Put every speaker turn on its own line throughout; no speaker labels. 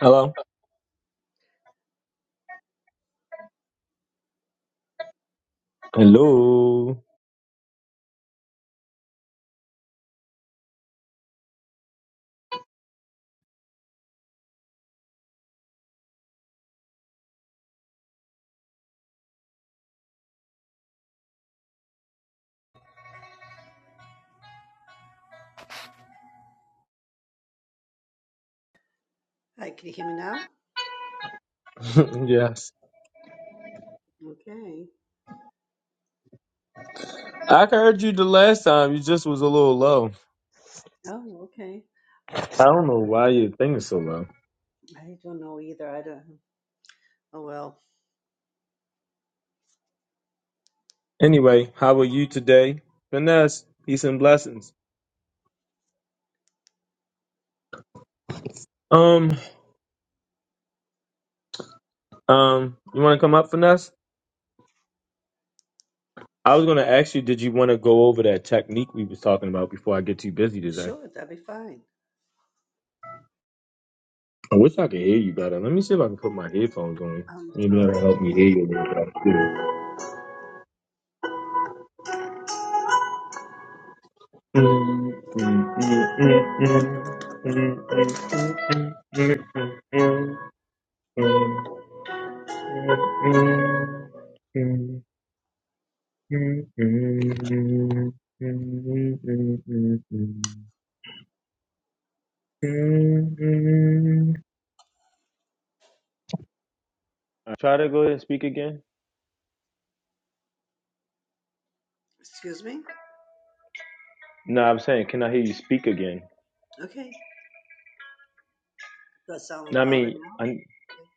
Hello. Hello.
Hi, can you hear me now?
yes.
Okay.
I heard you the last time. You just was a little low.
Oh, okay. I, I
I don't know why your thing is so low.
I don't know either. I don't. Oh well,
Anyway, how are you today, Finesse? Peace and blessings. Um, um, you want to come up, Finesse? I was gonna ask you, did you want to go over that technique we was talking about before I get too busy today?
sure, that'd be fine.
I wish I could hear you better. Let me see if I can put my headphones on.
I'm
Maybe that'll
sorry.
help me hear you a little better. Uh, Try to go ahead and speak again.
Excuse me.
No, I'm saying, can I hear you speak again?
Okay, does that sound
No, I
louder
mean,
now?
I,
Okay.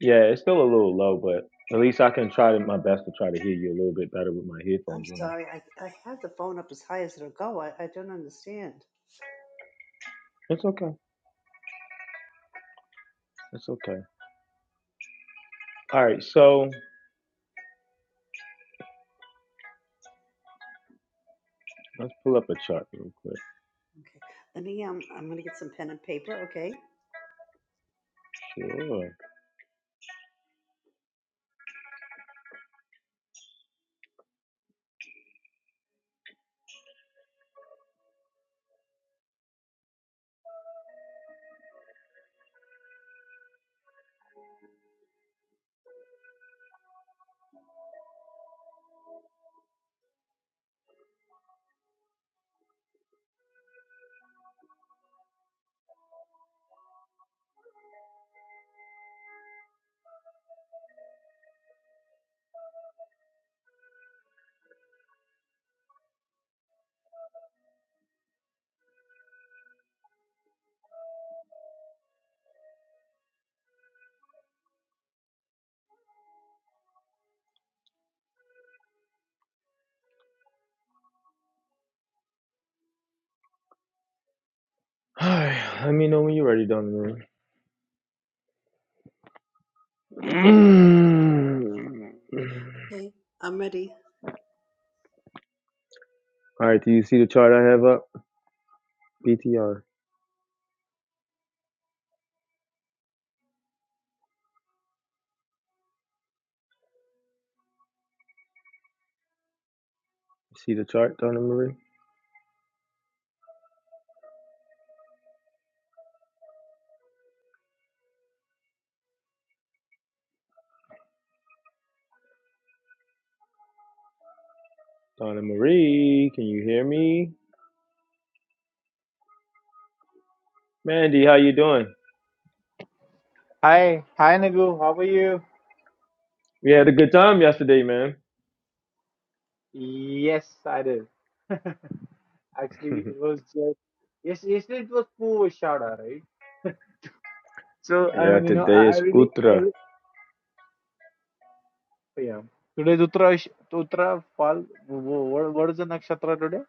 yeah, it's still a little low, but at least I can try to, my best to try to hear you a little bit better with my
I'm
headphones in.
sorry. I I have the phone up as high as it'll go. I, I don't understand.
It's okay. It's okay. All right. So Let's pull up a chart real quick.
Okay, let me um. I'm gonna get some pen and paper. Okay.
Sure. All right. Let me know when you're ready, Donna Marie.
Okay. I'm ready.
All right. Do you see the chart I have up? BTR. See the chart, Donna Marie? Donna Marie, can you hear me? Mandy, how you doing?
Hi, hi Nagu, how are you?
We had a good time yesterday, man.
Yes, I did. Actually, it was just yes, yesterday it was Pooshada, right? So I
yeah,
mean, you know,
today
I, I
is
really, I
Utra.
really, yeah. Today's Uttara, Uttara fall. What, what is the nakshatra today?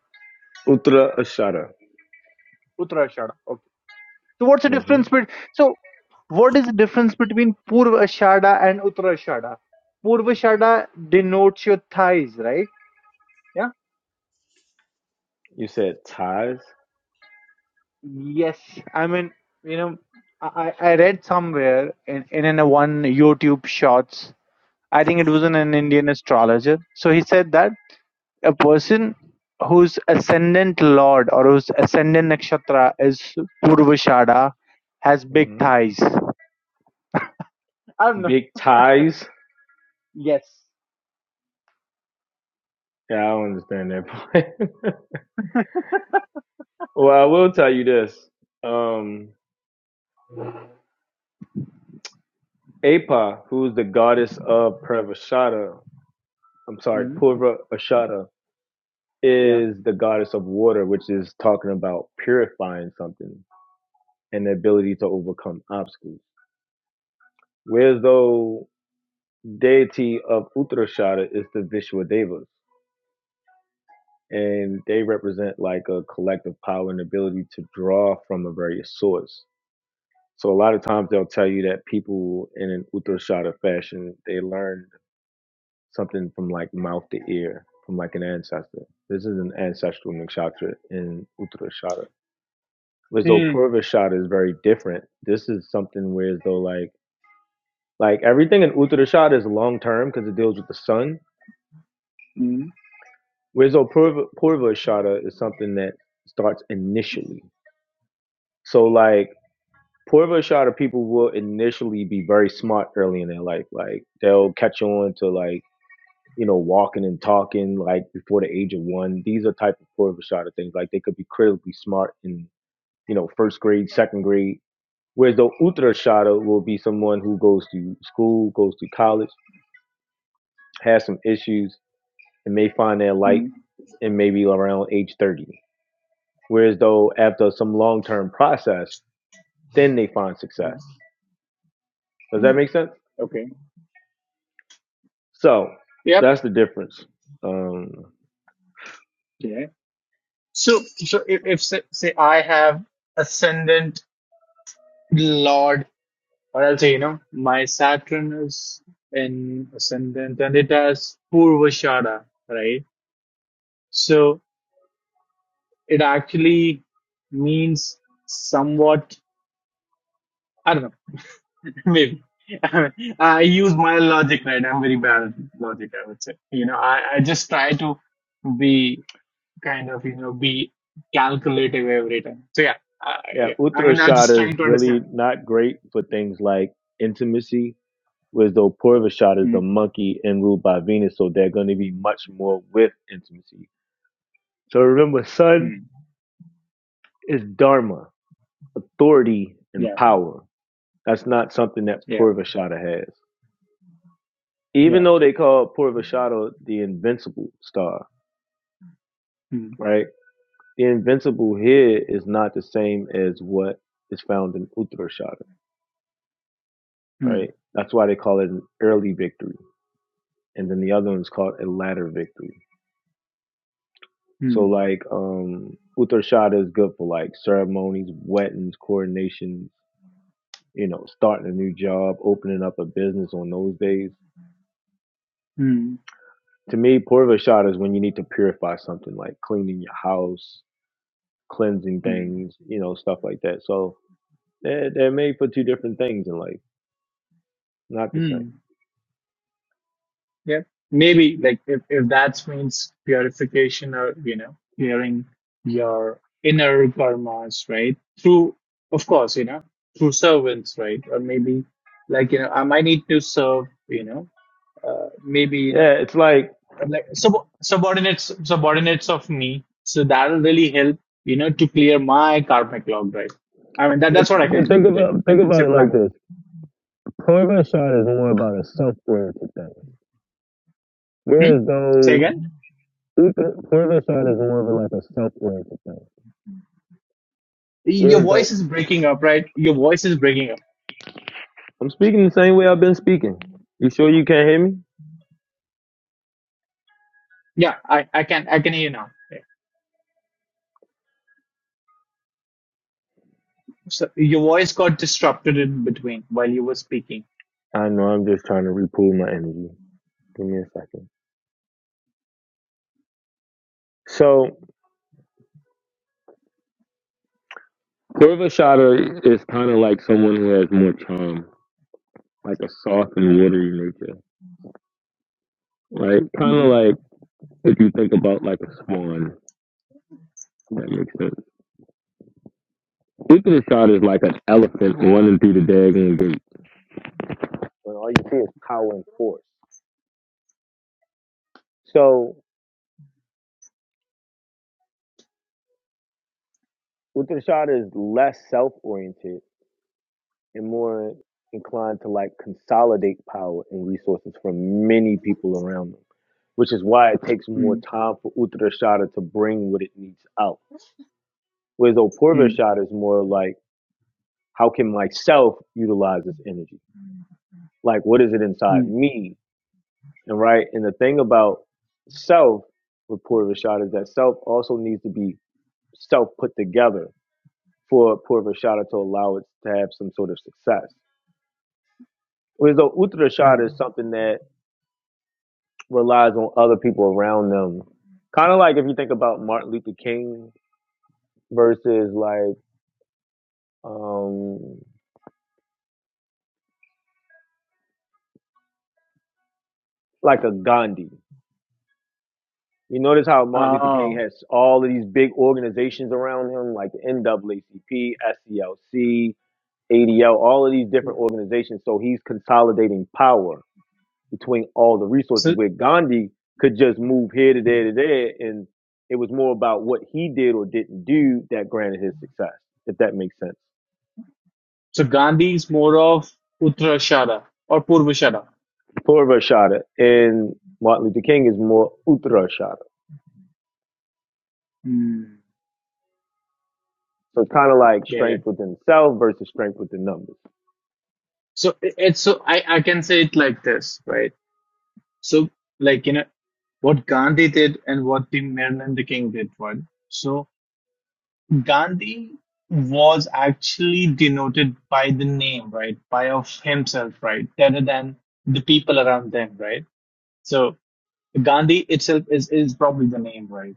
Utra Ashara.
Uttarashada. Okay. So what's the
hmm
difference between? So what is the difference between Purvashada and Uttarashada? Purvashada denotes your thighs, right? Yeah?
You said ties?
Yes, I mean, you know, I, I I read somewhere in, in, in a one YouTube shorts, I think it was in an Indian astrologer. So he said that a person whose ascendant lord or whose ascendant nakshatra is Purvashada has big
hmm
thighs. I don't know.
Big ties?
Yes.
Yeah, I don't understand that part. well, I will tell you this. Um. Apa, who's the goddess of purvashada? I'm sorry,
Mm.
Purvashada,
Yeah.
is the goddess of water, which is talking about purifying something and the ability to overcome obstacles. Whereas though deity of Uttarashada is the Vishwadevas, and they represent like a collective power and ability to draw from a various source. So a lot of times they'll tell you that people in an Uttarashada fashion, they learn something from like mouth to ear, from like an ancestor. This is an ancestral nakshatra in Uttarashada. Whereas though
Hmm.
Purvashada is very different, this is something where as though like like everything in Uttarashada is long term because it deals with the sun.
Hmm.
Whereas though Purva, Purvashada is something that starts initially. So like Purvashada people will initially be very smart early in their life. Like they'll catch on to like you know, walking and talking like before the age of one. These are type of Purvashada things. Like they could be critically smart in, you know, first grade, second grade. Whereas the Uttarashada will be someone who goes to school, goes to college, has some issues, and may find their light
Hmm.
in maybe around age 30. Whereas though after some long-term process, then they find success. Does
Hmm.
that make sense?
Okay.
So
Yep.
that's the difference. Um,
Yeah. So, so if, if say, say I have ascendant Lord. Or I'll say, you know, my Saturn is in ascendant and it has Purvashada, right? So it actually means somewhat, I don't know, maybe. I use my logic, right? I'm very bad at logic, I would say. You know, I, I just try to be kind of, you know, be calculative every time. So yeah, I,
yeah,
yeah. I mean, I'm just
Uttarashada is
trying to understand.
really not great for things like intimacy Whereas though Purvashad is
Mm,
the monkey and ruled by Venus, so they're going to be much more with intimacy. So remember, sun
mm,
is dharma, authority and
yeah,
power. That's not something that
yeah,
Purvashada has. Even
yeah.
though they call Purvashada the invincible star,
Mm,
right? The invincible here is not the same as what is found in Uttarashada,
mm,
right? That's why they call it an early victory. And then the other one's called a latter victory. So
mm,
like um Uttarshada is good for like ceremonies, weddings, coronations, you know, starting a new job, opening up a business on those days.
mm,
To me, Purvashada is when you need to purify something like cleaning your house, cleansing
mm,
things, you know, stuff like that. So they're, they're made for two different things in life, not the
mm.
same.
Yeah, maybe like if, if that means purification or you know clearing your inner karmas, right? Through, of course, you know, through servants, right? Or maybe like you know, I might need to serve, you know, uh, maybe you know,
Yeah, it's like
like sub- subordinates, subordinates of me. So that'll really help, you know, to clear my karmic log, right? I mean, that that's
What's
what I can interpret it in, in simple language.
the oriented thing?
Hmm?
Where's the
Say
Uttarshada?
again.
is more of a like, self oriented.
Your
Where's the
voice is breaking up, right? Your voice is breaking up.
I'm speaking the same way I've been speaking. You sure you can't hear me?
Yeah, I, I can I can hear you now. Yeah. So your voice got disrupted in between while you were speaking.
I know I'm just trying to repool my energy. Give me a second. So Purva Shada is kind of like someone who has more charm, like a soft and watery nature, right? Kind of
hmm
like if you think about like a swan. if That makes sense. Uttar Shada is like an elephant running through the daggone gate. When all you see is power and force. So Uttar Shada is less self-oriented and more inclined to like consolidate power and resources from many people around them which is why it takes more
mm
time for Uttarashada to bring what it needs out. Whereas
mm
Opurvashada is more like, how can myself utilize this energy? Like, what is it inside
mm
me? And right, and the thing about self with Purvashada is that self also needs to be self put together for Purvashada to allow it to have some sort of success. Whereas though
mm.
Uttarashada is something that relies on other people around them. Kind of like if you think about Martin Luther King versus like um, like a Gandhi. You notice how Martin Luther King
Oh,
has all of these big organizations around him, like the NAACP, SCLC, ADL, all of these different
yeah.
organizations. So he's consolidating power between all the resources.
so
Where Gandhi could just move here to
mm.
there to there, and it was more about what he did or didn't do that granted his success, if that makes sense.
so Gandhi is more of Uttarashara or Purvashara.
Purva Shada and Martin Luther King is more Uttara
Mm.
So it's kind of like
Get
strength
it?
within self versus strength within numbers.
So it- it's so I I can say it like this, right? So like you know what Gandhi did and what the Martin Luther King did, right? So, Gandhi was actually denoted by the name, right? By of himself, right? Rather than the people around them, right? So Gandhi itself is, is probably the name, right?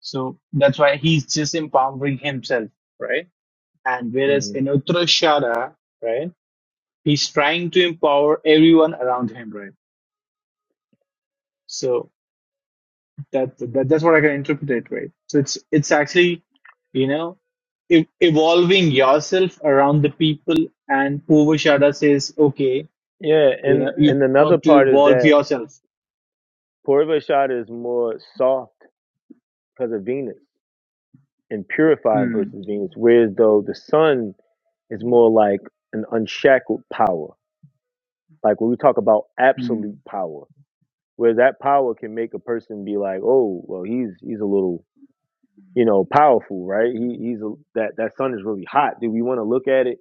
So that's why he's just empowering himself, right? And whereas
hmm
in Uttarashara, right, he's trying to empower everyone around him, right? So that, that that's what I can interpret it, right? So it's it's actually, you know, ev- evolving yourself around the people and Povashada says, okay,
Yeah,
you
and
know, you've
and another
got to
part is
evolve
that
yourself.
Purvashada is more soft because of Venus and purifying
Hmm.
versus Venus, whereas though the sun is more like an unshackled power. Like when we talk about
Hmm.
absolute power, where that power can make a person be like, oh, well, he's he's a little you know powerful, right? He he's a, that that sun is really hot. Do we want to look at it?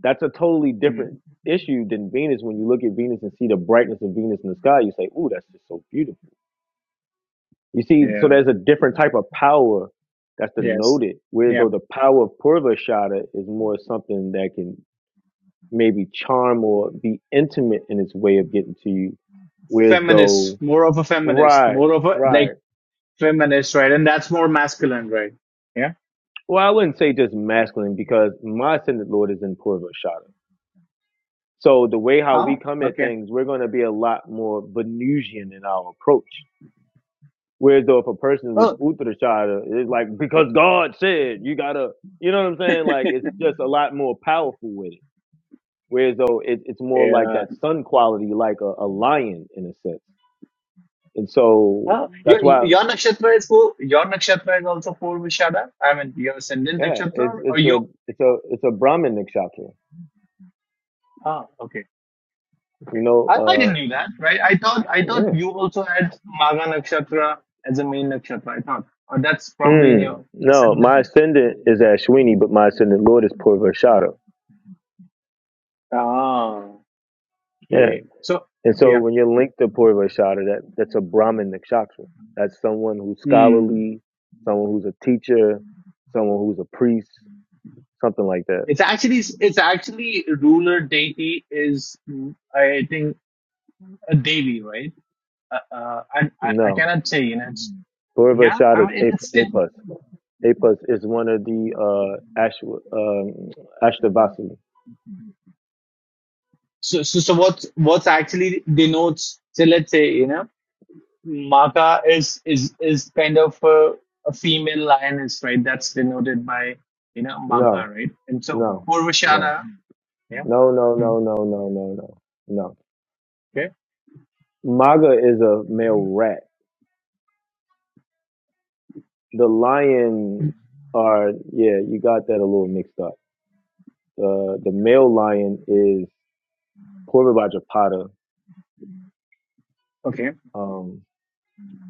That's a totally
Hmm.
different issue than Venus. When you look at Venus and see the brightness of Venus in the sky, you say, "Ooh, that's just so beautiful." You see, so
Yeah.
there's a different type of power that's
Yes.
denoted. Whereas
Yeah.
though the power of Purvashada is more something that can maybe charm or be intimate in its way of getting to you. Whereas though,
Feminist, more of a feminist,
right,
more of a like
right.
feminist, right? And that's more masculine, right? Yeah.
Well, I wouldn't say just masculine because my ascendant lord is in Purvashada. So the way how we
Oh,
come at
okay.
things, we're going to be a lot more Venusian in our approach. Whereas though if a person was
Oh,
Uttarashada, it's like because God said you gotta, you know what I'm saying? Like it's just a lot more powerful with it. Whereas though it, it's more like
yeah.
that sun quality, like a, a lion in a sense. And so
Oh,
that's
your,
why,
your nakshatra is full, your nakshatra is also Purvashada. I mean, your ascendant
yeah, it's
nakshatra or
it's a
you.
it's a it's a Brahmin nakshatra.
oh, okay.
You
Okay.
know,
I, I
uh,
didn't knew that, right? I thought I thought
yeah.
you also had Magha Nakshatra as a main nakshatra. I thought, or that's probably in
Mm,
your
no,
ascendant.
my ascendant is Ashwini, but my ascendant Lord is Purvashada.
Ah, okay. So
And so
yeah,
when you're linked to Purva Shada, that, that's a Brahmin Nikshatra. That's someone who's
Hmm.
scholarly, someone who's a teacher, someone who's a priest, something like that.
it's actually it's actually ruler deity is mm, I think a devi, right? Uh, uh, I, I I
No.
cannot say, you know. It's,
Purva
yeah,
Shada
I
is
mean it, it's
Ap-
still
Apus. Apus is one of the uh, Ash, um, Ashtavasini.
So, so, so what what actually denotes? So let's say you know. Maka is is is kind of a, a female lioness, right? That's denoted by you know
No,
Magha, right? And so
no, no.
Urvashana, yeah,
No, no, no,
Mm.
no, no, no, no, no.
okay,
Maga is a male rat. The lions are, yeah, you got that a little mixed up. Uh, the male lion is Corbin by Japata.
okay,
Um,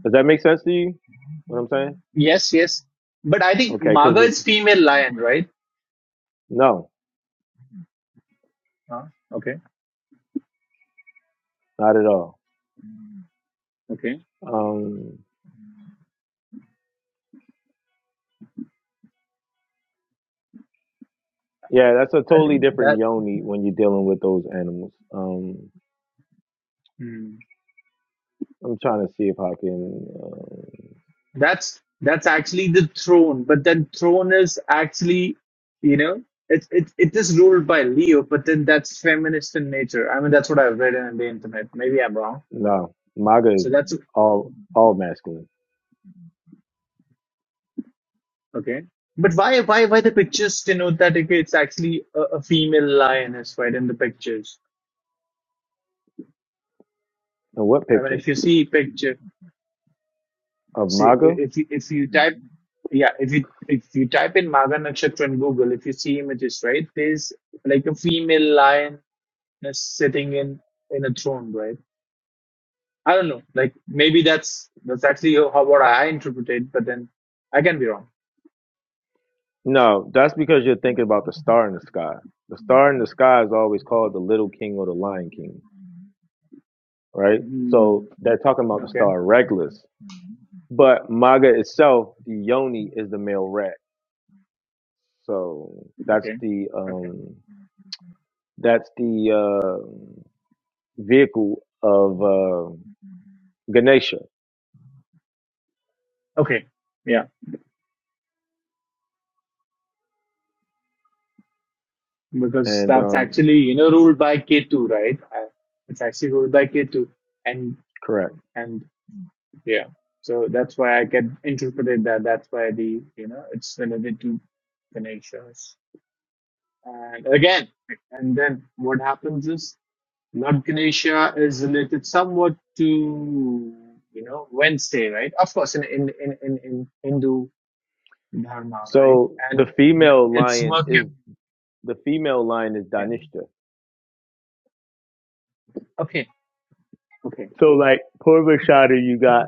does that make sense to you? What I'm saying?
yes, yes. But I think
Okay, because
Maga is female lion, right?
no,
Ah, okay,
not at all.
okay.
Um, yeah, that's a
I
totally
think
different
that
yoni when you're dealing with those animals. Um,
mm,
I'm trying to see if I can. Uh,
that's that's actually the throne, but then throne is actually you know it it it is ruled by Leo, but then that's feminist in nature. I mean, that's what I've read on the internet. Maybe I'm wrong.
no, maga is
So that's
all all masculine.
Okay. But why why why the pictures denote that okay, it's actually a, a female lioness right in the pictures?
And what
I mean,
picture
if you see picture,
of
see i-
maga?
if you, if you type yeah if you if you type in Maga Nakshatra in Google, if you see images right, there's like a female lioness sitting in in a throne, right? I don't know, like maybe that's that's actually how what I interpret it, but then I can be wrong.
No, that's because you're thinking about the star in the sky. The star in the sky is always called the little king or the lion king, right? So
Hmm.
they're talking about the
Okay,
star Regulus But Maga itself, the yoni is the male rat. So that's
Okay.
the
Okay.
um that's the uh, vehicle of uh, Ganesha.
okay, yeah. because
And
that's
um
actually you know ruled by K2, right? Uh, It's actually ruled by K2, and
correct.
and yeah, so that's why I can interpret it that that's why the you know it's related to Ganeshas. And again, and then what happens is Lord Ganesha is related somewhat to you know Wednesday, right? Of course, in in in in, in Hindu dharma, right?
So the
And
female
it's
lion
Mercury.
is the female lion is
Yeah.
Danishta.
Okay. Okay.
So like Purvashada, you got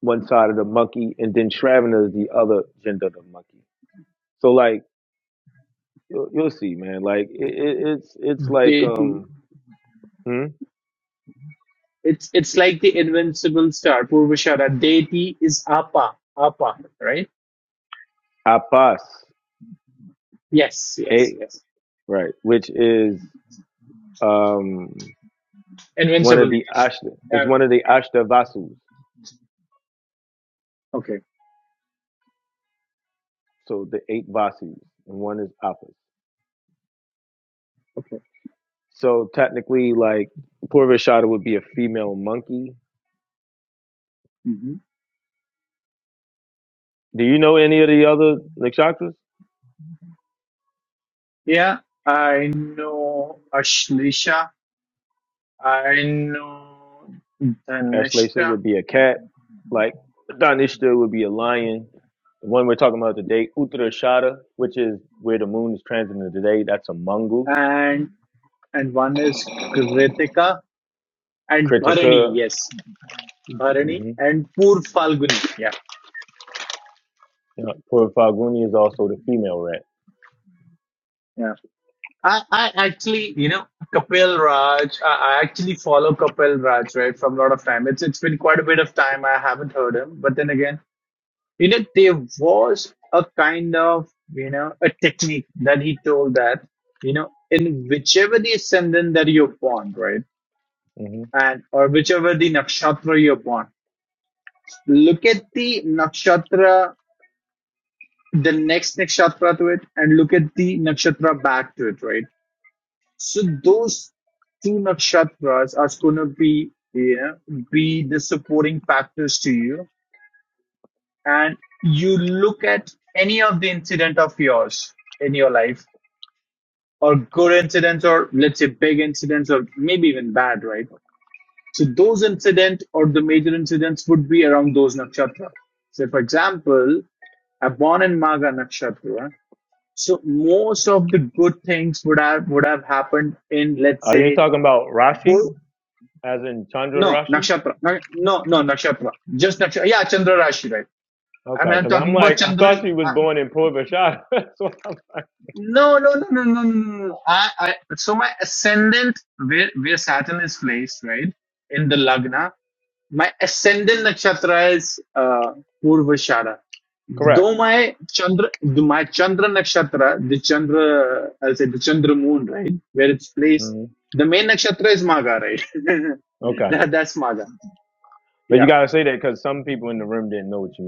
one side of the monkey, and then Shravana is the other gender of the monkey. So like you'll, you'll see, man. Like it, it, it's it's
Mm.
like
The, the
um hmm?
It's it's like the invincible star, Purvashara. Deity is Apa. Apa, right?
Apas.
Yes, yes,
eh?
yes.
right? Which is um, one of
Invincible.
the ashta. It's
Uh,
one of the ashta vasus.
okay.
So the eight vasus, and one is apas. So technically, like Purvashada would be a female monkey.
hmm
Do you know any of the other nakshatras?
Yeah, I know Ashlisha. I know
Ashlesa
Dhanishta.
would be a cat. Like Danishta would be a lion. The one we're talking about today, Uttarashada, which is where the moon is transiting today, that's a mongoose.
And and one is Kritika and Bharani.
Kritika.
Yes, Bharani
Mm-hmm.
and Pur Falguni. yeah
Yeah. Purvafaguni is also the female rat.
Yeah. I, I actually, you know, Kapil Raj. I, I actually follow Kapil Raj, right, from a lot of time. It's it's been quite a bit of time I haven't heard him, but then again, you know, there was a kind of, you know, a technique that he told that, you know, in whichever the ascendant that you're born, right,
Mm-hmm.
and or whichever the nakshatra you're born, look at the nakshatra, the next nakshatra to it, and look at the nakshatra back to it, right So those two nakshatras are going to be, you know, be the supporting factors to you. And you look at any of the incident of yours in your life, or good incidents, or let's say big incidents, or maybe even bad, right? So those incident or the major incidents would be around those nakshatra. So, for example, are born in Magha Nakshatra. So most of the good things would have would have happened in let's
Are you
say
talking about Rashi,
good.
as in Chandra
No,
Rashi?
nakshatra. Na- No, no, nakshatra. Just nakshatra. Yeah, Chandra Rashi, right? I
Okay,
mean, I'm
because I'm
talking about
like, I
Chandra.
thought she
Uh,
was born in Port Vashon. That's what I'm-
no, no, no, no, no, no. no, no. I, I, so my ascendant, where where Saturn is placed, right, in the lagna, my ascendant nakshatra is uh, Purvashara.
Correct.
Though my Chandra, th- my Chandra nakshatra, the Chandra, uh, I'll say the Chandra moon, right, where it's placed,
hmm
the main nakshatra is Maga, right?
Okay,
that, that's Maga.
but you
Yeah.
gotta say that because some people in the room didn't know what you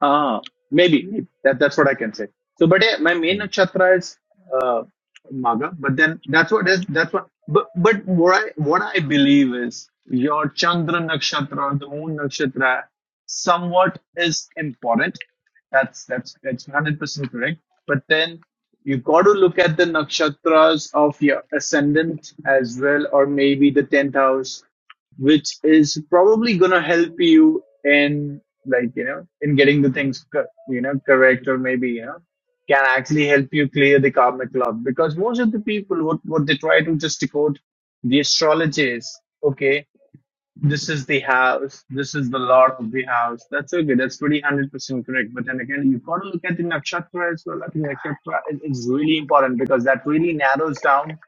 Ah, maybe maybe. that that's what I can say. So, but yeah, my main
meant.
nakshatra is uh, Maga. But then that's what is that's what. But but what I what I believe is your Chandra nakshatra, or the Moon nakshatra, somewhat is important. That's that's that's hundred percent correct. But then you got to look at the nakshatras of your ascendant as well, or maybe the tenth house which is probably gonna help you in like you know in getting the things co- you know correct or maybe you know can actually help you clear the karmic club because most of the people what what they try to just decode the astrology is okay this is the house this is the lord of the house that's okay that's pretty 100% correct but then again you have got to look at the nakshatra as well i think nakshatra is, is really important because that really narrows down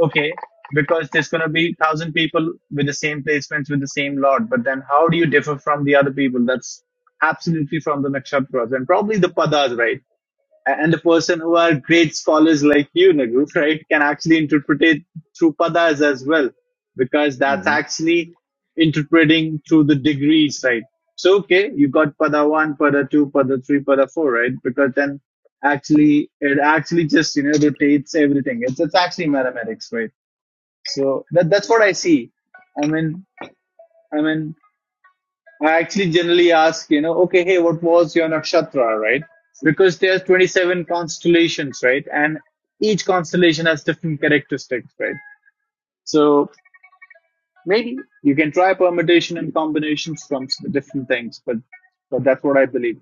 okay, because there's going to be thousand people with the same placements with the same lot, but then how do you differ from the other people? That's absolutely from the nakshatras and probably the padas, right? A- And the person who are great scholars like you, Nagu, right, can actually interpret it through padas as well, because that's
Mm-hmm.
actually interpreting through the degrees, right? So, okay, you got pada one, pada two, pada three, pada four, right? Because then actually, it actually just, you know, rotates everything. It's, it's actually mathematics, right? So that that's what I see. I mean, I mean, I actually generally ask, you know, okay, hey, what was your nakshatra, right? Because there's 27 constellations, right? And each constellation has different characteristics, right? So maybe you can try permutation and combinations from different things, but but that's what I believe.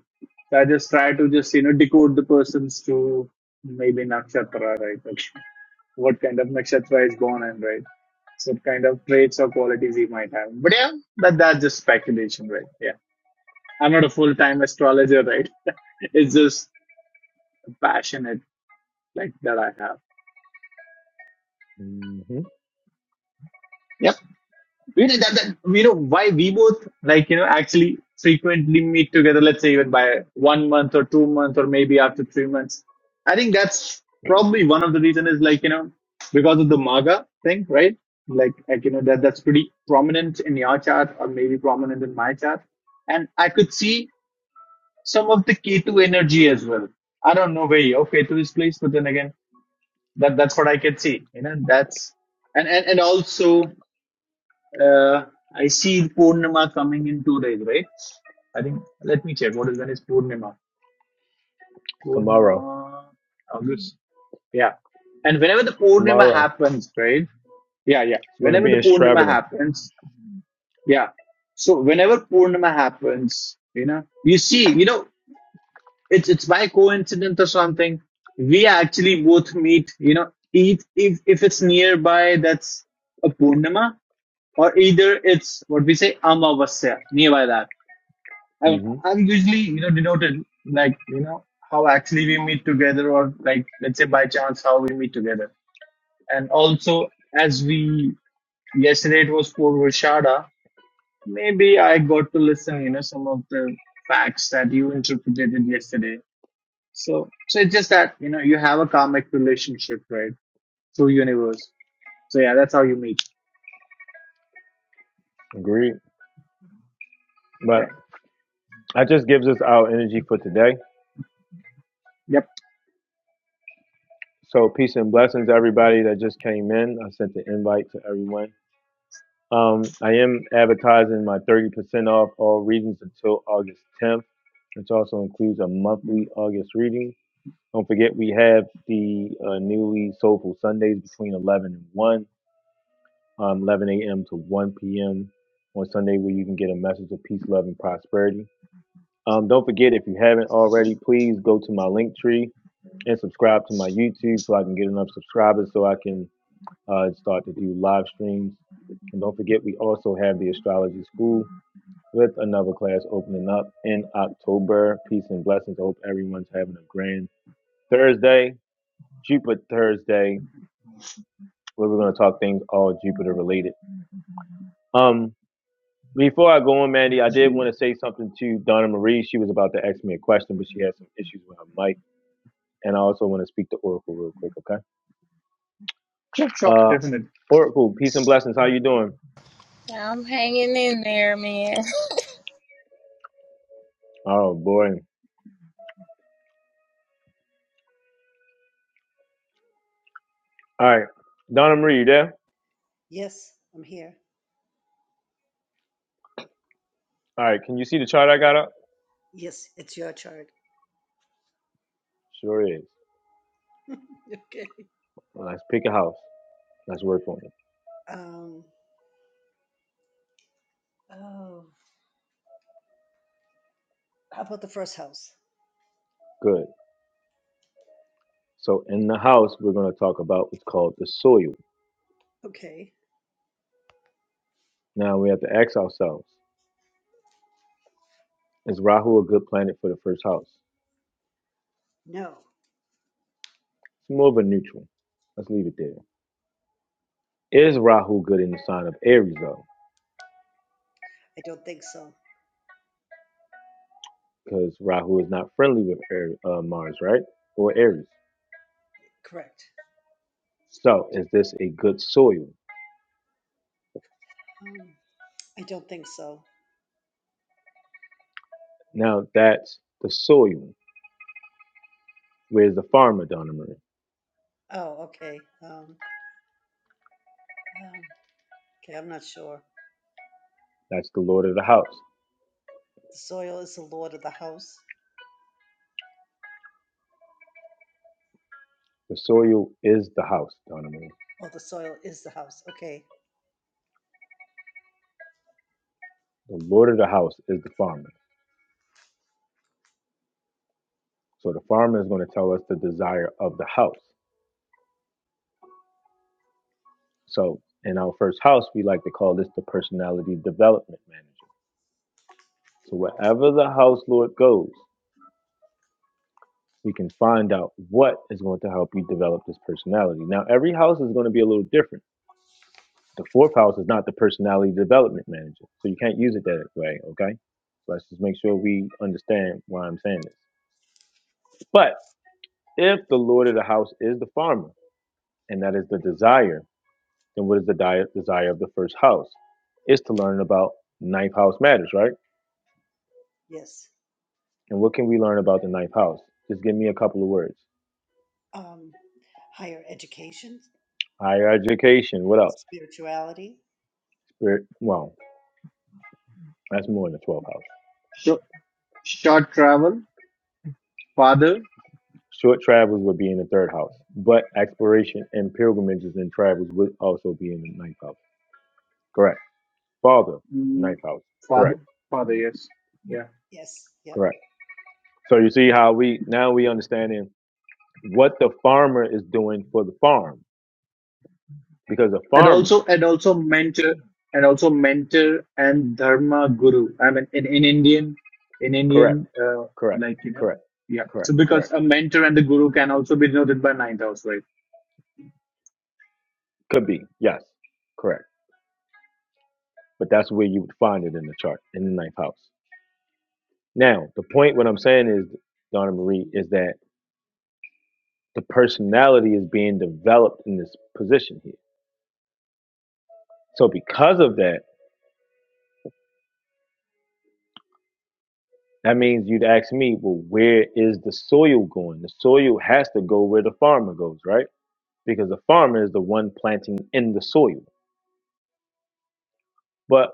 So I just try to just you know decode the persons to maybe nakshatra, right? what kind of nakshatra is born in, right? So what kind of traits or qualities he might have. But yeah, but that's just speculation, right? Yeah. I'm not a full time astrologer, right? it's just a passionate like that I have.
hmm
Yep. You know, that, that, you know why we both like you know actually frequently meet together. Let's say even by one month or two months or maybe after three months. I think that's probably one of the reason is like you know because of the MAGA thing, right? Like like you know that that's pretty prominent in your chart or maybe prominent in my chart, and I could see some of the K2 energy as well. I don't know where your K2 is placed, but then again, that that's what I could see. You know, that's and and, and also. Uh, I see Purnima coming in two days, right? I think, let me check. What is when is Purnima?
Tomorrow,
Purnima, August. Yeah. And whenever the Purnima
tomorrow, it's
happens, right? Yeah, yeah.
gonna
Whenever
be
the
in
Purnima
Stravina.
happens, yeah. So whenever Purnima happens, you know, you see, you know, it's it's by coincidence or something. We actually both meet, you know, eat if if it's nearby, that's a Purnima, or either it's what we say Amavasya, nearby that. I'm,
hmm
I'm usually, you know, denoted like, you know, how actually we meet together or like, let's say by chance, how we meet together. And also, as we, yesterday it was for Rashada, maybe I got to listen, you know, some of the facts that you interpreted yesterday. So, so it's just that, you know, you have a karmic relationship, right? Through universe. So yeah, that's how you meet.
Agreed. But
Yeah.
that just gives us our energy for today.
Yep.
So peace and blessings, everybody that just came in. I sent the invite to everyone. Um, I am advertising my 30% off all readings until August 10th, which also includes a
Mm.
monthly August reading. Don't forget, we have the uh, newly Soulful Sundays between 11 and 1, um, 11 a.m. to 1 p.m. on Sunday, where you can get a message of peace, love, and prosperity. Um, don't forget, if you haven't already, please go to my link tree and subscribe to my YouTube so I can get enough subscribers so I can uh, start to do live streams. And don't forget, we also have the Astrology School with another class opening up in October. Peace and blessings. I hope everyone's having a grand Thursday, Jupiter Thursday, where we're going to talk things all Jupiter related. Um, before I go on, Mandy, I did want to say something to Donna Marie. She was about to ask me a question, but she had some issues with her mic, and I also want to speak to Oracle real quick, okay?
Sure, sure,
Uh,
definitely.
Oracle, peace and blessings. How you doing?
I'm hanging in there, man.
Oh boy. All right, Donna Marie, you there?
Yes, I'm here.
All right, can you see the chart I got up?
Yes, it's your chart.
Sure is.
Okay.
Well, let's pick a house. Let's work on it.
Um. Oh, how about the first house?
Good. So in the house, we're going to talk about what's called the soil.
Okay.
Now we have to ask ourselves, is Rahu a good planet for the first house?
No.
It's more of a neutral. Let's leave it there. Is Rahu good in the sign of Aries though?
I don't think so.
Because Rahu is not friendly with Aries, uh, Mars, right? Or Aries.
Correct.
So is this a good soil?
Um, I don't think so.
Now that's the soil. Where's the farmer, Donna Marie?
Oh, okay. Um, um, okay, I'm not sure.
That's the lord of the house.
The soil is the lord of the house.
The soil is the house, Donna Marie.
Oh, the soil is the house. Okay,
The lord of the house is the farmer. So the farmer is going to tell us the desire of the house. So in our first house, we like to call this the personality development manager. So wherever the house lord goes, we can find out what is going to help you develop this personality. Now, every house is going to be a little different. The fourth house is not the personality development manager. So you can't use it that way, okay? So let's just make sure we understand why I'm saying this. But if the lord of the house is the farmer, and that is the desire, then what is the di- desire of the first house? Is to learn about ninth house matters, right?
yes.
And what can we learn about the ninth house? Just give me a couple of words.
Um, higher education,
Higher education. What else?
spirituality.
Spirit. Well, that's more in the twelfth house.
Short, short travel, father.
Short travels would be in the third house, but exploration and pilgrimages and travels would also be in the ninth house. Correct. Father,
Mm,
ninth house.
father
Correct.
father yes yeah
Yes, yep.
Correct. So you see how we now we understanding what the farmer is doing for the farm because the
and
farm
also and also mentor and also mentor and dharma guru i mean in, in indian in
Correct.
indian uh,
Correct.
like you know
Correct.
yeah
Correct.
so
Correct.
because a mentor and the guru can also be denoted by ninth house right
Could be. Yes. Correct. But that's where you would find it in the chart, in the ninth house. Now, the point, what I'm saying is, Donna Marie, is that the personality is being developed in this position here. So, because of that, that means you'd ask me, well, where is the soil going? The soil has to go where the farmer goes, right? Because the farmer is the one planting in the soil. But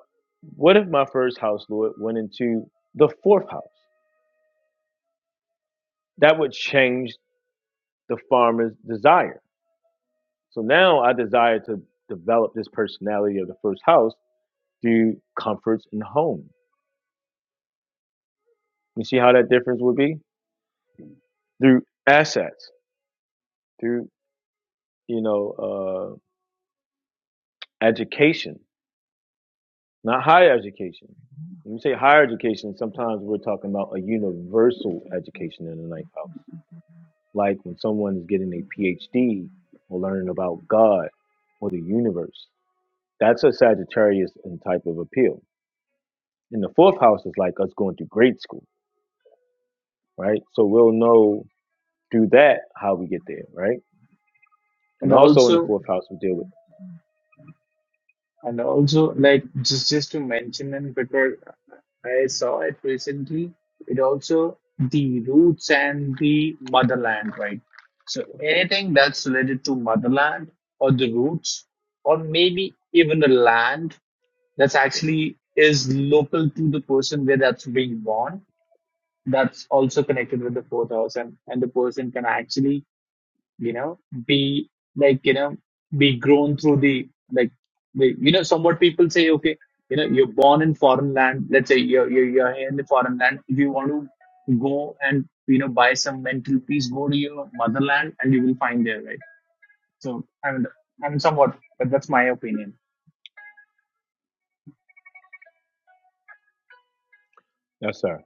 what if my first house, Lord, went into the fourth house? that would change the farmer's desire. So now I desire to develop this personality of the first house through comforts and home. You see how that difference would be through assets, through you know uh, education, not higher education. When we say higher education, sometimes we're talking about a universal education in the ninth house, like when someone's getting a PhD or learning about God or the universe. That's a Sagittarius in type of appeal And the fourth house is like us going to grade school, right? So we'll know through that how we get there, right? And
and
also in
also
the fourth house we deal with.
And also, like just just to mention, and because I saw it recently, it also the roots and the motherland, right? So anything that's related to motherland or the roots, or maybe even the land that's actually is local to the person where that's being born, that's also connected with the fourth house, and and the person can actually you know, be like, you know, be grown through the, like, the- you know, somewhat people say, okay, you know, you're born in foreign land. Let's say you're, you're, you're here in the foreign land. If you want to go and, you know, buy some mental peace, go to your motherland and you will find there, right? So, I mean, I'm somewhat, but that's my opinion.
Yes, sir.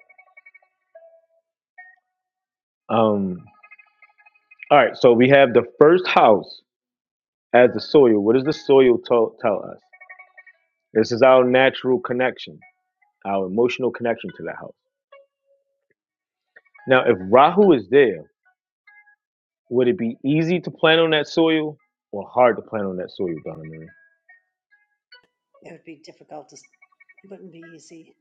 Um. All right. So we have the first house as the soil. What does the soil tell tell us? This is our natural connection, our emotional connection to that house. Now, if Rahu is there, would it be easy to plan on that soil or hard to plan on that soil, Donna Marie?
It would be difficult to, it wouldn't be easy.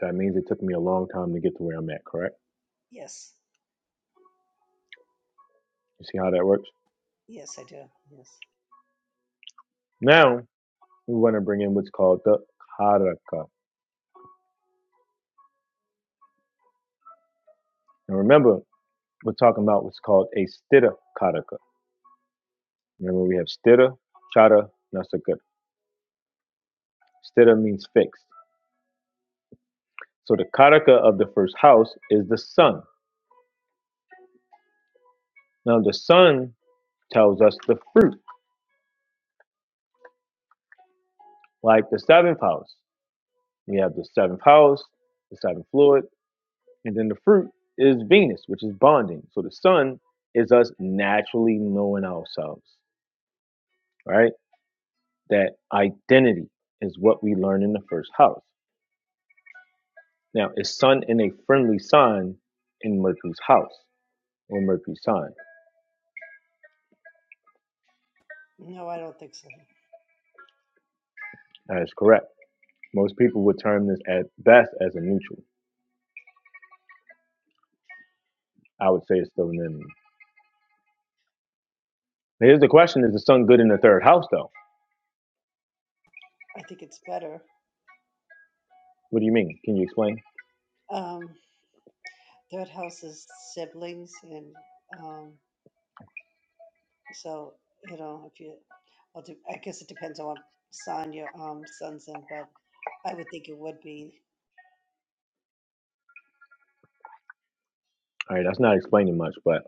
So that means it took me a long time to get to where I'm at, correct?
Yes,
You see how that works?
yes, I do. Yes.
Now, we want to bring in what's called the karaka. Now remember, we're talking about what's called a stira karaka. Remember, we have stira, chara, nasaka. Stira means fixed. So the karaka of the first house is the sun. Now the sun tells us the fruit, like the seventh house. We have the seventh house, the seventh fluid, and then the fruit is Venus, which is bonding. So the sun is us naturally knowing ourselves, right? that identity is what we learn in the first house. Now, is Sun in a friendly sign in Mercury's house or Mercury's sign?
No, I don't think so.
That is correct. Most people would term this at best as a neutral. I would say it's still an enemy. Here's the question Is the Sun good in the third house, though?
I think it's better.
What do you mean? Can you explain?
Um, third house is siblings and, um, So you know, if you, well, de- I guess it depends on what sign your um suns in, but I would think it would be
All right, that's not explaining much, but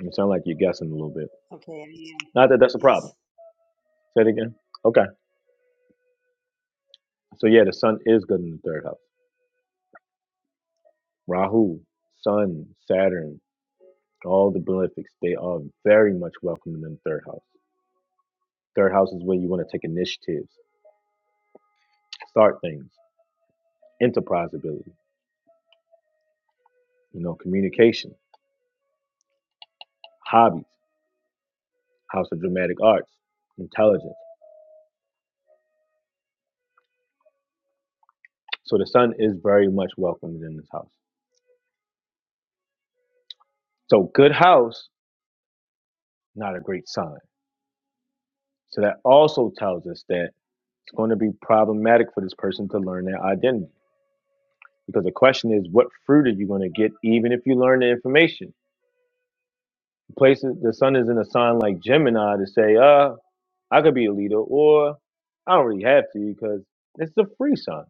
it sounds like you're guessing a little bit.
okay. I am.
Not that that's a
Yes.
problem. Say it again. Okay. So, yeah, the Sun is good in the third house. Rahu, Sun, Saturn, all the benefics, they are very much welcome in the third house. Third house is where you want to take initiatives, start things, enterprise ability, you know, communication, hobbies, house of dramatic arts, intelligence. So the sun is very much welcomed in this house. So good house, not a great sign. So that also tells us that it's going to be problematic for this person to learn their identity. Because the question is, what fruit are you going to get even if you learn the information? Places the sun is in a sign like Gemini to say, uh, I could be a leader, or I don't really have to because it's a free sign.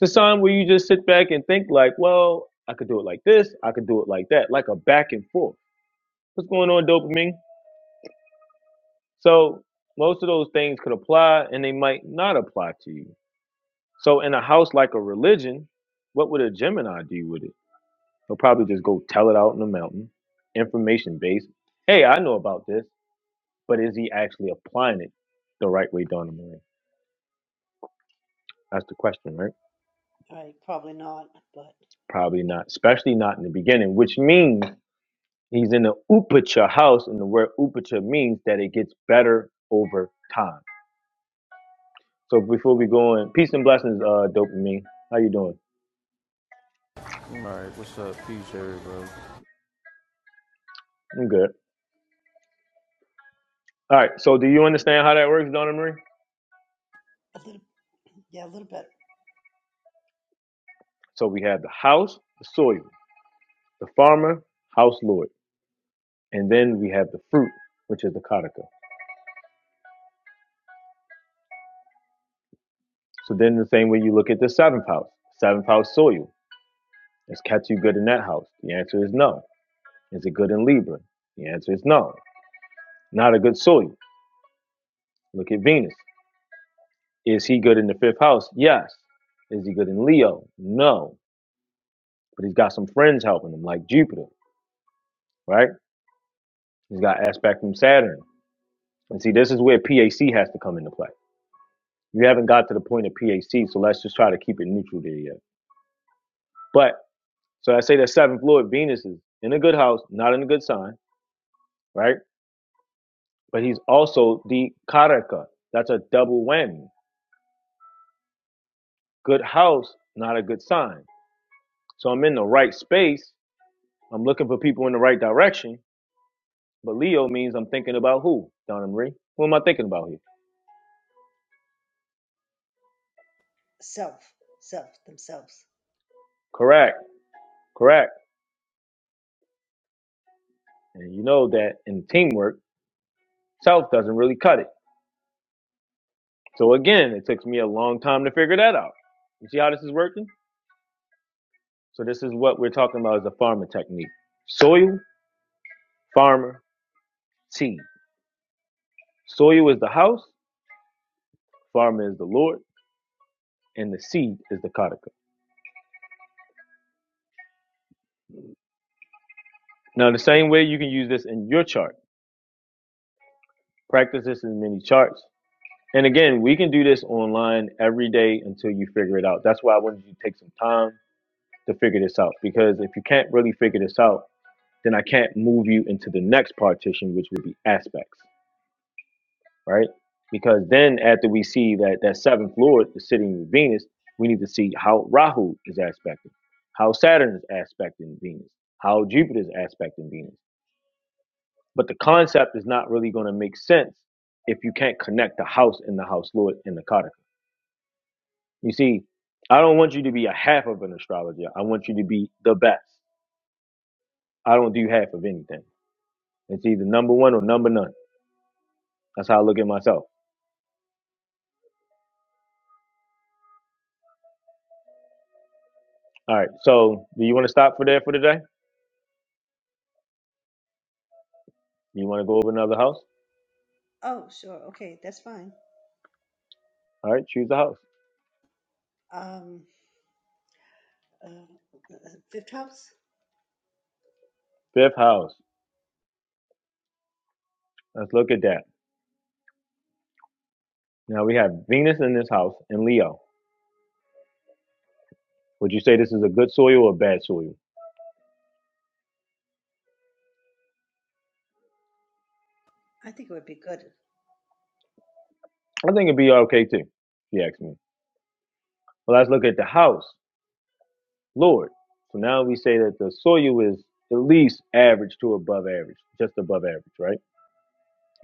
It's a sign where you just sit back and think like, well, I could do it like this, I could do it like that, like a back and forth. What's going on, dopamine? So most of those things could apply and they might not apply to you. So in a house like a religion, what would a Gemini do with it? He'll probably just go tell it out in the mountain, information based. Hey, I know about this, but is he actually applying it the right way, Donna Marie? That's the question, right?
All right. Probably not, but
Probably not, especially not in the beginning, which means he's in the upacha house, and the word upacha means that it gets better over time. So before we go in, peace and blessings, uh, dopamine. How you doing?
Alright, what's up? Peace, everybody.
I'm good. All right. So do you understand how that works, Donna Marie?
a little. Yeah, a little bit.
So we have the house, the soil, the farmer, house lord, and then we have the fruit, which is the karaka. So then the same way you look at the seventh house, seventh house soil. Is Ketu good in that house? The answer is no. Is it good in Libra? The answer is no. Not a good soil. Look at Venus. Is he good in the fifth house? Yes. Is he good in Leo? No. But he's got some friends helping him, like Jupiter, right? He's got aspect from Saturn. And see, this is where PAC has to come into play. You haven't got to the point of PAC, so let's just try to keep it neutral there yet. But so I say that seventh lord Venus is in a good house, not in a good sign, right? But he's also the Karaka. That's a double whammy. Good house, not a good sign. So I'm in the right space, I'm looking for people in the right direction, but Leo means I'm thinking about who, Donna Marie? Who am I thinking about here?
Self, self, themselves.
Correct, correct. And you know that in teamwork, self doesn't really cut it. So again, it took me a long time to figure that out. You see how this is working? So this is what we're talking about as a farmer technique. Soil, farmer, seed. Soil is the house, farmer is the Lord, and the seed is the kataka. Now the same way you can use this in your chart. Practice this in many charts. And again, we can do this online every day until you figure it out. That's why I wanted you to take some time to figure this out because if you can't really figure this out, then I can't move you into the next partition, which would be aspects, right? Because then after we see that that seventh lord is sitting in Venus, we need to see how Rahu is aspecting, how Saturn is aspecting Venus, how Jupiter is aspecting Venus. But the concept is not really going to make sense if you can't connect the house and the house lord and the Kataka. You see, I don't want you to be a half of an astrologer. I want you to be the best. I don't do half of anything. It's either number one or number none. That's how I look at myself. All right. So, do you want to stop for there for today? Do you want to go over another house?
Oh, sure. Okay, that's fine.
All right. Choose a house.
Um, uh, uh, fifth house.
Fifth house. Let's look at that. Now we have Venus in this house and Leo. Would you say this is a good soil or a bad soil?
I think it would be good.
I think it'd be okay too, if you ask me. Well, let's look at the house. Lord. So now we say that the soil is at least average to above average, just above average, right?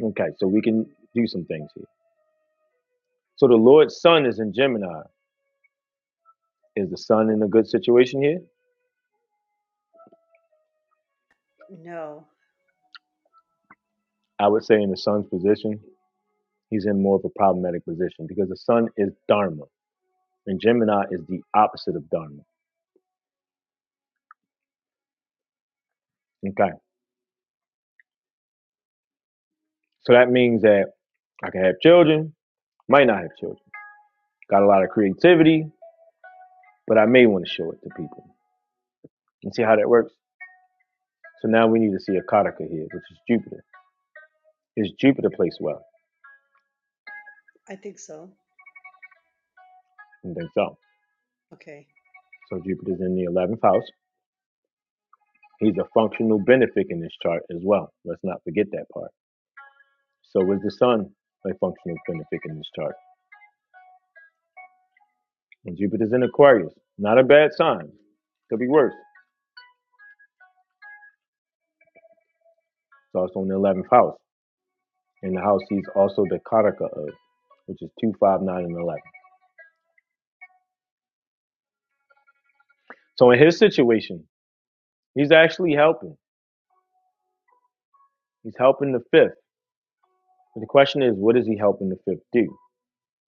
Okay, so we can do some things here. So the Lord's sun is in Gemini. Is the Sun in a good situation here?
No,
I would say in the Sun's position, he's in more of a problematic position because the Sun is Dharma and Gemini is the opposite of Dharma. Okay, so that means that I can have children, might not have children. Got a lot of creativity, but I may want to show it to people and see how that works. So now we need to see a Kataka here, which is Jupiter. Is Jupiter placed well?
I think so.
And then so.
Okay.
So Jupiter's in the 11th house. He's a functional benefic in this chart as well. Let's not forget that part. So is the sun a functional benefic in this chart? And Jupiter's in Aquarius. Not a bad sign. Could be worse. It's also in the 11th house. In the house he's also the Kataka of, which is 259 5, 9, and 11. So in his situation, he's actually helping. He's helping the fifth. But the question is, what is he helping the fifth do?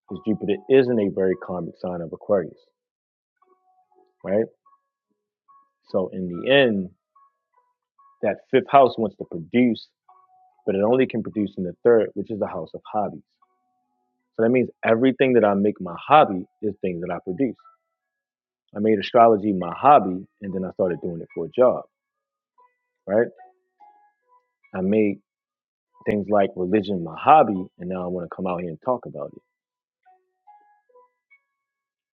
because Jupiter is not a very karmic sign of Aquarius, right? So in the end, that fifth house wants to produce, but it only can produce in the third, which is the house of hobbies. So that means everything that I make my hobby is things that I produce. I made astrology my hobby, and then I started doing it for a job, right? I made things like religion my hobby, and now I want to come out here and talk about it.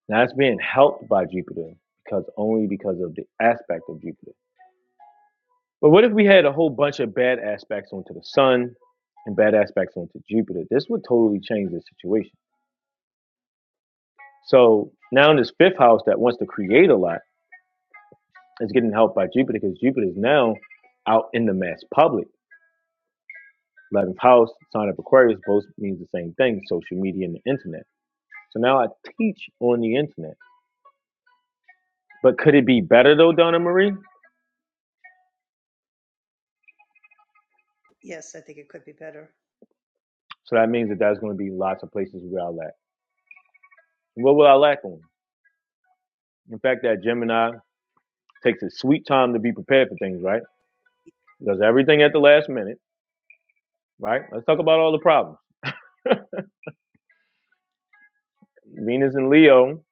Now it's being helped by Jupiter because only because of the aspect of Jupiter. But what if we had a whole bunch of bad aspects onto the sun and bad aspects onto Jupiter? This would totally change the situation. So now in this fifth house that wants to create a lot is getting helped by Jupiter because Jupiter is now out in the mass public. 11th house, sign of Aquarius, both means the same thing social media and the internet. So now I teach on the internet. But could it be better though, Donna Marie?
Yes, I think it could be better.
So that means that there's going to be lots of places where I lack. And What will I lack on? In fact, that Gemini takes a sweet time to be prepared for things, right? does everything at the last minute, right? Let's talk about all the problems. Venus and Leo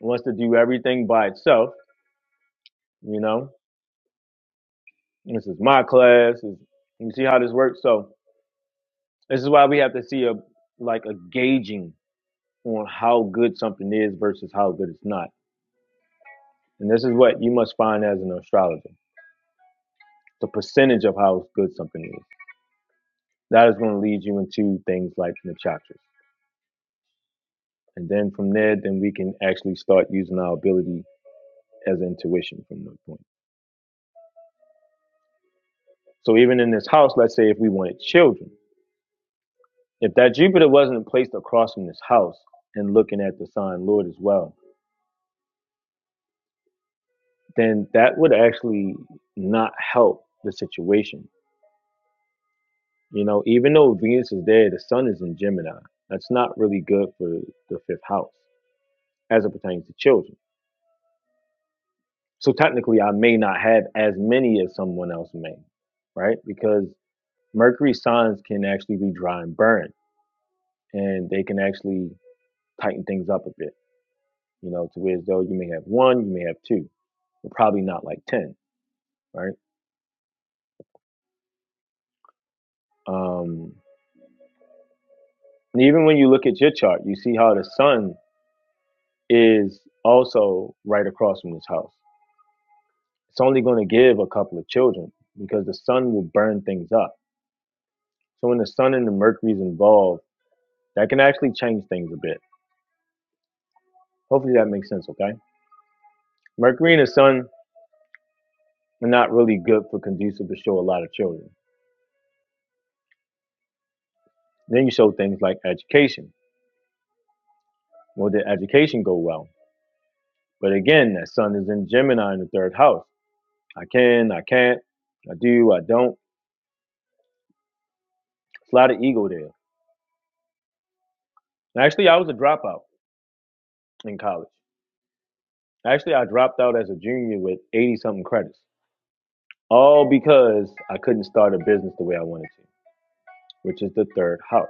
wants to do everything by itself, you know. This is my class. Is you see how this works? So this is why we have to see a like a gauging on how good something is versus how good it's not. And this is what you must find as an astrologer. The percentage of how good something is. That is going to lead you into things like nakshatras. And then from there, then we can actually start using our ability as intuition from that point. So even in this house, let's say if we wanted children, if that Jupiter wasn't placed across from this house and looking at the sign Lord as well, then that would actually not help the situation. You know, even though Venus is there, the sun is in Gemini. That's not really good for the fifth house as it pertains to children. So technically, I may not have as many as someone else may, right? Because Mercury signs can actually be dry and burn, and they can actually tighten things up a bit you know, to where as though you may have one, you may have two, but probably not like 10, right? Um, and even when you look at your chart, you see how the sun is also right across from this house. It's only going to give a couple of children because the sun will burn things up. So when the sun and the mercury is involved, that can actually change things a bit. Hopefully that makes sense, okay? Mercury and the sun are not really good for conducive to show a lot of children. Then you show things like education. Will the education go well? But again, that sun is in Gemini in the third house. I can, I can't, I do, I don't. It's a lot of ego there. Actually, I was a dropout in college. Actually, I dropped out as a junior with 80 something credits, all because I couldn't start a business the way I wanted to, which is the third house.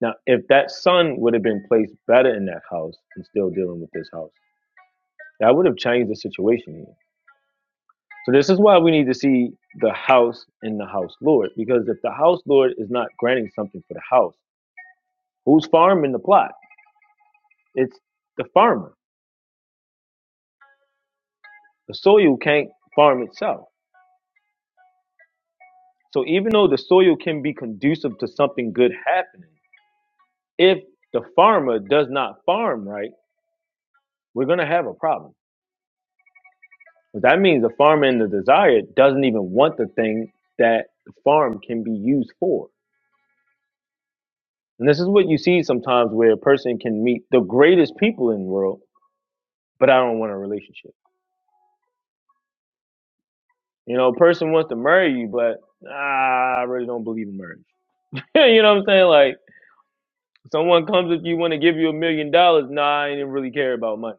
Now, if that sun would have been placed better in that house and still dealing with this house, that would have changed the situation here. So, this is why we need to see the house in the house Lord, because if the house Lord is not granting something for the house, Who's farming the plot? It's the farmer. The soil can't farm itself. So even though the soil can be conducive to something good happening, if the farmer does not farm right, we're gonna have a problem. But that means the farmer in the desire doesn't even want the thing that the farm can be used for. And this is what you see sometimes where a person can meet the greatest people in the world, but I don't want a relationship. You know, a person wants to marry you, but ah, I really don't believe in marriage. you know what I'm saying? Like Someone comes if you want to give you a million dollars. Nah, I didn't really care about money.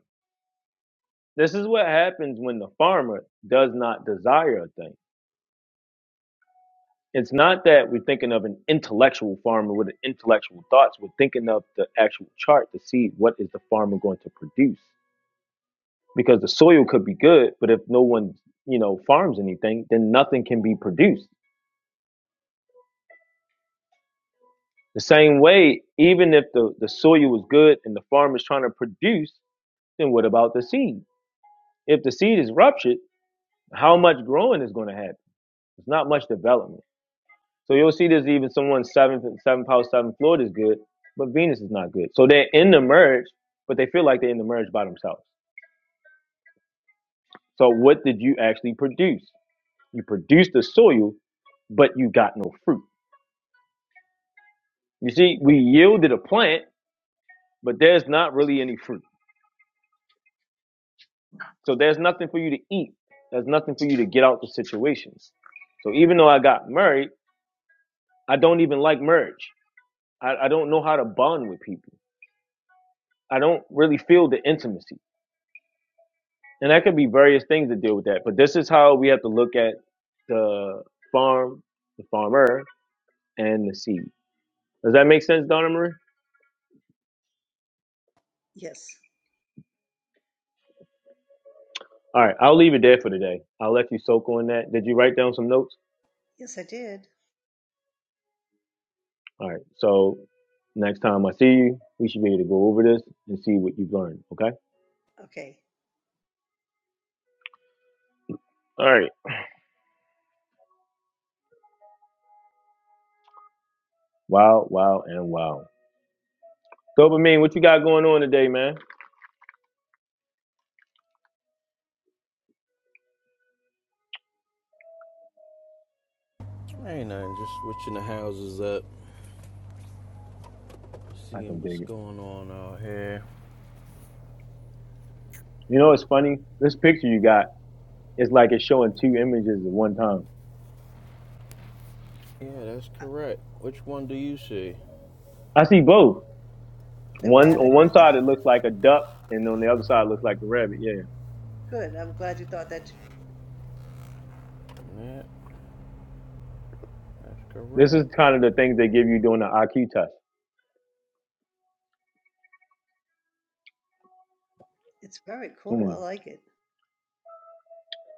This is what happens when the farmer does not desire a thing. It's not that we're thinking of an intellectual farmer with an intellectual thoughts. We're thinking of the actual chart to see what is the farmer going to produce. Because the soil could be good, but if no one, you know, farms anything, then nothing can be produced. The same way, even if the, the soil is good and the farm is trying to produce, then what about the seed? If the seed is ruptured, how much growing is going to happen? It's not much development. So you'll see there's even someone seventh, seventh house, seventh Lord is good, but Venus is not good. So they're in the merge, but they feel like they're in the merge by themselves. So what did you actually produce? You produced the soil, but you got no fruit. You see, we yielded a plant, but there's not really any fruit. So there's nothing for you to eat. There's nothing for you to get out the situation. So even though I got married, I don't even like merge. I, I don't know how to bond with people. I don't really feel the intimacy. And that could be various things to deal with that. But this is how we have to look at the farm, the farmer, and the seed. Does that make sense, Donna Marie?
Yes.
All right, I'll leave it there for today. I'll let you soak on that. Did you write down some notes?
Yes, I did.
All right, so next time I see you, we should be able to go over this and see what you've learned, okay?
Okay.
All right, wow, wow, and wow. Dopamine, what you got going on today, man?
Ain't nothing, just switching the houses up,
I can
seeing what's
dig it.
going on out here.
You know, what's funny. This picture you got, is like it's showing two images at one time.
Yeah, that's correct. Which one do you see?
I see both.
The
One
rabbit
on
and
one
the duck.
side it looks like a duck, and on the other side it looks like a rabbit. Yeah.
Good. I'm glad you thought that.
That, that's
This is
correct.
kind of the things they give you during the IQ test.
It's very cool. I
Hmm.
like it.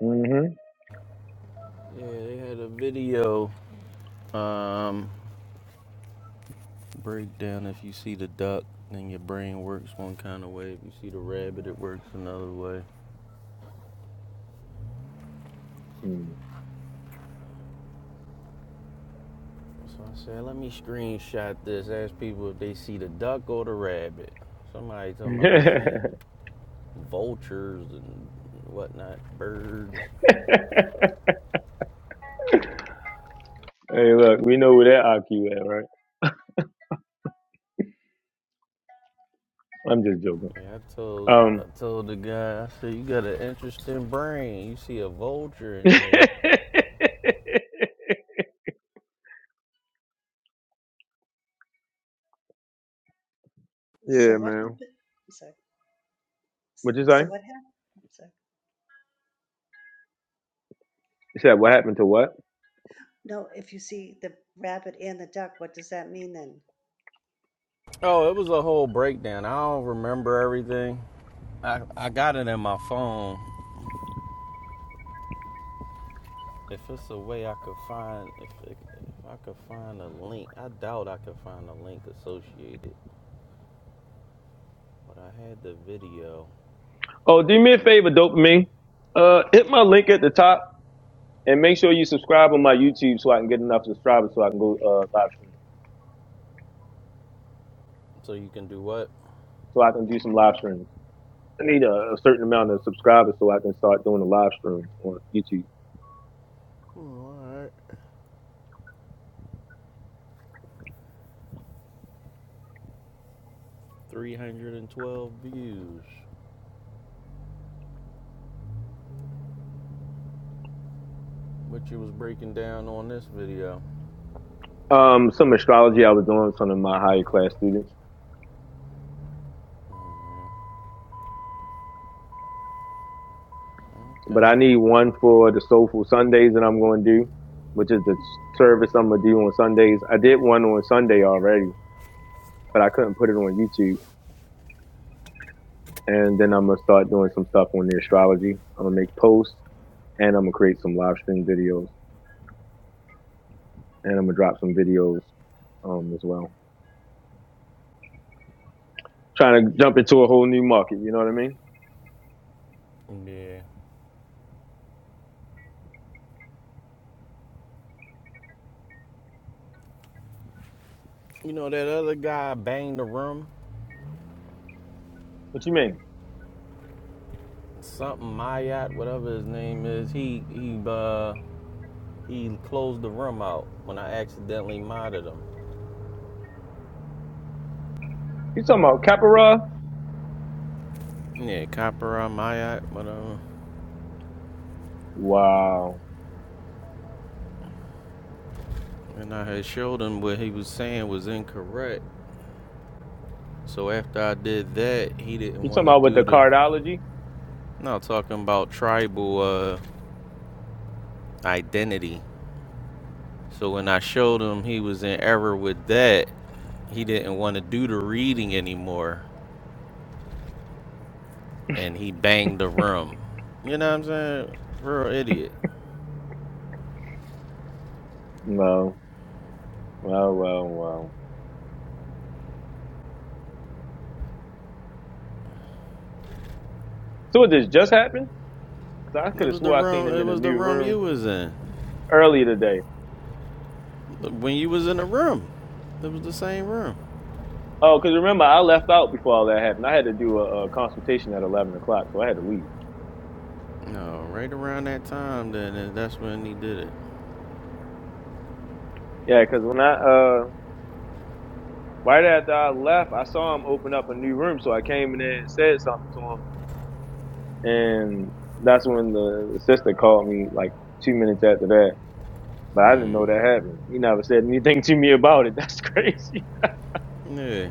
Mm-hmm.
Yeah, they had a video um, breakdown. If you see the duck, then your brain works one kind of way. If you see the rabbit, it works another way.
Mm.
So I said, let me screenshot this. Ask people if they see the duck or the rabbit. Somebody talking about they seen vultures and whatnot, birds.
hey, look, we know where that IQ at, right? I'm just joking.
Yeah, I told I
Um.
told the guy, I said, you got an interesting brain. You see a vulture in there.
So
yeah,
what
man.
happened? Sorry.
What you say?
So what happened? Sorry.
You said what happened to what?
No, if you see the rabbit and the duck, what does that mean then?
Oh, it was a whole breakdown. I don't remember everything. I, I got it in my phone. If it's a way I could find, if, it, if I could find a link, I doubt I could find a link associated. But I had the video,
Oh, do me a favor, dopamine. Uh, hit my link at the top and make sure you subscribe on my YouTube so I can get enough subscribers so I can go uh, live stream.
so you can do what?
So I can do some live streams. I need a, a certain amount of subscribers so I can start doing a live stream on YouTube.
Hmm, all right, 312 views. what you was breaking down on this video.
Um, some astrology I was doing with some of my higher class students.
Mhm.
but
Okay.
I need one for the Soulful Sundays that I'm going to do, which is the service I'm going to do on Sundays. I did one on Sunday already, but I couldn't put it on YouTube. And then I'm going to start doing some stuff on the astrology. I'm going to make posts and I'm going to create some live stream videos and I'm going to drop some videos um, as well. Trying to jump into a whole new market, you know what I mean?
Yeah. You know that other guy banged the room.
What you mean?
Something Mayat, whatever his name is. He he uh he closed the room out when I accidentally modded him.
You talking about Capra?
Yeah, Copper on Mayat, whatever.
Wow.
And I had showed him what he was saying was incorrect. So after I did that, he didn't
You talking
want to
about with the
do the.
cardology?
No, talking about tribal uh, identity. So when I showed him he was in error with that, he didn't want to do the reading anymore and he banged the room. You know what I'm saying? Real idiot.
Well, well, well, well. So what this just happened? 'Cause I could
It
have
was the
swore I seen
room
him
it
in a
was the
new
room you
room
was in.
earlier today.
When you was in the room. It was the same room.
Oh, 'cause remember I left out before all that happened. I had to do a, a consultation at eleven o'clock, so I had to leave.
No, right around that time then that's when he did it.
Yeah, 'cause when I uh right after I left, I saw him open up a new room, so I came in there and said something to him, and that's when the sister called me like two minutes after that. But I didn't know
hmm
that happened. He never said anything to me about it. That's crazy.
Yeah.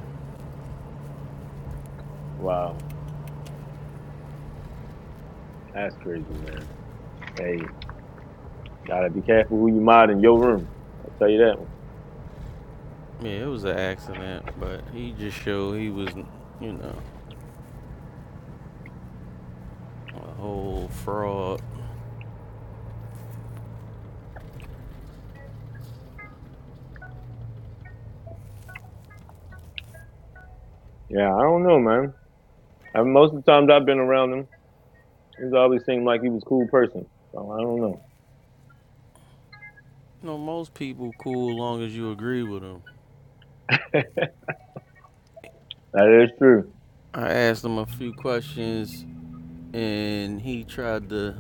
Wow, that's crazy, man. Hey, gotta be careful who you mod in your room. I'll tell you that one.
Yeah, it was an accident, but he just showed he was you know, a whole fraud.
Yeah, I don't know, man. I, most of the times I've been around him, he's always seemed like he was a cool person. So I don't know.
You know, most people cool long as you agree with them.
That is true.
I asked him a few questions and he tried to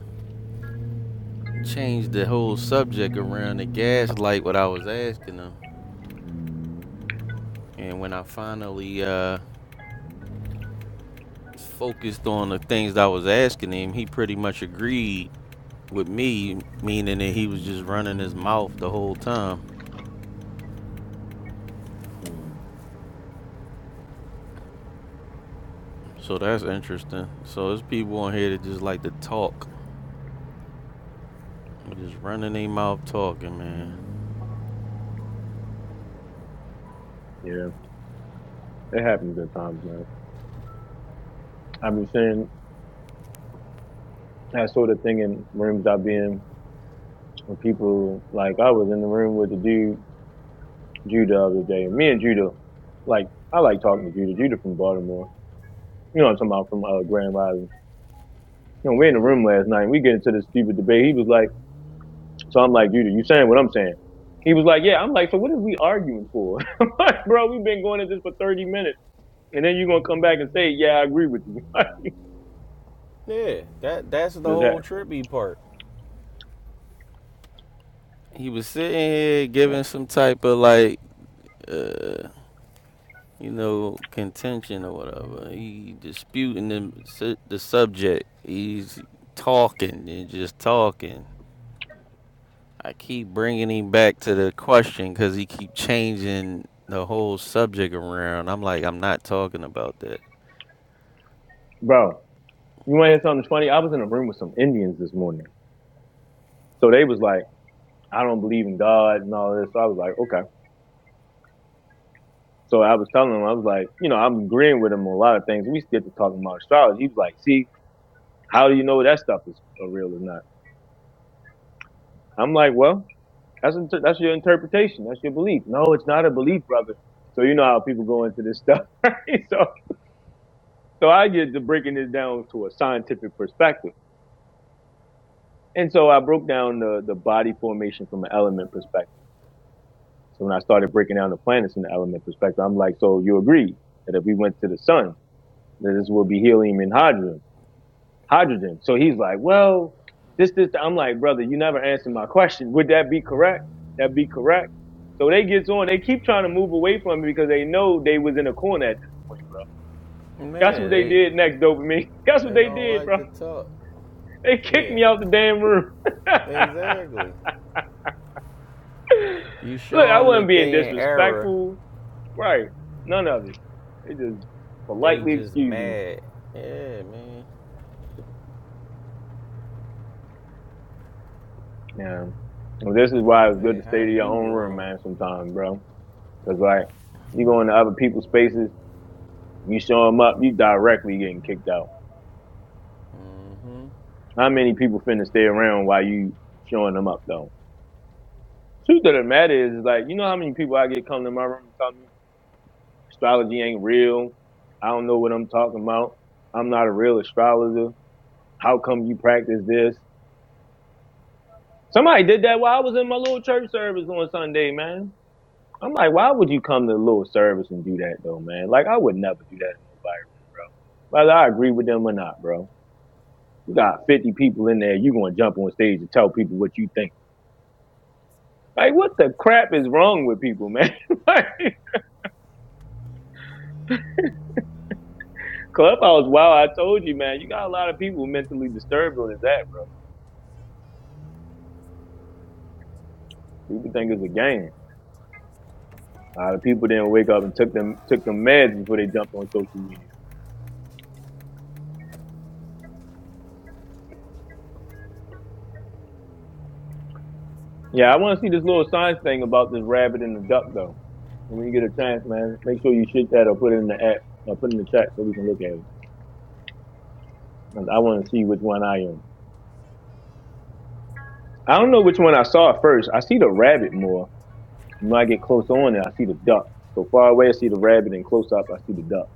change the whole subject around the gaslight what I was asking him. And when I finally uh focused on the things that I was asking him, he pretty much agreed with me, meaning that he was just running his mouth the whole time.
Mm,
So that's interesting. So there's people on here that just like to talk. Just running their mouth talking, man.
yeah, it happens at times, man. I've been seeing that sort of thing in rooms I've been when people like I was in the room with the dude Judah the other day, and me and Judah, like I like talking to Judah. Judah from Baltimore. You know what I'm talking about from uh, Grand Rising. You know, we in the room last night. and We get into this stupid debate. He was like. So I'm like, Judah, you saying what I'm saying? He was like, yeah. I'm like, so what are we arguing for? I'm like, bro, we've been going at this for 30 minutes. And then you're going to come back and say, yeah, I agree with you.
Yeah, that that's the
Does that,
whole trippy part. he was sitting here
yeah.
giving some type of like uh, you know contention or whatever. He disputing the the subject. He's talking and just talking. I keep bringing him back to the question because he keep changing the whole subject around. I'm like, I'm not talking about that.
bro, you want to hear something funny? I was in a room with some Indians this morning. So they was like, I don't believe in God and all this. So I was like, okay. So I was telling him, I was like, you know, I'm agreeing with him on a lot of things. We get to talking about astrology. He was like, see, how do you know that stuff is uh, real or not? I'm like, well, That's inter- that's your interpretation. That's your belief. No, it's not a belief, brother. So you know how people go into this stuff, right? So so I get to breaking this down to a scientific perspective, and so I broke down the the body formation from an element perspective. So when I started breaking down the planets in the element perspective, I'm like, so you agree that if we went to the sun, that this would be helium and hydrogen. hydrogen. So he's like, well, this, this, that. I'm like, brother, you never answered my question. Would that be correct? That be correct. So they gets on. They keep trying to move away from me because they know they was in a corner at this point, bro.
Man,
That's what they
they
did next, dopamine. That's what
they
they
don't
did,
like
bro.
to talk.
They kicked
Yeah,
me out the damn room.
exactly. You
Look,
show
I
them
wasn't
that
being
they in error,
disrespectful, right? None of it. They just
they
politely
just
excused me.
mad. Yeah, man.
Yeah. Well, this is why it's good to
Yeah,
stay
how
to your
you
own room,
wrong?
man. Sometimes, bro. Cause like you go into other people's spaces, you show them up, you directly getting kicked out.
hmm
How many people finna stay around while you showing them up though? Truth of the matter is, is like you know how many people I get come to my room and tell me astrology ain't real. I don't know what I'm talking about. I'm not a real astrologer. How come you practice this? Somebody did that while I was in my little church service on Sunday, man. I'm like, why would you come to a little service and do that though, man? Like I would never do that in nobody's room, bro. Whether I agree with them or not, bro. You got 50 people in there. You gonna jump on stage and tell people what you think. Like, what the crap is wrong with people, man? like, Clubhouse, wow, I told you, man. You got a lot of people mentally disturbed on this app, bro. People think it's a game. A lot of people didn't wake up and took them took them meds before they jumped on social media. Yeah, I want to see this little science thing about this rabbit and the duck, though. When you get a chance, man, make sure you shoot that or put it in the app or put it in the chat so we can look at it. I want to see which one I am. I don't know which one I saw first. I see the rabbit more When I get close on it, I see the duck. So far away, I see the rabbit, and close up, I see the duck.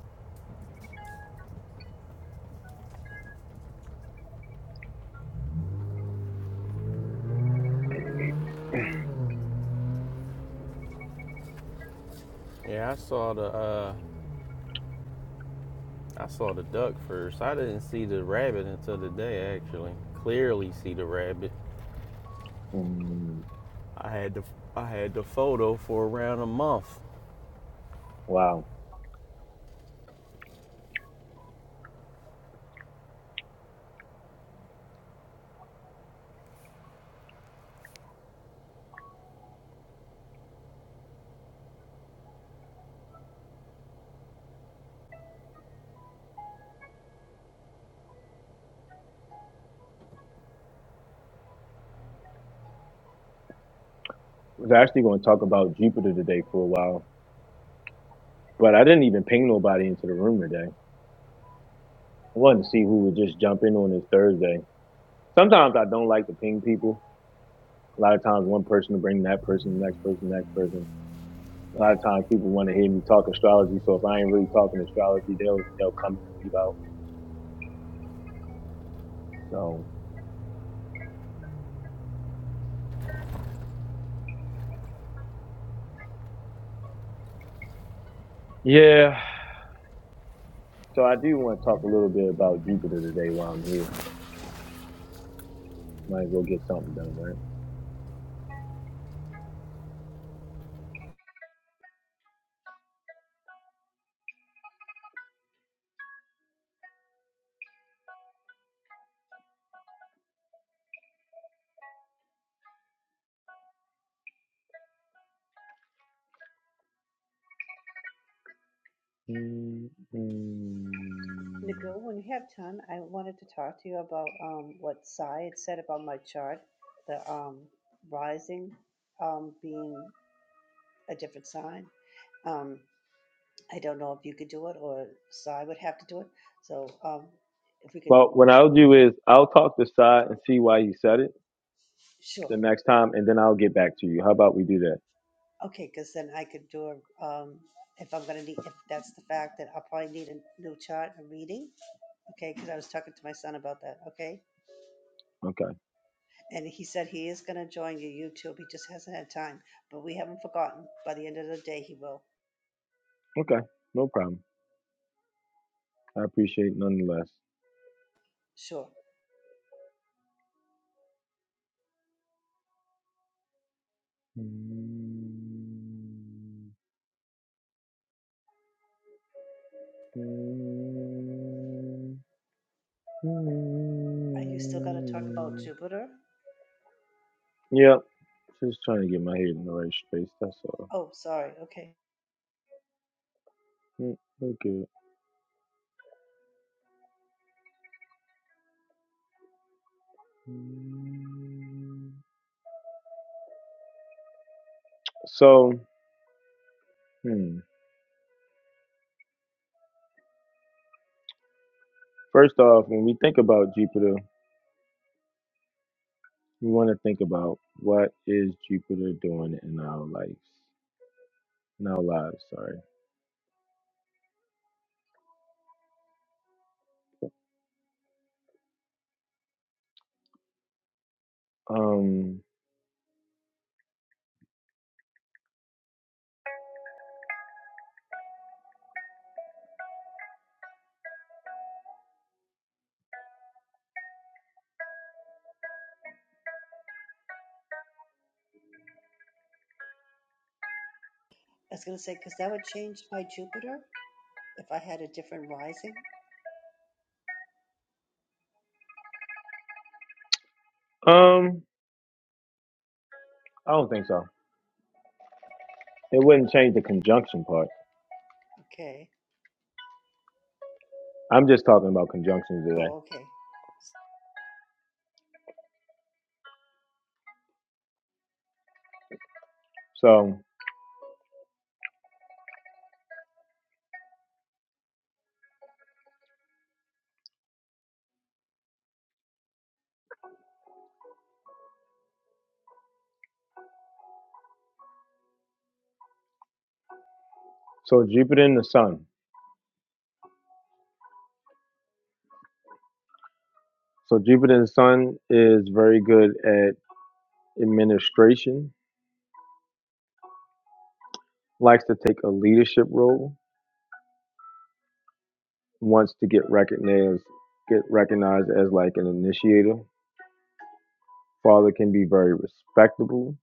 Yeah, I saw the uh, I saw the duck first. I didn't see the rabbit until today. Actually, clearly see the rabbit.
Mm,
I had the I had the photo for around a month.
wow. I was actually going to talk about Jupiter today for a while, but I didn't even ping nobody into the room today. I wanted to see who would just jump in on this Thursday. Sometimes I don't like to ping people. A lot of times, one person will bring that person, the next person, the next person. A lot of times, people want to hear me talk astrology. So if I ain't really talking astrology, they'll they'll come in and leave out. So yeah. So I do want to talk a little bit about Jupiter today while I'm here. Might as well get something done, right? Mm-mm.
Nicole, when you have time, I wanted to talk to you about um, what Sai had said about my chart, the um, rising um, being a different sign. Um, I don't know if you could do it or Sai would have to do it. So um, if we could,
Well, what I'll do is I'll talk to Sai and see why he said it
sure.
the next time, and then I'll get back to you. How about we do that?
Okay, because then I could do a, um, if I'm gonna need, if that's the fact, then I'll probably need a new chart, a reading. Okay, because I was talking to my son about that, okay?
Okay.
And he said he is gonna join your YouTube, he just hasn't had time, but we haven't forgotten. By the end of the day, he will,
Okay. No problem. I appreciate it nonetheless.
sure. Are you still gonna talk about Jupiter?
Yep. Just trying to get my head in the right space. That's all.
Oh, sorry, okay.
Mm, Okay. So. Hmm. First off, when we think about Jupiter, we want to think about what is Jupiter doing in our lives, in our lives. Sorry. Um.
I was gonna say, because that would change my Jupiter if I had a different rising.
Um. I don't think so. It wouldn't change the conjunction part.
Okay.
I'm just talking about conjunctions today.
Oh, okay.
So, so Jupiter and the Sun. So Jupiter and the Sun is very good at administration. Likes to take a leadership role. Wants to get recognized, get recognized as like an initiator father can be very respectable,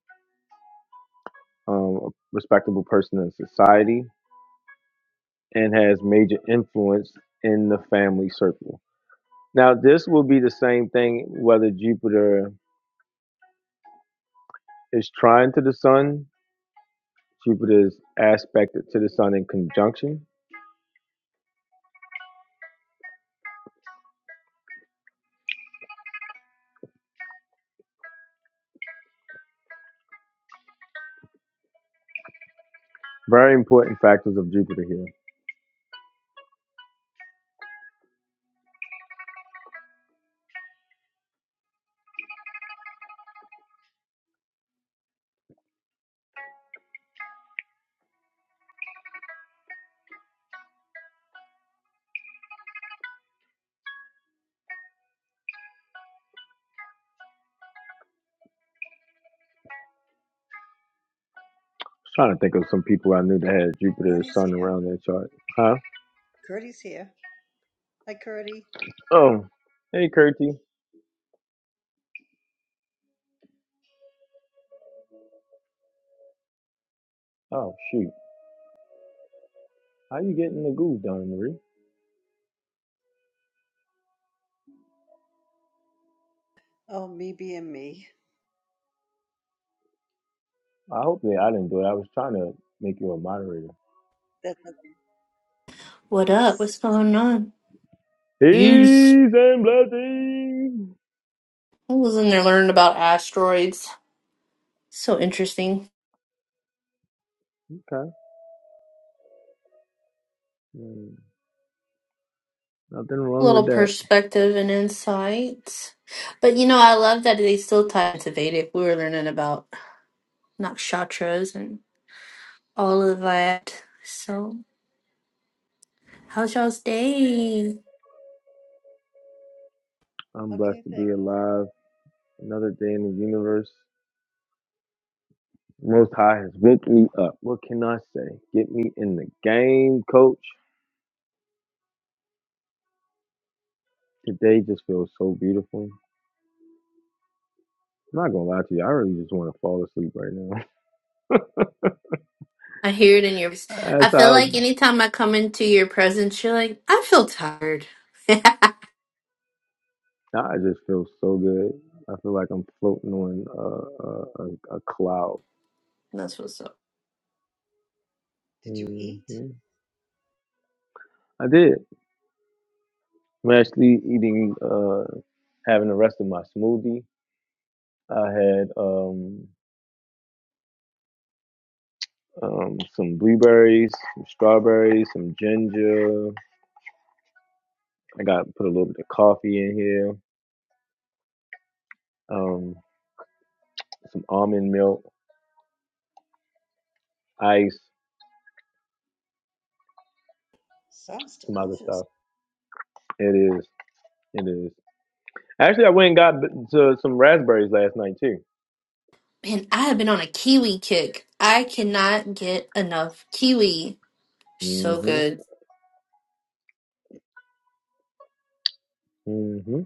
um, a respectable person in society, and has major influence in the family circle. Now, this will be the same thing whether Jupiter is trine to the sun, Jupiter is aspected to the sun in conjunction. Very important factors of Jupiter here. I'm trying to think of some people I knew that had Jupiter's
Curdy's
sun
here.
around their chart. Huh?
Curdy's here. Hi, Curdy.
Oh, hey, Curti. Oh, shoot. How you getting the groove done, Marie?
Oh, me being me.
I hope they I didn't do it. I was trying to make you a moderator.
That lovely
What up?
piece.
What's going on? Yes.
Peace and blessings.
I was in there learning about asteroids. So interesting.
Okay. Mm, Nothing
A
wrong with
little
that.
perspective and insight. But you know, I love that they still tie into Vedic. We were learning about nakshatras and all of that. So, how's y'all's day?
I'm blessed
Okay,
to be
thanks.
alive. Another day in the universe. Most High has woke me up. What can I say? Get me in the game, coach. Today just feels so beautiful. I'm not gonna lie to you, I really just want to fall asleep right now.
I hear it in your voice. I
That's
feel
how
like anytime I come into your presence, you're like, I feel tired.
I just feel so good. I feel like I'm floating on a, a, a, a cloud.
That's what's up.
Did you
hmm
eat?
I did. I'm actually eating, uh, having the rest of my smoothie. I had um, um, some blueberries, some strawberries, some ginger. I got put a little bit of coffee in here, um, some almond milk, ice,
Sounds
some other
delicious.
stuff. It is, it is. Actually, I went and got to some raspberries last night too.
Man, I have been on a kiwi kick. I cannot get enough kiwi. So
hmm
good.
hmm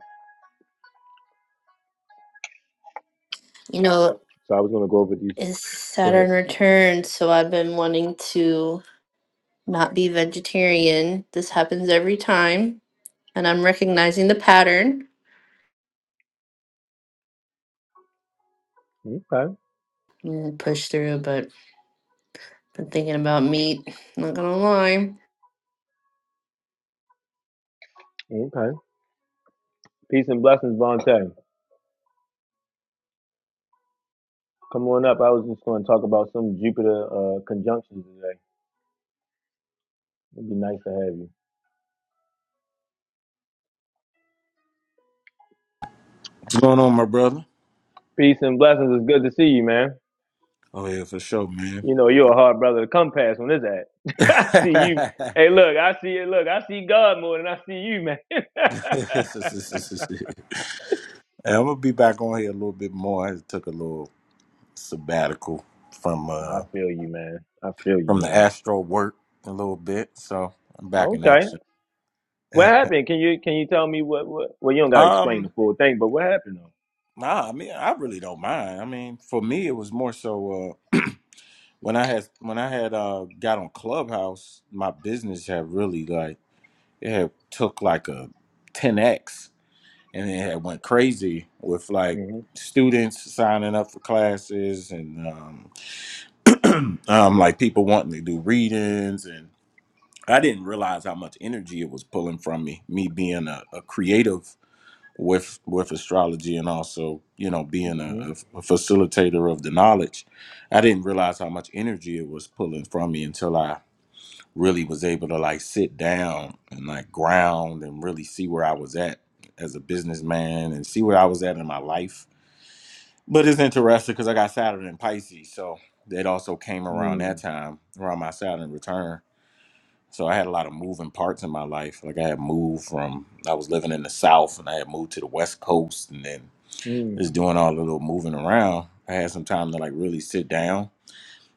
You know,
So I was gonna go over these.
it's
Go ahead.
Saturn returns, so I've been wanting to not be vegetarian. This happens every time, and I'm recognizing the pattern.
Okay.
I'm gonna push through, but been thinking about meat. Not gonna lie.
Okay. Peace and blessings, Vontae. Come on up. I was just going to talk about some Jupiter uh, conjunctions today. It'd be nice to have you.
What's going on, my brother?
Peace and blessings. It's good to see you, man.
Oh yeah, for sure, man.
You know you're a hard brother to come past when it's at. I see you. Hey, look, I see it. Look, I see God more than I see you, man.
And I'm gonna be back on here a little bit more. I took a little sabbatical from
nah, I
uh
feel you, man. I feel you,
from the
man.
Astro work a little bit, so I'm back in
Okay.
action.
What happened? Can you can you tell me what what? Well, you don't got to explain the
Um,
full thing, but what happened though?
nah, I mean, I really don't mind. I mean, for me, it was more so uh, when I had when I had uh, got on Clubhouse, my business had really like it had took like a ten x and it had went crazy with like
Mm-hmm.
students signing up for classes and um, um like people wanting to do readings and I didn't realize how much energy it was pulling from me me being a, a creative with with astrology and also you know being
Mm-hmm.
a, a facilitator of the knowledge I didn't realize how much energy it was pulling from me until I really was able to like sit down and like ground and really see where I was at as a businessman and see where I was at in my life But it's interesting because I got Saturn in Pisces, so that also came around that
Mm-hmm.
time, around my Saturn return. So I had a lot of moving parts in my life. Like I had moved from I was living in the South, and I had moved to the West Coast, and then just doing all the little moving around. I had some time to like really sit down,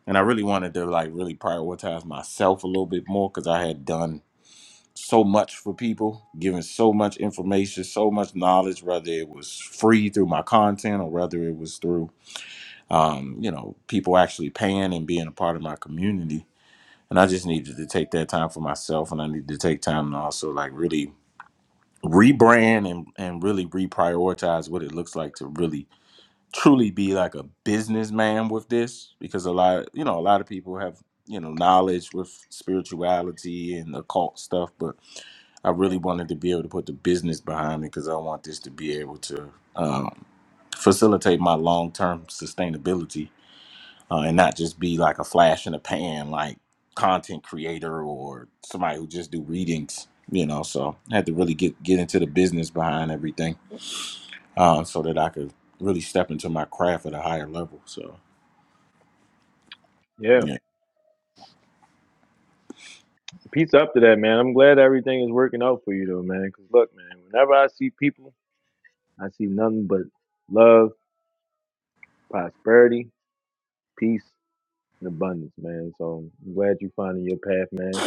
and I really wanted to like really prioritize myself a little bit more because I had done so much for people, given so much information, so much knowledge, whether it was free through my content or whether it was through um, you know, people actually paying and being a part of my community. And I just needed to take that time for myself and I needed to take time to also like really rebrand and, and really reprioritize what it looks like to really truly be like a businessman with this because a lot you know, a lot of people have, you know, knowledge with spirituality and occult stuff, but I really wanted to be able to put the business behind it because I want this to be able to um, facilitate my long term sustainability uh, and not just be like a flash in the pan, like content creator or somebody who just do readings, you know. So I had to really get get into the business behind everything, uh, so that I could really step into my craft at a higher level. So
Yeah.
yeah,
Peace up to that, man. I'm glad everything is working out for you, though, man. Because look, man, whenever I see people, I see nothing but love, prosperity, peace, and abundance, man. So I'm glad you're finding your path, man.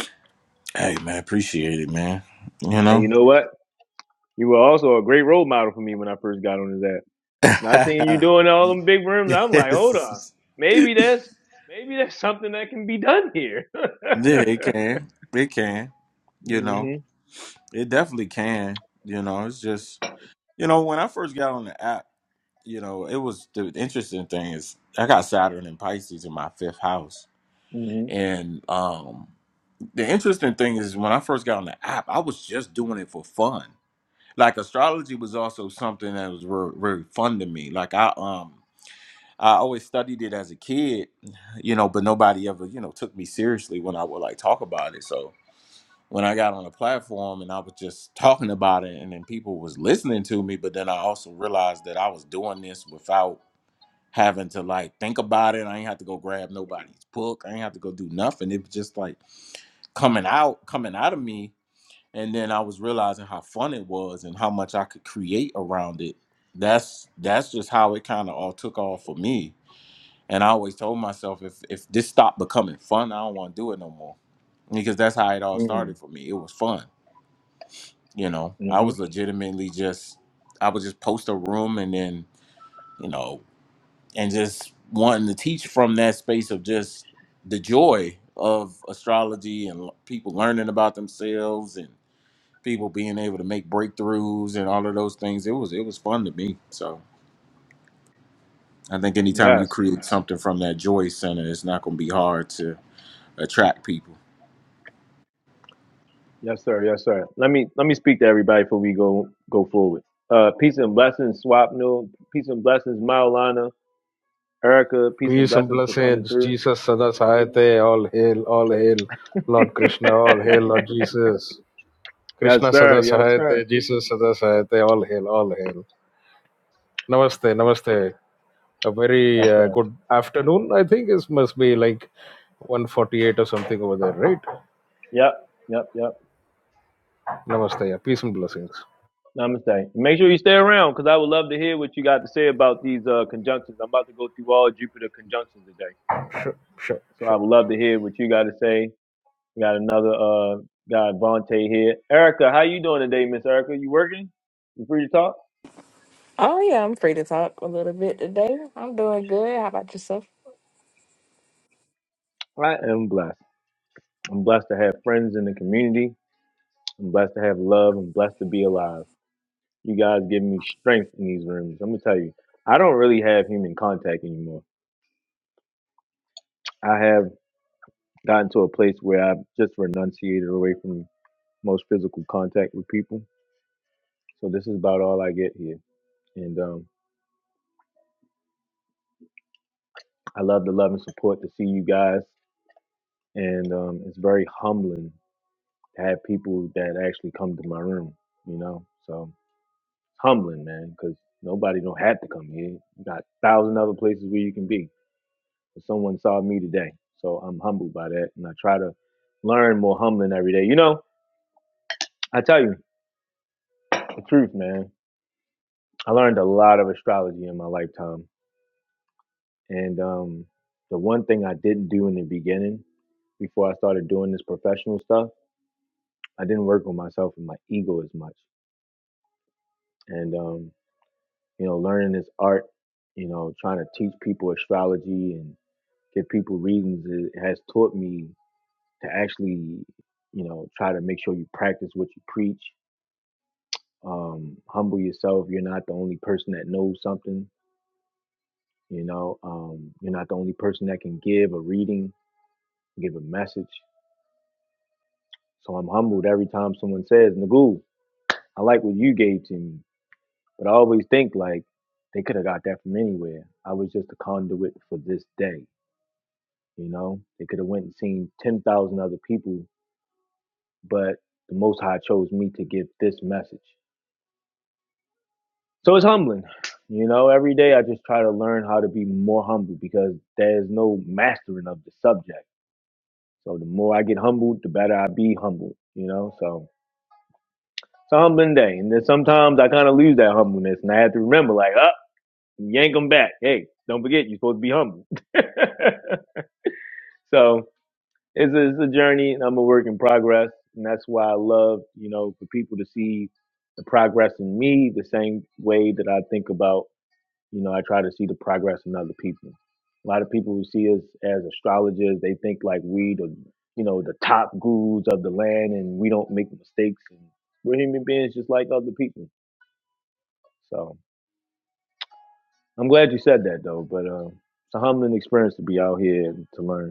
hey man, appreciate it, man. You
And
know,
you know what? You were also a great role model for me when I first got on this app. Not seeing you doing all them big rooms, I'm like, hold on,
yes,
maybe that's maybe that's something that can be done here.
yeah, it can, it can, you know,
hmm
it definitely can. You know, it's just you know when I first got on the app. you know, it was the interesting thing is I got Saturn and Pisces in my fifth house.
hmm
And um the interesting thing is when I first got on the app, I was just doing it for fun. Like astrology was also something that was very, very fun to me. Like I um I always studied it as a kid, you know, but nobody ever, you know, took me seriously when I would like talk about it. So when I got on the platform and I was just talking about it and then people was listening to me, but then I also realized that I was doing this without having to like think about it. I ain't have to go grab nobody's book. I ain't have to go do nothing. It was just like coming out, coming out of me. And then I was realizing how fun it was and how much I could create around it. That's that's just how it kind of all took off for me. And I always told myself if if this stopped becoming fun, I don't want to do it no more. Because that's how it all
hmm
started for me. It was fun. You know, I
hmm
was legitimately just I would just post a room and then, you know, and just wanting to teach from that space of just the joy of astrology and l- people learning about themselves and people being able to make breakthroughs and all of those things. It was it was fun to me. So I think anytime you
Yes.
create something from that joy center, it's not going to be hard to attract people.
Yes, sir. Yes, sir. Let me let me speak to everybody before we go go forward. Uh, peace and blessings, Swapno. Peace and blessings, Maulana, Erica. Peace and
Peace and
blessings for coming
blessings.
through.
Jesus Sadasahayate. All hail, all hail.
yes,
Lord Krishna, all hail, Lord Jesus. Krishna
sir. Yes, sir.
Sadasahayate. Jesus Sadasahayate. All hail, all hail. Namaste, namaste. A very
Yes,
uh,
sir.
good afternoon, I think. It must be like 148 or something over there, right?
Yep. Yep. Yep.
Namaste. Yeah. Peace and blessings.
Namaste. Make sure you stay around because I would love to hear what you got to say about these uh, conjunctions. I'm about to go through all Jupiter conjunctions today,
Sure, sure,
so
sure.
I would love to hear what you got to say. We got another uh, guy, Vontae here. Erica, how you doing today, Miss Erica? You working? You free to talk?
Oh yeah, I'm free to talk a little bit today. I'm doing good. How about yourself?
I am blessed. I'm blessed to have friends in the community. I'm blessed to have love. I'm blessed to be alive. You guys give me strength in these rooms. Let me tell you, I don't really have human contact anymore. I have gotten to a place where I've just renunciated away from most physical contact with people. So this is about all I get here. And um, I love the love and support to see you guys. And um, it's very humbling to have people that actually come to my room, you know? So humbling, man, because nobody don't have to come here. You got a thousand other places where you can be. But someone saw me today, so I'm humbled by that, and I try to learn more humbling every day. You know, I tell you the truth, man. I learned a lot of astrology in my lifetime, and um, the one thing I didn't do in the beginning, before I started doing this professional stuff, I didn't work on myself and my ego as much, and um, you know, learning this art, you know, trying to teach people astrology and give people readings it has taught me to actually you know try to make sure you practice what you preach um humble yourself you're not the only person that knows something you know um you're not the only person that can give a reading give a message so i'm humbled every time someone says nagoo i like what you gave to me but i always think like they could have got that from anywhere i was just a conduit for this day you know they could have went and seen 10,000 other people but the Most High chose me to give this message. So it's humbling. You know, every day I just try to learn how to be more humble because there's no mastering of the subject. So the more I get humbled, the better I be humbled, you know? So it's a humbling day. And then sometimes I kind of lose that humbleness and I have to remember, like, up, yank them back. Hey, don't forget, you're supposed to be humble. so it's a, it's a journey and I'm a work in progress. And that's why I love, you know, for people to see the progress in me the same way that I think about, you know, I try to see the progress in other people. A lot of people who see us as astrologers, they think like we the, you know, the top gurus of the land and we don't make mistakes. And we're human beings just like other people. So I'm glad you said that though, but uh, it's a humbling experience to be out here and to learn.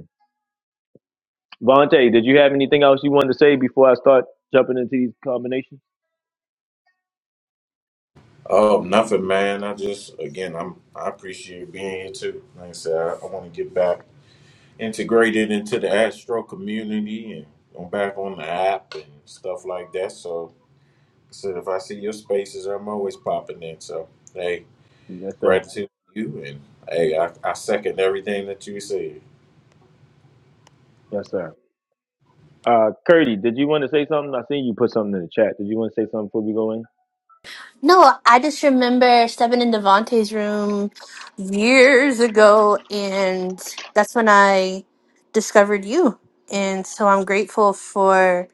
Vontae, did you have anything else you wanted to say before I start jumping into these combinations?
Oh, nothing, man. I just again, I'm I appreciate being here too. Like I said, I, I want to get back integrated into the Astro community and I'm back on the app and stuff like that. So So if I see your spaces, I'm always popping in. So hey,
Yes, sir.
gratitude to you, and hey, I, I second everything that you said.
Yes, sir. Uh, Curdy, did you want to say something? I seen you put something in the chat. Did you want to say something before we go in?
No, I just remember stepping in Devante's room years ago, and that's when I discovered you. And so I'm grateful for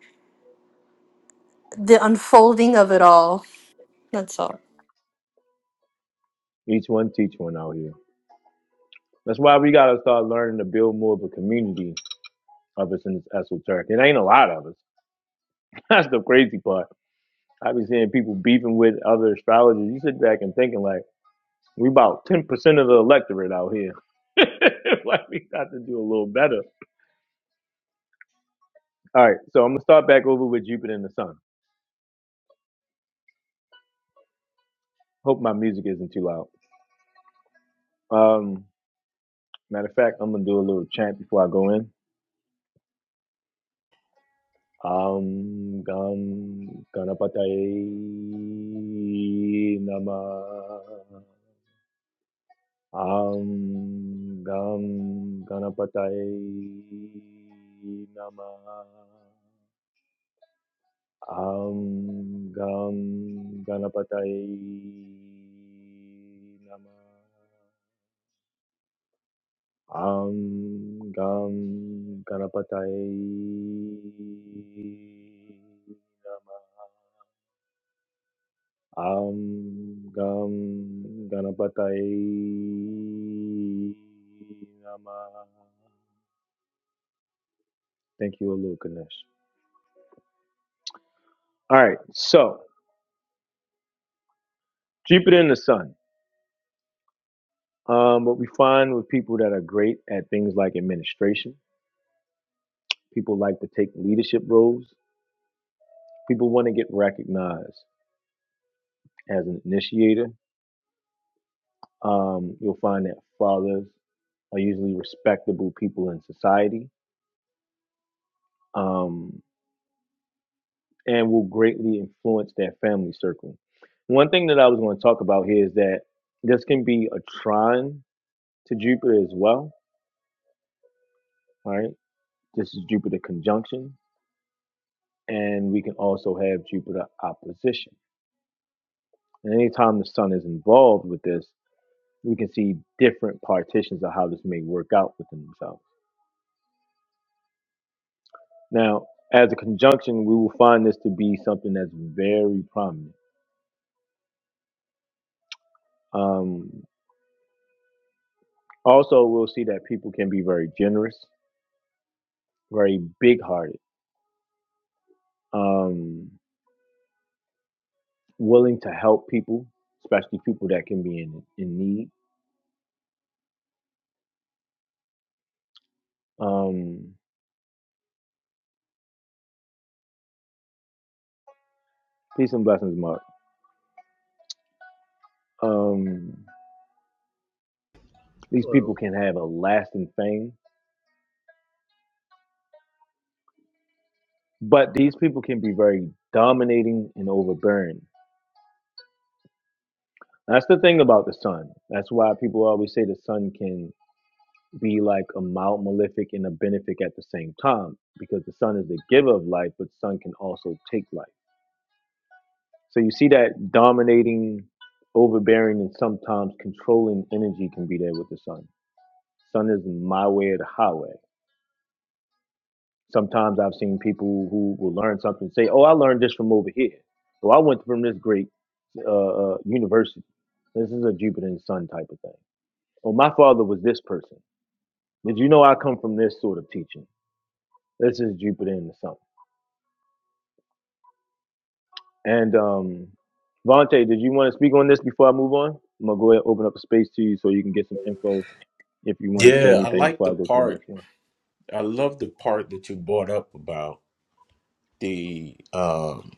the unfolding of it all. That's all.
Each one teach one out here. That's why we gotta start learning to build more of a community of us in this esoteric. It ain't a lot of us. That's the crazy part. I be seeing people beefing with other astrologers. You sit back and thinking like we about ten percent of the electorate out here. like we got to do a little better. All right, so I'm gonna start back over with Jupiter and the Sun. Hope my music isn't too loud. Um, matter of fact, I'm gonna do a little chant before I go in. Um, gan ganapataye nama. Um, gam ganapataye nama. Um, gam ganapataye nama. Am Gam गणपतये नमः आं गां गणपतये नमः Thank you, Lord Ganesh. All right, so Jupiter and the Sun. Um, what we find with people that are great at things like administration, people like to take leadership roles. People want to get recognized as an initiator. Um, you'll find that fathers are usually respectable people in society um, and will greatly influence their family circle. One thing that I was going to talk about here is that this can be a trine to Jupiter as well, right? This is Jupiter conjunction, and we can also have Jupiter opposition. And anytime the sun is involved with this, we can see different partitions of how this may work out within themselves. Now, as a conjunction, we will find this to be something that's very prominent. Um, Also, we'll see that people can be very generous, very big hearted, um, willing to help people, especially people that can be in, in need. Um, peace and blessings, Mark. Um, these
Hello.
people can have a lasting fame, but these people can be very dominating and overbearing. That's the thing about the sun. That's why people always say the sun can be like a mild malefic and a benefic at the same time, because the sun is the giver of life, but the sun can also take life. So you see that dominating, overbearing, and sometimes controlling energy can be there with the sun. Sun is my way or the highway. Sometimes I've seen people who will learn something and say, "Oh, I learned this from over here. Well, I went from this great uh, uh, university. This is a Jupiter and Sun type of thing. Oh, my father was this person. Did you know I come from this sort of teaching? This is Jupiter and the Sun. And um, Vontae, did you want to speak on this before I move on? I'm gonna go ahead and open up a space to you so you can get some info if you want to say
Yeah, I
anything
like
before
the
I go to the
part.
next one.
I love the part that you brought up about the um,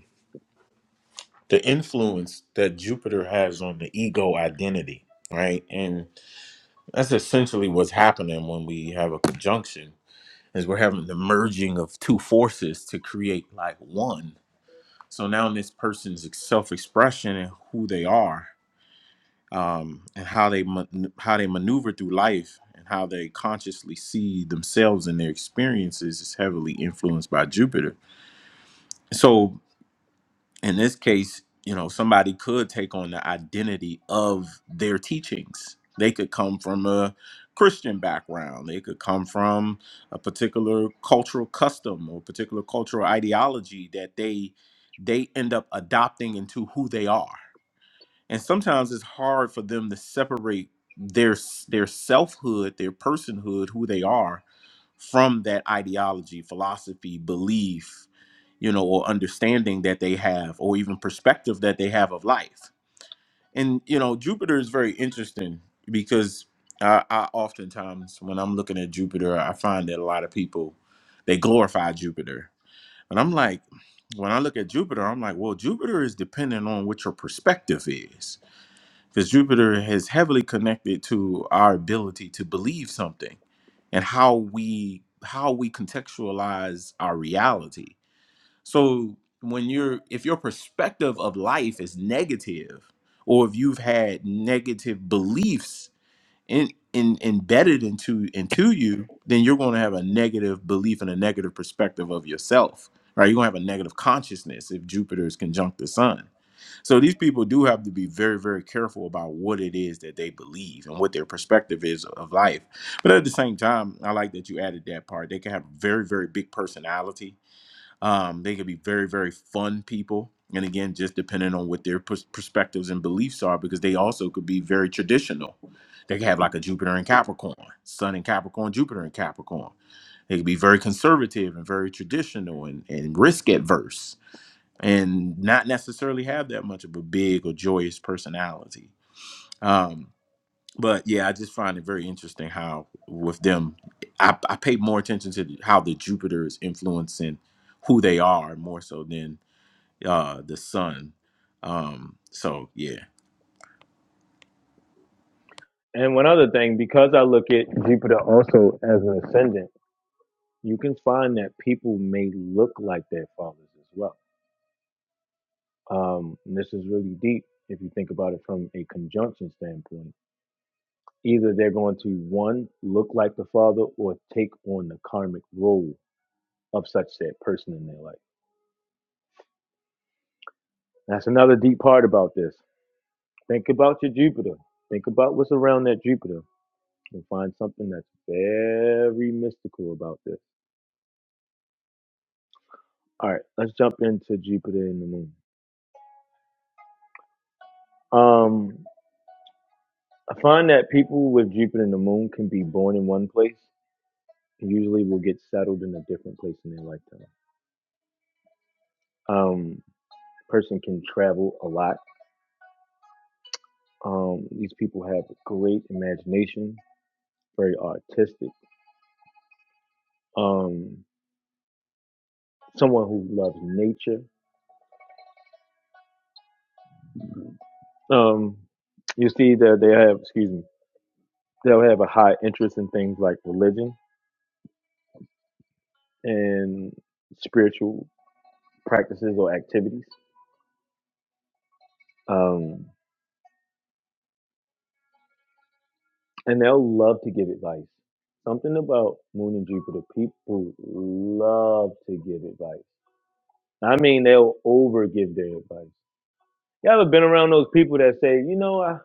the influence that Jupiter has on the ego identity, right? And that's essentially what's happening when we have a conjunction is we're having the merging of two forces to create like one. So now in this person's self-expression and who they are um, and how they man- how they maneuver through life and how they consciously see themselves and their experiences is heavily influenced by Jupiter. So in this case, you know, somebody could take on the identity of their teachings. They could come from a Christian background. They could come from a particular cultural custom or particular cultural ideology that they they end up adopting into who they are and sometimes it's hard for them to separate their their selfhood, their personhood, who they are, from that ideology, philosophy, belief, you know, or understanding that they have, or even perspective that they have of life. And you know, Jupiter is very interesting because I, I oftentimes when I'm looking at Jupiter, I find that a lot of people they glorify Jupiter, and I'm like, when I look at Jupiter, I'm like, well, Jupiter is dependent on what your perspective is because Jupiter is heavily connected to our ability to believe something and how we how we contextualize our reality. So when you're if your perspective of life is negative or if you've had negative beliefs in, in embedded into into you, then you're going to have a negative belief and a negative perspective of yourself. Right? You're going to have a negative consciousness if Jupiter is conjunct the sun so these people do have to be very, very careful about what it is that they believe and what their perspective is of life. But at the same time, I like that you added that part. They can have very, very big personality. Um, they can be very, very fun people. And again, just depending on what their pers- perspectives and beliefs are, because they also could be very traditional. They can have like a Jupiter and Capricorn, Sun and Capricorn, Jupiter and Capricorn. They could be very conservative and very traditional and, and risk adverse and not necessarily have that much of a big or joyous personality. Um, but yeah, I just find it very interesting how with them, I, I pay more attention to how the Jupiter is influencing who they are more so than uh, the Sun. Um, so yeah,
And one other thing, because I look at Jupiter also as an ascendant, you can find that people may look like their fathers as well. Um, and this is really deep if you think about it from a conjunction standpoint. Either they're going to one look like the father or take on the karmic role of such said person in their life. That's another deep part about this. Think about your Jupiter. Think about what's around that Jupiter. You'll find something that's very mystical about this All right, let's jump into Jupiter and the Moon. Um, I find that people with Jupiter and the Moon can be born in one place, and usually will get settled in a different place in their lifetime. Um, person can travel a lot. Um, these people have great imagination, very artistic. Um, someone who loves nature. Um, you see that they have, excuse me, they'll have a high interest in things like religion and spiritual practices or activities. Um, And they'll love to give advice. Something about Moon and Jupiter, people love to give advice. I mean, they'll over give their advice. You ever been around those people that say, you know, I,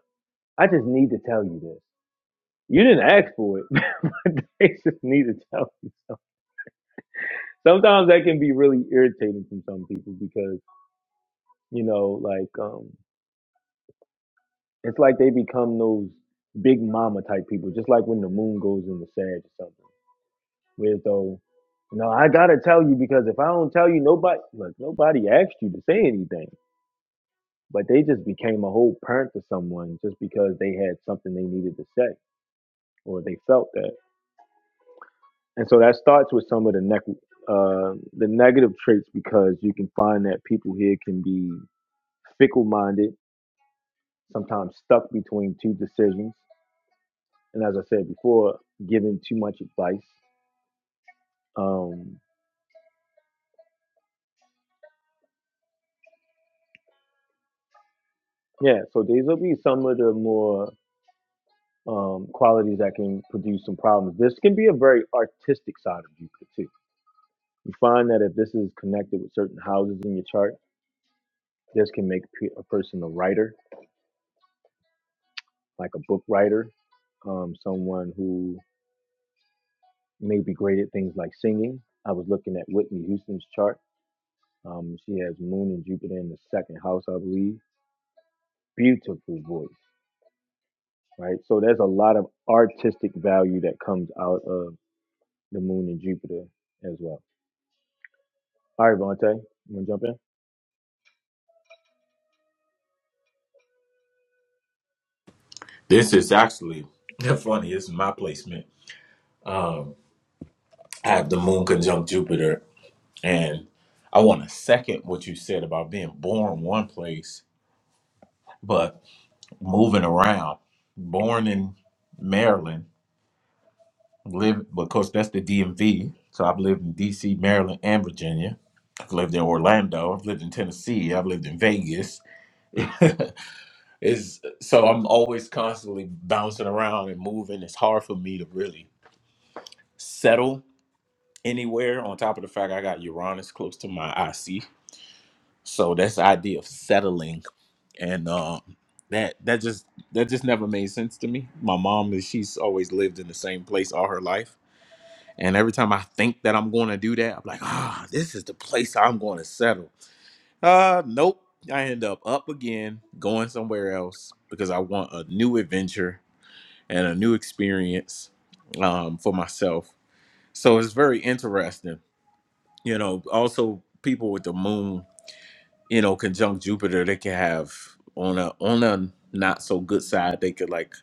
I just need to tell you this. You didn't ask for it, but they just need to tell you something. Sometimes that can be really irritating from some people because, you know, like, um, it's like they become those big mama type people, just like when the moon goes in the sag or something Rizzo. No, I gotta tell you because if I don't tell you, nobody look, nobody asked you to say anything. But they just became a whole parent to someone just because they had something they needed to say or they felt that. And so that starts with some of the neg uh, the negative traits because you can find that people here can be fickle minded, sometimes stuck between two decisions. And as I said before, giving too much advice. Um, yeah, so these will be some of the more um, qualities that can produce some problems. This can be a very artistic side of Jupiter too. You find that if this is connected with certain houses in your chart, this can make pe- a person a writer, like a book writer, um, someone who may be great at things like singing. I was looking at Whitney Houston's chart. Um, she has Moon and Jupiter in the second house, I believe. Beautiful voice, right? So there's a lot of artistic value that comes out of the Moon and Jupiter as well. All right, Vontae, you want to jump in?
This is actually funny. This is my placement. I have the moon conjunct Jupiter, and I want to second what you said about being born one place. but. moving around. Born in Maryland, lived, but of course, that's the DMV. So I've lived in DC, Maryland, and Virginia. I've lived in Orlando. I've lived in Tennessee. I've lived in Vegas. is so I'm always constantly bouncing around and moving. It's hard for me to really settle anywhere. On top of the fact I got Uranus close to my IC, so that's the idea of settling and uh, that that just that just never made sense to me. My mom is she's always lived in the same place all her life, and every time I think that I'm going to do that, I'm like, ah, this is the place I'm going to settle. Uh, nope. I end up up again, going somewhere else because I want a new adventure and a new experience um, for myself. So it's very interesting, you know. Also, people with the moon you know, conjunct Jupiter, they can have on a on a not so good side, they could like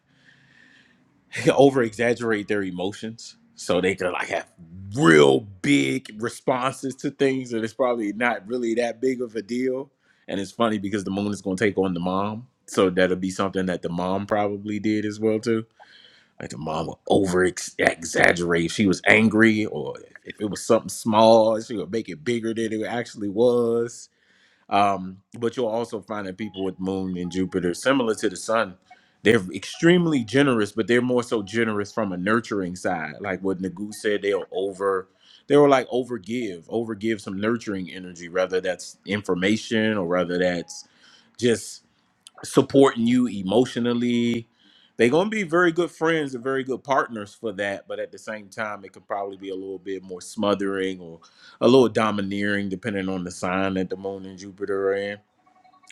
over exaggerate their emotions. So they could like have real big responses to things and it's probably not really that big of a deal. And it's funny because the moon is gonna take on the mom. So that'll be something that the mom probably did as well too. Like the mom would over ex- exaggerate if she was angry or if it was something small, she would make it bigger than it actually was um, but you'll also find that people with Moon and Jupiter, similar to the Sun, they're extremely generous, but they're more so generous from a nurturing side. Like what Nagu said, they'll over, they'll like overgive, overgive some nurturing energy, whether that's information or whether that's just supporting you emotionally. They're gonna be very good friends and very good partners for that, but at the same time, it could probably be a little bit more smothering or a little domineering, depending on the sign that the moon and Jupiter are in.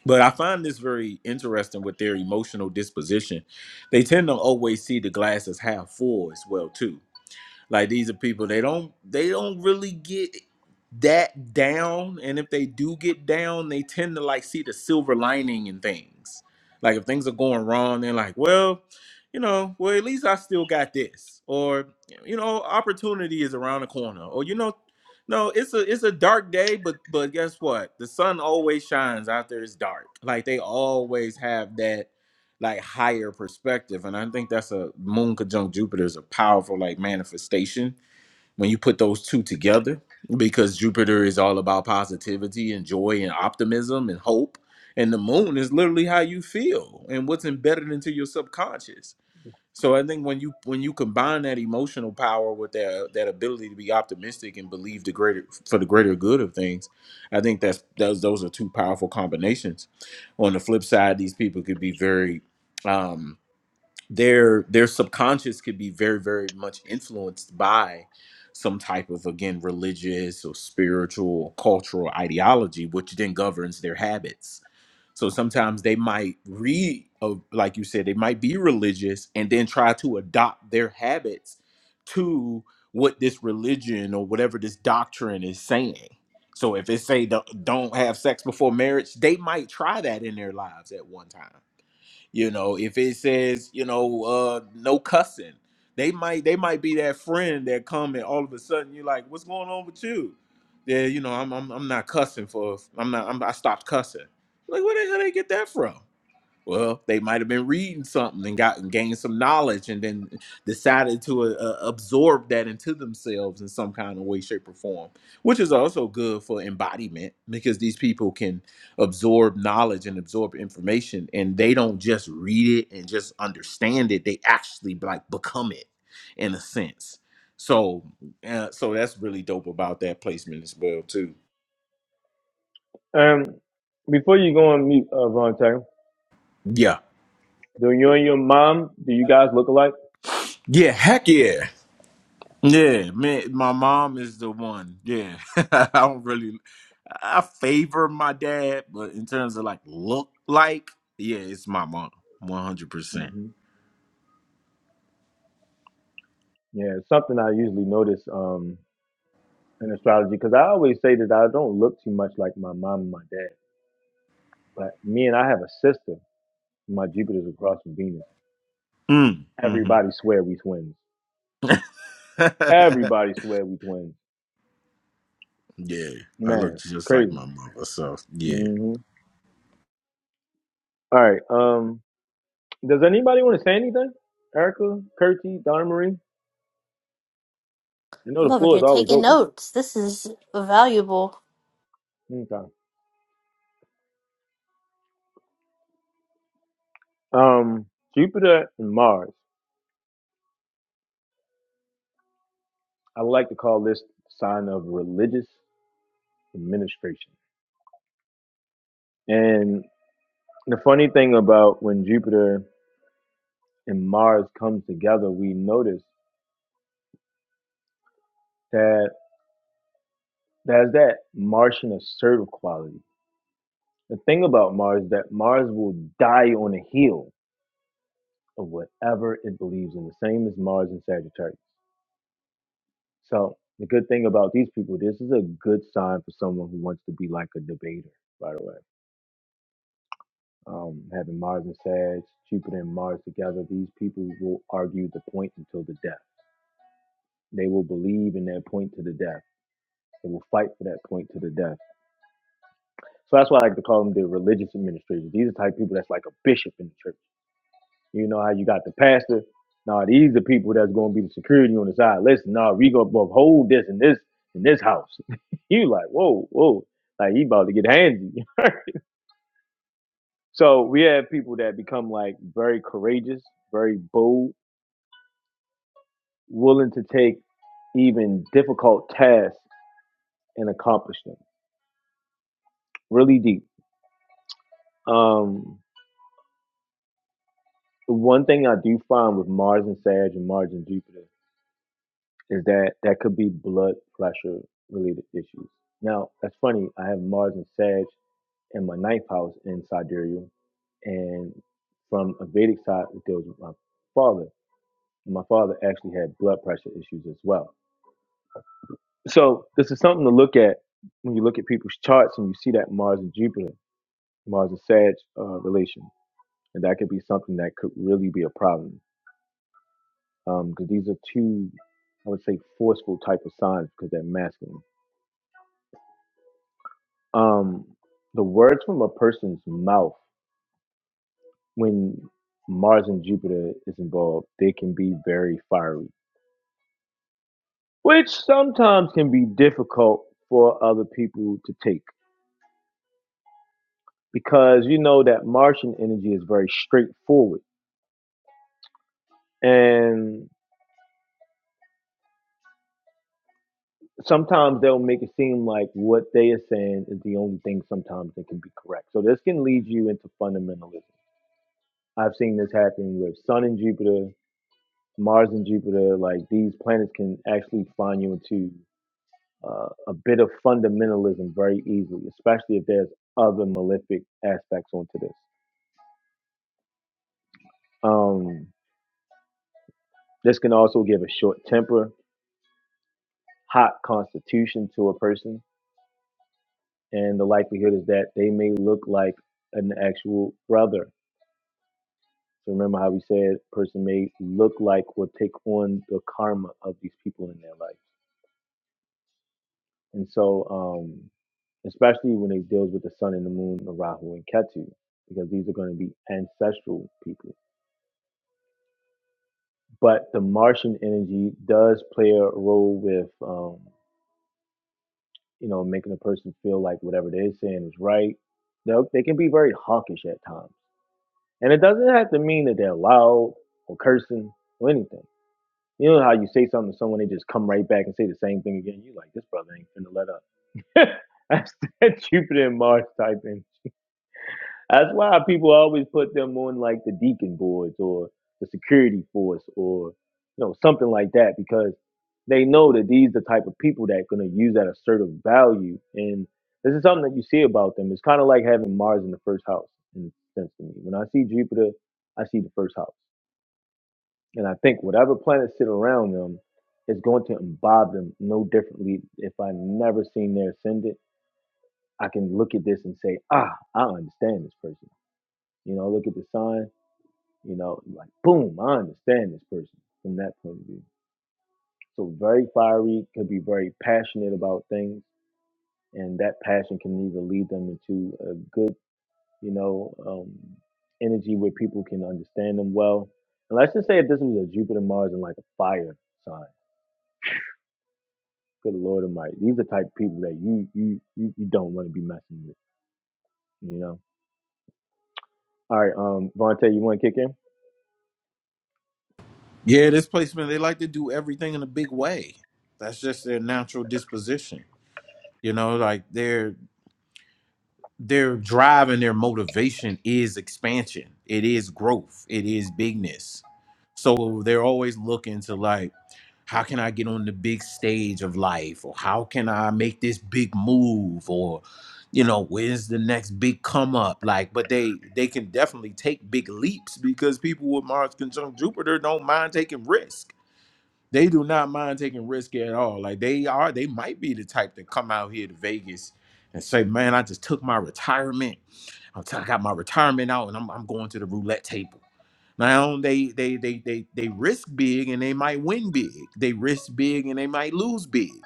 But I find this very interesting with their emotional disposition. They tend to always see the glass as half full as well, too like these are people they don't they don't really get that down, and if they do get down, they tend to like see the silver lining in things. Like if things are going wrong, they're like, well, you know, well at least I still got this, or you know, opportunity is around the corner, or you know, no, it's a it's a dark day, but but guess what? The sun always shines after it's dark. Like they always have that like higher perspective. And I think that's a moon conjunct Jupiter is a powerful like manifestation when you put those two together because Jupiter is all about positivity and joy and optimism and hope. And the moon is literally how you feel and what's embedded into your subconscious. So I think when you when you combine that emotional power with that uh, that ability to be optimistic and believe the greater for the greater good of things, I think that's those those are two powerful combinations. On the flip side, these people could be very um, their their subconscious could be very very much influenced by some type of again religious or spiritual or cultural ideology which then governs their habits so sometimes they might read of like you said they might be religious and then try to adopt their habits to what this religion or whatever this doctrine is saying so if it say don't don't have sex before marriage they might try that in their lives at one time you know, if it says, you know, uh no cussing, they might they might be that friend that come and all of a sudden you're like, what's going on with you? Yeah, you know, I'm I'm, I'm not cussing for I'm not I'm, I stopped cussing. Like, where the hell they get that from? Well, they might have been reading something and gotten gained some knowledge, and then decided to uh, uh, absorb that into themselves in some kind of way, shape, or form, which is also good for embodiment because these people can absorb knowledge and absorb information, and they don't just read it and just understand it; they actually like become it in a sense. So, uh, so that's really dope about that placement as well, too.
Um, before you go on mute, uh, Vontae,
Yeah,
do you and your mom, do you guys look alike?
yeah, heck yeah. Yeah, man, my mom is the one. Yeah, I don't really, I favor my dad, but in terms of like look like, yeah, it's my mom, one hundred percent.
hmm Yeah, it's something I usually notice um, in astrology because I always say that I don't look too much like my mom and my dad. But me and I have a sister. My Jupiter's across from Venus.
Mm, mm-hmm.
Everybody swear we twins. Everybody swear we twins.
yeah, I look
Man,
just like
crazy.
my mother, so yeah,
hmm All right. Um, does anybody want to say anything? Erica, Curti, Donna Marie? I know
I'm
the
over
floor is
here
always
taking
open.
notes. This is valuable.
Okay. Um, Jupiter and Mars. I like to call this sign of religious administration. And the funny thing about when Jupiter and Mars comes together, we notice that there's that Martian assertive quality. The thing about Mars is that Mars will die on the heel of whatever it believes in, the same as Mars and Sagittarius. So the good thing about these people, this is a good sign for someone who wants to be like a debater, by the way. Um, having Mars and Sag, Jupiter and Mars together, these people will argue the point until the death. They will believe in that point to the death. They will fight for that point to the death. So that's why I like to call them the religious administrators. These are the type of people that's like a bishop in the church. You know how you got the pastor? Now these are people that's going to be the security on the side. Listen, now we going to hold this in this in this house. you like, whoa, whoa, like he about to get handsy. so we have people that become like very courageous, very bold willing to take even difficult tasks and accomplish them really deep. Um, one thing I do find with Mars and Sag and Mars and Jupiter is that that could be blood pressure related issues. Now, that's funny. I have Mars and Sag in my ninth house in sidereal, and from a Vedic side, it goes with my father. And my father actually had blood pressure issues as well. So, this is something to look at when you look at people's charts and you see that Mars and Jupiter. Mars and Sag uh, relation, and that could be something that could really be a problem because um, these are two, I would say, forceful type of signs because they're masculine. Um, the words from a person's mouth when Mars and Jupiter is involved, they can be very fiery, which sometimes can be difficult for other people to take because you know that Martian energy is very straightforward and sometimes they'll make it seem like what they are saying is the only thing sometimes that can be correct. So this can lead you into fundamentalism. I've seen this happen with Sun and Jupiter, Mars and Jupiter. Like these planets can actually find you into uh, a bit of fundamentalism very easily, especially if there's other malefic aspects onto this. Um, this can also give a short temper, hot constitution to a person, and the likelihood is that they may look like an actual brother So remember how we said a person may look like or take on the karma of these people in their life. And so, um, especially when it deals with the sun and the moon, the Rahu and Ketu, because these are going to be ancestral people. But the Martian energy does play a role with, um, you know, making a person feel like whatever they're saying is right. They they can be very hawkish at times, and it doesn't have to mean that they're loud or cursing or anything You know how you say something to someone, they just come right back and say the same thing again. You like this brother ain't finna let up. That's that Jupiter and Mars typing. That's why people always put them on like the deacon boards or the security force or you know something like that because they know that these the type of people that are going to use that assertive value and this is something that you see about them. It's kind of like having Mars in the first house in a sense to me. When I see Jupiter, I see the first house. And I think whatever planets sit around them is going to imbibe them no differently. If I never seen their ascendant, I can look at this and say, ah, I understand this person. You know, look at the sign, you know, like, boom, I understand this person from that point of view. So very fiery, could be very passionate about things. And that passion can either lead them into a good, you know, um, energy where people can understand them well. And let's just say if this was a Jupiter, Mars, and like a fire sign Good Lord Almighty, these are the type of people that you you you, you don't want to be messing with. You know. All right, um, Vontae, you want to kick in?
yeah. This placement, they like to do everything in a big way. That's just their natural disposition. You know, like they're their drive and their motivation is expansion. It is growth. It is bigness. So they're always looking to like, how can I get on the big stage of life? Or how can I make this big move? Or, you know, where's the next big come up? Like, but they they can definitely take big leaps because people with Mars conjunct Jupiter don't mind taking risk they do not mind taking risk at all. Like they are, they might be the type to come out here to Vegas and say, "Man, I just took my retirement. I'm t- I got my retirement out, and I'm, I'm going to the roulette table." Now they they they they they risk big and they might win big. They risk big and they might lose big.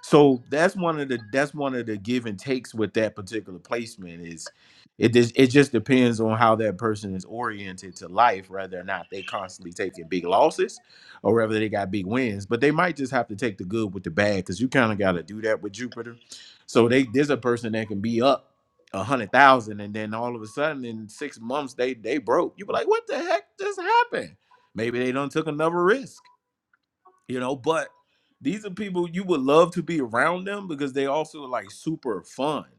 So that's one of the that's one of the give and takes with that particular placement is it just it just depends on how that person is oriented to life, whether or not they constantly taking big losses or whether they got big wins. But they might just have to take the good with the bad because you kind of gotta do that with Jupiter. So they there's a person that can be up a hundred thousand and then all of a sudden in six months they they broke. You be like, what the heck just happened? Maybe they done took another risk you know but these are people you would love to be around them because they also like super fun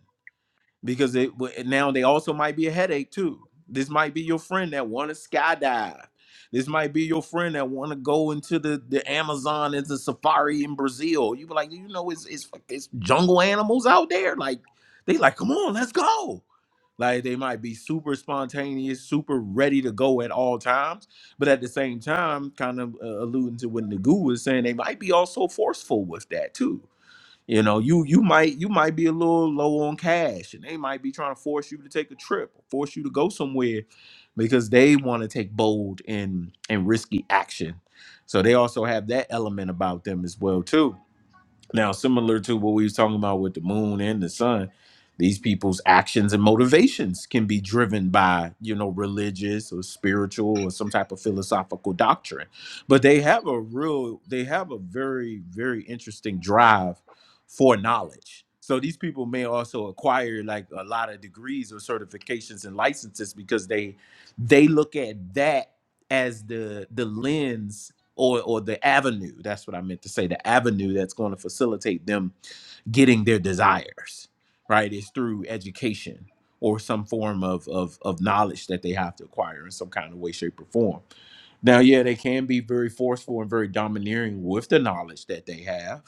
because they but now they also might be a headache too. This might be your friend that want to skydive. This might be your friend that want to go into the the Amazon as a safari in Brazil. You be like, you know, it's it's it's jungle animals out there. Like they like, come on, let's go. Like they might be super spontaneous, super ready to go at all times, but at the same time, kind of uh, alluding to what Nagu was saying, they might be also forceful with that too you know, you you might you might be a little low on cash, and they might be trying to force you to take a trip, or force you to go somewhere, because they want to take bold and and risky action. So they also have that element about them as well too now, similar to what we was talking about with the moon and the sun, these people's actions and motivations can be driven by, you know, religious or spiritual or some type of philosophical doctrine. But they have a real, they have a very, very interesting drive for knowledge. So these people may also acquire like a lot of degrees or certifications and licenses because they they look at that as the the lens or or the avenue that's what i meant to say the avenue that's going to facilitate them getting their desires right is through education or some form of, of of knowledge that they have to acquire in some kind of way shape or form now yeah they can be very forceful and very domineering with the knowledge that they have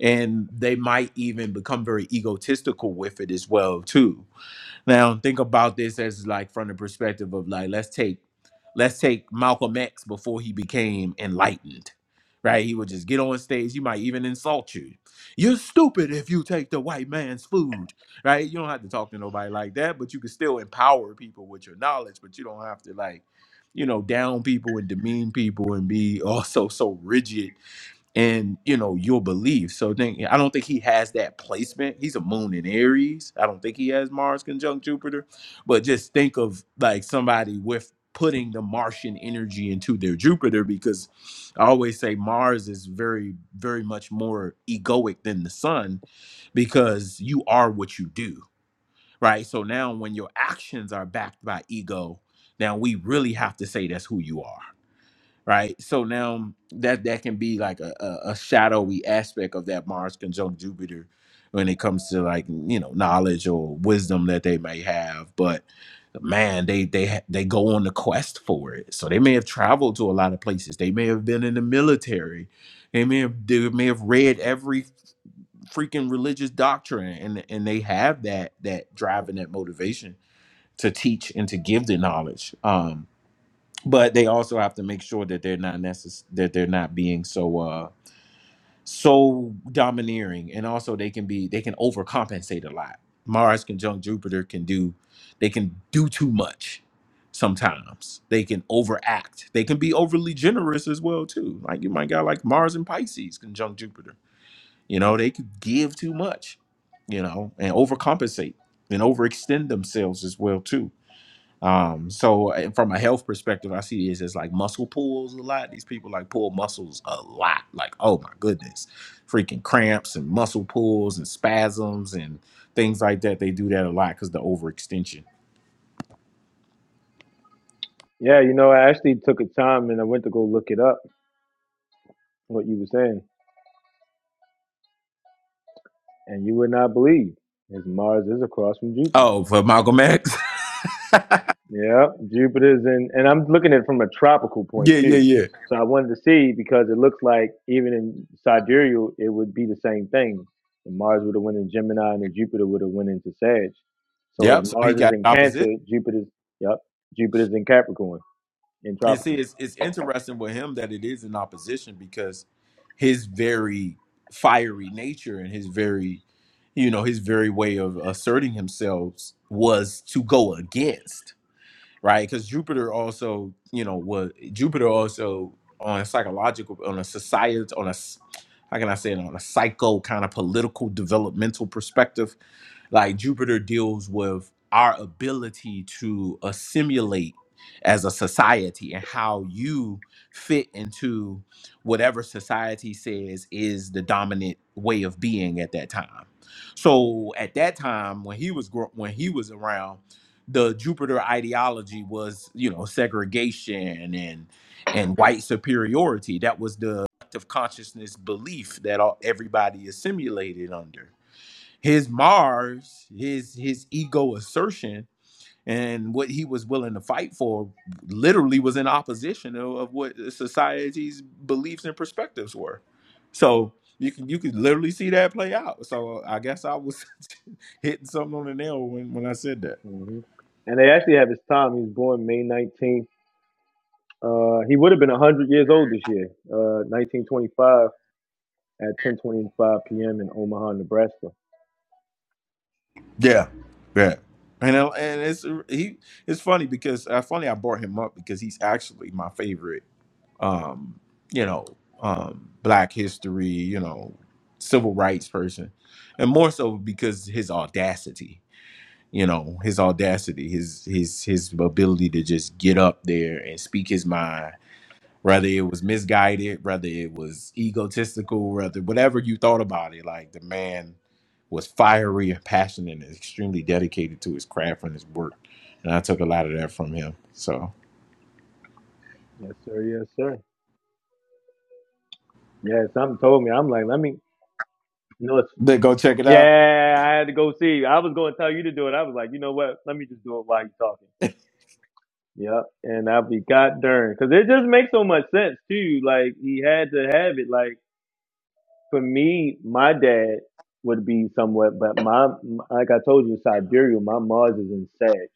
and they might even become very egotistical with it as well too now think about this as like from the perspective of like let's take let's take Malcolm X before he became enlightened. Right? He would just get on stage, he might even insult you. You're stupid if you take the white man's food. Right? You don't have to talk to nobody like that, but you can still empower people with your knowledge, but you don't have to like, you know, down people and demean people and be also so rigid and you know your belief. So then yeah, I don't think he has that placement. He's a moon in Aries. I don't think he has Mars conjunct Jupiter. But just think of like somebody with putting the Martian energy into their Jupiter because I always say Mars is very very much more egoic than the sun because you are what you do, right? So now when your actions are backed by ego, now we really have to say that's who you are right? So now that that can be like a, a, a shadowy aspect of that Mars conjunct Jupiter when it comes to like you know knowledge or wisdom that they may have, but man, they they ha- they go on the quest for it. So they may have traveled to a lot of places. They may have been in the military. They may have they may have read every freaking religious doctrine, and and they have that that drive and that motivation to teach and to give the knowledge. Um, but they also have to make sure that they're not necess- that they're not being so uh so domineering and also they can be they can overcompensate a lot mars conjunct jupiter can do they can do too much sometimes they can overact they can be overly generous as well too like you might got like mars and pisces conjunct jupiter you know they could give too much you know and overcompensate and overextend themselves as well too um, so uh, from a health perspective, I see is as like muscle pulls a lot. These people like pull muscles a lot. Like, oh my goodness, freaking cramps and muscle pulls and spasms and things like that. They do that a lot because the overextension.
Yeah, you know, I actually took a time and I went to go look it up what you were saying, and you would not believe, is Mars is across from Jupiter.
Oh, for Malcolm X. yeah,
Yeah, Jupiter's in, and I'm looking at it from a tropical point
yeah,
too.
yeah.
So I wanted to see because it looks like even in sidereal, it would be the same thing. And Mars would have went in Gemini, and then Jupiter would have went into Sag. So as
Yep. So he
Mars is
got
in
opposition.
Cancer, Jupiter's yep, Jupiter's in Capricorn in
and see
tropical.
it's, it's interesting with him that it is in opposition because his very fiery nature and his very you know his very way of asserting himself was to go against right because jupiter also you know was jupiter also on a psychological on a society on a s- how can i say it on a psycho kind of political developmental perspective like Jupiter deals with our ability to assimilate as a society and how you fit into whatever society says is the dominant way of being at that time. So at that time when he was grow- when he was around the Jupiter ideology was, you know, segregation and and white superiority. That was the collective consciousness belief that all, everybody is simulated under his Mars, his his ego assertion and what he was willing to fight for literally was in opposition of, of what society's beliefs and perspectives were. So you can you could literally see that play out. So I guess I was hitting something on the nail when, when I said that.
hmm And they actually have his time. He was born May 19th. Uh, he would have been 100 years old this year, uh, 1925 at 10:25 p.m. in Omaha, Nebraska.
Yeah. Yeah. And I- and it's he it's funny because uh, funny I brought him up because he's actually my favorite um, you know, um, black history, you know, civil rights person, and more so because his audacity, you know, his audacity, his his his ability to just get up there and speak his mind, whether it was misguided, whether it was egotistical, whether whatever you thought about it, like the man was fiery and passionate and extremely dedicated to his craft and his work, and I took a lot of that from him. So,
Yes, sir. Yes, sir. Yeah, something told me. I'm like, let me. You know, it's,
but go check it out.
yeah, I had to go see. I was going to tell you to do it. I was like, you know what? Let me just do it while you're talking. Yep. And I'll be god darn because it just makes so much sense too. Like he had to have it. Like for me, my dad would be somewhat, but my like I told you, sidereal. My Mars is in Sag,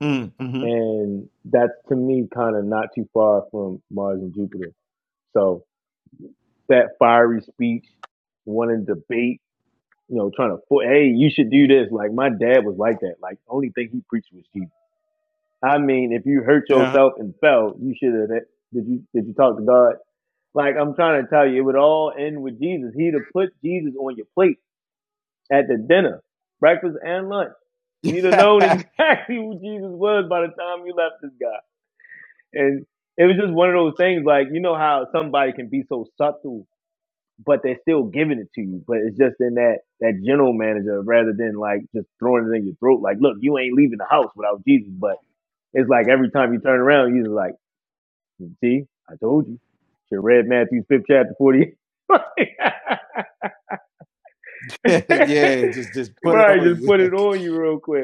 Mm, Mm-hmm.
and that's to me kind of not too far from Mars and Jupiter. So that fiery speech, wanting to debate you know, trying to, for, hey, you should do this. Like my dad was like that. Like the only thing he preached was Jesus. I mean, if you hurt
yeah,
yourself and fell, you should have. Did you did you talk to God? Like I'm trying to tell you, it would all end with Jesus. He'd have put Jesus on your plate at the dinner, breakfast, and lunch. You'd have known
yeah,
exactly who Jesus was by the time you left this guy. And it was just one of those things, like you know how somebody can be so subtle but they're still giving it to you. But it's just in that that general manager rather than like just throwing it in your throat. Like, look, you ain't leaving the house without Jesus. But it's like every time you turn around, you just like, see, I told you. Should read Matthew's fifth chapter forty. right,
just just put it on
just
you.
put it on you real quick.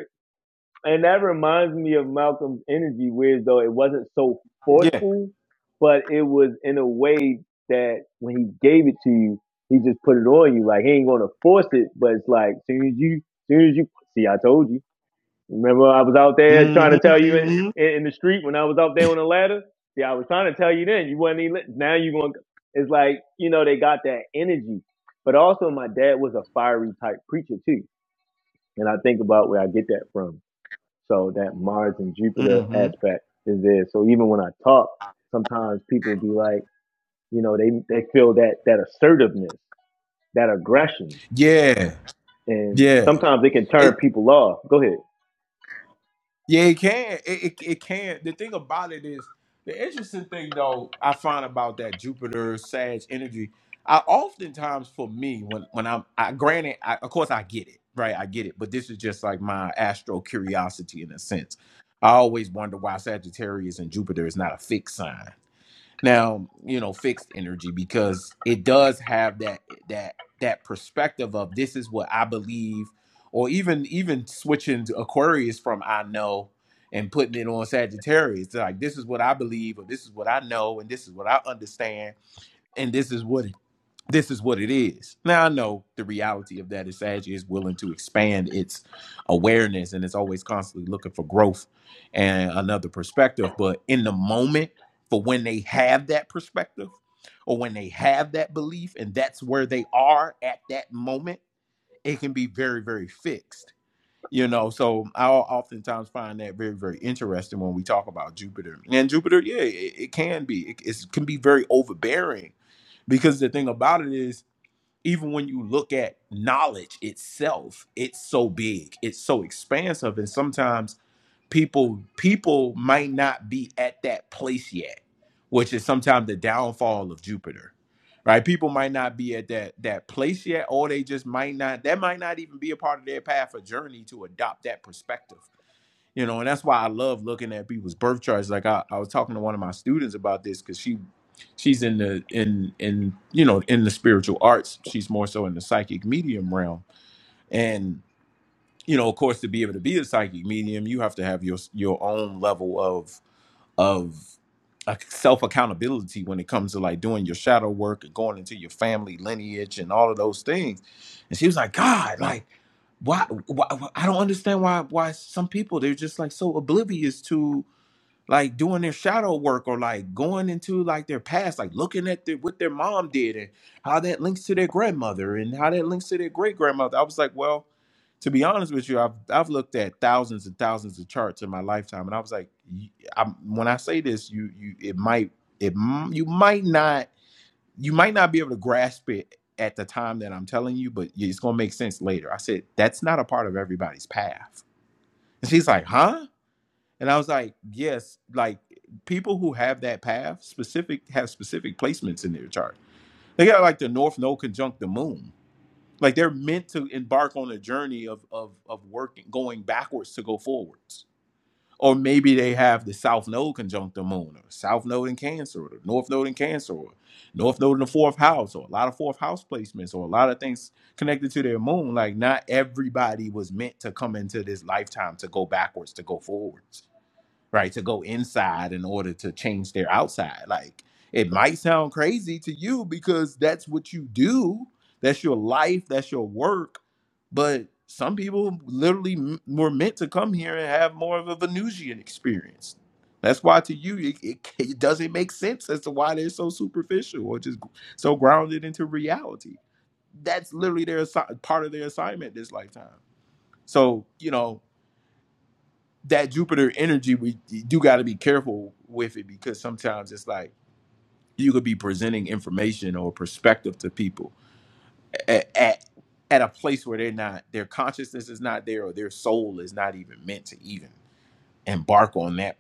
and that reminds me of Malcolm's energy, whereas though it wasn't so
yeah.
forceful, but it was in a way that when he gave it to you, he just put it on you. Like he ain't gonna force it, but it's like soon as you, soon as you see, I told you. Remember, I was out there trying to
mm
tell you in,
hmm
in, the street when I was out there on the ladder. See, I was trying to tell you then. You wasn't even. Now you going. It's like you know they got that energy, but also my dad was a fiery type preacher too, and I think about where I get that from so that Mars and
hmm
Jupiter
hmm
aspect is there. So even when I talk, sometimes people be like, you know, they they feel that that assertiveness, that aggression,
Yeah.
and
Yeah.
sometimes it can turn
It,
people off. Go ahead.
yeah, it can. It, it it can. The thing about it is the interesting thing though I find about that Jupiter Sag energy. I oftentimes for me when when I'm I granted I, of course I get it right I get it but this is just like my astro curiosity in a sense. I always wonder why Sagittarius and Jupiter is not a fixed sign now you know fixed energy because it does have that that that perspective of this is what i believe or even even switching to aquarius from i know and putting it on sagittarius like this is what i believe or this is what i know and this is what i understand and this is what this is what it is. Now I know the reality of that is Sag is willing to expand its awareness and it's always constantly looking for growth and another perspective. But in the moment, for when they have that perspective or when they have that belief and that's where they are at that moment, it can be very, very fixed. You know, so I oftentimes find that very, very interesting when we talk about Jupiter. And Jupiter, yeah, it, it can be. It, it's- can be very overbearing because the thing about it is even when you look at knowledge itself it's so big it's so expansive and sometimes people people might not be at that place yet which is sometimes the downfall of jupiter right people might not be at that that place yet or they just might not that might not even be a part of their path or journey to adopt that perspective you know and that's why i love looking at people's birth charts like i, I was talking to one of my students about this because she she's in the in in you know in the spiritual arts she's more so in the psychic medium realm and you know of course to be able to be a psychic medium you have to have your your own level of of self accountability when it comes to like doing your shadow work and going into your family lineage and all of those things and she was like god like why, why I don't understand why why some people they're just like so oblivious to like doing their shadow work or like going into like their past, like looking at their, what their mom did and how that links to their grandmother and how that links to their great grandmother. I was like, well, to be honest with you, I've I've looked at thousands and thousands of charts in my lifetime, and I was like, y- I'm, when I say this, you you it might it m- you might not you might not be able to grasp it at the time that I'm telling you, but it's going to make sense later. I said, that's not a part of everybody's path. And she's like, huh? And I was like, yes, like people who have that path specific have specific placements in their chart. They got like the North Node conjunct the moon. Like they're meant to embark on a journey of of of working, going backwards to go forwards or maybe they have the South Node conjunct the moon, or South Node in Cancer, or the North Node in Cancer, or North Node in the fourth house, or a lot of fourth house placements, or a lot of things connected to their moon. Like, not everybody was meant to come into this lifetime to go backwards, to go forwards right to go inside in order to change their outside like it might sound crazy to you because that's what you do that's your life that's your work but some people literally m- were meant to come here and have more of a venusian experience that's why to you it, it, it doesn't make sense as to why they're so superficial or just so grounded into reality that's literally their assi- part of their assignment this lifetime so you know that Jupiter energy, we you do got to be careful with it because sometimes it's like you could be presenting information or perspective to people at, at, at a place where they're not, their consciousness is not there, or their soul is not even meant to even embark on that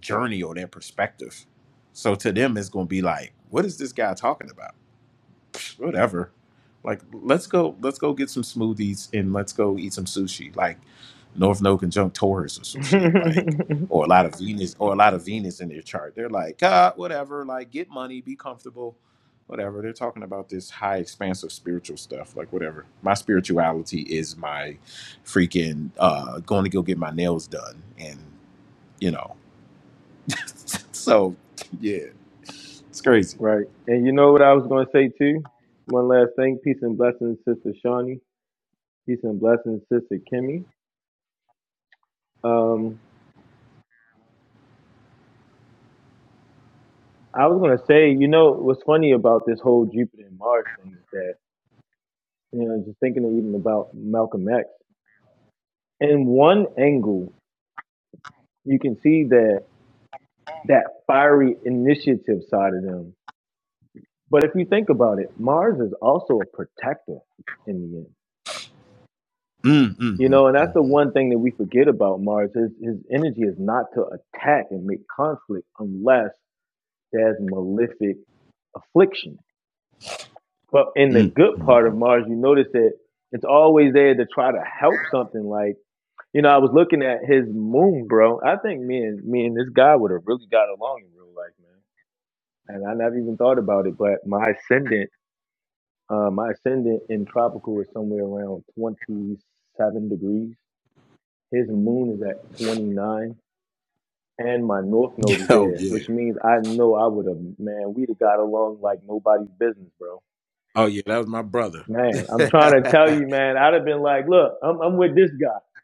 journey or that perspective. So to them, it's going to be like, what is this guy talking about? whatever. Like let's go let's go get some smoothies and let's go eat some sushi. Like North No Conjunct Taurus or some shit. Like or a lot of Venus or a lot of Venus in their chart. They're like, ah, whatever, like get money, be comfortable, whatever. They're talking about this high expansive spiritual stuff, like whatever. My spirituality is my freaking uh going to go get my nails done and you know. so yeah. It's crazy.
right. And you know what I was going to say too? One last thing. Peace and blessings, Sister Shawnee. Peace and blessings, Sister Kimmy. Um, I was going to say, you know, what's funny about this whole Jupiter and Mars thing is that, you know, just thinking even about Malcolm X in one angle, you can see that that fiery initiative side of them. But if you think about it, Mars is also a protector in the end.
Mm, mm,
You
mm,
know, and that's
mm,
the one thing that we forget about Mars. His his energy is not to attack and make conflict unless there's malefic affliction. But in the
mm, mm,
good
mm.
part of Mars, you notice that it's always there to try to help something. Like, you know, I was looking at his moon, bro. I think me and me and this guy would have really got along in real life, man. and I never even thought about it, but my ascendant, uh, my ascendant in tropical is somewhere around 27 degrees. His moon is at 29, and my north
Yeah,
node is
oh
there,
yeah.
which means I know I would have, man, we'd have got along like nobody's business, bro.
Oh yeah, that was my brother.
Man, I'm trying to tell you, man, I'd have been like, look, I'm, I'm with this guy.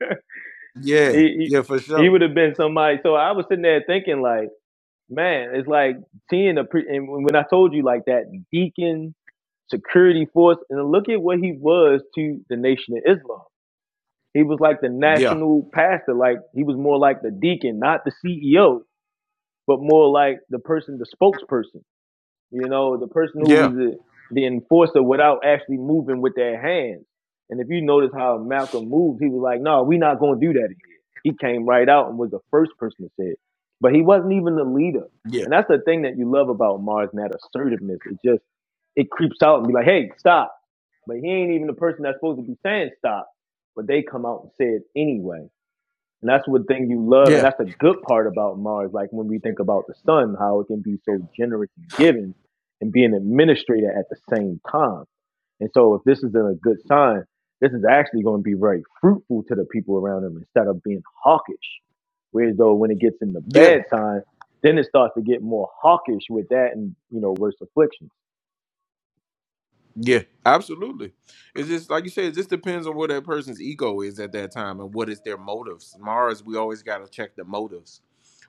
yeah,
he, he,
yeah, for
he
sure.
would have been somebody. So I was sitting there thinking, like. man, it's like seeing a pre- and when I told you like that deacon security force, and look at what he was to the Nation of Islam. He was like the
Yeah.
national pastor, like he was more like the deacon, not the CEO, but more like the person, the spokesperson. You know, the person who
Yeah.
was the, the enforcer without actually moving with their hands. And if you notice how Malcolm moved, he was like, "No, we're not going to do that in here." He came right out and was the first person to say it, but he wasn't even the leader.
Yeah.
And that's the thing that you love about Mars and that assertiveness. It just it creeps out and be like, "Hey, stop!" But he ain't even the person that's supposed to be saying stop, but they come out and say it anyway. And that's what thing you love, and
Yeah.
that's the good part about Mars. Like when we think about the sun, how it can be so generous and giving, and be an administrator at the same time. And so, if this is a good sign, this is actually going to be very fruitful to the people around them instead of being hawkish. Whereas though, when it gets in the
Yeah.
bad sign, then it starts to get more hawkish with that, and you know, worse afflictions.
Yeah. Absolutely. It's just like you said, it just depends on what that person's ego is at that time and what is their motives. Mars, we always gotta check the motives.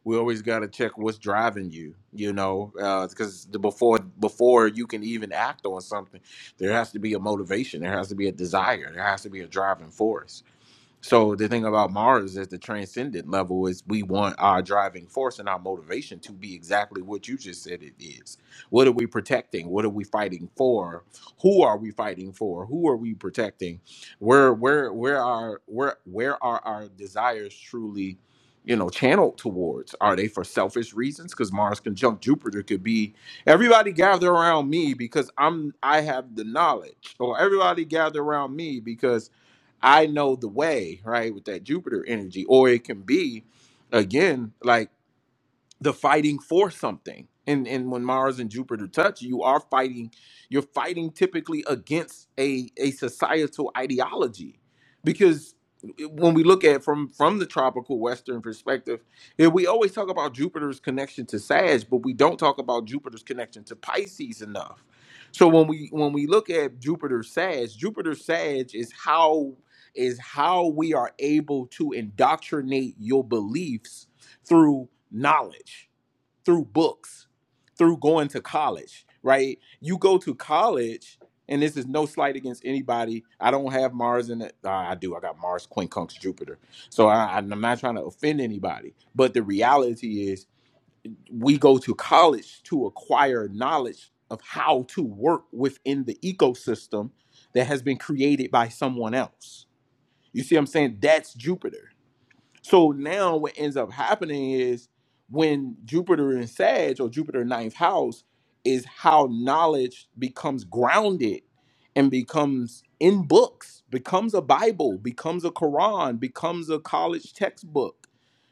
We always gotta check what's driving you, you know, because the before before you can even act on something, there has to be a motivation, there has to be a desire, there has to be a driving force So the thing about Mars is the transcendent level is we want our driving force and our motivation to be exactly what you just said it is. What are we protecting? What are we fighting for? Who are we fighting for? Who are we protecting? Where where where are where where are our desires truly, you know, channeled towards? Are they for selfish reasons? Because Mars conjunct Jupiter could be everybody gather around me because I'm I have the knowledge, or everybody gather around me because I know the way, right, with that Jupiter energy. Or it can be, again, like the fighting for something. And and when Mars and Jupiter touch, you are fighting, you're fighting typically against a, a societal ideology. Because when we look at from from the tropical western perspective, eh, we always talk about Jupiter's connection to Sag, but we don't talk about Jupiter's connection to Pisces enough. So when we when we look at Jupiter Sag, Jupiter Sag is how is how we are able to indoctrinate your beliefs through knowledge, through books, through going to college, right? You go to college, and this is no slight against anybody. I don't have Mars in it. Uh, I do. I got Mars, quincunx, Jupiter. So I, I'm not trying to offend anybody. But the reality is, we go to college to acquire knowledge of how to work within the ecosystem that has been created by someone else. You see what I'm saying? That's Jupiter so now what ends up happening is when Jupiter in Sag or Jupiter ninth house is how knowledge becomes grounded and becomes in books, becomes a Bible, becomes a Quran, becomes a college textbook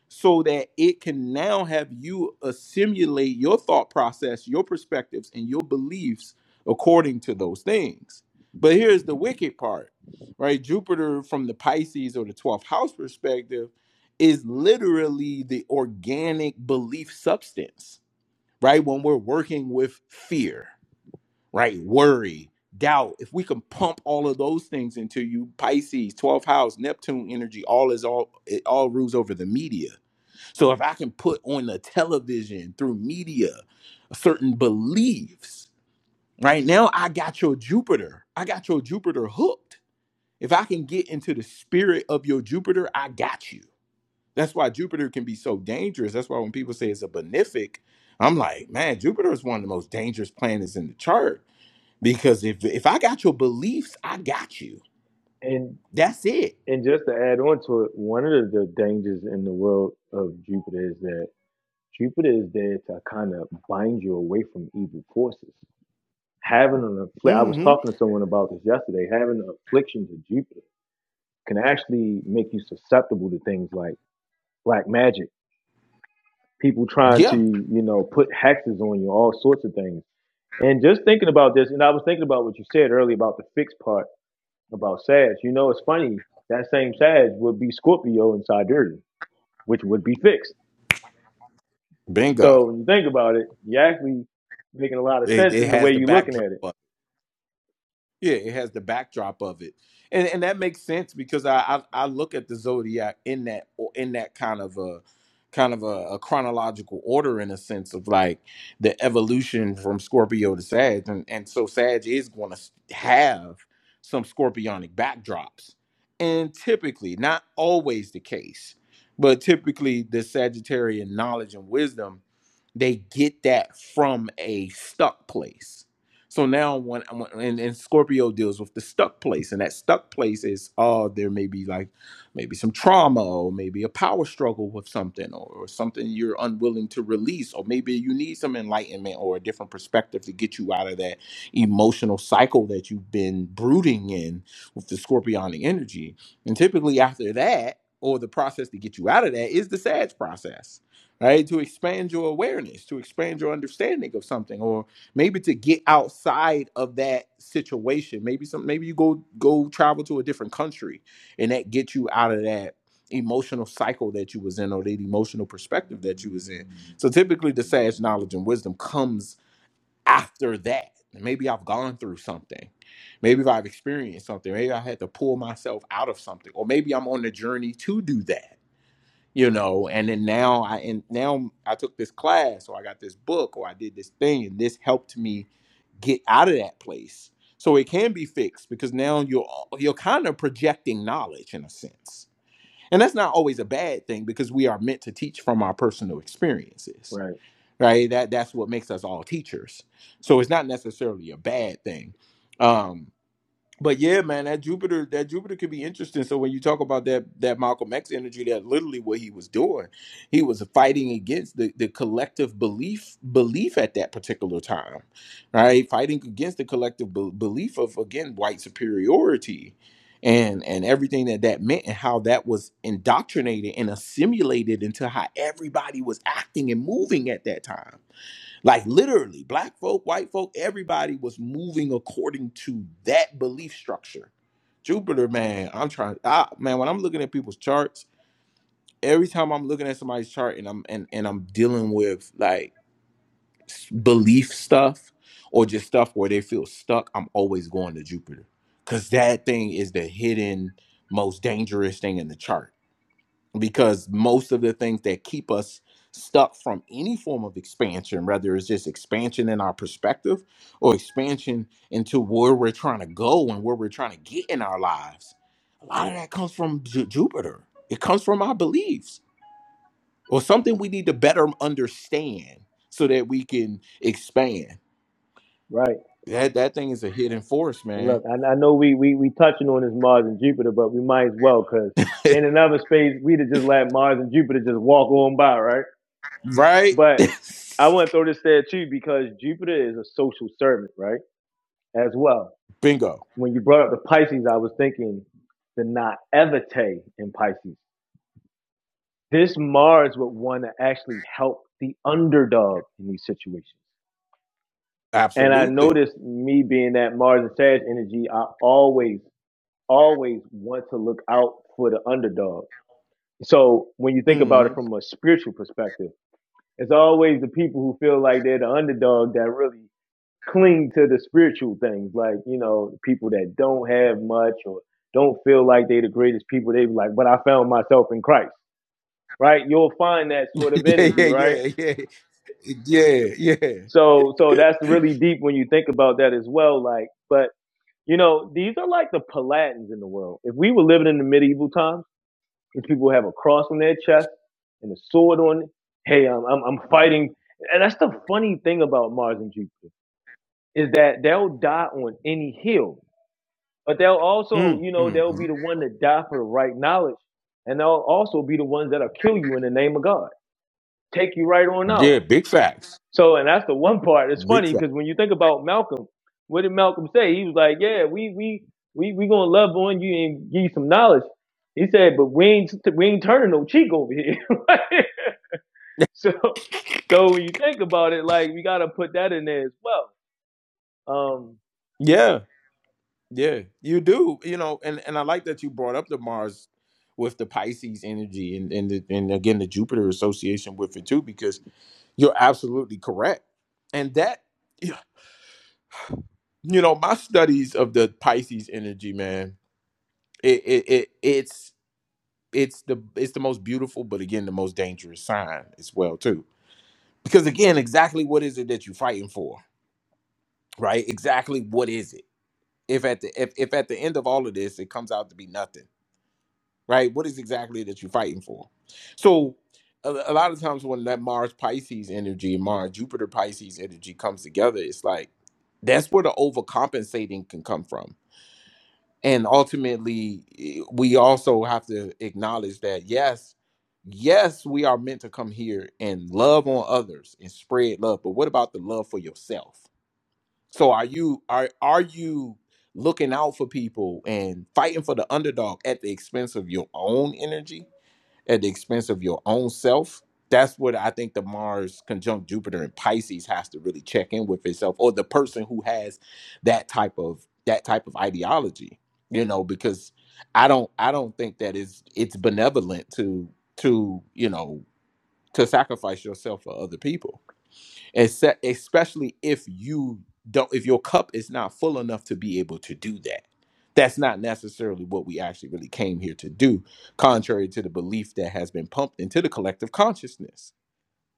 so that it can now have you assimilate your thought process, your perspectives, and your beliefs according to those things. But here's the wicked part, right? Jupiter, from the Pisces or the 12th house perspective, is literally the organic belief substance, right? When we're working with fear, right? Worry, doubt, if we can pump all of those things into you, Pisces, 12th house, Neptune energy, all is all, it all rules over the media so if I can put on the television through media certain beliefs, right now I got your Jupiter. I got your Jupiter hooked. If I can get into the spirit of your Jupiter, I got you. That's why Jupiter can be so dangerous. That's why when people say it's a benefic, I'm like, man, Jupiter is one of the most dangerous planets in the chart because if if I got your beliefs, I got you.
And
That's it.
and just to add on to it, one of the, the dangers in the world of Jupiter is that Jupiter is there to kind of bind you away from evil forces. Having an affliction, I was
hmm
talking to someone about this yesterday. Having an affliction to Jupiter can actually make you susceptible to things like black magic, people trying to,
Yeah,
you know, put hexes on you, all sorts of things. And just thinking about this, and I was thinking about what you said earlier about the fixed part about Sag. You know, it's funny that same Sag would be Scorpio in Sidereal, which would be fixed. So
bingo.
when you think about it, you're actually making a lot of
It,
sense
it
in the way
has the
you're looking at it.
backdrop. Yeah, it has the backdrop of it, and and that makes sense because I I, I look at the zodiac in that or in that kind of a kind of a, a chronological order in a sense of like the evolution from Scorpio to Sag, and and so Sag is going to have some Scorpionic backdrops, and typically not always the case, but typically the Sagittarian knowledge and wisdom they get that from a stuck place. So now when, and, and Scorpio deals with the stuck place, and that stuck place is oh, there may be like maybe some trauma or maybe a power struggle with something or, or something you're unwilling to release, or maybe you need some enlightenment or a different perspective to get you out of that emotional cycle that you've been brooding in with the scorpionic energy. And typically after that, or the process to get you out of that is the SADS process right? To expand your awareness, to expand your understanding of something, or maybe to get outside of that situation. Maybe some, maybe you go go travel to a different country, and that gets you out of that emotional cycle that you was in, or that emotional perspective that you was in. So typically, the sage knowledge and wisdom comes after that. Maybe I've gone through something. Maybe if I've experienced something. Maybe I had to pull myself out of something, or maybe I'm on the journey to do that you know and then now i and now i took this class or i got this book or i did this thing and this helped me get out of that place so it can be fixed because now you're you're kind of projecting knowledge in a sense and that's not always a bad thing because we are meant to teach from our personal experiences
Right,
right that that's what makes us all teachers so it's not necessarily a bad thing Um, but yeah, man, that Jupiter, that Jupiter could be interesting. So when you talk about that that Malcolm X energy, that's literally what he was doing. He was fighting against the, the collective belief belief at that particular time, right? Fighting against the collective be- belief of again white superiority, and and everything that that meant, and how that was indoctrinated and assimilated into how everybody was acting and moving at that time like literally, black folk, white folk, everybody was moving according to that belief structure. Jupiter, man, I'm trying. I, man, when I'm looking at people's charts, every time I'm looking at somebody's chart and I'm and and I'm dealing with like s- belief stuff or just stuff where they feel stuck, I'm always going to Jupiter because that thing is the hidden most dangerous thing in the chart because most of the things that keep us stuck from any form of expansion, whether it's just expansion in our perspective or expansion into where we're trying to go and where we're trying to get in our lives, a lot of that comes from Ju- Jupiter. It comes from our beliefs or something we need to better understand so that we can expand.
right.
That that thing is a hidden force,
And
man.
look, I, I know we we we touching on this Mars and Jupiter, but we might as well because in another space we'd have just let Mars and Jupiter just walk on by, right?
right?
But I want to throw this there too because Jupiter is a social servant, right? As well.
Bingo.
When you brought up the Pisces, I was thinking the naivete in Pisces. This Mars would want to actually help the underdog in these situations. And I
Absolutely.
noticed me being that Mars and Sag energy, I always always want to look out for the underdog. So when you think about it
hmm
from a spiritual perspective, it's always the people who feel like they're the underdog that really cling to the spiritual things, like you know, people that don't have much or don't feel like they're the greatest people. They be like, but I found myself in Christ, right? You'll find that sort of
Yeah, yeah,
energy, right?
yeah, yeah. Yeah, yeah.
So, so that's really deep when you think about that as well. Like, but you know, these are like the Palatins in the world. If we were living in the medieval times These people have a cross on their chest and a sword on. it. Hey, I'm I'm, I'm fighting, and that's the funny thing about Mars and Jupiter is that they'll die on any hill, but they'll also,
Mm,
you know,
mm,
they'll
mm.
be the one to die for the right knowledge, and they'll also be the ones that'll kill you in the name of God, take you right on out.
Yeah, big facts.
So, and that's the one part. It's
Big
funny
facts.
because when you think about Malcolm, what did Malcolm say? He was like, "Yeah, we we we we gonna love on you and give you some knowledge." He said, "But we ain't we ain't turning no cheek over here." so, so when you think about it, like we gotta put that in there as well. Um,
Yeah, yeah, you do. You know, and and I like that you brought up the Mars with the Pisces energy, and and the, and again the Jupiter association with it too, because you're absolutely correct. And that, yeah, you know, my studies of the Pisces energy, man, it it, it it's it's the it's the most beautiful, but again, the most dangerous sign as well too, because again, exactly what is it that you're fighting for? right exactly what is it if at the if, if at the end of all of this it comes out to be nothing right what is exactly that you're fighting for so a, a lot of times when that mars pisces energy mars jupiter pisces energy comes together it's like that's where the overcompensating can come from and ultimately eh, we also have to acknowledge that yes yes we are meant to come here and love on others and spread love but what about the love for yourself so are you are are you looking out for people and fighting for the underdog at the expense of your own energy, at the expense of your own self? That's what I think the Mars conjunct Jupiter in Pisces has to really check in with itself, or the person who has that type of that type of ideology, you know, because I don't I don't think that is it's benevolent to to you know to sacrifice yourself for other people Except, especially if you don't, if your cup is not full enough to be able to do that. That's not necessarily what we actually really came here to do, contrary to the belief that has been pumped into the collective consciousness,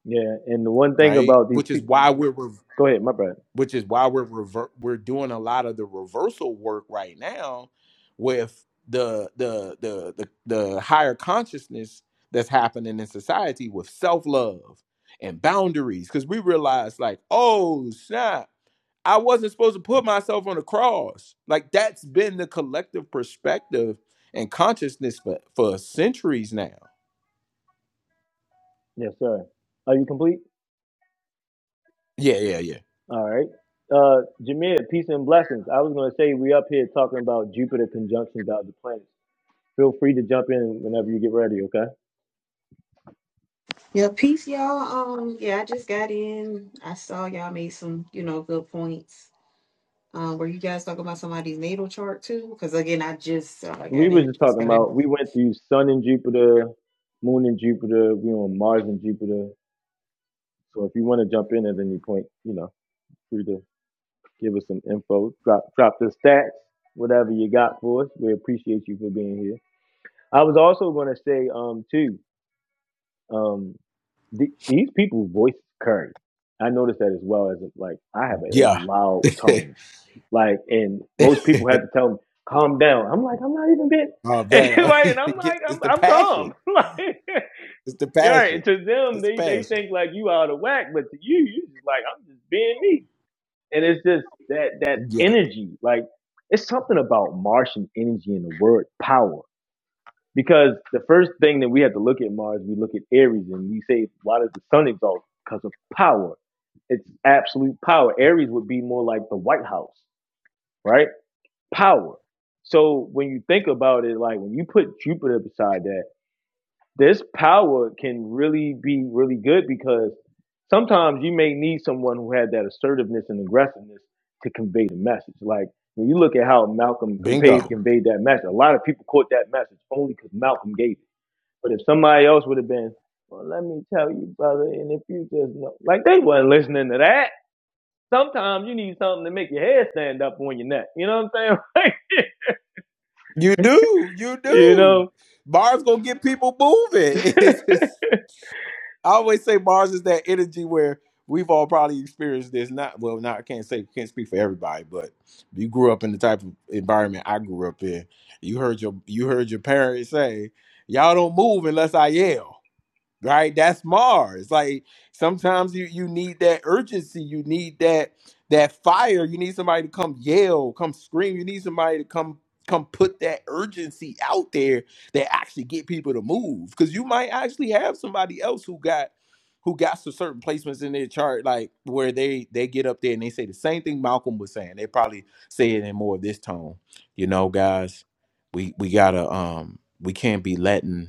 yeah, and the one thing
right?
about these
Which is
people,
why we're, rev
go ahead, my brother.
which is why we're rever- we're doing a lot of the reversal work right now with the the the the, the higher consciousness that's happening in society with self love and boundaries because we realize like oh snap I wasn't supposed to put myself on the cross. Like that's been the collective perspective and consciousness for, for centuries now.
Yes, sir. Are you complete?
Yeah, yeah,
All right. Uh, Jameer, peace and blessings. I was gonna say we up here talking about Jupiter conjunctions out the planets. feel free to jump in whenever you get ready, okay?
Yeah, peace, y'all. Um, yeah, I just got in. I saw y'all made some, you know, good points. Um, were you guys talking about somebody's natal chart too? Because again, I just uh,
We
got
were
in.
just
Just
talking
got in.
about we went through Sun and Jupiter, Moon and Jupiter, we on Mars and Jupiter. So if you want to jump in at any point, you know, free to give us some info, drop drop the stats, whatever you got for us. We appreciate you for being here. I was also going to say, um, too, um, the, these people's voice carry. I noticed that as well as like I have a, a
yeah.
loud
Yeah.
tone Like, and most people had to tell them, calm down. I'm like, I'm not even bit.
oh
And
damn.
like, and I'm like,
Get-
I'm,
it's the
I'm calm.
passion.
like,
It's the
you're right.
passion.
To them,
It's
they, they
passion.
think like you out of whack, but to you, you just like, I'm just being me. And it's just that, that
Yeah.
energy, like it's something about Martian energy and the word power. Because the first thing that we have to look at Mars, we look at Aries and we say, why does the sun exalt? Because of power. It's absolute power. Aries would be more like the White House, right? power. So when you think about it, like when you put Jupiter beside that, this power can really be really good because sometimes you may need someone who had that assertiveness and aggressiveness to convey the message. Like when you look at how Malcolm conveyed
Bingo.
conveyed that message, a lot of people caught that message only because Malcolm gave it. But if somebody else would have been, well, let me tell you, brother, and if you just know, like they wasn't listening to that. Sometimes you need something to make your head stand up on your neck. You know what I'm saying?
You do. You
you
do.
know.
Bars gonna get people moving. It's, it's- I always say Mars is that energy where we've all probably experienced this. Not well, not I can't say can't speak for everybody, but you grew up in the type of environment I grew up in. You heard your you heard your parents say, "Y'all don't move unless I yell." right that's mars like sometimes you you need that urgency you need that that fire you need somebody to come yell come scream you need somebody to come come put that urgency out there that actually get people to move because you might actually have somebody else who got who got some certain placements in their chart like where they they get up there and they say the same thing malcolm was saying they probably say it in more of this tone you know guys we we gotta um we can't be letting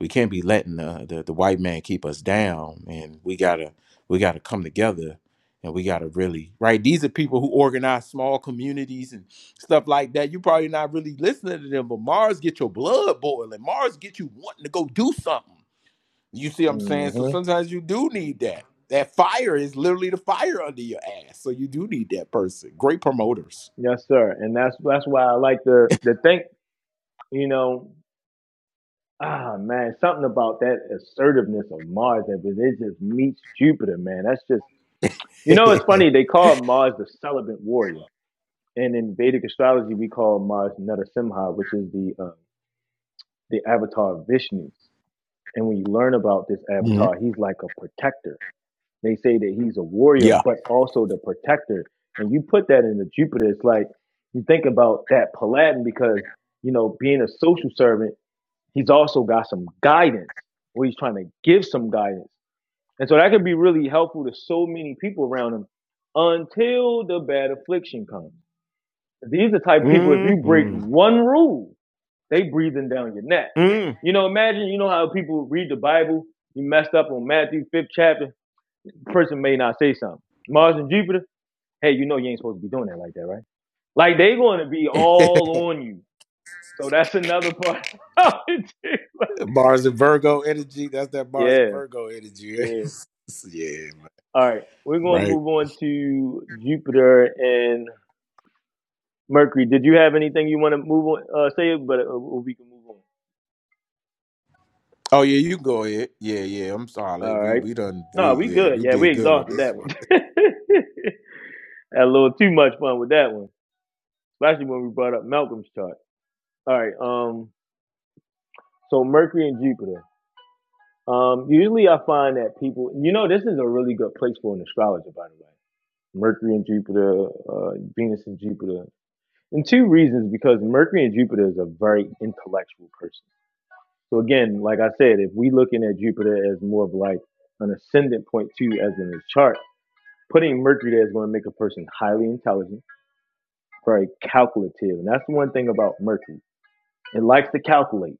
we can't be letting the, the the white man keep us down and we gotta we gotta come together and we gotta really right these are people who organize small communities and stuff like that you probably not really listening to them but mars get your blood boiling mars get you wanting to go do something you see what i'm saying so
hmm
sometimes you do need that that fire is literally the fire under your ass so you do need that person great promoters
Yes, sir. And that's that's why I like to to think, you know, ah man, something about that assertiveness of Mars that it it just meets Jupiter, man. That's just you know, it's funny, they call Mars the celibate warrior. And in Vedic astrology we call Mars Narasimha, which is the uh, the avatar of Vishnu. And when you learn about this
Mhm.
avatar, he's like a protector. They say that he's a warrior,
yeah
but also the protector. And you put that in the Jupiter, it's like you think about that Paladin because, you know, being a social servant, he's also got some guidance or he's trying to give some guidance. And so that could be really helpful to so many people around him until the bad affliction comes. These are the type of people, if you break
hmm
one rule, they breathing down your neck.
Mm.
You know, imagine, you know how people read the Bible, you messed up on Matthew 5th chapter, the person may not say something. Mars and Jupiter, hey, you know you ain't supposed to be doing that like that, right? Like they going to be all on you. So that's another part.
Mars and Virgo energy. That's that Mars
yeah,
and Virgo energy.
yeah.
yeah, man.
All right, we're going to
right.
move on to Jupiter and Mercury. Did you have anything you want to move on? Uh, say, but uh, we can move on.
Oh yeah, you go ahead. Yeah, yeah. I'm sorry.
All
We
right.
we done. We
No, we
yeah,
good.
we
Yeah, we
did good on
exhausted
this
that one.
one.
Had a little too much fun with that one, especially when we brought up Malcolm's chart. All right. Um. So Mercury and Jupiter. Um, usually I find that people, you know, this is a really good place for an astrologer, by the way. Mercury and Jupiter, uh, Venus and Jupiter. And two reasons because Mercury and Jupiter is a very intellectual person. So again, like I said, if we looking at Jupiter as more of like an ascendant point too, as in his chart, putting Mercury there is going to make a person highly intelligent, very calculative. And that's the one thing about Mercury. It likes to calculate.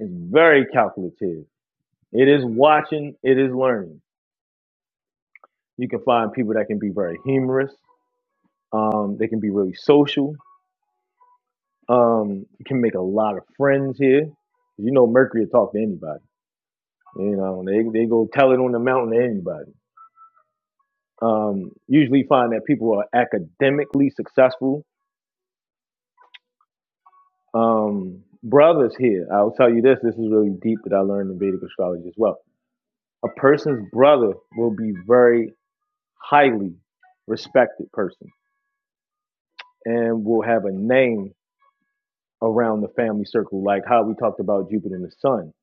It's very calculative. It is watching, it is learning. You can find people that can be very humorous. Um, they can be really social. Um, you can make a lot of friends here. You know, Mercury will talk to anybody. You know, they they go tell it on the mountain to anybody. Um, usually find that people are academically successful. Um, brothers here, I'll tell you this. This is really deep that I learned in Vedic astrology as well. A person's brother will be very highly respected person and will have a name around the family circle, like how we talked about Jupiter and the Sun.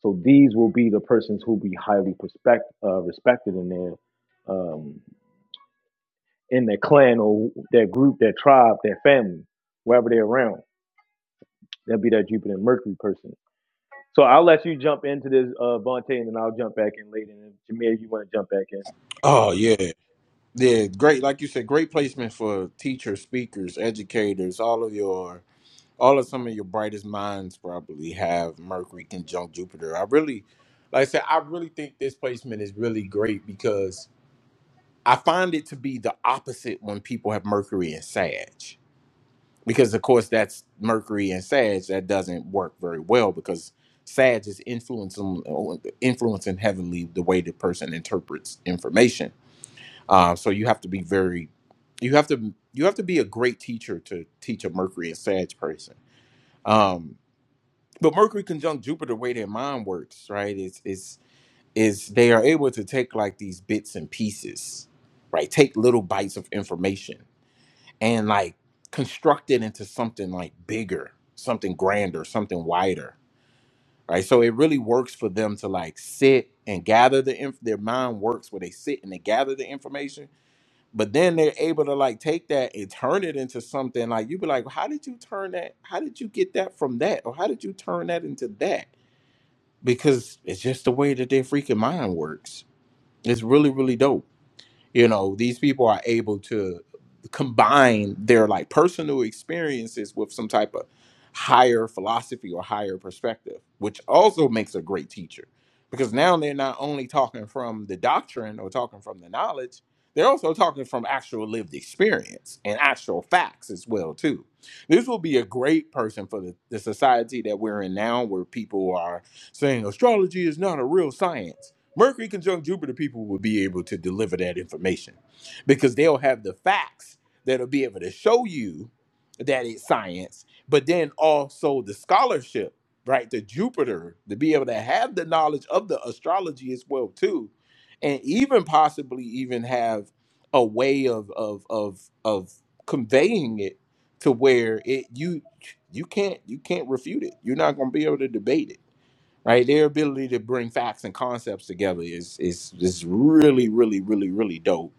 So these will be the persons who be highly respect, uh, respected in their um, in their clan or their group, their tribe, their family, wherever they're around. That'll be that Jupiter and Mercury person. So I'll let you jump into this, uh, Vontae, and then I'll jump back in later. And if Jameer, if you want to jump back in?
Oh yeah, yeah. Great, like you said, great placement for teachers, speakers, educators. All of your, all of some of your brightest minds probably have Mercury conjunct Jupiter. I really, like I said, I really think this placement is really great because I find it to be the opposite when people have Mercury and Sag. because of course that's Mercury and Sag that doesn't work very well because Sag is influencing influencing heavily the way the person interprets information. Uh, so you have to be very you have to you have to be a great teacher to teach a Mercury and Sag person. Um, but Mercury conjunct Jupiter, the way their mind works, right? Is is is they are able to take like these bits and pieces, right? Take little bites of information and like construct it into something like bigger, something grander, something wider, right? So it really works for them to like sit and gather the inf- their mind works where they sit and they gather the information, but then they're able to like take that and turn it into something like you be like, how did you turn that? How did you get that from that? Or how did you turn that into that? Because it's just the way that their freaking mind works. It's really really dope you know these people are able to combine their like personal experiences with some type of higher philosophy or higher perspective which also makes a great teacher because now they're not only talking from the doctrine or talking from the knowledge they're also talking from actual lived experience and actual facts as well too this will be a great person for the, the society that we're in now where people are saying astrology is not a real science Mercury conjunct Jupiter people will be able to deliver that information because they'll have the facts that'll be able to show you that it's science, but then also the scholarship, right? The Jupiter to be able to have the knowledge of the astrology as well too, and even possibly even have a way of of of of conveying it to where it you you can't you can't refute it. You're not going to be able to debate it right? Their ability to bring facts and concepts together is is is really, really, really, really dope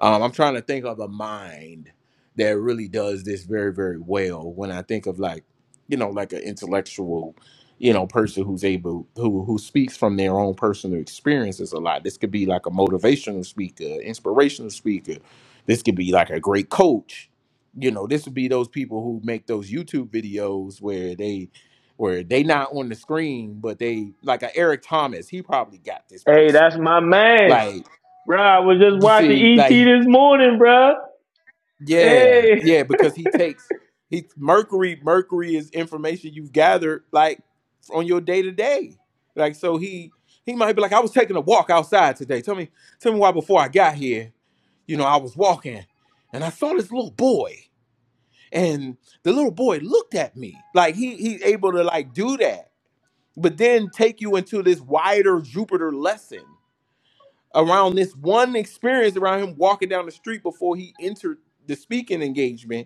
um, I'm trying to think of a mind that really does this very, very well. When I think of like, you know, like an intellectual, you know, person who's able who who speaks from their own personal experiences a lot. This could be like a motivational speaker, inspirational speaker. This could be like a great coach. You know, this would be those people who make those YouTube videos where they where they not on the screen, but they like a Eric Thomas. He probably got this
Hey, that's
placement.
my man,
Like
bro. I was just
you
watching
see,
ET
like
this morning, bro.
Yeah,
Hey.
yeah, because he takes he Mercury. Mercury is information you've gathered like on your day to day. Like so, he he might be like, I was taking a walk outside today. Tell me, tell me why before I got here, you know, I was walking and I saw this little boy, and the little boy looked at me. Like he he's able to like do that, but then take you into this wider Jupiter lesson around this one experience around him walking down the street before he entered the speaking engagement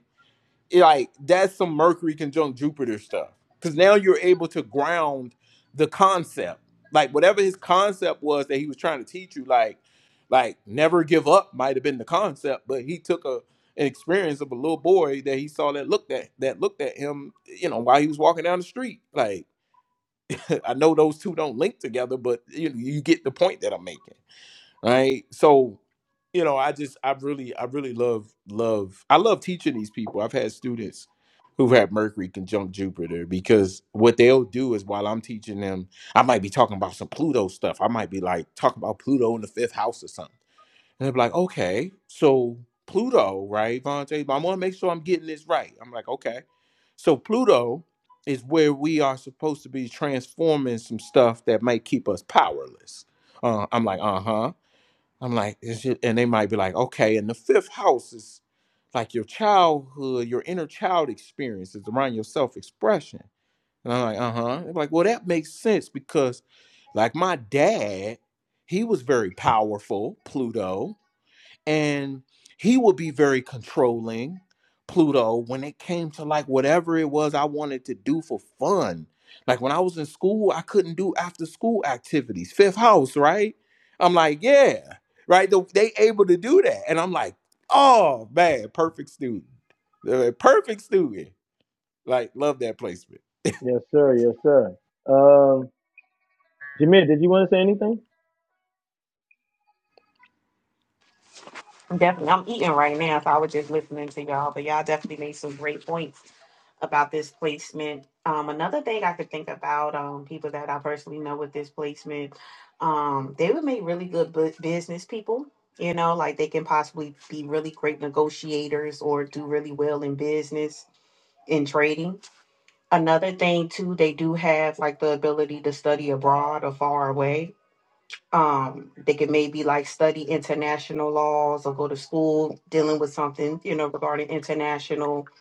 like that's some Mercury conjunct Jupiter stuff. Because now you're able to ground the concept, like whatever his concept was that he was trying to teach you, like like never give up might have been the concept, but he took a an experience of a little boy that he saw that looked at that looked at him, you know, while he was walking down the street. Like I know those two don't link together, but you know, you get the point that I'm making right so you know i just i really i really love love i love teaching these people i've had students who've had mercury conjunct jupiter because what they'll do is while i'm teaching them i might be talking about some pluto stuff i might be like talking about pluto in the fifth house or something and they'll be like okay so pluto right Vontae, but i want to make sure i'm getting this right i'm like okay so pluto is where we are supposed to be transforming some stuff that might keep us powerless uh, i'm like uh-huh I'm like, is it? And they might be like, okay. And the fifth house is like your childhood, your inner child experiences around your self expression. And I'm like, uh huh. They're like, well, that makes sense because, like, my dad, he was very powerful, Pluto and he would be very controlling pluto when it came to like whatever it was i wanted to do for fun like when i was in school i couldn't do after school activities fifth house right i'm like yeah right The- they able to do that and i'm like oh man perfect student Uh, perfect student like love that placement
Yes, sir. Yes, sir. Um, Jameer, did you want to say anything?
I'm definitely, I'm eating right now, so I was just listening to y'all. But y'all definitely made some great points about this placement. Um, another thing I could think about, um, people that I personally know with this placement, um, they would make really good bu- business people. You know, like they can possibly be really great negotiators or do really well in business in trading. Another thing too, they do have like the ability to study abroad or far away. Um, they could maybe like study international laws or go to school dealing with something, you know, regarding international.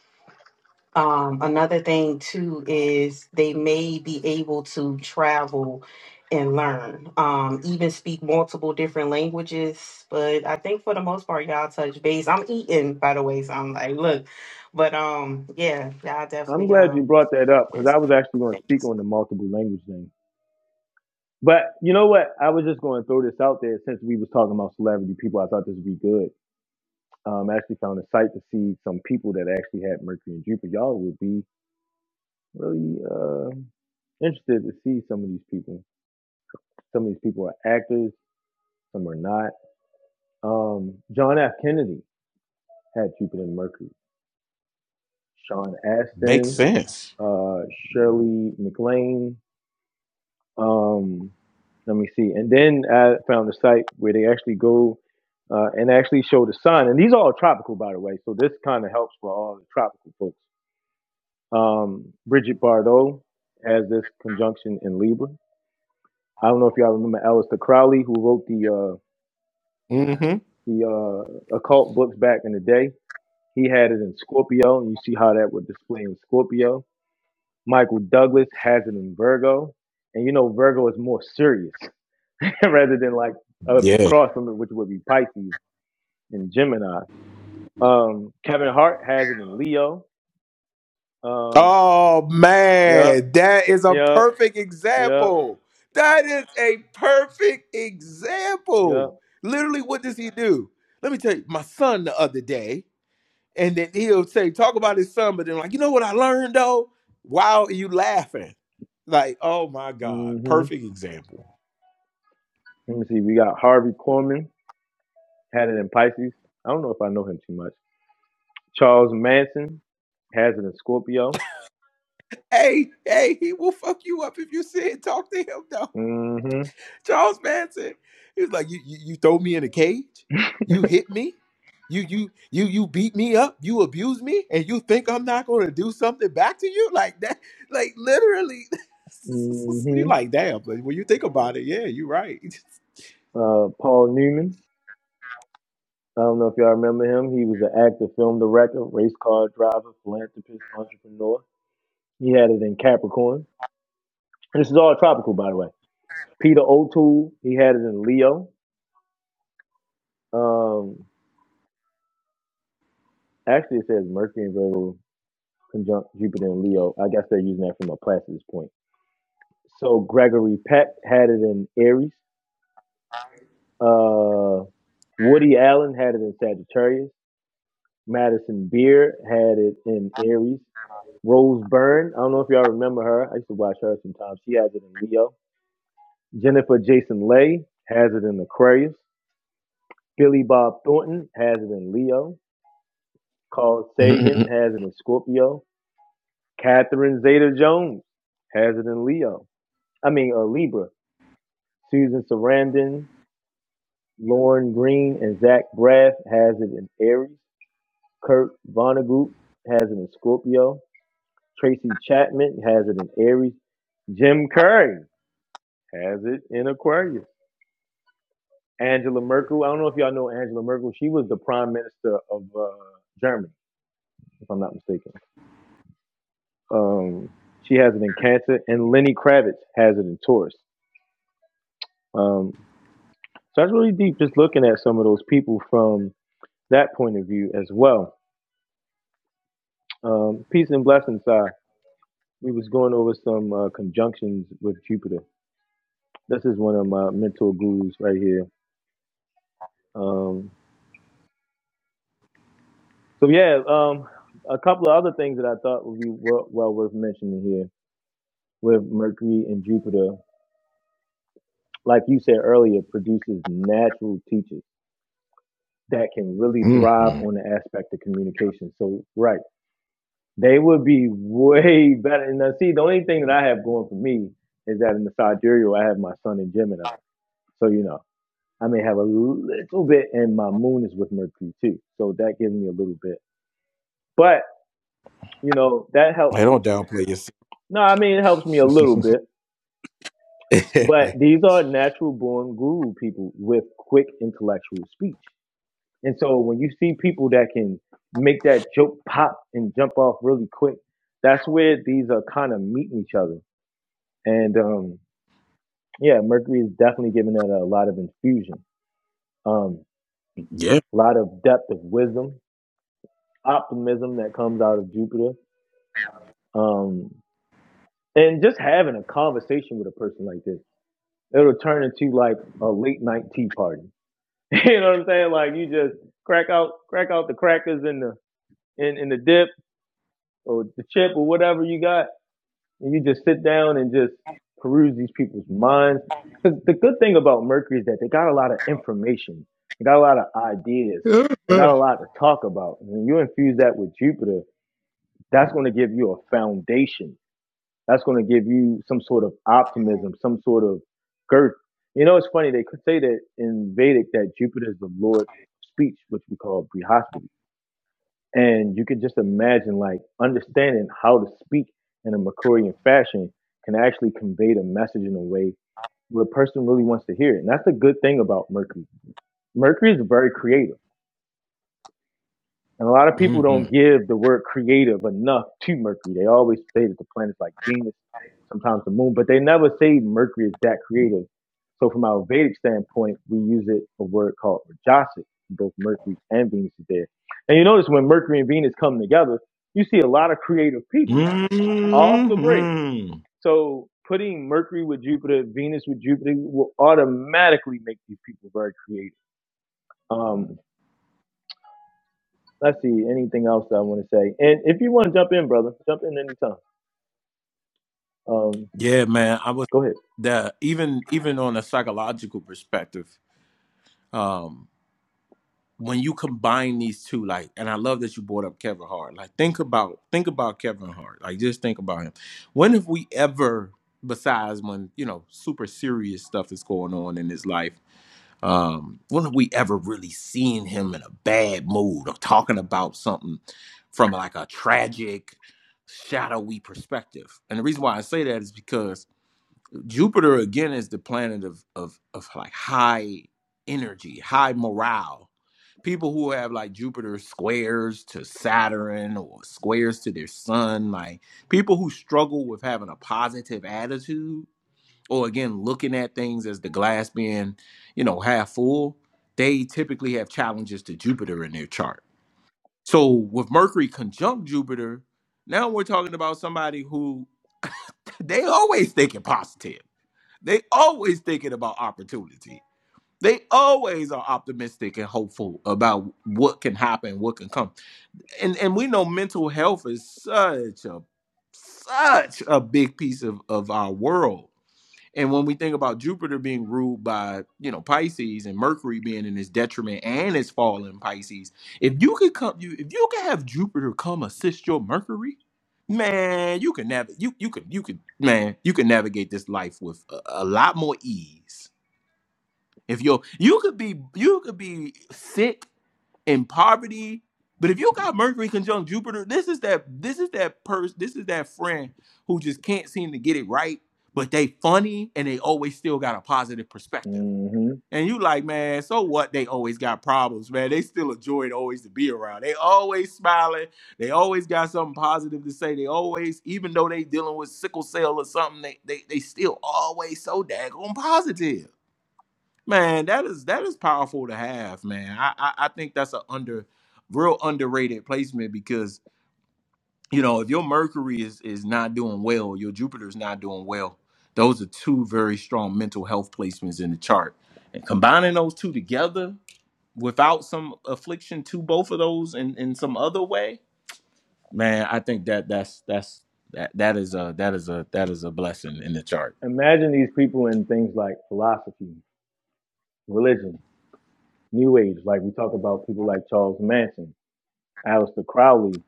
Um, another thing too is they may be able to travel and learn, um, even speak multiple different languages. But I think for the most part, y'all touch base. I'm eating, by the way, so I'm like, look, but um, yeah, y'all
I'm
definitely
glad you
um
brought that up because I was actually going to speak on the multiple language thing. But you know what? I was just going to throw this out there since we was talking about celebrity people. I thought this would be good. Um, I actually found a site to see some people that actually had Mercury and Jupiter. Y'all would be really uh, interested to see some of these people. Some of these people are actors, some are not. Um, John F. Kennedy had Jupiter and Mercury. Sean
Makes
Astin,
sense.
uh, Shirley MacLaine, Um, let me see. And then I found a site where they actually go uh, and actually show the sun. And these are all tropical, by the way. So this kind of helps for all the tropical folks. Um, Bridget Bardot has this conjunction in Libra. I don't know if y'all remember Aleister Crowley, who wrote the uh,
mm-hmm
the uh, occult books back in the day. He had it in Scorpio, and you see how that would display in Scorpio. Michael Douglas has it in Virgo, and you know Virgo is more serious. rather than like
Yeah.
across from it, which would be Pisces and Gemini. Um, Kevin Hart has it in Leo. Um,
Oh
yep,
man, that is a
yep,
perfect
yep,
example. That is a perfect example.
yep.
Literally, what does he do? Let me tell you, my son the other day, and then he'll say, talk about his son, but then like, you know what I learned though? Wow, you laughing. Like, oh my God,
hmm
perfect example.
Let me see. We got Harvey Corman had it in Pisces. I don't know if I know him too much. Charles Manson has it in Scorpio.
Hey, hey, he will fuck you up if you sit and talk to him though.
hmm
Charles Manson. He was like, you, you you throw me in a cage, you hit me, you you you you beat me up, you abuse me, and you think I'm not gonna do something back to you? Like that, like literally you
hmm
like damn, but when you think about it, yeah, you're right.
Uh, Paul Newman. I don't know if y'all remember him. He was an actor, film director, race car driver, philanthropist, entrepreneur. He had it in Capricorn. This is all tropical, by the way. Peter O'Toole, he had it in Leo. Um, actually, it says Mercury and Virgo conjunct Jupiter in Leo. I guess they're using that from a Placidus point. So Gregory Peck had it in Aries. Uh, Woody Allen had it in Sagittarius. Madison Beer had it in Aries. Rose Byrne, I don't know if y'all remember her. I used to watch her sometimes. She has it in Leo. Jennifer Jason Leigh has it in Aquarius. Billy Bob Thornton has it in Leo. Carl Sagan has it in Scorpio. Catherine Zeta Jones has it in Leo. I mean, uh, Libra. Susan Sarandon, Lauren Green, and Zach Braff has it in Aries. Kurt Vonnegut has it in Scorpio. Tracy Chapman has it in Aries. Jim Curry has it in Aquarius. Angela Merkel. I don't know if y'all know Angela Merkel. She was the prime minister of uh, Germany, if I'm not mistaken. Um, she has it in Cancer, and Lenny Kravitz has it in Taurus. Um, so that's really deep, just looking at some of those people from that point of view as well. Um, peace and blessings, uh, we was going over some uh, conjunctions with Jupiter. This is one of my mental gurus right here. Um, so yeah, um, a couple of other things that I thought would be well, well worth mentioning here with Mercury and Jupiter, like you said earlier, produces natural teachers. that can really thrive
Mm-hmm.
on the aspect of communication. So, right, they would be way better. And now, see, the only thing that I have going for me is that in the sidereal, I have my sun in Gemini. So, you know, I may have a little bit, and my moon is with Mercury too. So that gives me a little bit. But, you know, that helps.
I don't downplay yourself.
No, I mean, it helps me a little bit. But these are natural born guru people with quick intellectual speech. And so when you see people that can make that joke pop and jump off really quick, that's where these are kind of meeting each other. And um, yeah, Mercury is definitely giving that a lot of infusion, um,
Yeah.
a lot of depth of wisdom, optimism that comes out of Jupiter. Um, and just having a conversation with a person like this, it'll turn into like a late night tea party. you know what I'm saying? Like you just crack out, crack out the crackers and the in, in the dip or the chip or whatever you got and you just sit down and just peruse these people's minds. Because the good thing about Mercury is that they got a lot of information, they got a lot of ideas, they
hmm
got a lot to talk about. And when you infuse that with Jupiter, that's going to give you a foundation. That's going to give you some sort of optimism, some sort of girth. You know, it's funny, they could say that in Vedic that Jupiter is the Lord of speech, which we call Brihaspati. And you could just imagine, like, understanding how to speak in a Makurian fashion can actually convey the message in a way where a person really wants to hear it. And that's the good thing about Mercury. Mercury is very creative. And a lot of people don't give the word creative enough to Mercury. They always say that the planets like Venus, sometimes the moon, but they never say Mercury is that creative. So from our Vedic standpoint, we use it a word called Rajasic. Both Mercury and Venus is there. And you notice when Mercury and Venus come together, you see a lot of creative
hmm
people off the break. So putting Mercury with Jupiter, Venus with Jupiter will automatically make these people very creative. Um, Let's see anything else that I want to say. And if you want to jump in, brother, jump in anytime. Um,
Yeah, man. I was
go ahead.
that even even on a psychological perspective. um when you combine these two like and i love that you brought up kevin hart like think about think about kevin hart like just think about him when have we ever besides when you know super serious stuff is going on in his life um when have we ever really seen him in a bad mood or talking about something from like a tragic shadowy perspective and the reason why i say that is because Jupiter again is the planet of of of like high energy, high morale. People who have like Jupiter squares to Saturn or squares to their sun, like people who struggle with having a positive attitude or again looking at things as the glass being, you know, half full, they typically have challenges to Jupiter in their chart. So with Mercury conjunct Jupiter, now we're talking about somebody who they always thinking positive they always thinking about opportunity. They always are optimistic and hopeful about what can happen, what can come. And and we know mental health is such a such a big piece of, of our world. And when we think about Jupiter being ruled by, you know, Pisces and Mercury being in his detriment and his fall in Pisces, if you could come you if you could have Jupiter come assist your Mercury, man, you can navigate you you can you can man, you can navigate this life with a, a lot more ease. If you you could be you could be sick and poverty. But if you got Mercury conjunct Jupiter, this is that this is that person, this is that friend who just can't seem to get it right, but they funny and they always still got a positive perspective.
hmm
And you like, man, so what? They always got problems, man. They still a joy to always to be around. They always smiling. They always got something positive to say. They always, even though they dealing with sickle cell or something, they they, they still always so daggone positive. Man, that is that is powerful to have, man. I I, I think that's a under real underrated placement because you know if your Mercury is is not doing well, your Jupiter is not doing well. Those are two very strong mental health placements in the chart, and combining those two together without some affliction to both of those in in some other way, man. I think that that's that's that that is a that is a that is a blessing in the chart.
Imagine these people in things like philosophy, religion, New Age. Like we talk about people like Charles Manson, Aleister Crowley.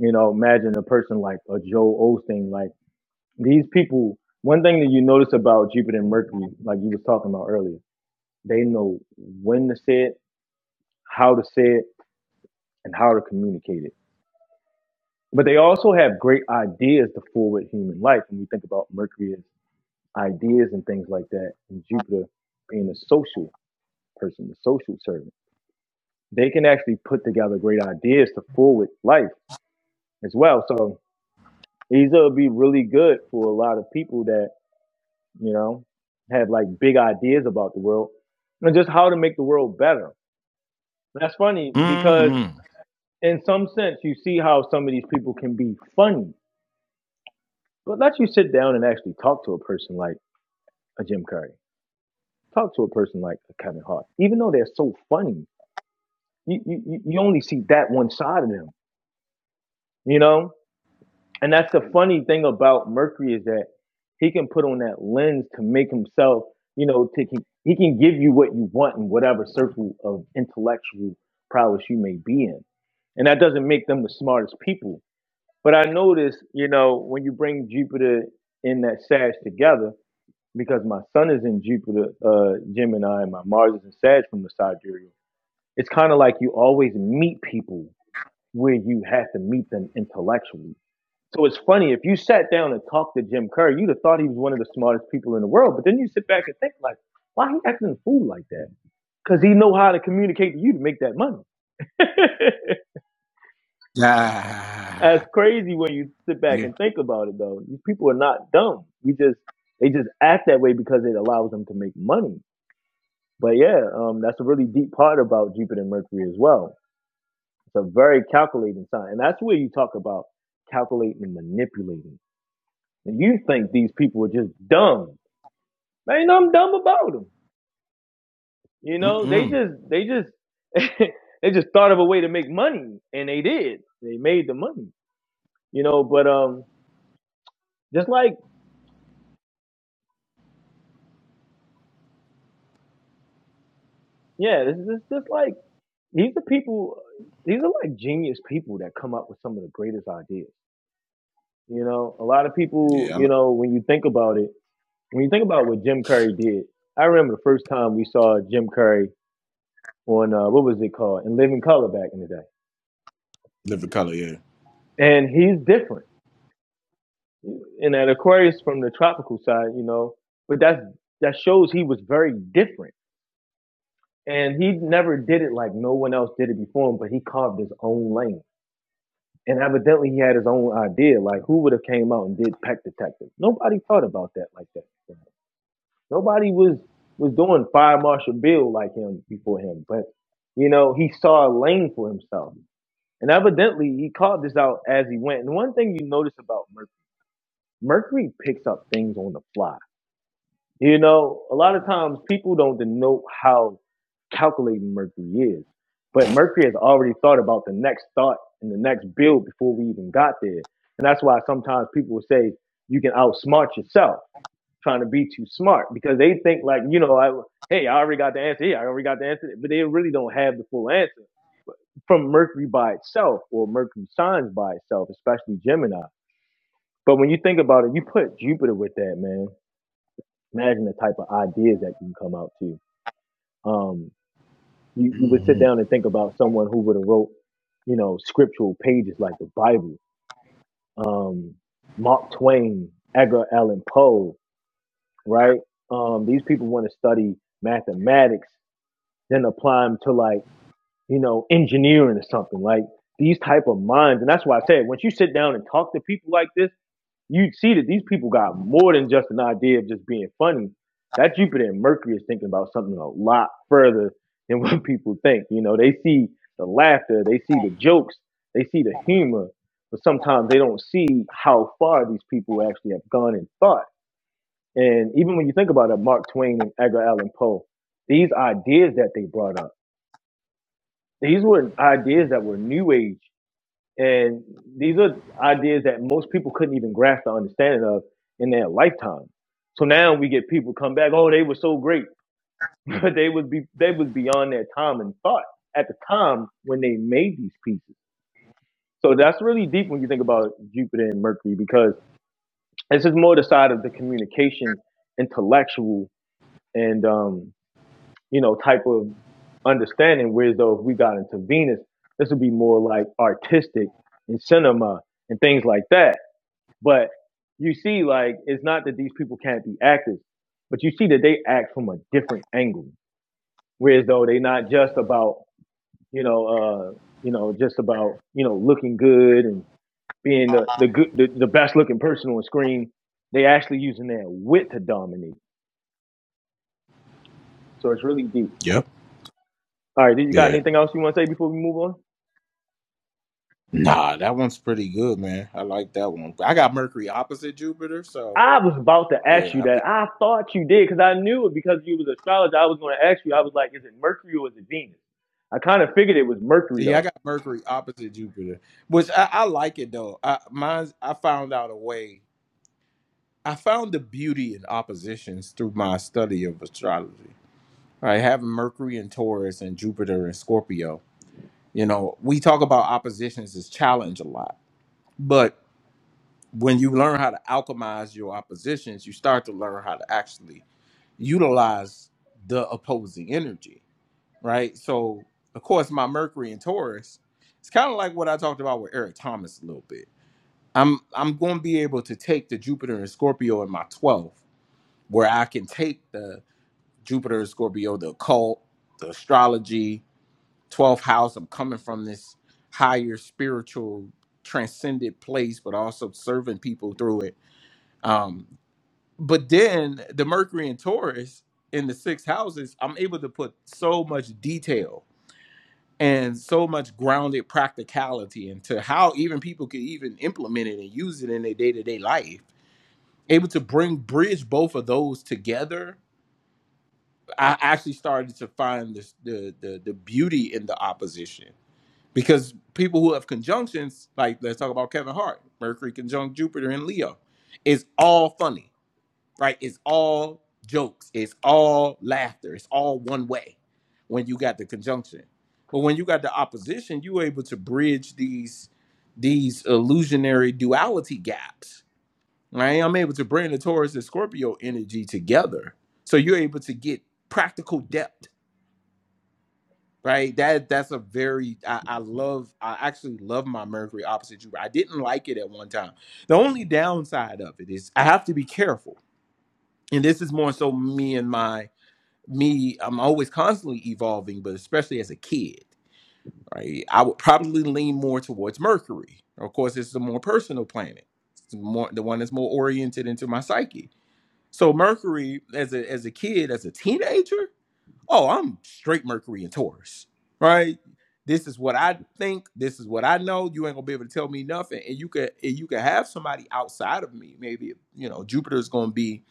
You know, imagine a person like a Joe Osteen. Like these people. One thing that you notice about Jupiter and Mercury, like you was talking about earlier, they know when to say it, how to say it, and how to communicate it But they also have great ideas to forward human life. When we think about Mercury as ideas and things like that, and Jupiter being a social person, the social servant, they can actually put together great ideas to forward life as well. So these will be really good for a lot of people that, you know, have like big ideas about the world and just how to make the world better. That's funny because
Mm-hmm.
in some sense you see how some of these people can be funny. But let you sit down and actually talk to a person like a Jim Carrey. Talk to a person like a Kevin Hart. Even though they're so funny, you, you, you only see that one side of them, you know? And that's the funny thing about Mercury is that he can put on that lens to make himself, you know, to, he, can give you what you want in whatever circle of intellectual prowess you may be in. And that doesn't make them the smartest people. But I notice, you know, when you bring Jupiter in that Sag together, because my sun is in Jupiter, uh, Gemini, and my Mars is in Sag from the sidereal. It's kind of like you always meet people where you have to meet them intellectually. So it's funny if you sat down and talked to Jim Kerr, you'd have thought he was one of the smartest people in the world. But then you sit back and think like, why he acting a fool like that? Because he know how to communicate to you to make that money. That's
Ah,
crazy when you sit back
yeah.
and think about it though. These people are not dumb. We just they just act that way because it allows them to make money. But yeah, um, that's a really deep part about Jupiter and Mercury as well. It's a very calculating sign, and that's where you talk about calculating and manipulating. And you think these people are just dumb? There ain't nothing dumb about them. You know, they
Mm-mm.
just they just they just thought of a way to make money, and they did. They made the money. You know, but um, just like yeah, this is just like these are people. These are like genius people that come up with some of the greatest ideas. You know, a lot of people.
Yeah,
You know, when you think about it when you think about what Jim Curry did, I remember the first time we saw Jim Curry on uh, what was it called in Living Color back in the day,
Live the color, yeah.
and he's different. And that Aquarius from the tropical side, you know, but that's that shows he was very different, and he never did it like no one else did it before him. But he carved his own lane, and evidently he had his own idea. Like who would have came out and did Peck Detective? Nobody thought about that like that. Nobody was was doing fire marshal Bill like him before him, but you know he saw a lane for himself, and evidently he called this out as he went. And one thing you notice about Mercury, Mercury picks up things on the fly. You know, a lot of times people don't denote how calculating Mercury is, but Mercury has already thought about the next thought and the next build before we even got there, and that's why sometimes people will say you can outsmart yourself trying to be too smart because they think like, you know, I, hey, I already got the answer here. I already got the answer, but they really don't have the full answer from Mercury by itself or Mercury signs by itself, especially Gemini. But when you think about it, you put Jupiter with that, man. Imagine the type of ideas that you can come out to. Um, you, you would sit
hmm
down and think about someone who would have wrote, you know, scriptural pages like the Bible. Um, Mark Twain, Edgar Allan Poe, right? Um, these people want to study mathematics, then apply them to like, you know, engineering or something like these type of minds. And that's why I said, once you sit down and talk to people like this, you see that these people got more than just an idea of just being funny. That Jupiter and Mercury is thinking about something a lot further than what people think. You know, they see the laughter, they see the jokes, they see the humor, but sometimes they don't see how far these people actually have gone in thought and even when you think about it, Mark Twain and Edgar Allan Poe, these ideas that they brought up, these were ideas that were new age. And these are ideas that most people couldn't even grasp the understanding of in their lifetime. So now we get people come back, oh, they were so great. But they was be they was beyond their time and thought at the time when they made these pieces. So that's really deep when you think about Jupiter and Mercury because this is more the side of the communication, intellectual, and um, you know, type of understanding. Whereas though if we got into Venus, this would be more like artistic and cinema and things like that. But you see, like, it's not that these people can't be actors, but you see that they act from a different angle. Whereas though they not just about, you know, uh, you know, just about, you know, looking good and being the, the good the, the best looking person on screen. They actually using their wit to dominate. So it's really deep.
Yep.
All right, did you got
Yeah.
anything else you want to say before we move on?
Nah, that one's pretty good, man. I like that one. I got Mercury opposite Jupiter, so
I was about to ask
yeah,
you
I be
that. I thought you did because I knew it because you was an astrologer. I was going to ask you. I was like, is it Mercury or is it Venus? I kind of figured it was Mercury
yeah, I
though.
got Mercury opposite Jupiter, which I, I like it though. I mine's I found out a way. I found the beauty in oppositions through my study of astrology. Right, having Mercury in Taurus and Jupiter in Scorpio. You know, we talk about oppositions as challenge a lot, but when you learn how to alchemize your oppositions, you start to learn how to actually utilize the opposing energy, right? So, of course, my Mercury and Taurus, it's kind of like what I talked about with Eric Thomas a little bit. I'm I'm going to be able to take the Jupiter and Scorpio in my 12th, where I can take the Jupiter and Scorpio, the occult, the astrology, 12th house. I'm coming from this higher spiritual transcendent place, but also serving people through it Um, but then the Mercury and Taurus in the six houses, I'm able to put so much detail and so much grounded practicality into how even people could even implement it and use it in their day to day life. Able to bring bridge both of those together, I actually started to find this, the, the the beauty in the opposition because people who have conjunctions, like let's talk about Kevin Hart, Mercury conjunct Jupiter in Leo, is all funny right? It's all jokes, it's all laughter, it's all one way when you got the conjunction. But when you got the opposition, you able to bridge these these illusionary duality gaps. Right? I'm able to bring the Taurus and Scorpio energy together. So you're able to get practical depth. Right. That that's a very I, I love I actually love my Mercury opposite Jupiter. I didn't like it at one time. The only downside of it is I have to be careful. And this is more so me and my me, I'm always constantly evolving, but especially as a kid, right? I would probably lean more towards Mercury. Of course, it's the more personal planet. It's the more the one that's more oriented into my psyche. So Mercury as a as a kid, as a teenager, oh, I'm straight Mercury and Taurus, right? This is what I think. This is what I know. You ain't gonna be able to tell me nothing. And you could, and you could have somebody outside of me. Maybe you know Jupiter's gonna be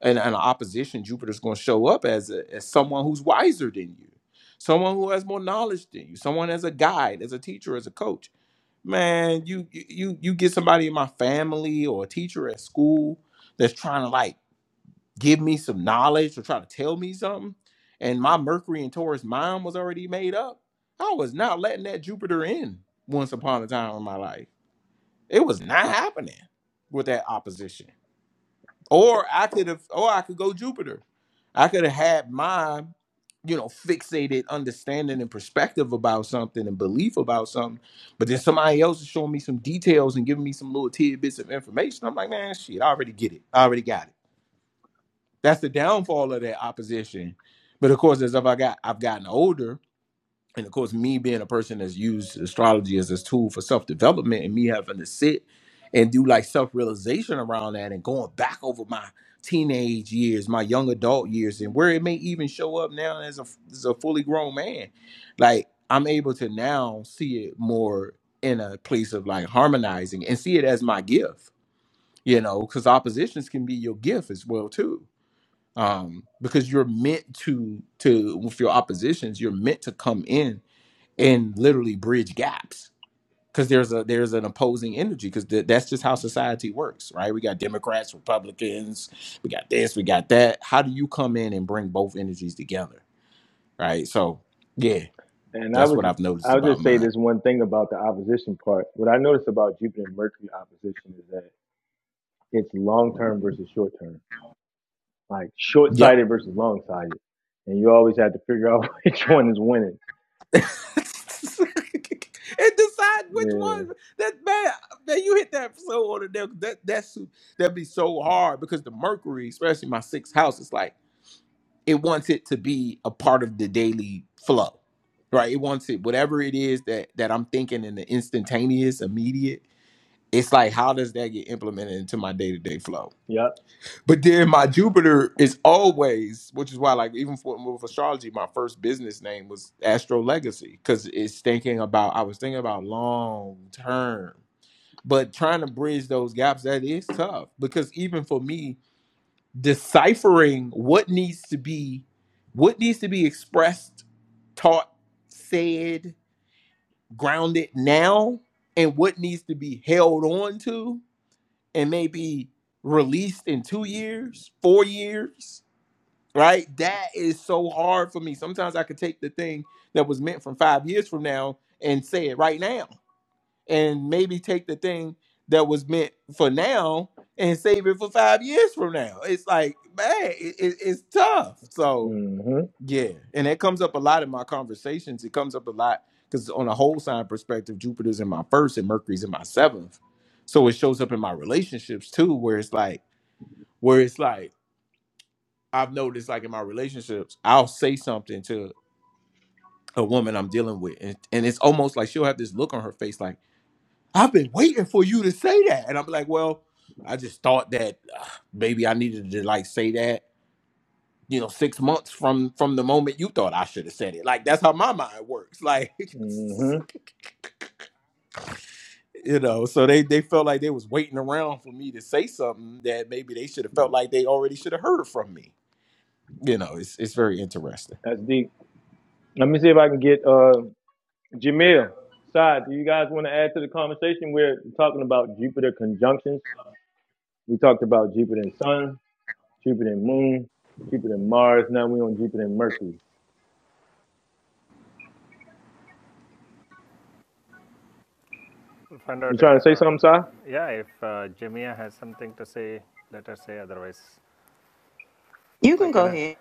and, and opposition, Jupiter's going to show up as a, as someone who's wiser than you, someone who has more knowledge than you, someone as a guide, as a teacher, as a coach. Man, you you you you get somebody in my family or a teacher at school that's trying to like give me some knowledge or try to tell me something, and my Mercury and Taurus mind was already made up. I was not letting that Jupiter in once upon a time in my life. It was not happening with that opposition. Or I could have, or I could go Jupiter. I could have had my, you know, fixated understanding and perspective about something and belief about something. But then somebody else is showing me some details and giving me some little tidbits of information. I'm like, man, shit, I already get it. I already got it. That's the downfall of that opposition. But of course, as I've I got I've gotten older, and of course me being a person that's used astrology as this tool for self-development and me having to sit and do like self-realization around that and going back over my teenage years my young adult years and where it may even show up now as a, as a fully grown man like i'm able to now see it more in a place of like harmonizing and see it as my gift you know because oppositions can be your gift as well too um because you're meant to to with your oppositions you're meant to come in and literally bridge gaps because there's a there's an opposing energy because th- that's just how society works right we got democrats republicans we got this we got that how do you come in and bring both energies together right so yeah
And I
that's
was,
what i've noticed
I'll
about
just say
mine
this one thing about the opposition part. What I noticed about Jupiter and Mercury opposition is that it's long term versus short term, like short
yep
sighted versus long sighted, and you always have to figure out which one is winning.
and decide which
Yeah.
one that man man you hit that so on the nail that that's that'd be so hard because the mercury especially my sixth house is like it wants it to be a part of the daily flow right it wants it whatever it is that that i'm thinking in the instantaneous immediate it's like how does that get implemented into my day-to-day flow
Yep.
but then my jupiter is always which is why like even for with astrology my first business name was astro legacy because it's thinking about i was thinking about long term but trying to bridge those gaps that is tough because even for me deciphering what needs to be what needs to be expressed taught said grounded now and what needs to be held on to and maybe released in two years four years right that is so hard for me sometimes i could take the thing that was meant from five years from now and say it right now and maybe take the thing that was meant for now and save it for five years from now. It's like, man, it, it- it's tough. So
Mhm.
yeah, and it comes up a lot in my conversations. It comes up a lot because on a whole sign perspective, Jupiter's in my first and Mercury's in my seventh. So it shows up in my relationships too, where it's like, where it's like, I've noticed like in my relationships, I'll say something to a woman I'm dealing with, and, and it's almost like she'll have this look on her face, like I've been waiting for you to say that. And I'm like, well, I just thought that uh, maybe I needed to like say that, you know, six months from from the moment you thought I should have said it. Like that's how my mind works. Like
Mhm.
you know, so they they felt like they was waiting around for me to say something that maybe they should have felt like they already should have heard from me. You know, it's it's very interesting.
That's deep. Let me see if I can get uh Jamil, Saad, do you guys want to add to the conversation? We're talking about Jupiter conjunctions. We talked about Jupiter and Sun, Jupiter and Moon, Jupiter and Mars. Now we're on Jupiter and Mercury. You trying to say something, Saad?
you can go ahead.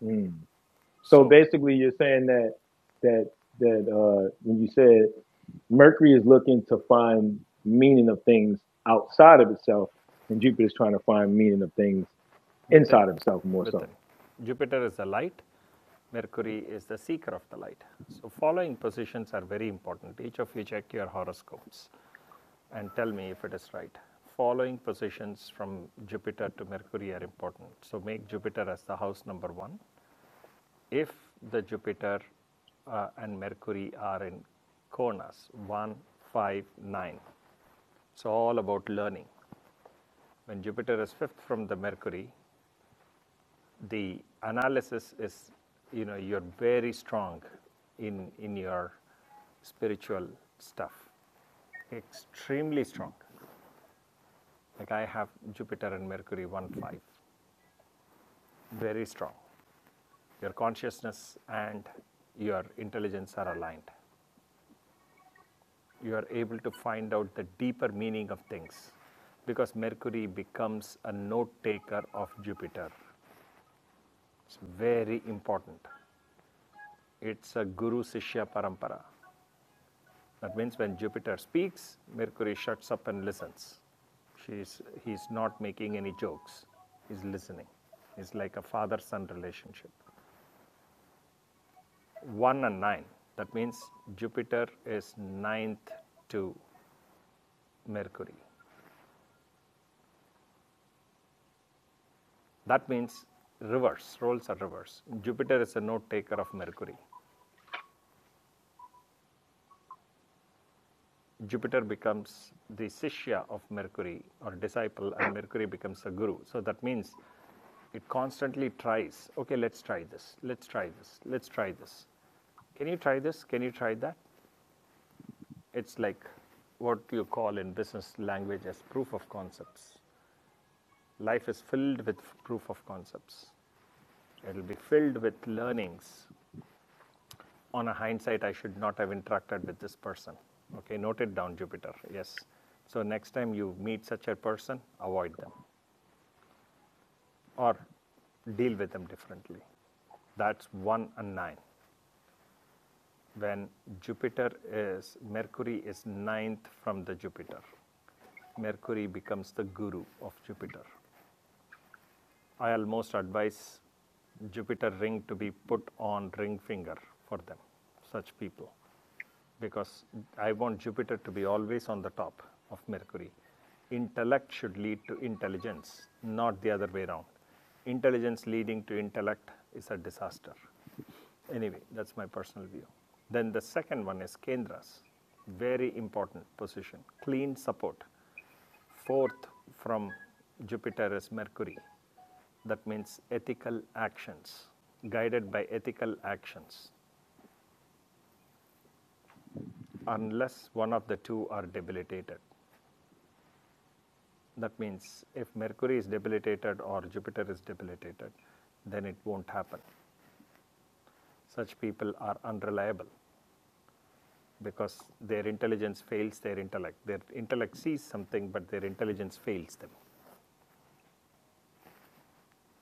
Hmm. So basically, you're saying that that that uh, when you said Mercury is looking to find meaning of things outside of itself, and Jupiter is trying to find meaning of things inside of itself more so.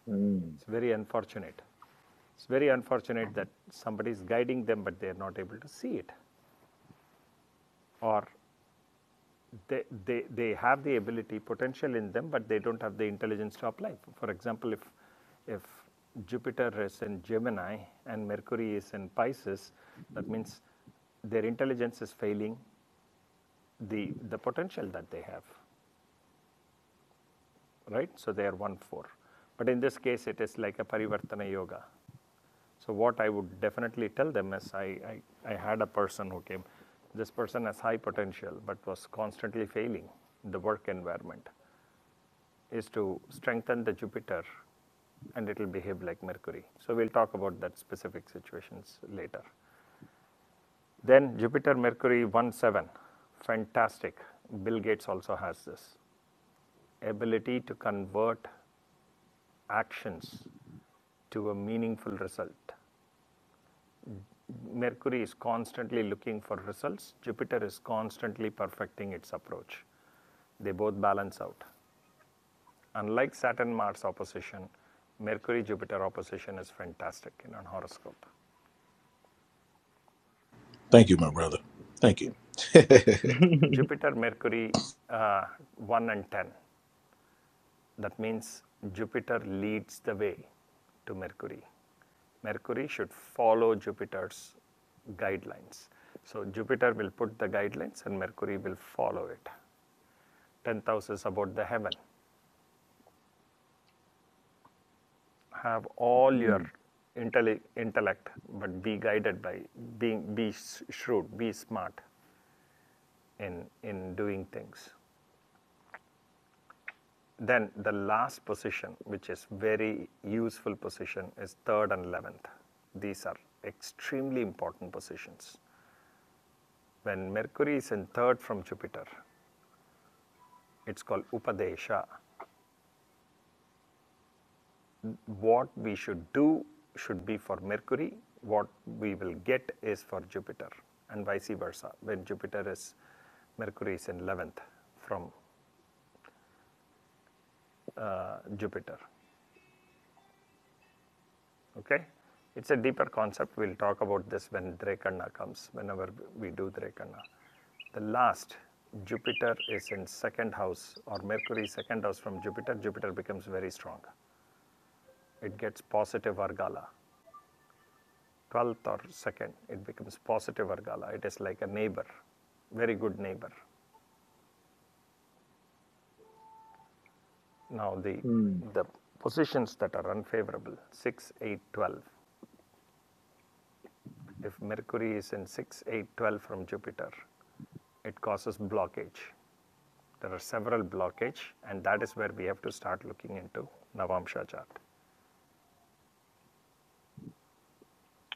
Mm.
Thank you, my brother. Thank you.
Mm. Mm.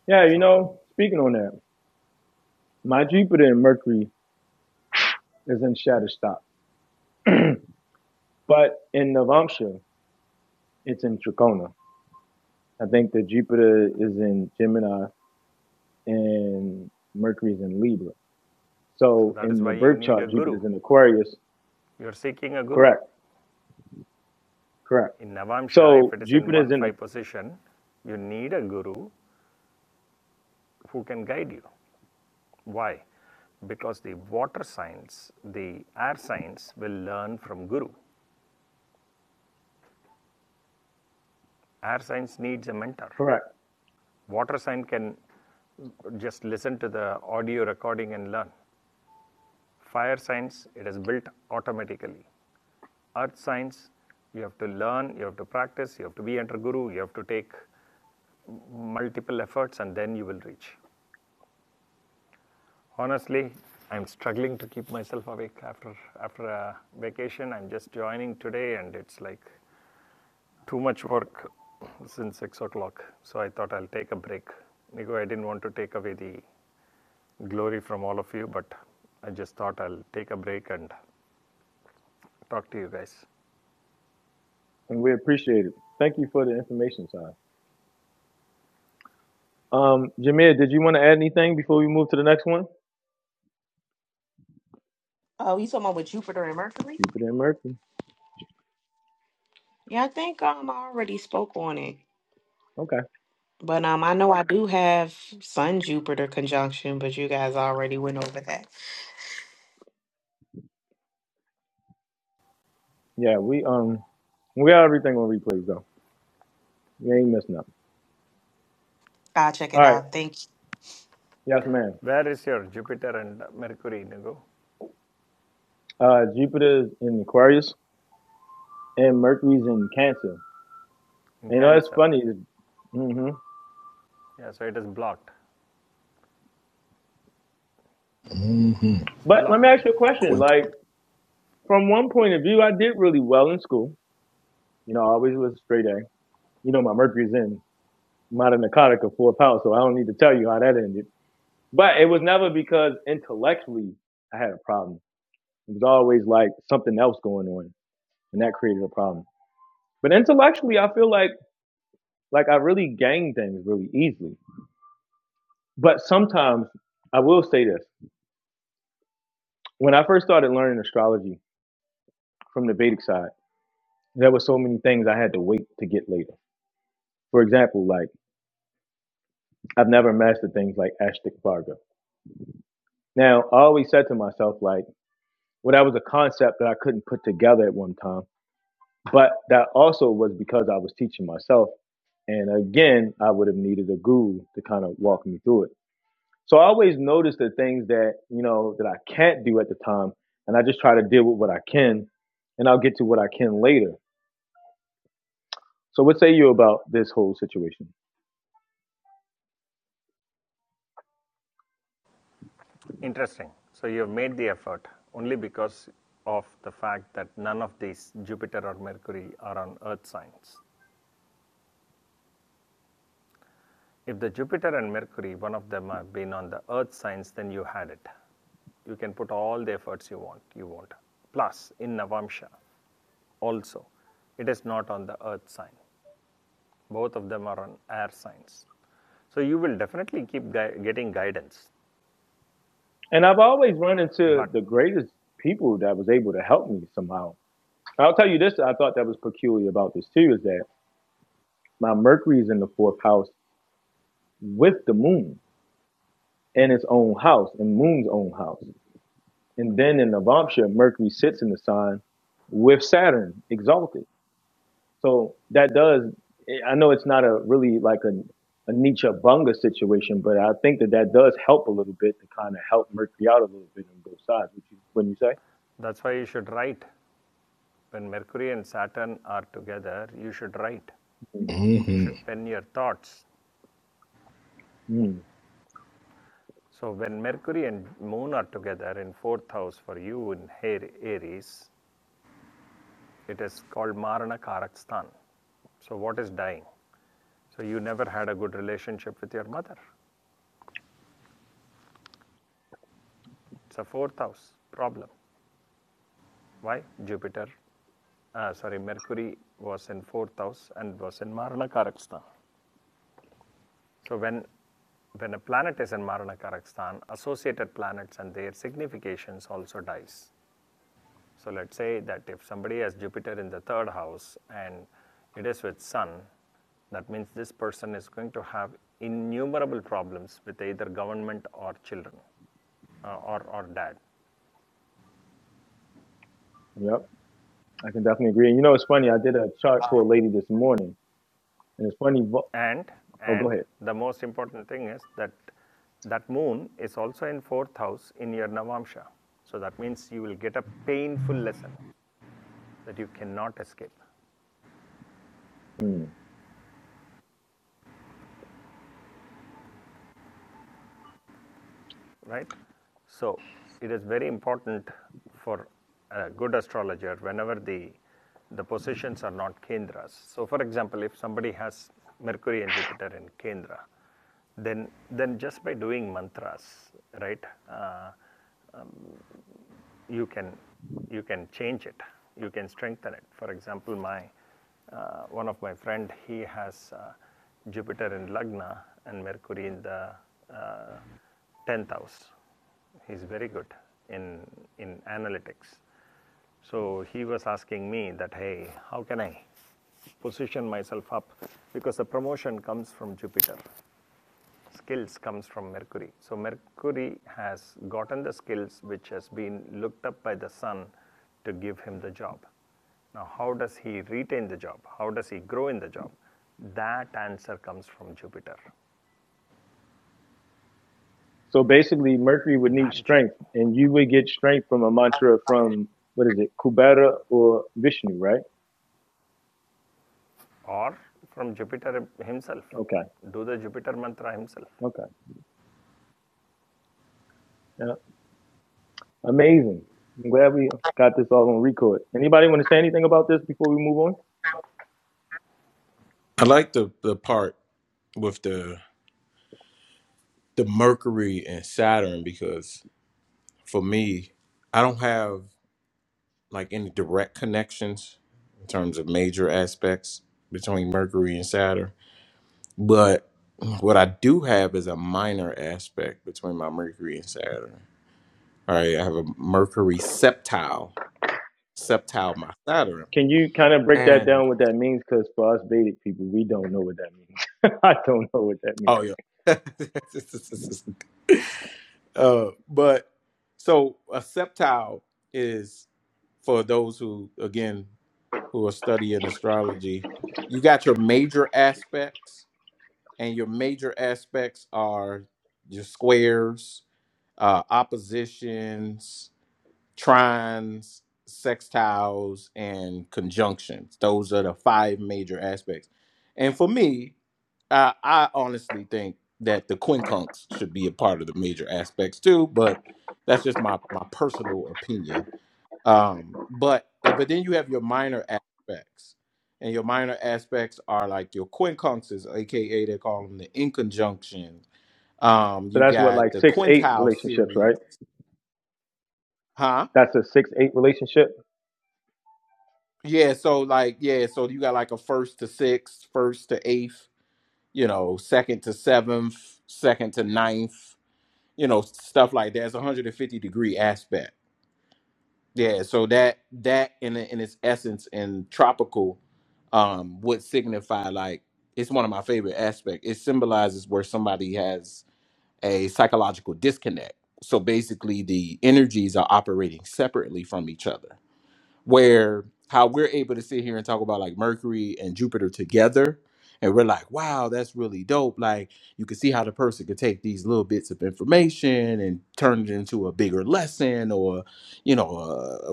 Yeah, you know, speaking on that. My Jupiter in Mercury is in Shatterstock, but in Navamsha, it's in Trikona. I think that Jupiter is in Gemini and Mercury is in Libra. So in the birth chart, Jupiter's in Aquarius. Correct, correct. So Jupiter's in the correct, and we appreciate it. Thank you for the information, sir. Um, Jameer, did you want to add anything before we move to the next one?
Oh, you talking about with Jupiter and Mercury?
Jupiter and Mercury.
Yeah, I think um I already spoke on it.
Okay.
But um I know I do have Sun Jupiter conjunction, but you guys already went over that.
Yeah, we um we got everything on replays though. You ain't missed nothing.
I'll check
All
it
right.
out. Thank
Yes, ma'am. Uh, Jupiter's in Aquarius and Mercury's in Cancer. You know, that's funny. hmm
mm-hmm.
But let me ask you a question.
Quick.
Like, from one point of view, I did really well in school. You know, I always was a straight A. You know, my Mercury's in Mata Nakataka, of four pounds, so I don't need to tell you how that ended. But it was never because intellectually I had a problem. It was always like something else going on, and that created a problem. But intellectually, I feel like like I really gained things really easily. But sometimes I will say this When I first started learning astrology from the Vedic side, there were so many things I had to wait to get later. For example, like I've never mastered things like Ashtik Varga. Now, I always said to myself, like, well, that was a concept that I couldn't put together at one time, but that also was because I was teaching myself. And again, I would have needed a guru to kind of walk me through it. So I always notice the things that, you know, that I can't do at the time. And I just try to deal with what I can and I'll get to what I can later. So what say you about this whole situation? And I've always run into the greatest people that was able to help me somehow. I'll tell you this, I thought that was peculiar about this too, is that my Mercury is in the fourth house with the moon in its own house, in moon's own house. And then in the Navamsha, Mercury sits in the sign with Saturn exalted. So that does. eh, I know it's not a really like a a Nietzsche bunga situation, but I think that that does help a little bit to kind of help Mercury out a little bit on both sides. Would you wouldn't you say?
Mm-hmm.
Mm-hmm. Yep, I can definitely agree. And you know, it's funny. I did a chart for a lady this morning, and it's funny. vo- Oh, go ahead. Mm. So basically, Mercury would need strength, and you would get strength from a mantra from what is it, Kubera or Vishnu, right? Okay, okay. Yeah. Amazing. I'm glad we got this all on record. Anybody want to say anything about this before we move on?
I like the the part with the the Mercury and Saturn because for me, I don't have like any direct connections in terms of major aspects between Mercury and Saturn. But what I do have is a minor aspect between my Mercury and Saturn. All right, I have a Mercury septile, septile my Saturn,
Can you kind of break that
and
down what that means? Because for us Vedic people, we don't know what that means. I don't know what that means.
oh yeah, uh, but so a septile is for those who again who are studying astrology, you got your major aspects, and your major aspects are your squares, uh, oppositions, trines, sextiles, and conjunctions. Those are the five major aspects. And for me, I, I honestly think that the quincunx should be a part of the major aspects too, but that's just my my personal opinion. Um, but eh, but then you have your minor aspects, and your minor aspects are like your quincunxes, aka they call them the inconjunction. Um,
So
you
that's what
got
like
the
six eight
quintile
relationships, right?
series, huh?
That's a six eight relationship.
Yeah, so like yeah, so you got like a first to sixth, first to eighth, you know, second to seventh, second to ninth, you know, stuff like that. It's a 150 degree aspect Yeah, so that that in in its essence and tropical um would signify like it's one of my favorite aspects. It symbolizes where somebody has a psychological disconnect. So basically the energies are operating separately from each other where how we're able to sit here and talk about like Mercury and Jupiter together. And we're like, wow, that's really dope. Like, you can see how the person could take these little bits of information and turn it into a bigger lesson or, you know,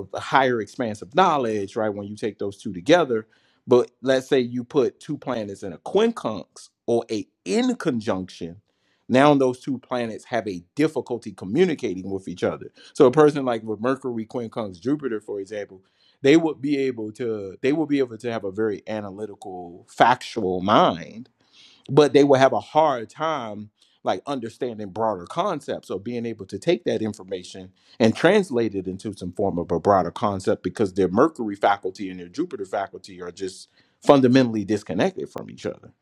a, a higher expanse of knowledge, right? When you take those two together. But let's say you put two planets in a quincunx or a in conjunction. Now those two planets have a difficulty communicating with each other. So a person like with Mercury, quincunx, Jupiter, for example, they would be able to they would be able to have a very analytical factual mind but they would have a hard time like understanding broader concepts or being able to take that information and translate it into some form of a broader concept because their mercury faculty and their jupiter faculty are just fundamentally disconnected from each other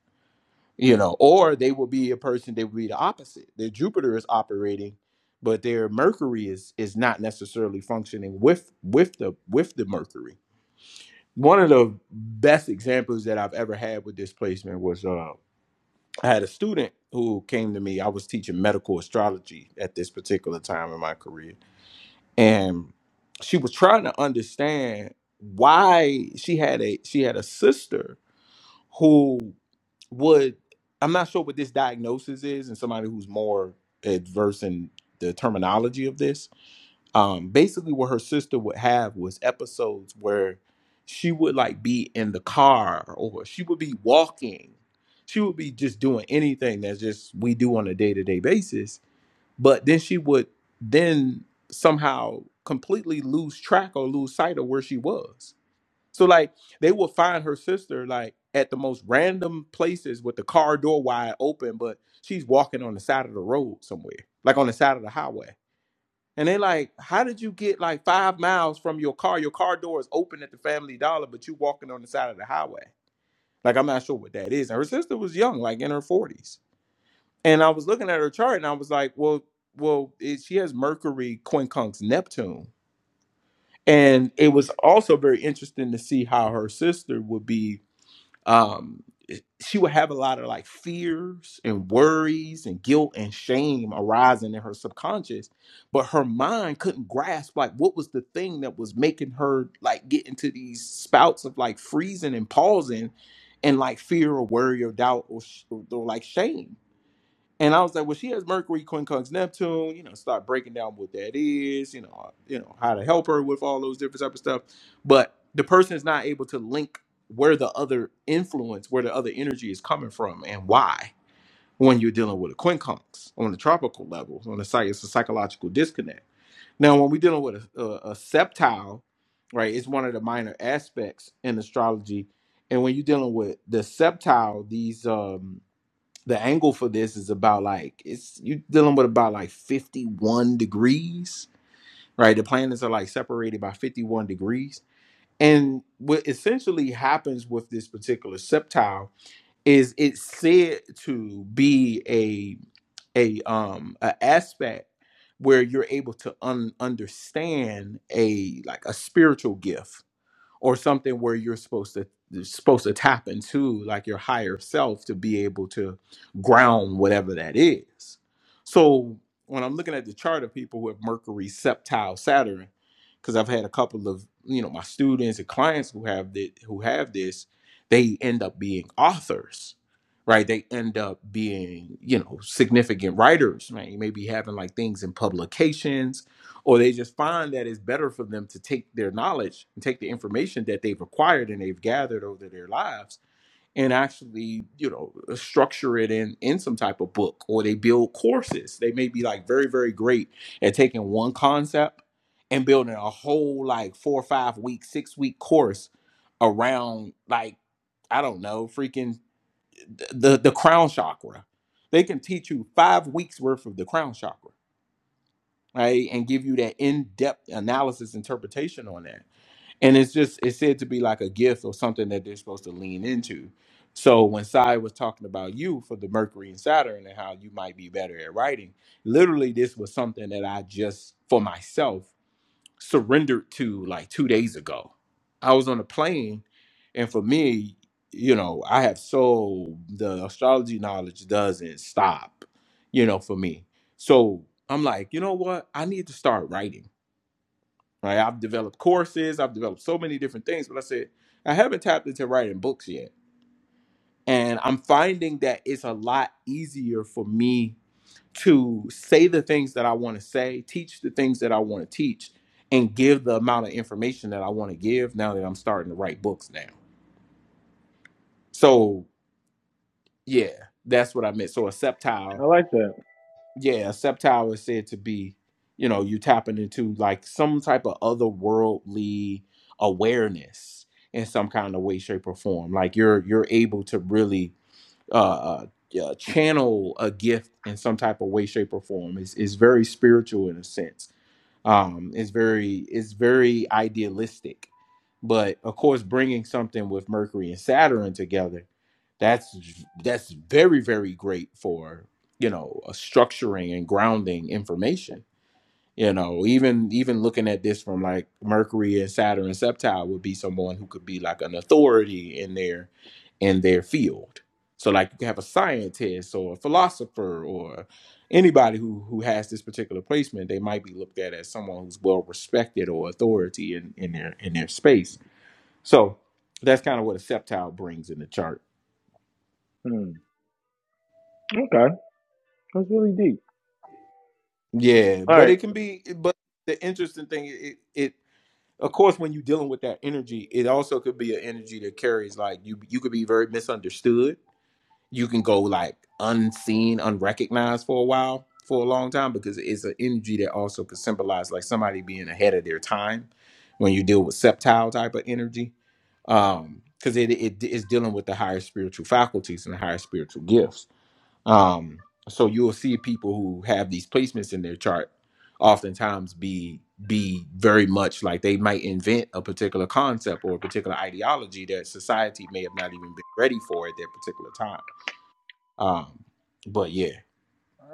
you know or they will be a person they would be the opposite their jupiter is operating but their mercury is is not necessarily functioning with with the with the mercury one of the best examples that I've ever had with this placement was uh, I had a student who came to me. I was teaching medical astrology at this particular time in my career, and she was trying to understand why she had a she had a sister who would I'm not sure what this diagnosis is, and somebody who's more adverse in the terminology of this, um basically what her sister would have was episodes where she would like be in the car or she would be walking she would be just doing anything that's just we do on a day-to-day basis but then she would then somehow completely lose track or lose sight of where she was so like they would find her sister like at the most random places with the car door wide open but she's walking on the side of the road somewhere like on the side of the highway and they like, how did you get like five miles from your car? Your car door is open at the Family Dollar, but you walking on the side of the highway. Like, I'm not sure what that is. And her sister was young, like in her 40s. And I was looking at her chart, and I was like, well, well, it, she has Mercury, quincunx, Neptune. And it was also very interesting to see how her sister would be um she would have a lot of like fears and worries and guilt and shame arising in her subconscious but her mind couldn't grasp like what was the thing that was making her like get into these spouts of like freezing and pausing and like fear or worry or doubt or, sh- or or like shame and I was like, well, she has Mercury, quincunx, Neptune. You know, start breaking down what that is. You know, uh, you know how to help her with all those different type of stuff. But the person is not able to link where the other influence, where the other energy is coming from, and why. When you're dealing with a quincunx on the tropical level, on the site, it's a psychological disconnect. Now, when we're dealing with a, a, a septile, right, it's one of the minor aspects in astrology. And when you're dealing with the septile, these um the angle for this is about like it's you dealing with about like 51 degrees right the planets are like separated by 51 degrees and what essentially happens with this particular septile is it's said to be a a um an aspect where you're able to un- understand a like a spiritual gift or something where you're supposed to supposed to tap into like your higher self to be able to ground whatever that is. So when I'm looking at the chart of people who have Mercury, Septile, Saturn, because I've had a couple of you know my students and clients who have that who have this, they end up being authors, right? They end up being you know significant writers, right? Maybe having like things in publications or they just find that it's better for them to take their knowledge and take the information that they've acquired and they've gathered over their lives and actually you know structure it in in some type of book or they build courses they may be like very very great at taking one concept and building a whole like four or five week six week course around like i don't know freaking the the crown chakra they can teach you five weeks worth of the crown chakra right and give you that in-depth analysis interpretation on that and it's just it's said to be like a gift or something that they're supposed to lean into so when Sai was talking about you for the Mercury and Saturn and how you might be better at writing, literally this was something that I just for myself surrendered to like two days ago. I was on a plane, and for me, you know, I have so the astrology knowledge doesn't stop, you know, for me. So I'm like, you know what? I need to start writing. Right? I've developed courses, I've developed so many different things, but I said I haven't tapped into writing books yet, and I'm finding that it's a lot easier for me to say the things that I want to say, teach the things that I want to teach, and give the amount of information that I want to give now that I'm starting to write books now. So, yeah, that's what I meant. So, a septile,
I like that.
yeah, a septile is said to be, you know, you tapping into like some type of otherworldly awareness in some kind of way, shape, or form. Like you're you're able to really uh, uh, yeah, channel a gift in some type of way, shape, or form. It's, it's very spiritual in a sense um it's very it's very idealistic but of course bringing something with mercury and saturn together that's that's very very great for you know uh, structuring and grounding information you know, even even looking at this from like Mercury and Saturn and Septile would be someone who could be like an authority in their in their field. So like you could have a scientist or a philosopher or anybody who who has this particular placement, they might be looked at as someone who's well respected or authority in, in their in their space. So that's kind of what a septile brings in the chart.
Hmm. Okay, that's really deep.
Yeah,
All
but
right.
it can be but the interesting thing it, it of course when you're dealing with that energy it also could be an energy that carries like you you could be very misunderstood you can go like unseen unrecognized for a while for a long time because it's an energy that also could symbolize like somebody being ahead of their time when you deal with septile type of energy um because it, it is dealing with the higher spiritual faculties and the higher spiritual gifts um, so you'll see people who have these placements in their chart oftentimes be be very much like they might invent a particular concept or a particular ideology that society may have not even been ready for at that particular time. Um, but yeah.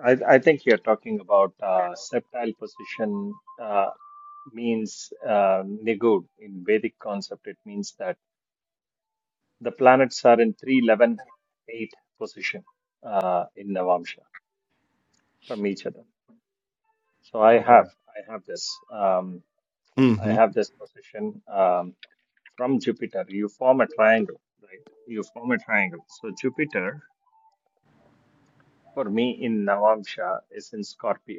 I, I think you're talking about uh, septile position uh, means uh, nigud in Vedic concept. It means that the planets are in three, eleven, eight position uh, in Navamsha from each other. So I
Okay.
have I have this um, I
Mm-hmm.
have this position um, from Jupiter. You form a triangle, right? You form a triangle. So Jupiter for me in Navamsha is in Scorpio.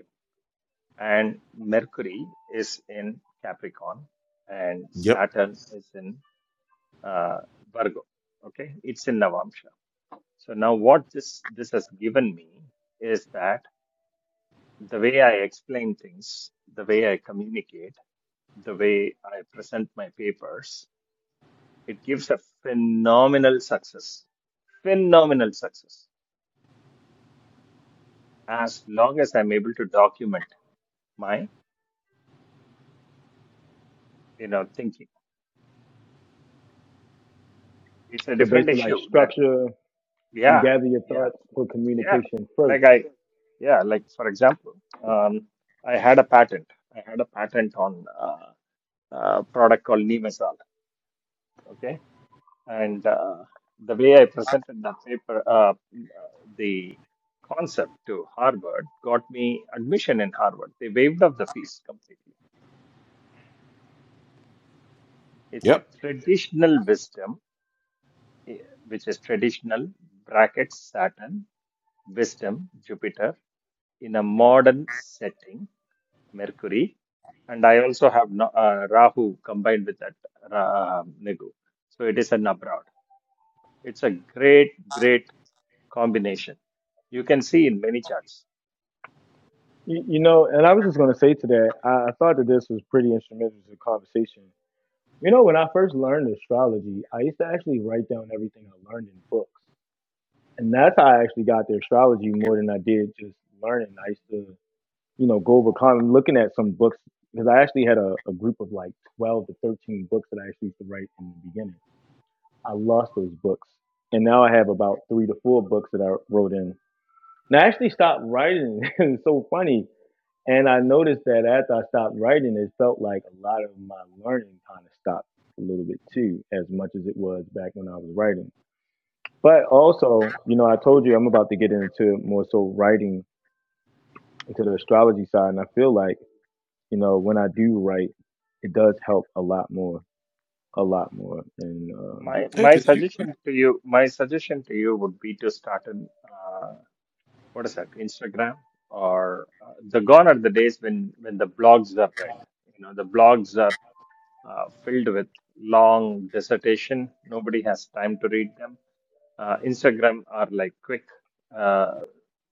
and Mercury is in Capricorn, and
Yep.
Saturn is in uh, Virgo. Okay, it's in Navamsha. So now, what this this has given me is that the way I explain things, the way I communicate, the way I present my papers, it gives a phenomenal success, phenomenal success. As long as I'm able to document my, you know, thinking, it's a
So
different
basically, like
issue. That
structure and
yeah,
gather your
yeah
thoughts for
Yeah,
communication first.
like I, yeah, like for example, um, I had a patent. I had a patent on uh, a product called Neemazal. Okay, and uh, the way I presented that paper, uh, the concept to Harvard got me admission in Harvard. They waived off the fees completely. It's a
Yep.
traditional wisdom, eh, which is traditional brackets Saturn wisdom Jupiter in a modern setting Mercury, and I also have Na- uh, Rahu combined with that Ra- uh, Nigu. So it is an abroad. It's a great, great combination. You can see in many charts.
You, you know, and I was just gonna say to that, I, I thought that this was pretty instrumental to the conversation You know, when I first learned astrology, I used to actually write down everything I learned in books. And that's how I actually got to astrology more than I did just learning. I used to, you know, go over con looking at some books because I actually had a, a group of like 12 to 13 books that I actually used to write in the beginning. I lost those books. And now I have about three to four books that I wrote in. And I actually stopped writing. it's so funny and I noticed that after I stopped writing, it felt like a lot of my learning kind of stopped a little bit too, as much as it was back when I was writing. But also, you know, I told you I'm about to get into more so writing into the astrology side. And I feel like, you know, when I do write, it does help a lot more, a lot more. And
My
uh,
Hey,
my
cause you,
suggestion to you, my suggestion to you would be to start in uh, what is that, Instagram or uh, the gone are the days when when the blogs are read. You know, the blogs are uh, filled with long dissertation. Nobody has time to read them Uh, Instagram are like quick, uh,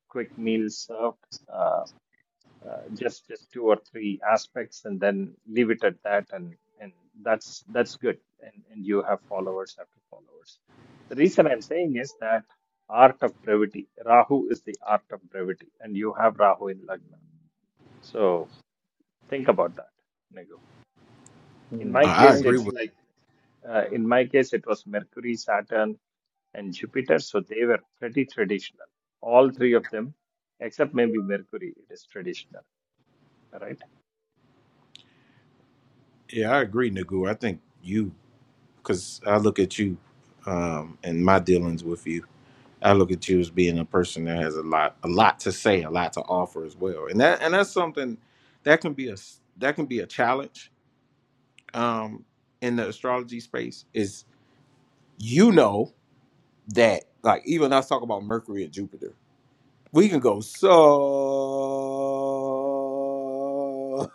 quick meals served, uh, uh, just just two or three aspects, and then leave it at that, and and that's that's good, and and you have followers after followers. The reason I'm saying is that art of brevity. Rahu is the art of brevity, and you have Rahu in Lagna. So think about that, Nego. In
hmm,
my
I, I
case,
thank
agree
you.
it's
with
like uh, in my case, it was Mercury, Saturn. and Jupiter. So they were pretty traditional. All three of them, except maybe Mercury, it is traditional, right?
yeah, I agree, Nagu. I think you, cause I look at you, um, and my dealings with you. I look at you as being a person that has a lot, a lot to say, a lot to offer as well, and that and that's something that can be a s- that can be a challenge um, in the astrology space. Is you know that like even us talk about Mercury and Jupiter, we can go so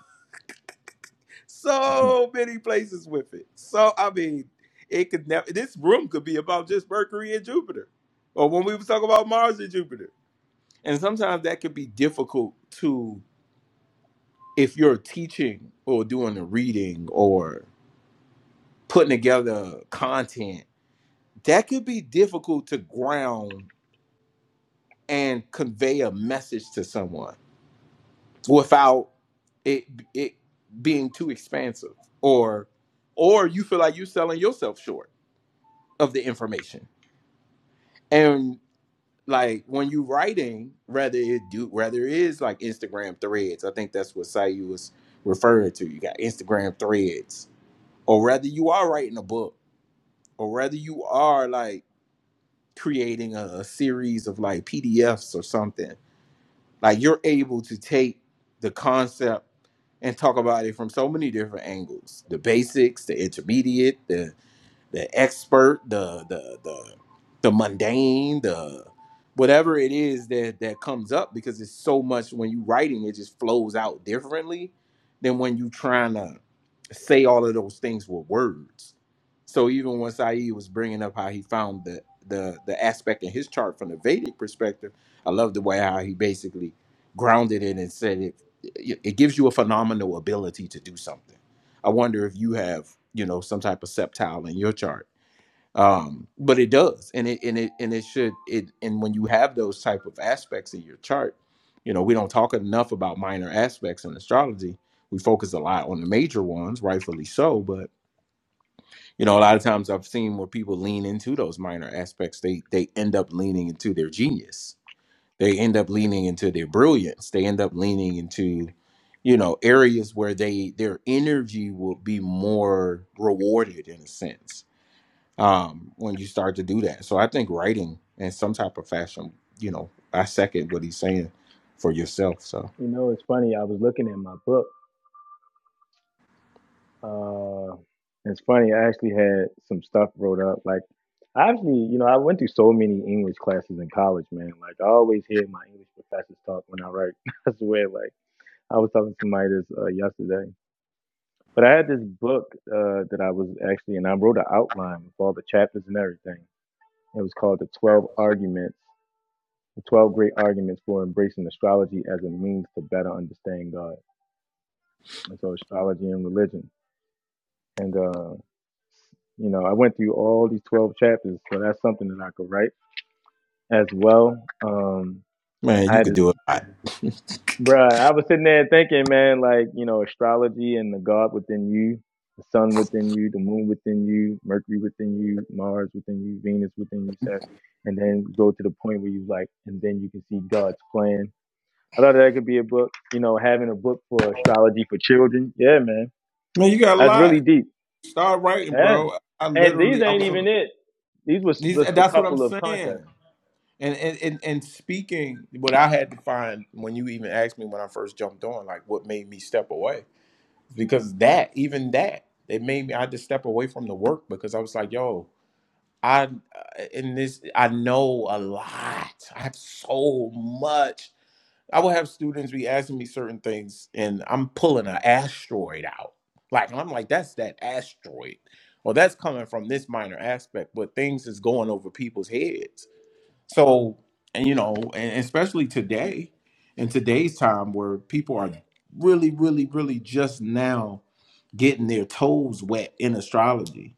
you
so many places with it. So I mean, it could never. This room could be about just Mercury and Jupiter, or when we was talking about Mars and Jupiter. And sometimes that could be difficult to if you're teaching or doing a reading or putting together content, that could be difficult to ground and convey a message to someone without it it being too expansive or or you feel like you're selling yourself short of the information. and. like when you writing, rather it do rather it is like Instagram threads. I think that's what Sayu was referring to. You got Instagram threads, or rather you are writing a book, or rather you are like creating a, a series of like PDFs or something. Like you're able to take the concept and talk about it from so many different angles: the basics, the intermediate, the the expert, the the the the mundane, the whatever it is that that comes up because it's so much when you writing it just flows out differently than when you trying to say all of those things with words. So even when Saeed was bringing up how he found the the the aspect in his chart from the Vedic perspective, I love the way how he basically grounded it and said it it it gives you a phenomenal ability to do something I wonder if you have, you know, some type of septile in your chart. Um, but it does, and it and it and it should it and when you have those type of aspects in your chart, you know, we don't talk enough about minor aspects in astrology. We focus a lot on the major ones, rightfully so, but you know, a lot of times I've seen where people lean into those minor aspects, they they end up leaning into their genius they end up leaning into their brilliance. They end up leaning into, you know, areas where they their energy will be more rewarded in a sense um, when you start to do that. So I think writing in some type of fashion, you know, I second what he's saying for yourself. So
know, it's funny, I was looking at my book Uh, it's funny. I actually had some stuff wrote up. Like, I actually, you know, I went through so many English classes in college, man. Like, I always hear my English professors talk when I write. I swear, like, I was talking to somebody this uh, yesterday. But I had this book uh, that I was actually, and I wrote an outline with all the chapters and everything. It was called The 12 Arguments, The 12 Great Arguments for Embracing Astrology as a Means to Better Understand God. And so, astrology and religion. And uh, You know, I went through all these 12 chapters, so that's something that I could write as well. Um,
man,
I
you
had
could
this,
do a lot.
bruh, I was sitting there thinking, man, like, you know, astrology and the God within you, the sun within you, the moon within you, Mercury within you, Mars within you, Venus within you, Saturn, and then go to the point where you like, and then you can see God's plan. I thought that could be a book, you know, having a book for astrology for children. Yeah, man.
Man, you got a
That's
lot.
really deep.
Start writing,
Yeah.
bro. I
And
literally,
these
I
ain't
was on.
even it. These was
These,
just a
that's what I'm
couple of
saying.
concepts.
And and, and and speaking, what I had to find when you even asked me when I first jumped on, like what made me step away, because that even that it made me I had to step away from the work because I was like, yo, I uh, in this I know a lot. I have so much. I would have students be asking me certain things, and I'm pulling an asteroid out. Like I'm like, that's that asteroid. Well, that's coming from this minor aspect, but things is going over people's heads so, and you know, and especially today, in today's time where people are really, really, really just now getting their toes wet in astrology.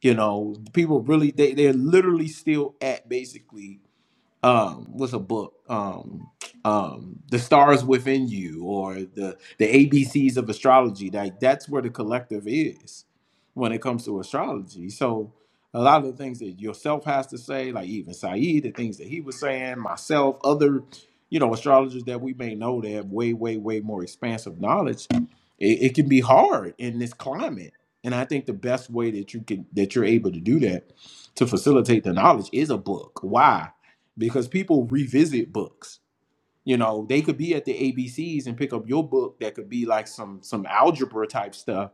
You know, people really they, they're literally still at basically um what's a book um um the stars within you or the the abcs of astrology like that's where the collective is when it comes to astrology so a lot of the things that yourself has to say like even saeed the things that he was saying myself other you know astrologers that we may know that have way way way more expansive knowledge it, it can be hard in this climate and i think the best way that you can that you're able to do that to facilitate the knowledge is a book why because people revisit books. You know, they could be at the ABCs and pick up your book that could be like some some algebra type stuff,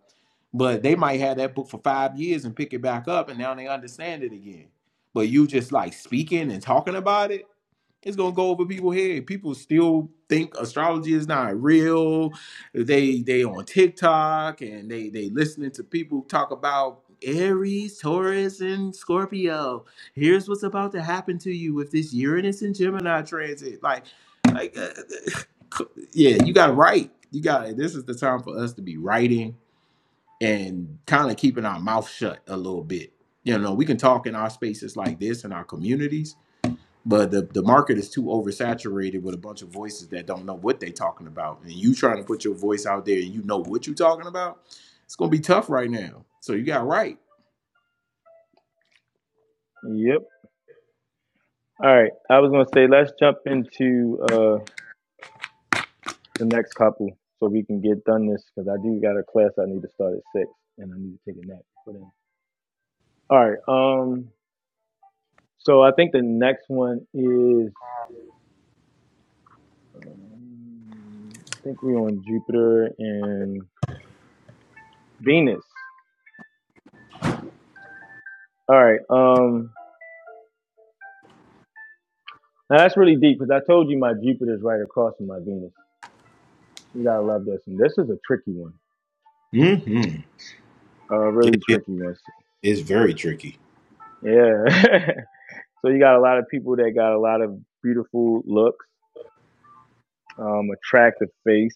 but they might have that book for five years and pick it back up and now they understand it again. But you just like speaking and talking about it it's gonna go over people's head. People still think astrology is not real. They they on TikTok and they they listening to people talk about Aries, Taurus, and Scorpio. Here's what's about to happen to you with this Uranus and Gemini transit. Like, like, uh, uh, yeah, you got to write. You got this is the time for us to be writing and kind of keeping our mouth shut a little bit. You know, we can talk in our spaces like this in our communities, but the, the market is too oversaturated with a bunch of voices that don't know what they're talking about. And you trying to put your voice out there and you know what you're talking about, it's going to be tough right now. So you got right.
Yep. All right. I was gonna say let's jump into uh the next couple so we can get done this because I do got a class I need to start at six and I need to take a nap. all right. Um. So I think the next one is um, I think we're on Jupiter and Venus. All right. Um. Now that's really deep because I told you my Jupiter's right across from my Venus. You gotta love this. And this is a tricky one.
Mm-hmm.
uh,
It,
really
it
trickiness.
is very tricky.
Yeah. so you got a lot of people that got a lot of beautiful looks, um, attractive face.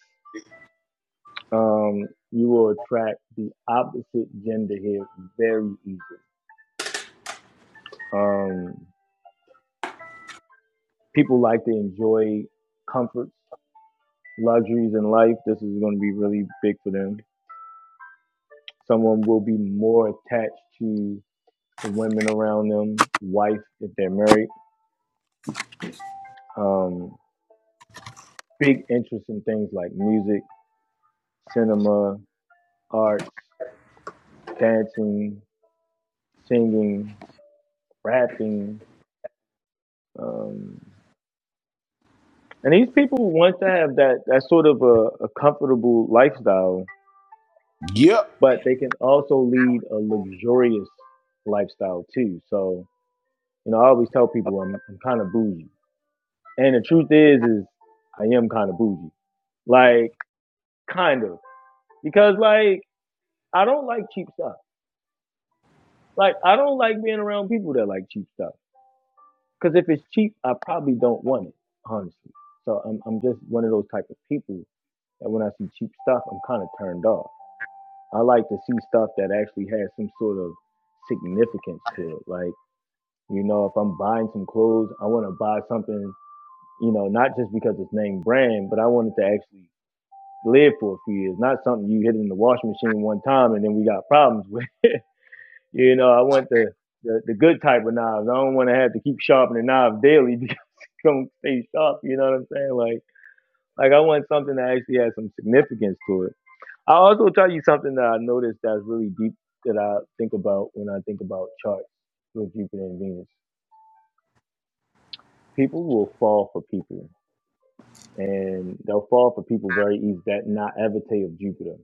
Um, you will attract the opposite gender here very easily. Um, people like to enjoy comforts, luxuries in life. This is going to be really big for them. Someone will be more attached to the women around them, wife if they're married. Um, big interest in things like music, cinema, arts, dancing, singing, rapping. Um, and these people want to have that, that sort of a, a comfortable lifestyle,
Yep.
but they can also lead a luxurious lifestyle too. So, you know, I always tell people I'm, I'm kind of bougie. And the truth is, is I am kind of bougie. Like, kind of. Because, like, I don't like cheap stuff. Like, I don't like being around people that like cheap stuff. Because if it's cheap, I probably don't want it, honestly. So I'm, I'm just one of those type of people that when I see cheap stuff, I'm kind of turned off. I like to see stuff that actually has some sort of significance to it. Like, you know, if I'm buying some clothes, I want to buy something, you know, not just because it's named brand, but I want it to actually live for a few years, not something you hit in the washing machine one time and then we got problems with. You know, I want the, the, the good type of knives. I don't want to have to keep sharpening the knife daily because it's going to stay sharp. You know what I'm saying? Like, like I want something that actually has some significance to it. I also tell you something that I noticed that's really deep that I think about when I think about charts with Jupiter and Venus. People will fall for people, and they'll fall for people very easy. That naivete of Jupiter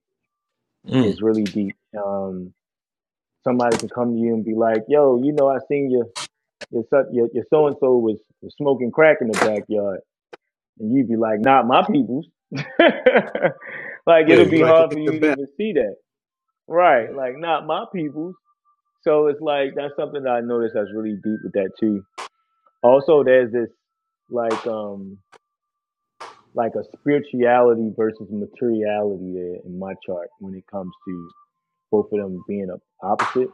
Mm.
is really deep. Um, somebody can come to you and be like, "Yo, you know, I seen you." your son, your, your so-and-so was, was smoking crack in the backyard and you'd be like, not my people's. like
Yeah,
it'll
you
be
like to
hard for
think the
you to
best.
even see that. Right. Like not my people's. So it's like, that's something that I noticed that's really deep with that too. Also, there's this like, um, like a spirituality versus materiality there in my chart when it comes to both of them being a opposite.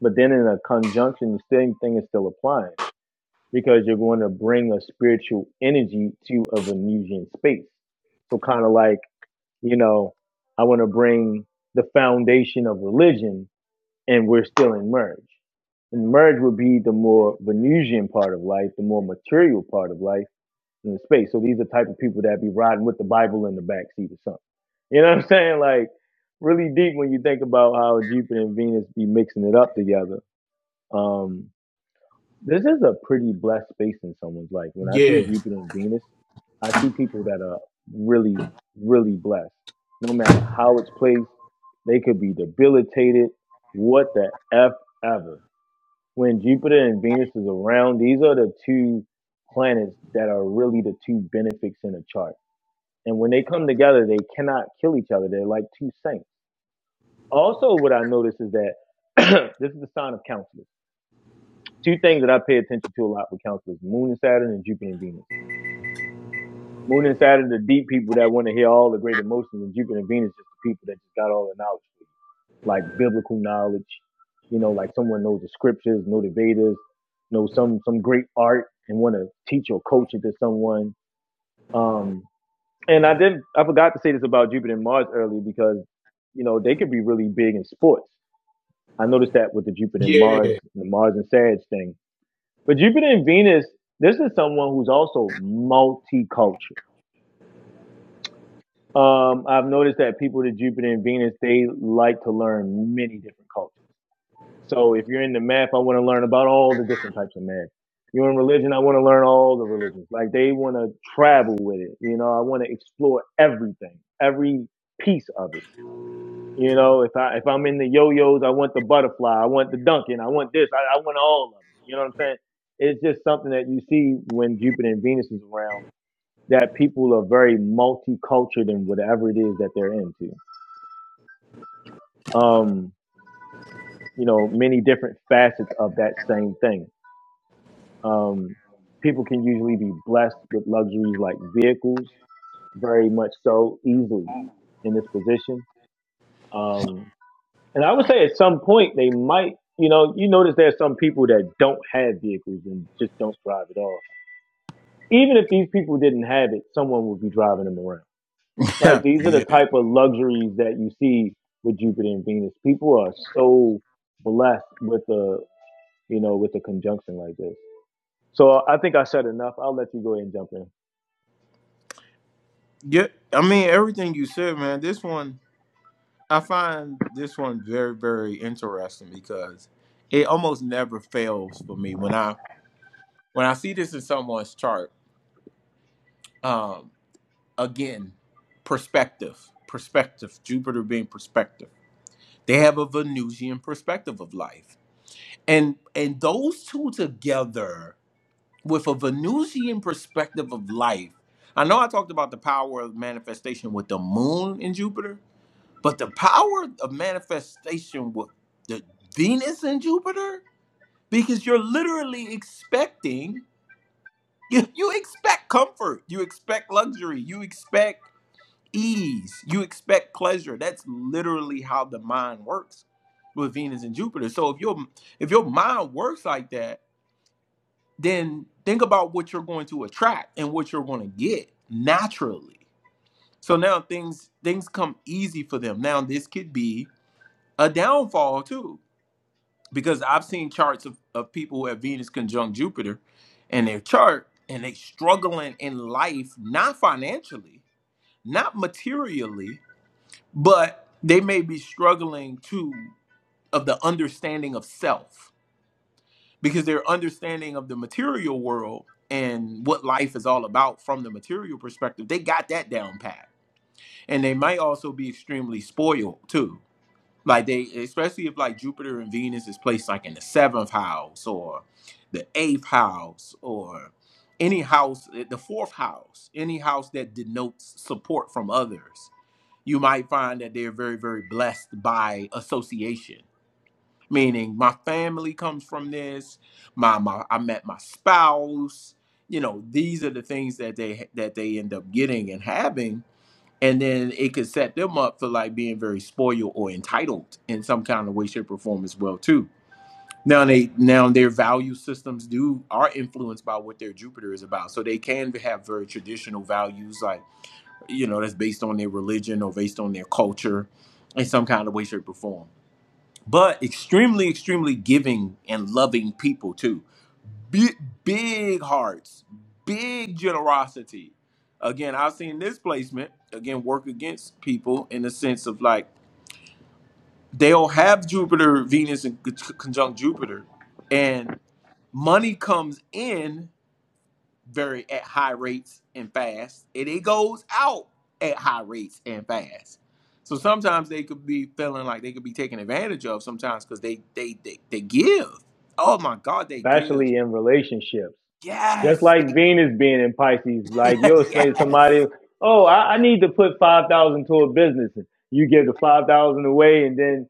But then in a conjunction, the same thing is still applying because you're going to bring a spiritual energy to a Venusian space. So kind of like, you know, I want to bring the foundation of religion and we're still in merge. And merge would be the more Venusian part of life, the more material part of life in the space. So these are type of people that be riding with the Bible in the backseat or something. You know what I'm saying? Like really deep when you think about how Jupiter and Venus be mixing it up together. Um, this is a pretty blessed space in someone's life. When I see
Yeah.
Jupiter and Venus, I see people that are really, really blessed. No matter how it's placed, they could be debilitated. What the F ever. When Jupiter and Venus is around, these are the two planets that are really the two benefics in a chart. And when they come together, they cannot kill each other. They're like two saints. Also, what I notice is that this is the sign of counselors two things that I pay attention to a lot with counselors: Moon and Saturn, and Jupiter and Venus. Moon and Saturn, the deep people that want to hear all the great emotions, and Jupiter and Venus, just the people that just got all the knowledge, like biblical knowledge. You know, like someone knows the scriptures, know the Vedas, know some some great art, and want to teach or coach it to someone. Um, and I didn't, I forgot to say this about Jupiter and Mars earlier because you know they could be really big in sports. I noticed that with the Jupiter and
Yeah.
Mars, the Mars and Sag thing But Jupiter and Venus, this is someone who's also multicultural. Um, I've noticed that people with Jupiter and Venus, they like to learn many different cultures. So if you're into math, I want to learn about all the different types of math. You're in religion, I want to learn all the religions. Like they want to travel with it. You know, I want to explore everything, every piece of it. You know, if I if I'm in the yo-yos, I want the butterfly, I want the Duncan, I want this, I, I want all of them. You know what I'm saying? It's just something that you see when Jupiter and Venus is around that people are very multicultured in whatever it is that they're into. Um, you know, many different facets of that same thing. Um, people can usually be blessed with luxuries like vehicles, very much so easily in this position. Um, And I would say at some point they might, you know, you notice there's some people that don't have vehicles and just don't drive at all. Even if these people didn't have it, someone would be driving them around.
Yeah.
Like these are the
yeah.
type of luxuries that you see with Jupiter and Venus. People are so blessed with a, you know, with a conjunction like this. So I think I said enough. I'll let you go ahead and jump in.
Yeah. I mean, everything you said, man, this one, I find this one very, very interesting because it almost never fails for me. When I when I see this in someone's chart, um, again, perspective, perspective. Jupiter being perspective, they have a Venusian perspective of life, and and those two together with a Venusian perspective of life. I know I talked about the power of manifestation with the Moon and Jupiter, but the power of manifestation with the Venus and Jupiter, because you're literally expecting you, you expect comfort, you expect luxury, you expect ease. You expect pleasure. That's literally how the mind works with Venus and Jupiter. So if your if your mind works like that, then think about what you're going to attract and what you're going to get naturally. So now things things come easy for them. Now this could be a downfall too, because I've seen charts of, of people who have Venus conjunct Jupiter and their chart and they are struggling in life, not financially, not materially, but they may be struggling too of the understanding of self because their understanding of the material world and what life is all about from the material perspective they got that down pat and they might also be extremely spoiled too like they especially if like jupiter and venus is placed like in the seventh house or the eighth house or any house eh, the fourth house any house that denotes support from others you might find that they're very, very blessed by association. Meaning, my family comes from this. My, my, I met my spouse. You know, these are the things that they that they end up getting and having, and then it could set them up for like being very spoiled or entitled in some kind of way, shape, or form as well too. Now they now their value systems do are influenced by what their Jupiter is about, so they can have very traditional values like you know, that's based on their religion or based on their culture in some kind of way, shape, or form. But extremely, extremely giving and loving people too. Big, big hearts, big generosity. Again, I've seen this placement again work against people in the sense of like they'll have Jupiter, Venus, and conjunct Jupiter, and money comes in very at high rates and fast, and it goes out at high rates and fast. So sometimes they could be feeling like they could be taken advantage of sometimes because they, they they they give. Oh my God, they give.
especially in relationships. Just
Yes, they,
like Venus being in Pisces, like you'll explain to somebody,
yes.
oh, I, I need to put five thousand dollars to a business. And you give the five thousand dollars away, and then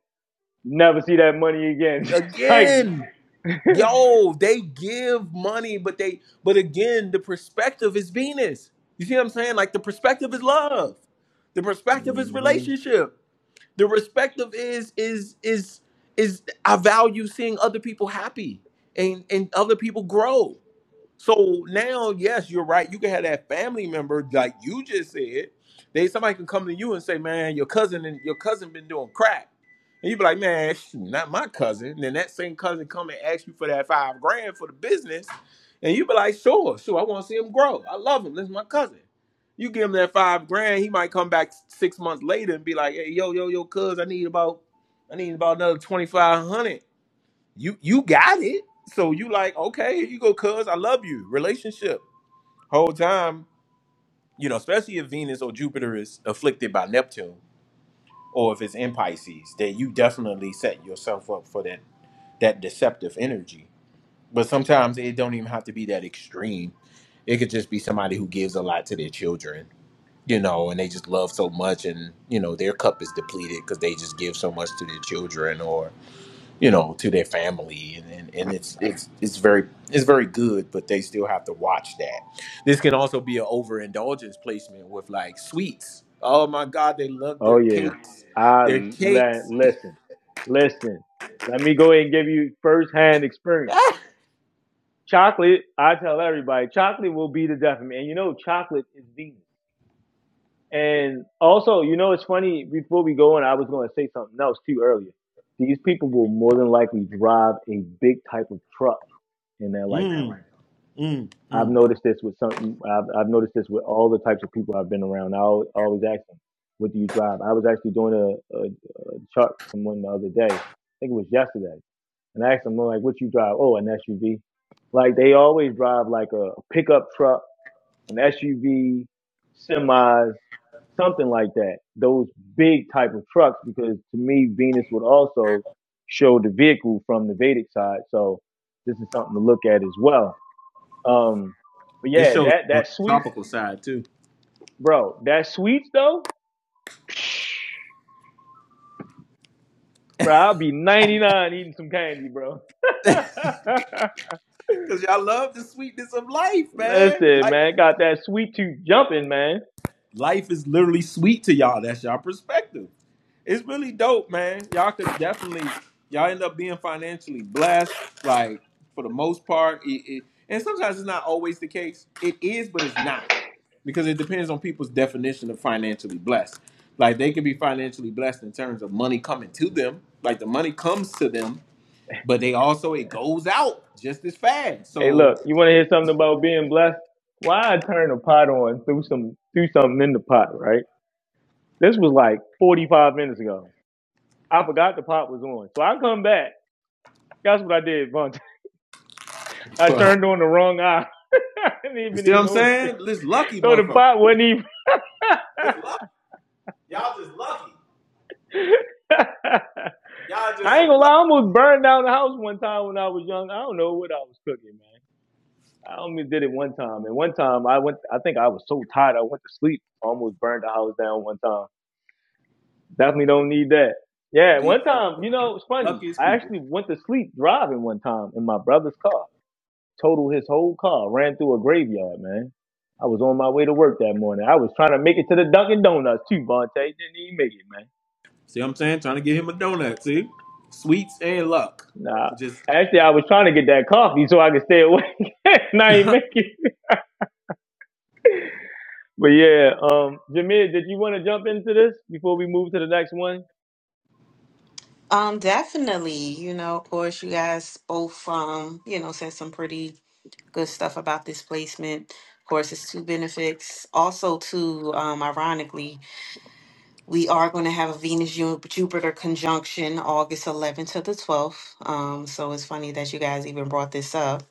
you never see that money again. Just like,
Again, yo, they give money, but they but again, the perspective is Venus. You see what I'm saying? Like the perspective is love. The perspective is
hmm
relationship. The respective is is is is I value seeing other people happy and and other people grow. So now, yes, you're right. You can have that family member, like you just said. They somebody can come to you and say, "Man, your cousin and your cousin been doing crack," and you be like, "Man, shoot, not my cousin." And then that same cousin come and ask you for that five grand for the business, and you be like, "Sure, sure, I want to see him grow. I love him. This is my cousin." You give him that five grand, he might come back six months later and be like, "Hey, yo, yo, yo, cuz, I need about, I need about another twenty five hundred." you you got it. So you like, okay, here you go, cuz I love you. Relationship. Whole time, you know, especially if Venus or Jupiter is afflicted by Neptune, or if it's in Pisces, then you definitely set yourself up for that that deceptive energy. But sometimes it don't even have to be that extreme. It could just be somebody who gives a lot to their children, you know, and they just love so much and, you know, their cup is depleted because they just give so much to their children or you know, to their family, and, and, and it's it's it's very it's very good, but they still have to watch that. This can also be an overindulgence placement with like sweets. Oh my God, they love
oh
their
yeah,
cakes,
I
their
let
cakes.
listen, listen. Let me go ahead and give you firsthand experience. Chocolate, I tell everybody, chocolate will be the death of me. And you know, chocolate is Venus. And also, you know, it's funny. Before we go on, I was going to say something else too earlier. These people will more than likely drive a big type of truck in their lifetime.
Mm, mm,
I've
mm.
noticed this with some. I've, I've noticed this with all the types of people I've been around. I always, always ask them, "What do you drive?" I was actually doing a, a, a chart with someone the other day. I think it was yesterday, and I asked them, "Like, what you drive?" Oh, an SUV. Like they always drive like a pickup truck an SUV, semis, something like that. Those big type of trucks, because to me, Venus would also show the vehicle from the Vedic side. So this is something to look at as well. Um, but
It
yeah,
shows
that,
it on
that
the
sweet,
tropical side too,
bro, that sweets though, bro, I'll be 99 eating some candy, bro.
because y'all love the sweetness of life, man.
Listen,
Like
man, got that sweet tooth jumping, man.
life is literally sweet to y'all. That's y'all perspective. it's really dope, man. Y'all could definitely y'all end up being financially blessed, like for the most part. It, it, and sometimes it's not always the case. It is, but it's not because it depends on people's definition of financially blessed. Like they can be financially blessed in terms of money coming to them, like the money comes to them, but they also it goes out just as fast.
Hey,
So
look, you want to hear something about being blessed? Why I turn the pot on through some through something in the pot, right? This was like 45 minutes ago. I forgot the pot was on, so I come back. That's what I did, Bunch. I turned
you
on the wrong eye. I didn't even
see what
even
I'm
notice it.
saying? This lucky
So the
motherfucker.
pot wasn't even.
This lucky. Y'all just lucky. Y'all just
I ain't gonna
some
lie, I
lucky.
almost burned down the house one time when I was young. I don't know what I was cooking, man. I only did it one time, and one time I went. I think I was so tired, I went to sleep. I Almost burned the house down one time. Definitely don't need that. Yeah,
These
one
are
time,
some of the
you know, it's funny.
luckiest
I
people.
actually went to sleep driving one time in my brother's car. Totaled his whole car, ran through a graveyard, man. I was on my way to work that morning. I was trying to make it to the Dunkin' Donuts too, Vontae. Didn't even make it, man.
See what I'm saying? Trying to get him a donut. See, sweets and luck.
Nah.
Just
Actually, I was trying to get that coffee so I could stay awake, and I ain't make it. But yeah, um, Jameer, did you want to jump into this before we move to the next one?
you. Um definitely, you know, of course you guys both um, you know, said some pretty good stuff about this placement. Of course, it's two benefits. Also, too, um, ironically, We are going to have a Venus Ju- Jupiter conjunction August 11th to the 12th. Um, so it's funny that you guys even brought this up.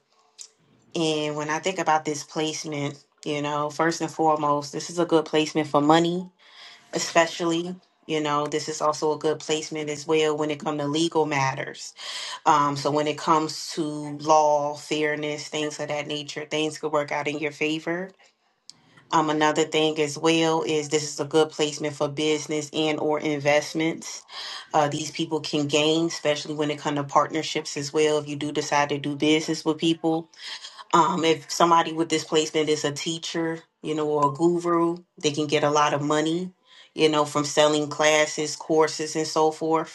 And when I think about this placement, you know, first and foremost, this is a good placement for money, especially. You know, this is also a good placement as well when it comes to legal matters. Um, so when it comes to law, fairness, things of that nature, things could work out in your favor um, another thing as well is this is a good placement for business and or investments. Uh, these people can gain, especially when it comes to partnerships as well. If you do decide to do business with people, um, if somebody with this placement is a teacher, you know, or a guru, they can get a lot of money, you know, from selling classes, courses, and so forth.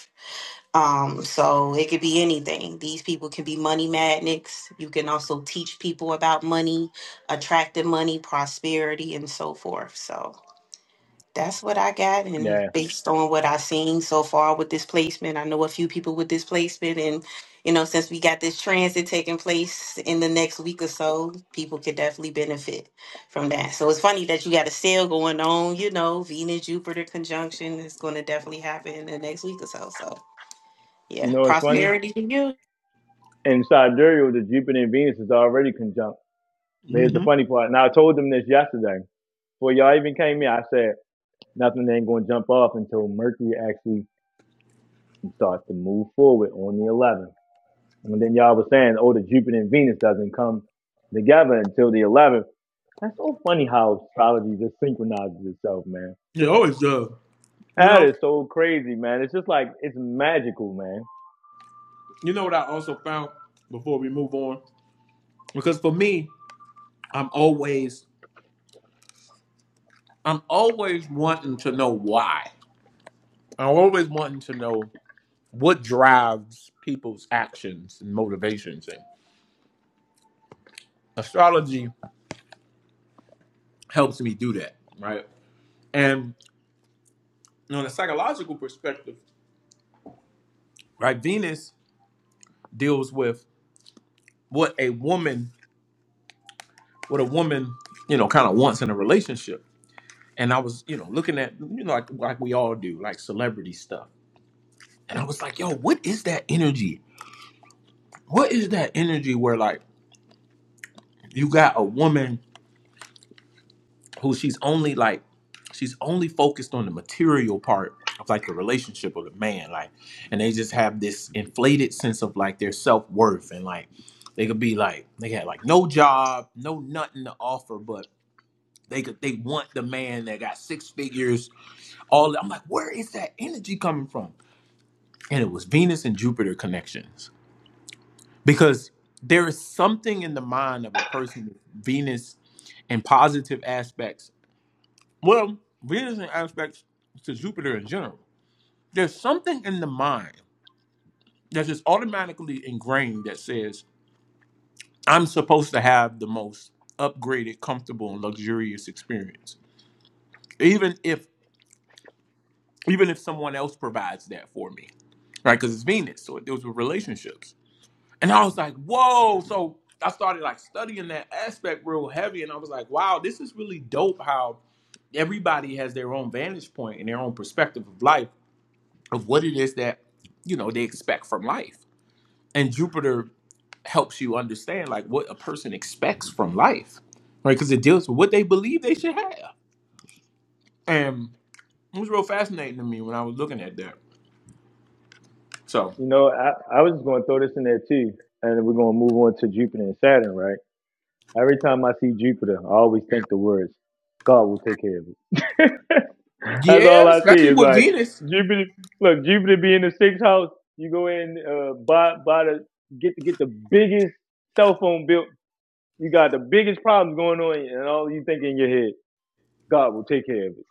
Um, so it could be anything. These people can be money magnets. You can also teach people about money, attracting money, prosperity, and so forth. So that's what I got. And
Yeah.
based on what I've seen so far with this placement, I know a few people with this placement. And, you know, since we got this transit taking place in the next week or so, people could definitely benefit from that. So it's funny that you got a sale going on, you know, Venus Jupiter conjunction is going to definitely happen in the next week or so. So
You
yeah,
know what's funny?
prosperity to you.
In Sidereal, the Jupiter and Venus is already conjunct. But here's the
mm-hmm.
funny part. Now I told them this yesterday. Before y'all even came here, I said nothing ain't gonna jump off until Mercury actually starts to move forward on the 11th. And then y'all was saying, oh, the Jupiter and Venus doesn't come together until the 11th. That's so funny how astrology just synchronizes itself, man.
It always does. You
That
know.
is so crazy, man. It's just like it's magical, man.
You know what I also found before we move on, because for me, I'm always I'm always wanting to know why. I'm always wanting to know what drives people's actions and motivations. And astrology helps me do that, right? And on a psychological perspective, right, Venus deals with what a woman what a woman, you know, kind of wants in a relationship. And I was, you know, looking at, you know, like like we all do, like celebrity stuff. And I was like, yo, what is that energy? What is that energy where like you got a woman who she's only like she's only focused on the material part of like the relationship of the man, like, and they just have this inflated sense of like their self worth and like they could be like they had like no job, no nothing to offer, but they could they want the man that got six figures all I'm like, where is that energy coming from? And it was Venus and Jupiter connections. Because there is something in the mind of a person with Venus and positive aspects. Well, Venus and aspects to Jupiter in general. There's something in the mind that's just automatically ingrained that says, I'm supposed to have the most upgraded, comfortable, and luxurious experience. Even if even if someone else provides that for me. Right? Because it's Venus. So it deals with relationships And I was like, whoa. So I started like studying that aspect real heavy. And I was like, wow, this is really dope how everybody has their own vantage point and their own perspective of life, of what it is that, you know, they expect from life. And Jupiter helps you understand like what a person expects from life, right? Because it deals with what they believe they should have. And it was real fascinating to me when I was looking at that. So,
You know, I, I was just gonna throw this in there too, and we're gonna move on to Jupiter and Saturn, right? Every time I see Jupiter, I always think the words, God will take care of it. That's all
yeah,
I see
especially
is
with
like
Venus.
Jupiter. Look, Jupiter be in the sixth house. You go in, uh, buy buy the get to get the biggest cell phone built. You got the biggest problems going on, and all you think in your head, God will take care of it.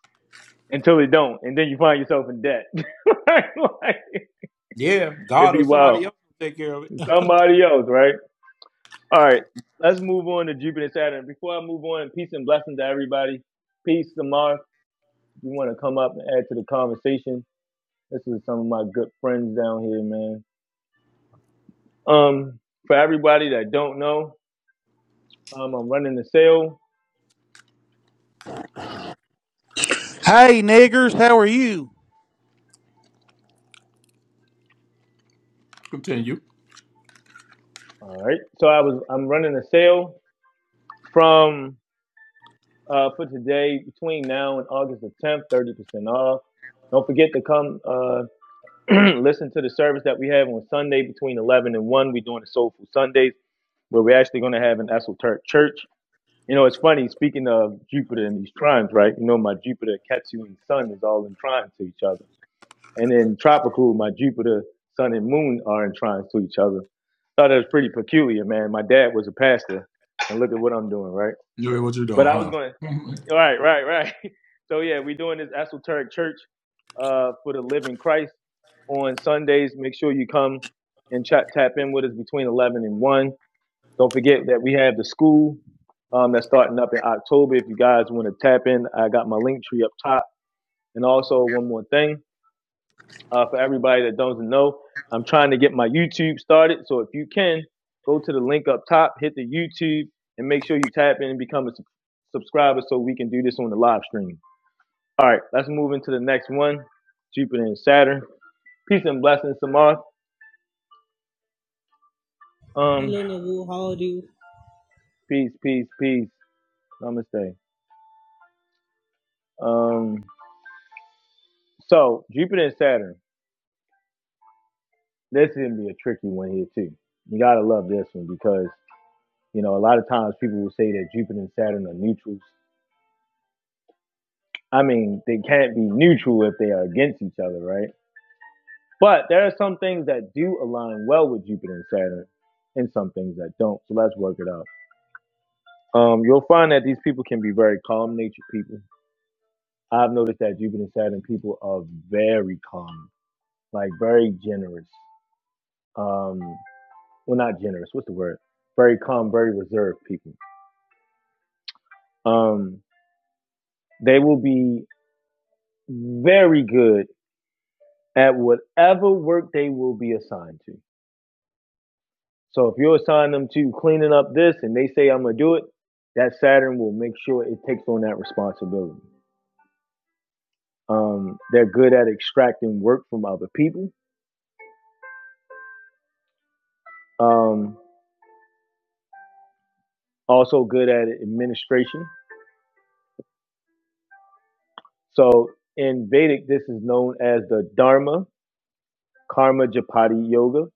Until it don't, and then you find yourself in debt. like, like,
Yeah,
it'd
God
be
or somebody
wild.
else will take care of it.
Somebody else, right? All right, let's move on to Jupiter and Saturn. Before I move on, peace and blessings to everybody. Peace, Samar. You want to come up and add to the conversation? This is some of my good friends down here, man. Um, for everybody that don't know, um, I'm running a sale.
Hey, niggers, how are you?
Continue.
All right, so I was I'm running a sale from uh for today between now and August the 10th, 30% off. Don't forget to come uh listen to the service that we have on Sunday between 11 and 1. We're doing the Soulful Sundays where we're actually going to have an esoteric church. You know, it's funny, speaking of Jupiter and these trines, right? You know, my Jupiter, Ketu and Sun is all in trine to each other. And then tropical, my Jupiter, Sun, and Moon are in trines to each other. Thought that was pretty peculiar, man. My dad was a pastor, and look at what I'm doing, right?
Joey, what you
But
doing,
I was going,
huh?
all right, right, right. So yeah, we're doing this esoteric church uh, for the Living Christ on Sundays. Make sure you come and chat, tap in with us between 11 and 1. Don't forget that we have the school um, that's starting up in October. If you guys want to tap in, I got my link tree up top. And also, one more thing. Uh, for everybody that doesn't know, I'm trying to get my YouTube started. So if you can, go to the link up top, hit the YouTube, and make sure you tap in and become a sub- subscriber so we can do this on the live stream. All right, let's move into the next one Jupiter and Saturn. Peace and blessings, Samarth. Um,
Hello Nabu, how are you?
peace, peace, peace. Namaste. Um, so Jupiter and Saturn. This is gonna be a tricky one here too. You gotta love this one because you know a lot of times people will say that Jupiter and Saturn are neutrals, I mean, they can't be neutral if they are against each other, right? But there are some things that do align well with Jupiter and Saturn, and some things that don't. So let's work it out. Um, you'll find that these people can be very calm natured people. I've noticed that Jupiter and Saturn people are very calm, like very generous. Um, well, not generous. What's the word? Very calm, very reserved people. Um, they will be very good at whatever work they will be assigned to So if you assign them to cleaning up this and they say I'm gonna do it, that Saturn will make sure it takes on that responsibility. Um, they're good at extracting work from other people. Um, also good at administration. So in Vedic, this is known as the Dharma Karma Japati Yoga.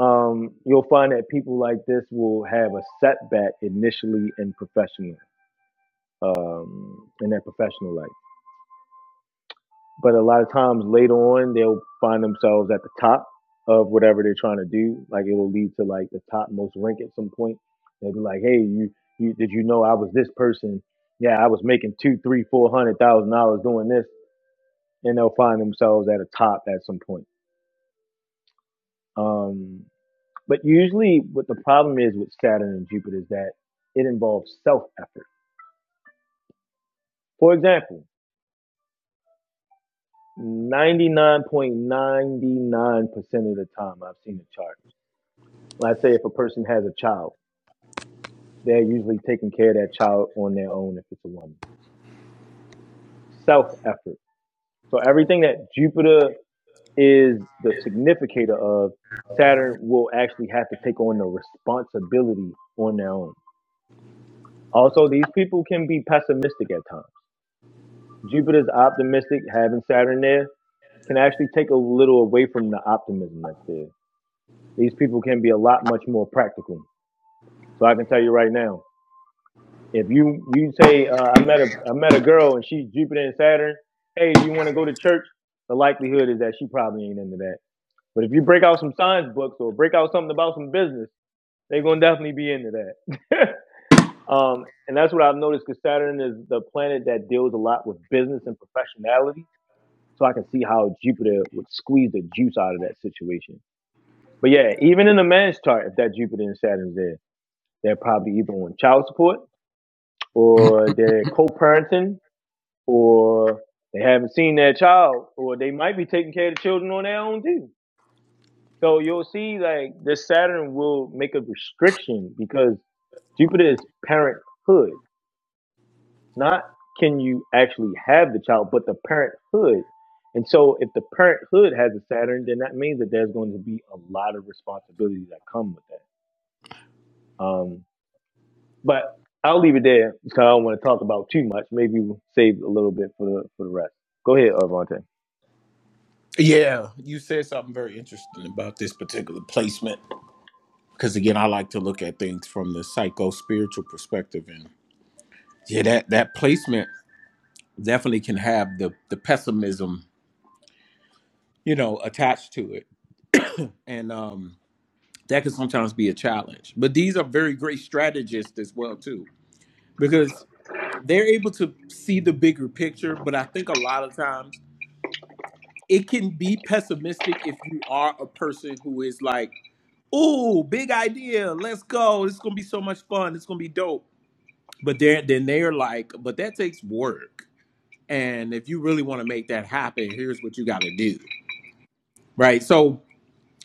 Um, you'll find that people like this will have a setback initially in professional um, in their professional life. But a lot of times later on, they'll find themselves at the top of whatever they're trying to do. Like it'll lead to like the topmost rank at some point. They'll be like, "Hey, you, you did you know I was this person? Yeah, I was making two, three, four hundred thousand dollars doing this." And they'll find themselves at a top at some point. Um, but usually, what the problem is with Saturn and Jupiter is that it involves self effort. For example, 99.99% of the time I've seen a chart Let's say if a person has a child, they're usually taking care of that child on their own if it's a woman. Self effort. So everything that Jupiter is the significator of, Saturn will actually have to take on the responsibility on their own. Also, these people can be pessimistic at times. Jupiter's optimistic, having Saturn there can actually take a little away from the optimism that's there. These people can be a lot much more practical. So I can tell you right now, If you you say uh, I met a I met a girl and she's Jupiter and Saturn, hey, do you want to go to church? The likelihood is that she probably ain't into that. But if you break out some science books or break out something about some business, they're gonna definitely be into that. um, and that's what I've noticed because Saturn is the planet that deals a lot with business and professionality. So I can see how Jupiter would squeeze the juice out of that situation. But yeah, even in the man's chart, if that Jupiter and Saturn's there, they're probably either on child support or they're co-parenting or they haven't seen their child, or they might be taking care of the children on their own too. So you'll see like this Saturn will make a restriction because Jupiter is parenthood, not can you actually have the child, but the parenthood. And so if the parenthood has a Saturn, then that means that there's going to be a lot of responsibilities that come with that. Um, but I'll leave it there because I don't want to talk about too much. Maybe we'll save a little bit for the for the rest. Go ahead, Avante.
Yeah, you said something very interesting about this particular placement. Because again, I like to look at things from the psycho spiritual perspective, and yeah, that that placement definitely can have the the pessimism, you know, attached to it, and um, that can sometimes be a challenge. But these are very great strategists as well too, because they're able to see the bigger picture. But I think a lot of times it can be pessimistic if you are a person who is like ooh, big idea. Let's go. It's gonna be so much fun. It's gonna be dope. But they're then they're like, but that takes work. And if you really want to make that happen, here's what you gotta do. Right. So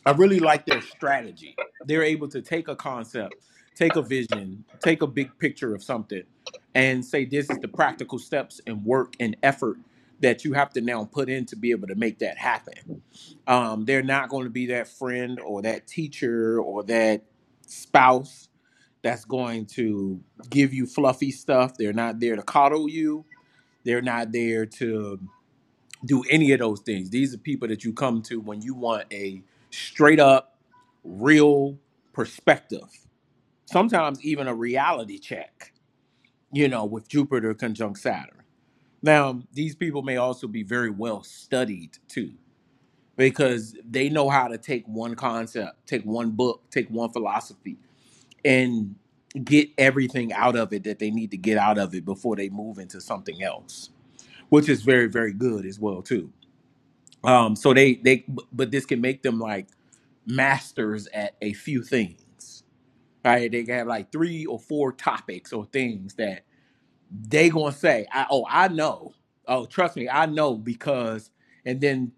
I really like their strategy. They're able to take a concept, take a vision, take a big picture of something, and say this is the practical steps and work and effort that you have to now put in to be able to make that happen. Um, they're not going to be that friend or that teacher or that spouse that's going to give you fluffy stuff. They're not there to coddle you. They're not there to do any of those things. These are people that you come to when you want a straight up, real perspective. Sometimes even a reality check, you know, with Jupiter conjunct Saturn. Now, these people may also be very well studied too, because they know how to take one concept, take one book, take one philosophy, and get everything out of it that they need to get out of it before they move into something else, which is very very good as well too. Um, so they they but this can make them like masters at a few things. Right? They can have like three or four topics or things that they gonna say, I, "Oh, I know. Oh, trust me, I know because." And then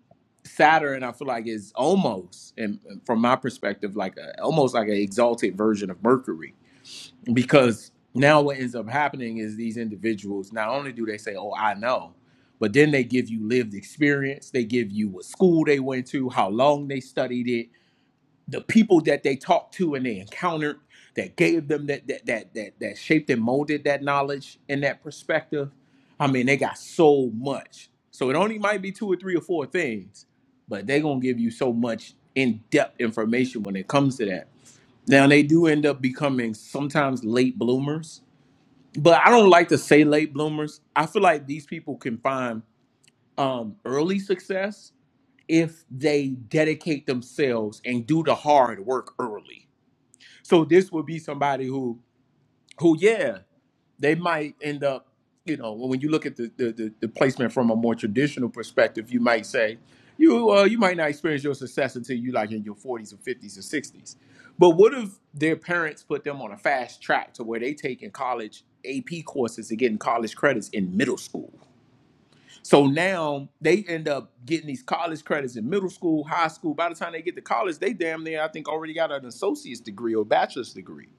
Saturn, I feel like is almost, and from my perspective, like a, almost like an exalted version of Mercury because now what ends up happening is these individuals not only do they say oh i know but then they give you lived experience they give you what school they went to how long they studied it the people that they talked to and they encountered that gave them that that that that, that shaped and molded that knowledge and that perspective i mean they got so much so it only might be two or three or four things but they gonna give you so much in-depth information when it comes to that now they do end up becoming sometimes late bloomers, but I don't like to say late bloomers. I feel like these people can find um, early success if they dedicate themselves and do the hard work early. So this would be somebody who, who yeah they might end up, you know, when you look at the, the, the, the placement from a more traditional perspective, you might say, you uh, you might not experience your success until you like in your 40s or 50s or 60s. But what if their parents put them on a fast track to where they taking college AP courses and getting college credits in middle school? So now they end up getting these college credits in middle school, high school. By the time they get to college, they damn near I think already got an associate's degree or bachelor's degree.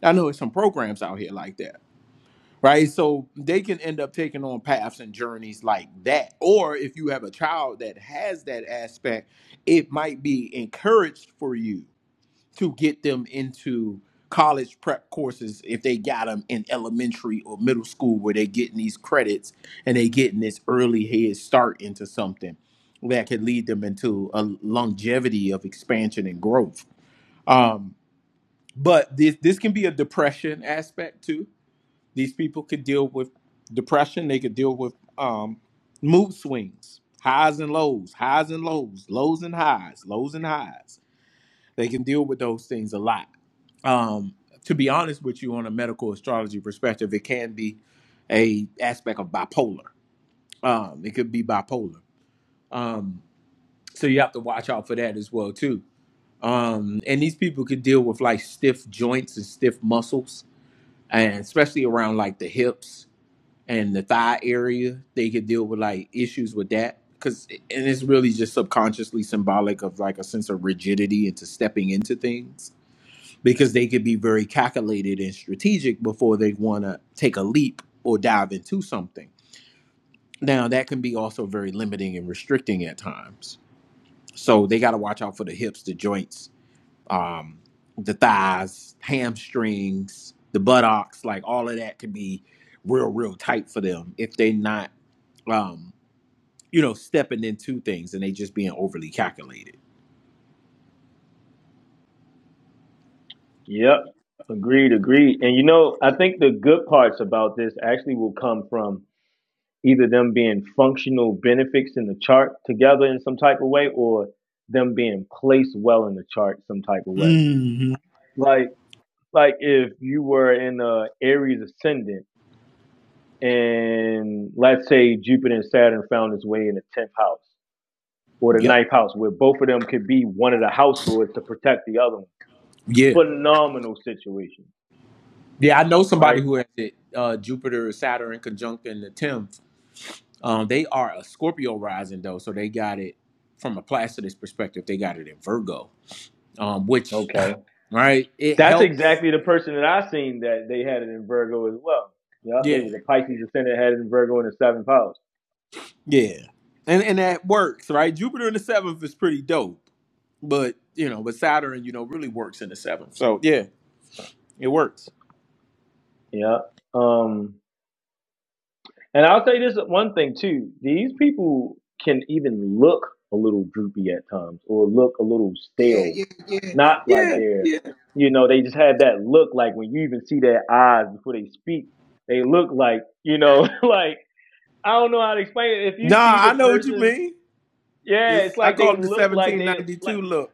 I know there's some programs out here like that right? So they can end up taking on paths and journeys like that. Or if you have a child that has that aspect, it might be encouraged for you to get them into college prep courses if they got them in elementary or middle school where they're getting these credits and they getting this early head start into something that could lead them into a longevity of expansion and growth. Um, but this this can be a depression aspect too these people could deal with depression. They could deal with um, mood swings, highs and lows, highs and lows, lows and highs, lows and highs. They can deal with those things a lot. Um, to be honest with you, on a medical astrology perspective, it can be a aspect of bipolar. Um, it could be bipolar. Um, so you have to watch out for that as well too. Um, and these people could deal with like stiff joints and stiff muscles, and especially around like the hips and the thigh area they could deal with like issues with that because and it's really just subconsciously symbolic of like a sense of rigidity into stepping into things because they could be very calculated and strategic before they want to take a leap or dive into something now that can be also very limiting and restricting at times so they got to watch out for the hips the joints um the thighs hamstrings the buttocks like all of that can be real real tight for them if they're not um, you know, stepping into things and they just being overly calculated.
Yep. Agreed, agreed. And you know, I think the good parts about this actually will come from either them being functional benefits in the chart together in some type of way or them being placed well in the chart some type of way.
hmm
Like like if you were in a Aries ascendant and let's say Jupiter and Saturn found its way in the tenth house or the
Yep.
ninth house where both of them could be one of the house lords to protect the other one.
Yeah.
Phenomenal situation,
Yeah. I know
right?
somebody who has it, uh, Jupiter, Saturn conjunct in the 10th. Um, they are a Scorpio rising though. So they got it from a Placidus perspective. They got it in Virgo, um, which,
Okay.
right. It
That's
helps.
exactly the person that I seen that they had it in Virgo as well. Yep, they
Yeah.
was a Pisces ascendant had it in Virgo in the seventh house.
Yeah. And, and that works, right? Jupiter in the seventh is pretty dope, but you know, but Saturn, you know, really works in the seventh. So yeah, it works.
Yep. Um, and I'll say this one thing too: these people can even look a little droopy at times, or look a little
Yeah,
stale.
yeah, yeah,
Not like
yeah,
they're,
yeah.
you know, they just have that look. Like when you even see their eyes before they speak, they look like, you know, like I don't know how to explain it. If you see
Nah,
the
I know what you
person,
mean.
yeah, it's
This I
like
call
they
it the
look like they like
1792 look,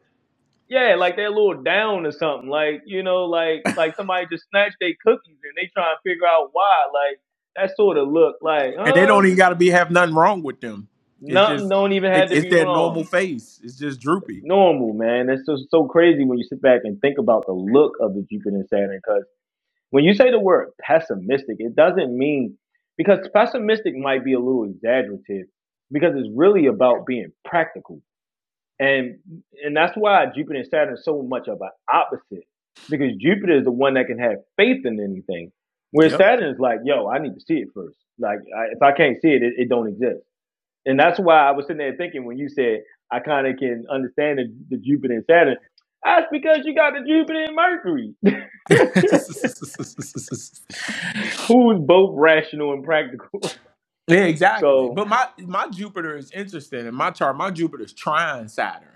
yeah, like they're a little down or something. Like, you know, like like somebody just snatched their cookies and they trying to figure out why. Like that sort of look like,
and they
huh?
don't even got to be have nothing wrong with them. It's
Nothing
just
don't even
it,
have to
it's
be
their normal
wrong.
face. It's just droopy.
Normal, man. It's just so crazy when you sit back and think about the look of the Jupiter and Saturn. Because when you say the word pessimistic, it doesn't mean because pessimistic might be a little exaggerative because it's really about being practical And and that's why Jupiter and Saturn are so much of an opposite. Because Jupiter is the one that can have faith in anything. Where
Yep.
Saturn is like, yo, I need to see it first. Like I, if I can't see it, it, it don't exist. And that's why I was sitting there thinking when you said I kind of can understand the, the Jupiter and Saturn. That's because you got the Jupiter and Mercury,
yeah,
who's both rational and practical.
exactly.
So,
But my my Jupiter is interesting, and my chart, my Jupiter is trine Saturn.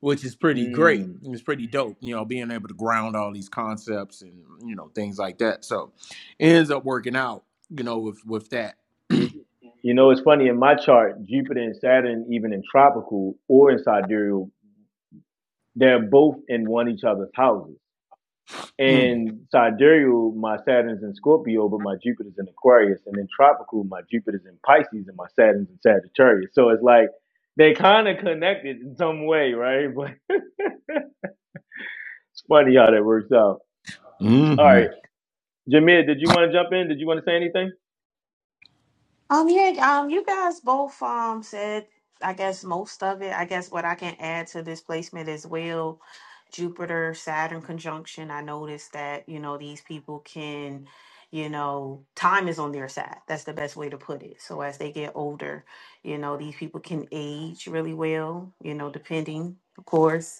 which is pretty great.
mm,
It was pretty dope, you know, being able to ground all these concepts and you know things like that. So it ends up working out, you know, with with that.
y- you know, it's funny in my chart, Jupiter and Saturn, even in tropical or in sidereal, they're both in one each other's houses.
Mm.
And sidereal, my Saturn's in Scorpio, but my Jupiter's in Aquarius. And in tropical, my Jupiter's in Pisces and my Saturn's in Sagittarius. So it's like they kind of connected in some way, right? But it's funny how that works out. All
hmm
right, Jameer, did you want to jump in? Did you want to say anything?
Um, yeah, um, you guys both um said I guess most of it. I guess what I can add to this placement as well, Jupiter Saturn conjunction. I noticed that, you know, these people can, you know, time is on their side. That's the best way to put it. So as they get older, you know, these people can age really well, you know, depending, of course.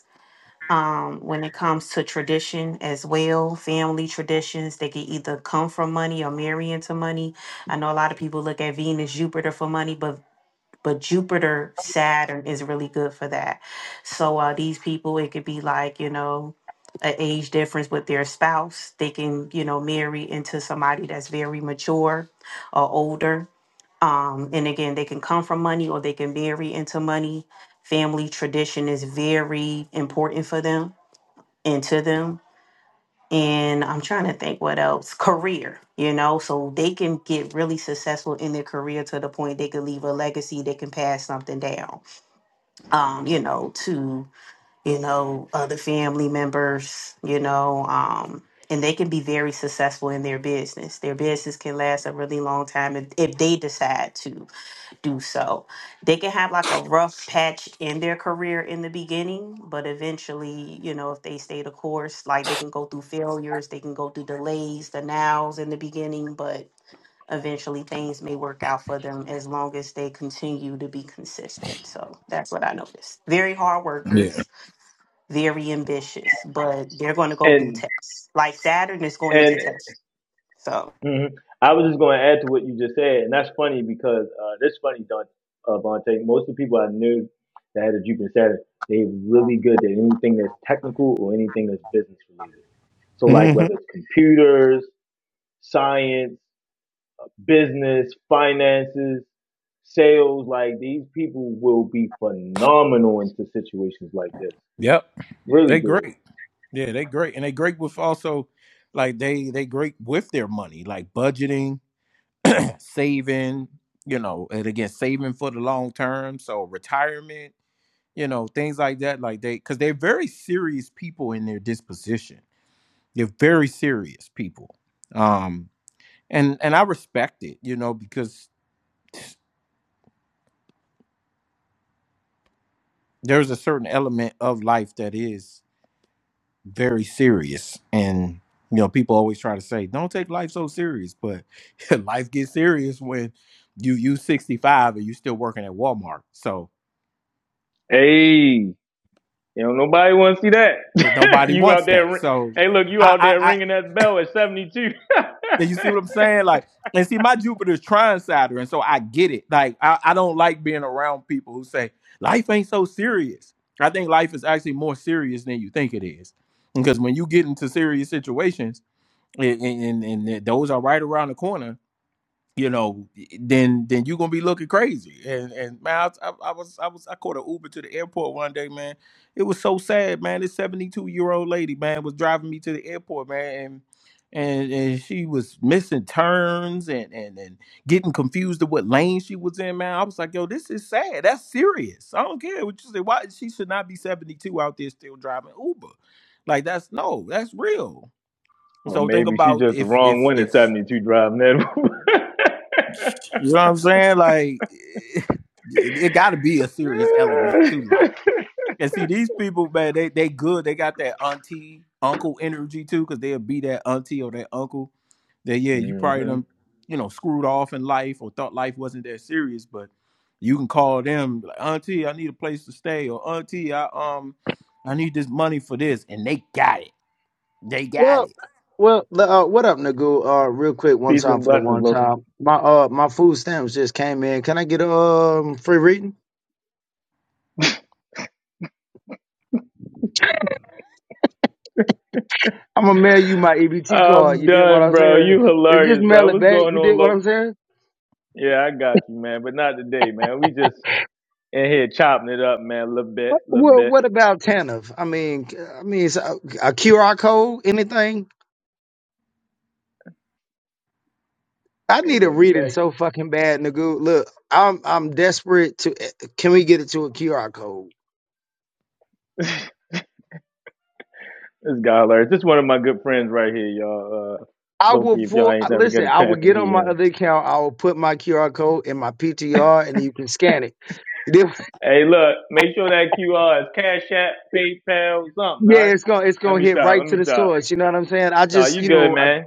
um, when it comes to tradition as well, family traditions. They can either come from money or marry into money. I know a lot of people look at Venus, Jupiter for money, but but Jupiter, Saturn is really good for that. So uh, these people, it could be like you know, an age difference with their spouse. They can you know marry into somebody that's very mature or older. Um, and again, they can come from money or they can marry into money. Family tradition is very important for them into them. And I'm trying to think what else. Career, you know, so they can get really successful in their career to the point they can leave a legacy, they can pass something down, um, you know, to, you know, other family members, you know, um, and they can be very successful in their business. Their business can last a really long time if, if they decide to do so. They can have like a rough patch in their career in the beginning, but eventually, you know, if they stay the course, like they can go through failures, they can go through delays, the nows in the beginning, but eventually things may work out for them as long as they continue to be consistent. So that's what I noticed. Very hard
Yeah.
workers, very ambitious, but they're going to go through
And
tests. Like Saturn is going to
and
test. So,
hmm I was just going to add to what you just said, and that's funny because uh, that's funny, Don, uh, Vontae. Most of the people I knew that had a Jupiter Saturn, they really good at anything that's technical or anything that's business related. So, like
hmm
whether it's computers, science, business, finances, sales, like these people will be phenomenal into situations like this.
Yep.
Really
They
good.
great. Yeah, they great. And they great with also like they they great with their money, like budgeting, saving, you know, and again saving for the long term. So retirement, you know, things like that. Like they cause they're very serious people in their disposition. They're very serious people. Um, and and I respect it, you know, because there's a certain element of life that is very serious. And you know, people always try to say, "Don't take life so serious," but life gets serious when you you 65 and you still working at Walmart. So
Hey, You know, nobody want to see that.
nobody
you out
wants
there,
that. So.
hey, look, you out
I,
there ringing that bell at 72.
Yeah, you see what I'm saying? Like, and see, my Jupiter's trying Saturn, and so I get it. Like, I, I don't like being around people who say life ain't so serious. I think life is actually more serious than you think it is, because when you get into serious situations, and, and and those are right around the corner, you know, then then you're gonna be looking crazy. And and man, I, I, I was I was I caught an Uber to the airport one day, man. It was so sad, man. This 72 year old lady, man, was driving me to the airport, man, and and, and she was missing turns and, and and getting confused of what lane she was in, man. I was like, yo, this is sad. That's serious. I don't care what you say. Why she should not be 72 out there still driving Uber. Like that's no, that's real.
well,
So think
maybe she's
about
just the
if
wrong
if
one at
if
72 driving that.
you know what I'm saying? Like, it, it got to be a serious element too. Like, and see these people, man, they they good. They got that auntie uncle energy too, because they'll be that auntie or that uncle. That yeah, you probably
hmm
done, you know, screwed off in life or thought life wasn't that serious, but you can call them like, auntie, I need a place to stay, or auntie, I um, I need this money for this, and they got it. They got
Well,
it.
well, the, uh, what up, Nagu? Uh, real quick, one
Peace
time
and
for the
blessings,
one
Loki.
time. My uh, my food stamps just came in. Can I get um free reading? I'm gonna mail you my EBT card.
I'm
You did what
done,
I
bro.
said,
You
and just
hilarious, bro.
mail it
What's
back.
going
You
on,
did what
Loki?
I'm saying.
Yeah, I got you, man, but not today, man. We just in here chopping it up, man, a little bit, a little
Well,
bit.
what about TANF? I mean, c- I mean, it's a, QR code, anything. I
Hey,
need a
look, you
reading
back.
so fucking bad, Nagu. Look, I'm I'm desperate to. eh, Can we get it to a QR code?
This guy hilarious. This is one of my good friends right here, y'all. Uh,
I will
Loki, if y'all
pull.
ain't never get
Listen,
a
I will
chance to
get on
meet
my
him.
other account. I will put my QR code in my PTR, and you can scan it. Then-
Hey, look, make sure that QR is Cash App, PayPal, something, all
Yeah,
right?
it's gonna it's
Let
gonna
me
hit
stop. Let
right to
me
the
stop.
source. You know what I'm saying? I
No,
just,
you
you
good,
know, I,
man.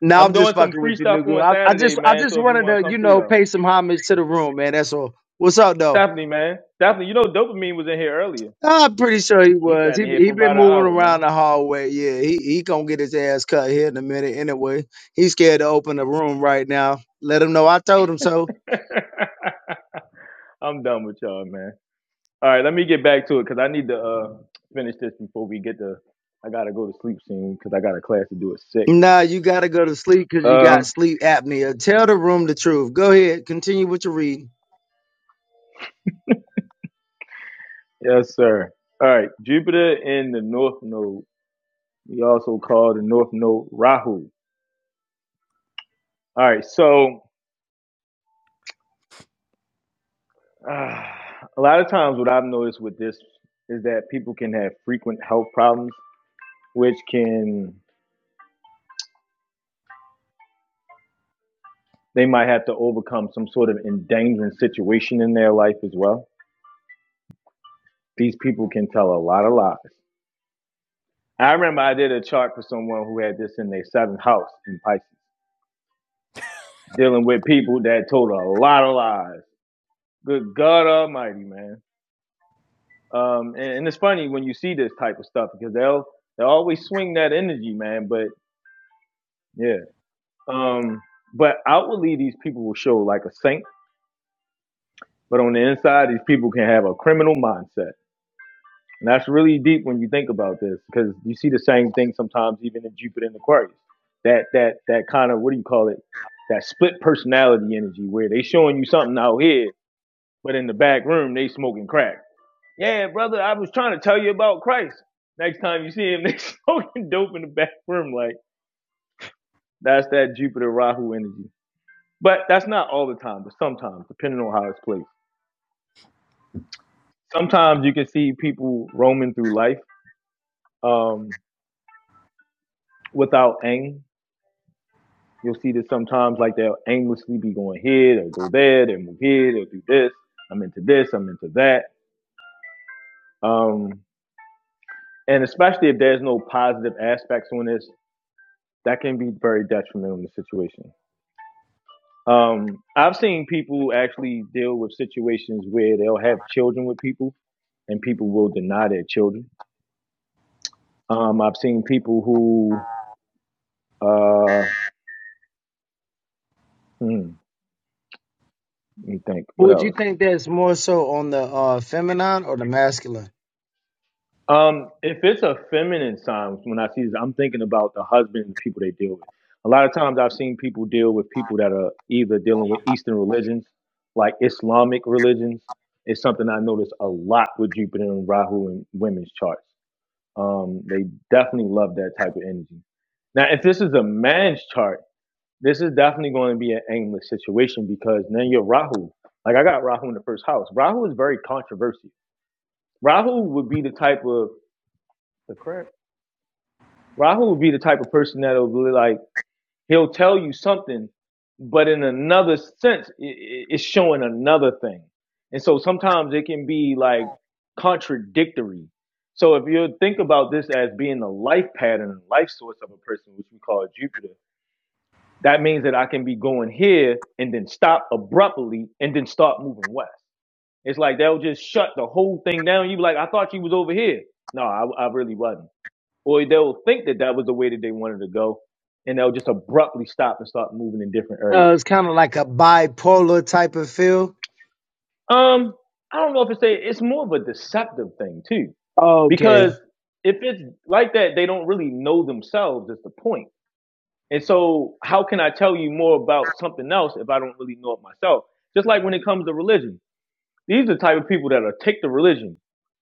now
I'm
I'm
doing
just
some
fucking with
free
you,
stuff
Nugu.
on
I, I
Saturday,
just, I
man.
just
So if you
wanted
want to
to,
come
you
through,
know,
though,
pay some homage to the room, man. That's all. What's up, though?
definitely, man. Definitely. You know, Dopamine was in here earlier.
I'm pretty sure he
He sat
was.
in
He
here
he
for
been
about an
moving
hour,
around
man.
the hallway. Yeah, he he gonna get his ass cut here in a minute. Anyway, he's scared to open the room right now. Let him know I told him so.
I'm done with y'all, man. All right, let me get back to it because I need to uh, finish this before we get to. I gotta go to sleep soon because I got a class to do at six.
Nah, you gotta go to sleep because you got
Um,
sleep apnea. Tell the room the truth. Go ahead, continue what you're reading.
yes, sir. All right, Jupiter in the North Node. We also call the North Node Rahu. All right, so uh, a lot of times what I've noticed with this is that people can have frequent health problems, which can they might have to overcome some sort of endangering situation in their life as well. These people can tell a lot of lies I remember I did a chart for someone who had this in their seventh house in Pisces, dealing with people that told a lot of lies. Good God Almighty, man. Um, and, and it's funny when you see this type of stuff because they'll they always swing that energy, man. But yeah, um, but outwardly these people will show like a saint, but on the inside these people can have a criminal mindset. And that's really deep when you think about this, because you see the same thing sometimes even in Jupiter and Aquarius. That that that kind of what do you call it? That split personality energy where they showing you something out here, but in the back room they smoking crack. Yeah, brother, I was trying to tell you about Christ. Next time you see him, they smoking dope in the back room. Like that's that Jupiter Rahu energy. But that's not all the time, but sometimes, depending on how it's placed. Sometimes you can see people roaming through life um, without aim You'll see that sometimes like they'll aimlessly be going here, they'll go there, they'll move here, they'll do this. I'm into this, I'm into that. Um, and especially if there's no positive aspects on this, that can be very detrimental in the situation. Um, I've seen people actually deal with situations where they'll have children with people and people will deny their children. Um, I've seen people who, uh, hmm, let me think, what
Would you
else?
think that's more so on the uh, feminine or the masculine?
Um, if it's a feminine sign, when I see this, I'm thinking about the husband and the people they deal with. A lot of times I've seen people deal with people that are either dealing with Eastern religions, like Islamic religions. It's something I notice a lot with Jupiter and Rahu in women's charts. Um, they definitely love that type of energy. Now, if this is a man's chart, this is definitely going to be an aimless situation because then you're Rahu. Like I got Rahu in the first house. Rahu is very controversial. Rahu would be the type of the crap. Rahul would be the type of person that'll be like, he'll tell you something, but in another sense, it's showing another thing. And so sometimes it can be like contradictory. So if you think about this as being the life pattern, life source of a person, which we call Jupiter, that means that I can be going here and then stop abruptly and then start moving west. It's like they'll just shut the whole thing down. You be like, I thought you was over here. No, I, I really wasn't or they'll think that that was the way that they wanted to go, and they'll just abruptly stop and start moving in different
Uh,
areas.
it's kind of like a bipolar type of feel.
Um, I don't know if it's a, it's more of a deceptive thing too,
Okay.
because if it's like that, they don't really know themselves. Is the point? And so, how can I tell you more about something else if I don't really know it myself? Just like when it comes to religion, these are the type of people that'll take the religion,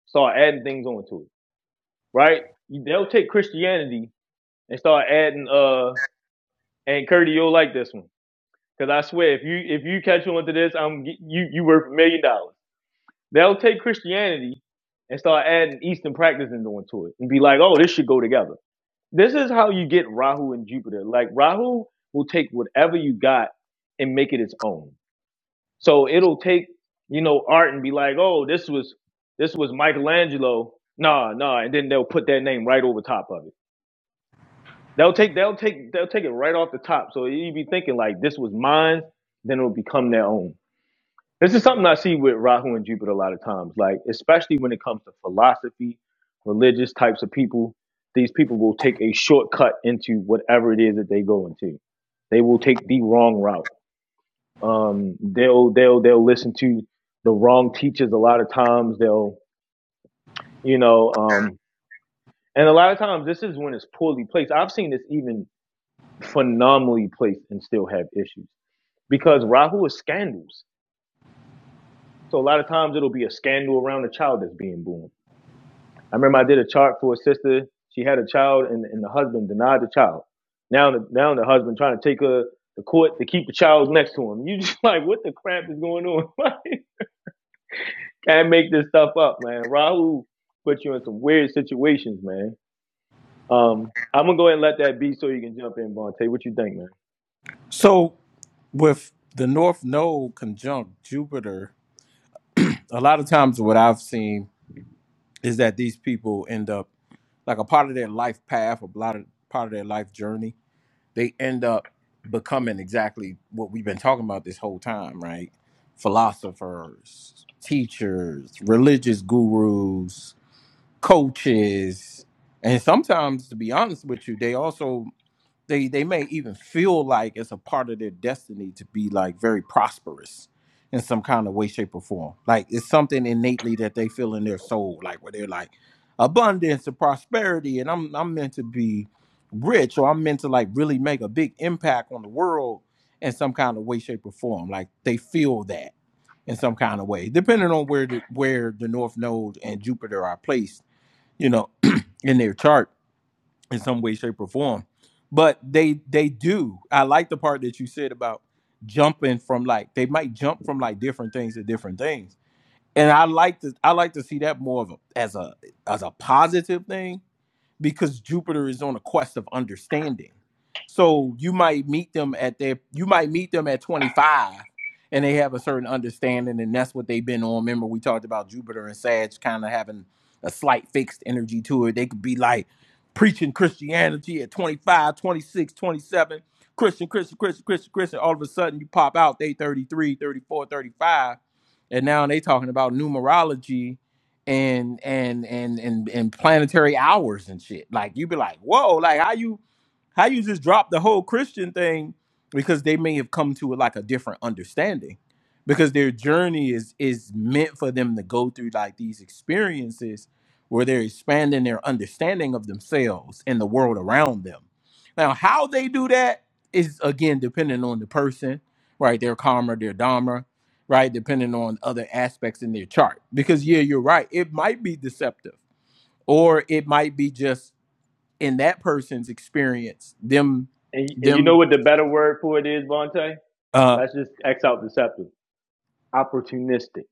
start adding things onto it, right? They'll take Christianity and start adding, uh, and Curdy, you'll like this one Because I swear, if you if you catch on to this, I'm you you worth a million dollars. They'll take Christianity and start adding Eastern practices onto it and be like, oh, this should go together. This is how you get Rahu and Jupiter. Like Rahu will take whatever you got and make it its own. So it'll take you know art and be like, oh, this was this was Michelangelo. Nah, nah, and then they'll put that name right over top of it. They'll take they'll take they'll take it right off the top. So you would be thinking like this was mine, then it'll become their own. This is something I see with Rahu and Jupiter a lot of times, like especially when it comes to philosophy, religious types of people. These people will take a shortcut into whatever it is that they go into. They will take the wrong route. Um, they'll they'll they'll listen to the wrong teachers a lot of times. They'll you know, um, and a lot of times this is when it's poorly placed. I've seen this even phenomenally placed and still have issues because Rahu is scandals. So a lot of times it'll be a scandal around a child that's being born I remember I did a chart for a sister. She had a child, and, and the husband denied the child. Now, the, now the husband trying to take her to court to keep the child next to him. You just like, what the crap is going on? Can't make this stuff up, man. Rahu put you in some weird situations, man. Um, I'm gonna go ahead and let that be, so you can jump in, Vontae. What you think, man?
So with the North Node conjunct Jupiter a lot of times what I've seen is that these people end up like a part of their life path, a lot of part of their life journey, they end up becoming exactly what we've been talking about this whole time, right? Philosophers, teachers, religious gurus, coaches, and sometimes to be honest with you, they also they they may even feel like it's a part of their destiny to be like very prosperous in some kind of way shape or form like it's something innately that they feel in their soul like where they're like abundance and prosperity and i'm i'm meant to be rich or i'm meant to like really make a big impact on the world in some kind of way shape or form like they feel that in some kind of way depending on where the where the north node and jupiter are placed you know in their chart in some way, shape, or form. But they they do. I like the part that you said about jumping from like they might jump from like different things to different things. And I like to I like to see that more of a, as a as a positive thing because Jupiter is on a quest of understanding. So you might meet them at their you might meet them at 25 and they have a certain understanding and that's what they've been on. Remember we talked about Jupiter and Sag kind of having a slight fixed energy to it. They could be like preaching Christianity at 25, 26, 27, Christian, Christian, Christian, Christian, Christian. All of a sudden you pop out, they 33, 34, 35. And now they talking about numerology and and and and and planetary hours and shit. Like you'd be like, whoa, like how you how you just drop the whole Christian thing because they may have come to like a different understanding because their journey is is meant for them to go through like these experiences where they're expanding their understanding of themselves and the world around them. Now, how they do that is again dependent on the person, right? They're calmer, they're dumber, right? Depending on other aspects in their chart. Because, yeah, you're right. It might be deceptive, or it might be just in that person's experience, them,
And, and you know
them,
what the better word for it is, Vontae?
uh,
Let's just X out deceptive, opportunistic,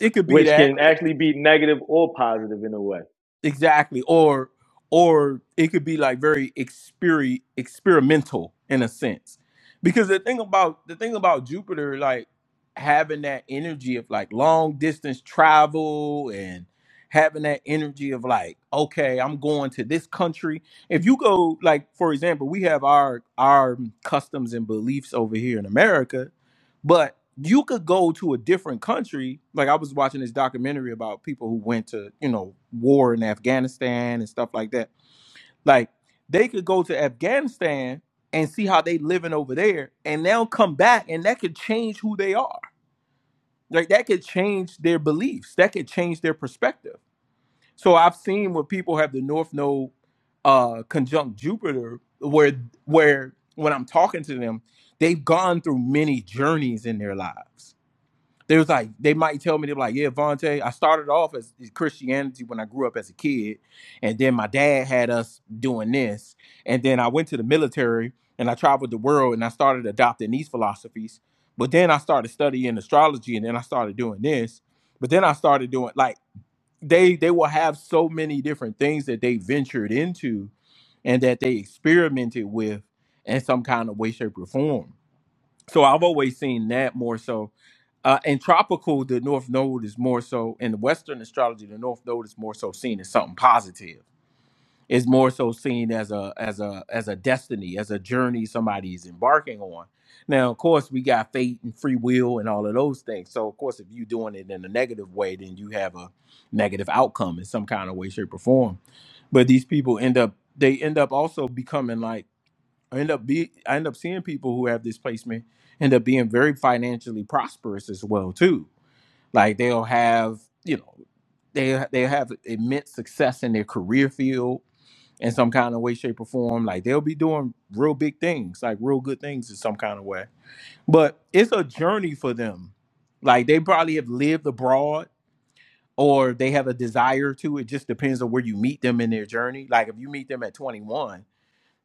it could be
which
that.
can actually be negative or positive in a way.
Exactly. Or or it could be like very experi- experimental in a sense. Because the thing about the thing about Jupiter like having that energy of like long distance travel and having that energy of like okay, I'm going to this country. If you go like for example, we have our our customs and beliefs over here in America, you could go to a different country. Like I was watching this documentary about people who went to, you know, war in Afghanistan and stuff like that. Like they could go to Afghanistan and see how they living over there and they'll come back and that could change who they are. Like that could change their beliefs. That could change their perspective. So I've seen where people have the North Node uh conjunct Jupiter where where when I'm talking to them, they've gone through many journeys in their lives they was like, they might tell me, they're like, yeah, Vontae, I started off as as Christianity when I grew up as a kid. And then my dad had us doing this. And then I went to the military and I traveled the world and I started adopting these philosophies. But then I started studying astrology and then I started doing this. But then I started doing like they they will have so many different things that they ventured into and that they experimented with in some kind of way, shape, or form so I've always seen that more so. Uh, in tropical, the north node is more so in the Western astrology. The north node is more so seen as something positive. It's more so seen as a as a as a destiny, as a journey somebody is embarking on. Now, of course, we got fate and free will and all of those things. So, of course, if you're doing it in a negative way, then you have a negative outcome in some kind of way, shape, or form. But these people end up they end up also becoming like I end up be I end up seeing people who have this placement end up being very financially prosperous as well too. Like they'll have you know they they have immense success in their career field in some kind of way, shape, or form. Like they'll be doing real big things, like real good things in some kind of way. But it's a journey for them. Like they probably have lived abroad or they have a desire to. It just depends on where you meet them in their journey. Like if you meet them at 21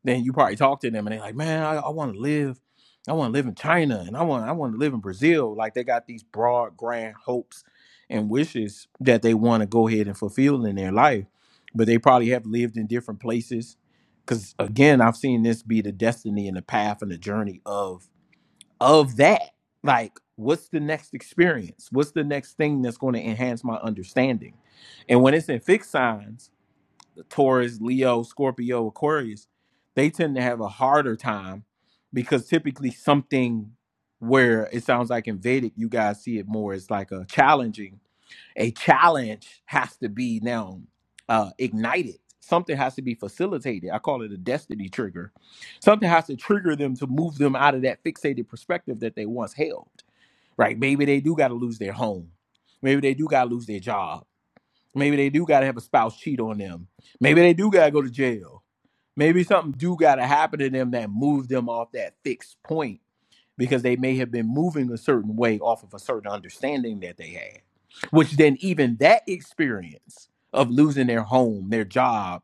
then you probably talk to them and they're like, man, I, I want to live. I want to live in China and I want I want to live in Brazil. Like they got these broad, grand hopes and wishes that they want to go ahead and fulfill in their life. But they probably have lived in different places. Cause again, I've seen this be the destiny and the path and the journey of of that. Like, what's the next experience? What's the next thing that's going to enhance my understanding? And when it's in fixed signs, Taurus, Leo, Scorpio, Aquarius, they tend to have a harder time because typically something where it sounds like in Vedic, you guys see it more as like a challenging. A challenge has to be now uh, ignited. Something has to be facilitated. I call it a destiny trigger. Something has to trigger them to move them out of that fixated perspective that they once held. Right? Maybe they do got to lose their home. Maybe they do got to lose their job Maybe they do gotta have a spouse cheat on them. Maybe they do gotta go to jail. Maybe something do gotta happen to them that moves them off that fixed point because they may have been moving a certain way off of a certain understanding that they had. Which then even that experience of losing their home, their job,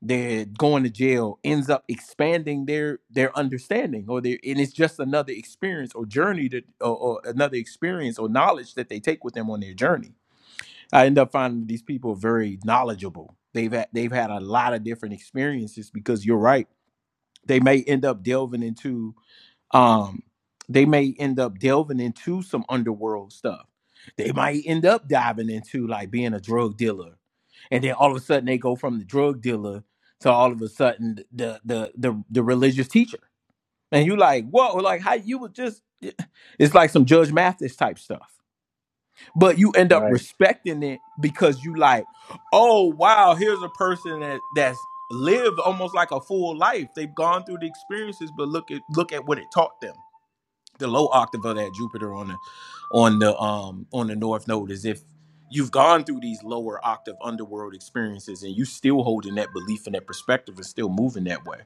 their going to jail ends up expanding their their understanding or their and it's just another experience or journey that or, or another experience or knowledge that they take with them on their journey I end up finding these people very knowledgeable. They've had they've had a lot of different experiences because you're right. They may end up delving into um they may end up delving into some underworld stuff. They might end up diving into like being a drug dealer. And then all of a sudden they go from the drug dealer to all of a sudden the the the, the religious teacher. And you like, whoa, like how you would just it's like some Judge Mathis type stuff but you end up
Right.
respecting it because you like, oh wow, here's a person that that's lived almost like a full life. They've gone through the experiences, but look at look at what it taught them. The low octave of that Jupiter on the on the um on the north node is if you've gone through these lower octave underworld experiences and you still holding that belief and that perspective and still moving that way.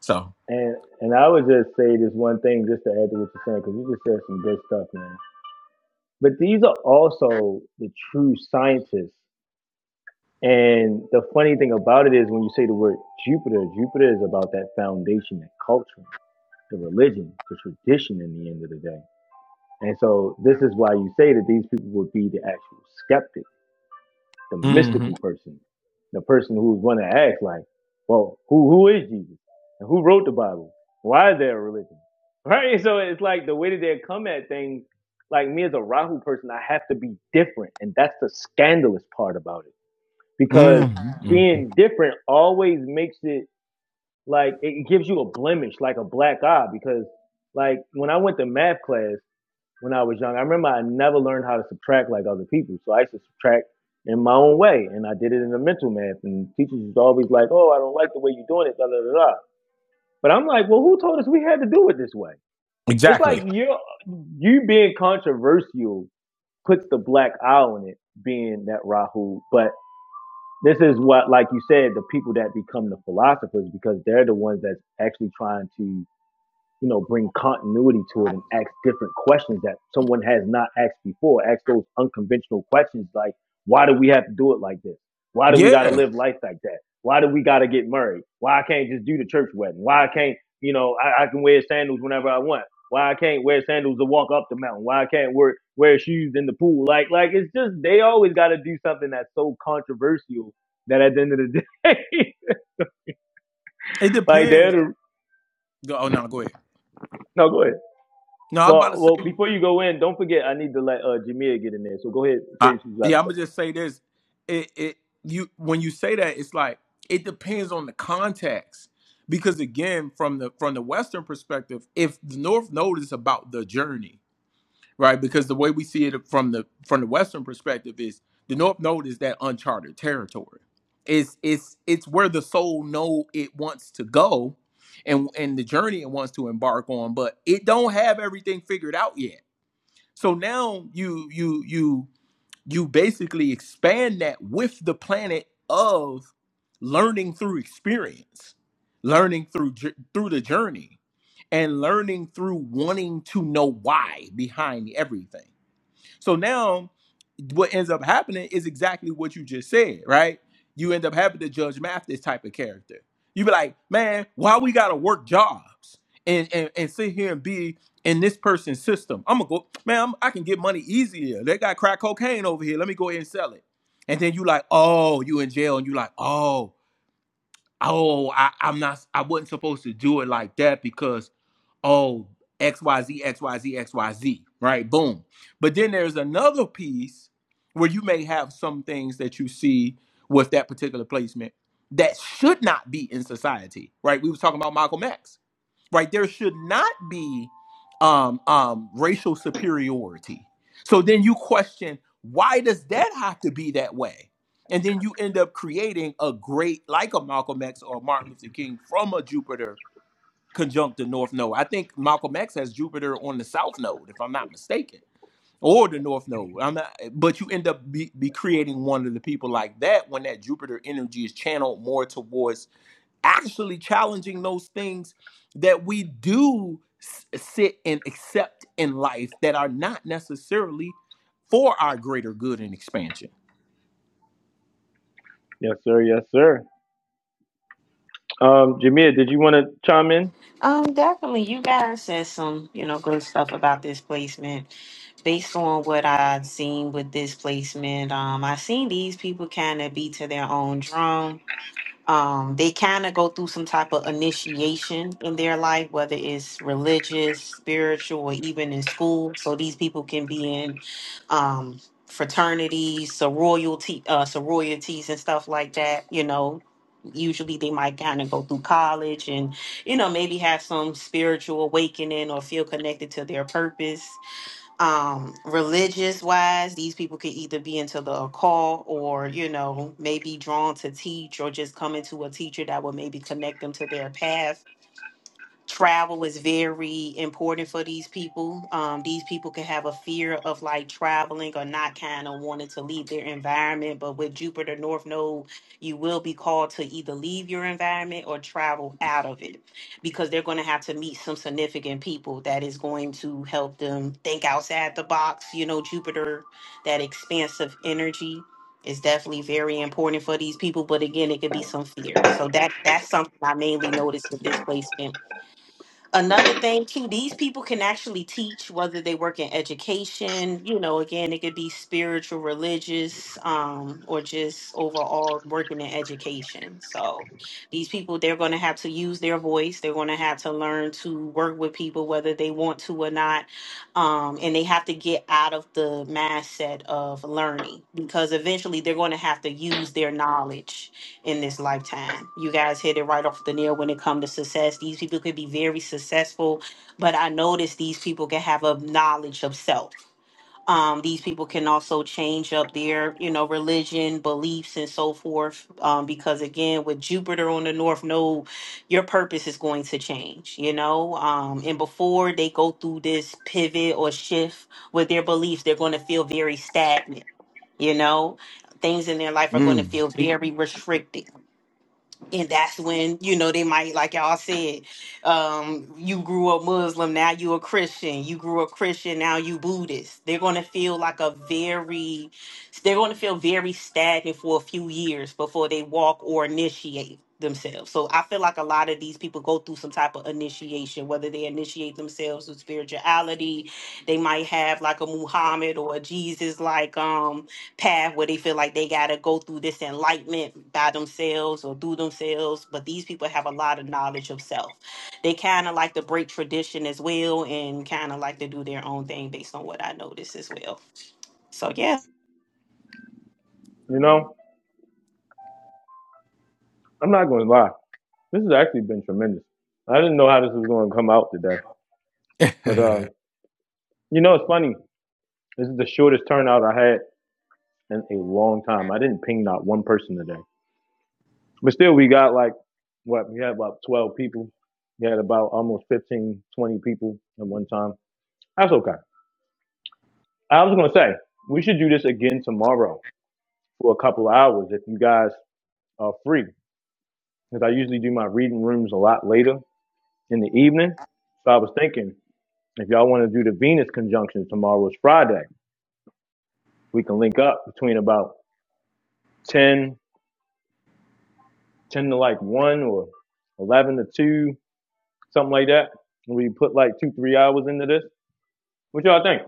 So
And and I would just say this one thing just to add to what you're saying, because you just said some good stuff, man. But these are also the true scientists. And the funny thing about it is when you say the word Jupiter, Jupiter is about that foundation, that culture, the religion, the tradition in the end of the day. And so this is why you say that these people would be the actual skeptics the
hmm
mystical person, the person who's going to ask, like, well, who who is Jesus and who wrote the Bible? Why is there a religion? Right? So it's like the way that they come at things. Like me as a Rahu person, I have to be different, and that's the scandalous part about it because
hmm
being different always makes it like it gives you a blemish, like a black eye. Because like when I went to math class when I was young. I remember I never learned how to subtract like other people. So I used to subtract in my own way. And I did it in the mental math. And teachers was always like, oh, I don't like the way you're doing it, da da da da. But I'm like, well, who told us we had to do it this way? It's like
exactly.
you you being controversial puts the black eye on it, being that Rahu. But this is what, like you said, the people that become the philosophers because they're the ones that's actually trying to you know, bring continuity to it and ask different questions that someone has not asked before. Ask those unconventional questions like, why do we have to do it like this? Why do we got to
Yeah.
live life like that? Why do we got to get married? Why I can't just do the church wedding? Why I can't, you know, I, I can wear sandals whenever I want. Why I can't wear sandals to walk up the mountain? Why I can't wear wear shoes in the pool? Like, like it's just they always got to do something that's so controversial that at the end of the day,
It
like they're
depends.
the
Go- Oh no, go ahead.
no go ahead.
No, I was about
Well,
to say.
well, before you go in, don't forget I need to let uh Jamia get in there. So go ahead, say
I,
what you got to
yeah, I'm
say.
gonna just say this. It it you when you say that, it's like it depends on the context. Because again, from the from the Western perspective, if the North Node is about the journey, right? Because the way we see it from the from the Western perspective is the North Node is that uncharted territory. It's it's it's where the soul know it wants to go and and the journey it wants to embark on, but it don't have everything figured out yet. So now you you you you basically expand that with the planet of learning through experience learning through jour- through the journey and learning through wanting to know why behind everything so now what ends up happening is exactly what you just said, right? You end up having to judge Mathis type of character. You be like, man, why we gotta work jobs and, and, and sit here and be in this person's system? I'm gonna go, man, I'm- i can get money easier. They got crack cocaine over here. Let me go ahead and sell it. And then you like, oh, you in jail, and you like, oh, oh, I, I'm not, I wasn't supposed to do it like that because oh, X Y Z X Y Z X Y Z, right? Boom. But then there's another piece where you may have some things that you see with that particular placement that should not be in society, right? We was talking about Malcolm X, right? There should not be um, um, racial superiority. So then you question, why does that have to be that way? And then you end up creating a great, like a Malcolm X or a Martin Luther King from a Jupiter conjunct the north node. I think Malcolm X has Jupiter on the south node, if I'm not mistaken, or the north node. I'm not, but you end up be, be creating one of the people like that when that Jupiter energy is channeled more towards actually challenging those things that we do sit and accept in life that are not necessarily for our greater good and expansion.
Yes, sir. Yes, sir. Um, Jamia, did you want to chime in?
um, definitely, you guys said some, you know, good stuff about this placement. based on what I've seen with this placement, um, I've seen these people kind of be to their own drum. Um, they kind of go through some type of initiation in their life, whether it's religious, spiritual, or even in school. So these people can be in um, fraternities, sorority, uh, sororities, and stuff like that. You know, usually they might kind of go through college and, you know, maybe have some spiritual awakening or feel connected to their purpose um religious wise these people could either be into the occult or you know maybe drawn to teach or just come into a teacher that would maybe connect them to their path travel is very important for these people. Um, these people can have a fear of like traveling or not kind of wanting to leave their environment. But with Jupiter North Node, you will be called to either leave your environment or travel out of it because they're going to have to meet some significant people that is going to help them think outside the box. You know, Jupiter, that expansive energy is definitely very important for these people but again it could be some fear so that that's something i mainly noticed with this placement Another thing too, these people can actually teach whether they work in education, you know, again, it could be spiritual, religious, um, or just overall working in education. So these people they're gonna have to use their voice, they're gonna have to learn to work with people whether they want to or not. Um, and they have to get out of the mindset of learning because eventually they're gonna have to use their knowledge in this lifetime. You guys hit it right off the nail when it comes to success. These people could be very successful, but I notice these people can have a knowledge of self. Um, these people can also change up their, you know, religion, beliefs, and so forth. Um, because again, with Jupiter on the North Node, your purpose is going to change, you know. Um, and before they go through this pivot or shift with their beliefs, they're going to feel very stagnant, you know. Things in their life are going to
Mm.
feel very restricted and that's when you know they might like y'all said um you grew up muslim now you a christian you grew up christian now you buddhist they're going to feel like a very they're going to feel very stagnant for a few years before they walk or initiate themselves so i feel like a lot of these people go through some type of initiation whether they initiate themselves with spirituality they might have like a muhammad or a jesus like um path where they feel like they got to go through this enlightenment by themselves or through themselves but these people have a lot of knowledge of self they kind of like to break tradition as well and kind of like to do their own thing based on what i noticed as well so yeah
You know, I'm not going to lie. This has actually been tremendous. I didn't know how this was going to come out today, but um, you know, it's funny. This is the shortest turnout I had in a long time. I didn't ping not one person today, but still, we got like what we had about 12 people. We had about almost 15, 20 people at one time. That's okay. I was gonna say we should do this again tomorrow for a couple of hours if you guys are free, because I usually do my reading rooms a lot later in the evening. So I was thinking if y'all want to do the Venus conjunction tomorrow is Friday, we can link up between about 10, 10 to like one or eleven to two, something like that. We put like two, three hours into this. What y'all think?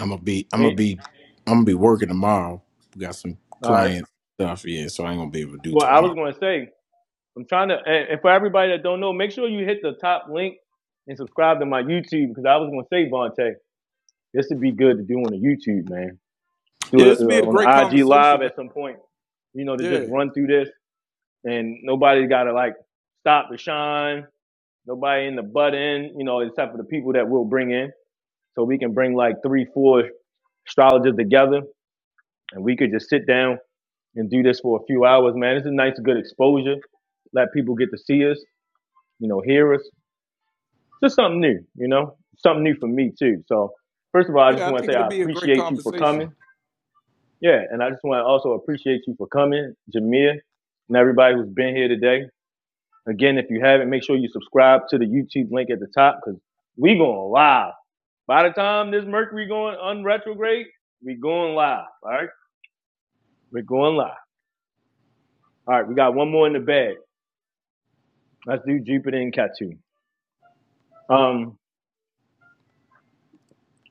I'm gonna be I'm gonna
Eh,
be I'm gonna be working tomorrow. We got some
All right.
client stuff, yeah, so I ain't gonna be able to do
Well, I was
tomorrow.
gonna say I'm trying to, and, for everybody that don't know, make sure you hit the top link and subscribe to my YouTube because I was going to say, Vontae, this would be good to do on the YouTube, man.
Yeah,
Do it
this
uh,
will be a
on
great
the IG live
conversation, man.
at some point, you know, to just
Yeah.
run through this and nobody's got to like stop the shine. Nobody in the butt end, you know, except for the people that we'll bring in. So we can bring like three, four astrologers together and we could just sit down and do this for a few hours, man. It's a nice, good exposure. Let people get to see us, you know, hear us. just something new, you know, something new for me too. So first of all, I just
Yeah, I
want to
think
say
it'll
I
be a great
appreciate you for
conversation.
coming. Yeah, and I just want to also appreciate you for coming, Jamia, and everybody who's been here today. Again, if you haven't, make sure you subscribe to the YouTube link at the top because we going live. By the time this Mercury going unretrograde, we going live. All right, we're going live. All right, we got one more in the bag. Let's do Jupiter and Ketu. Um,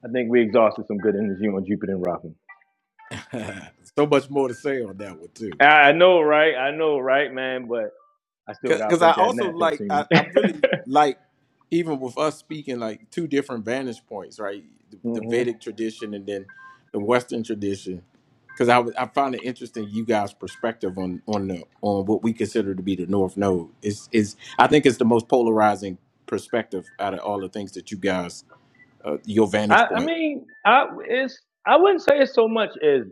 I think we exhausted some good energy on Jupiter and Rahu.
so much more to say on that one too.
I know, right? I know, right, man? But I still gotta
because I
break that
also
napkin
like
scene.
I, I really like even with us speaking like two different vantage points, right? The, the
hmm
Vedic tradition and then the Western tradition. Because I was- I found it interesting you guys' perspective on on the on what we consider to be the North Node. Is is I think it's the most polarizing perspective out of all the things that you guys uh, your
I,
vantage
I
point.
mean, I it's I wouldn't say it's so much as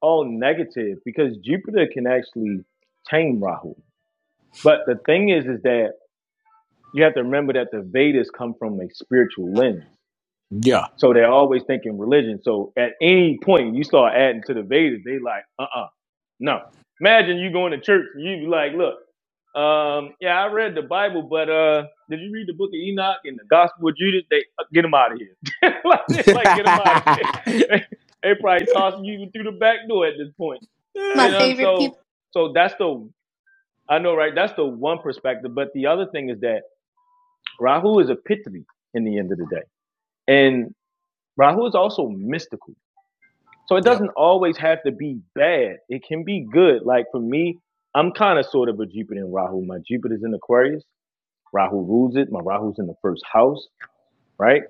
all negative because Jupiter can actually tame Rahu. But the thing is, is that you have to remember that the Vedas come from a spiritual lens,
Yeah.
so they're always thinking religion. So at any point you start adding to the Vedas, they like, uh, uh no. Imagine you going to church and you be like, look. Um, yeah, I read the Bible, but uh, did you read the Book of Enoch and the Gospel of Judas? They uh, get them out of here. like,
yep.
like, get them out of here. they, they probably toss you even through the back door at this point.
My
You know, and
favorite people.
so so that's the I know, right? That's the one perspective. But the other thing is that Rahu is a pitri in the end of the day, and Rahu is also mystical. So it doesn't always have to be bad. It can be good. Like for me, I'm kind of sort of a Jupiter in Rahu. My Jupiter's in Aquarius. Rahu rules it. My Rahu's in the first house, right?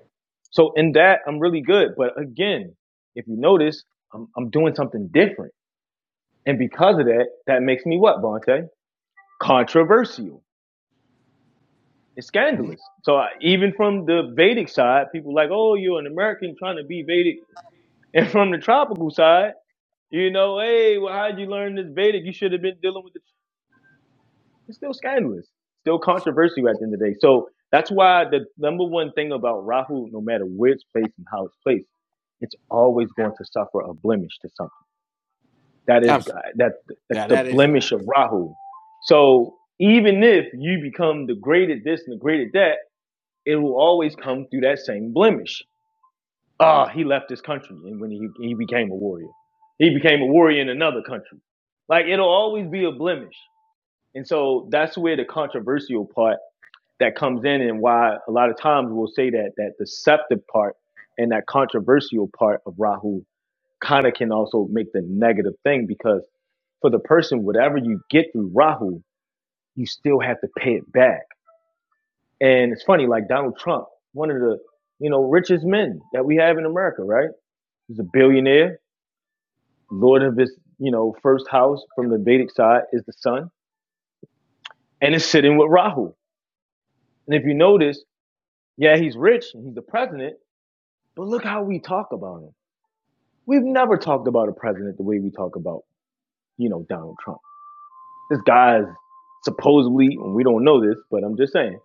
So in that, I'm really good. But again, if you notice, I'm, I'm doing something different. And because of that, that makes me what, Bonte? Controversial. It's scandalous. So I, even from the Vedic side, people like, oh, you're an American trying to be Vedic. And from the tropical side, you know, hey, well, how'd you learn this Vedic? You should have been dealing with the it's still scandalous, still controversial at the end of the day. So that's why the number one thing about Rahu, no matter where it's placed and how it's placed, it's always going to suffer a blemish to something. That is
Absolutely.
that that's
That
the
that is
blemish of
facts.
Rahu. So even if you become the great at this and the great at that, it will always come through that same blemish. Ah, oh, he left his country, and when he he became a warrior, he became a warrior in another country. Like it'll always be a blemish, and so that's where the controversial part that comes in and why a lot of times we'll say that that deceptive part and that controversial part of Rahu kind of can also make the negative thing because for the person, whatever you get through Rahu, you still have to pay it back. And it's funny, like Donald Trump, one of the you know richest men that we have in America, right? He's a billionaire, lord of his you know first house from the Vedic side is the sun, and it's sitting with Rahu. And if you notice, yeah, he's rich and he's the president, but look how we talk about him We've never talked about a president the way we talk about, you know, Donald Trump. This guy's supposedly, and we don't know this, but I'm just saying,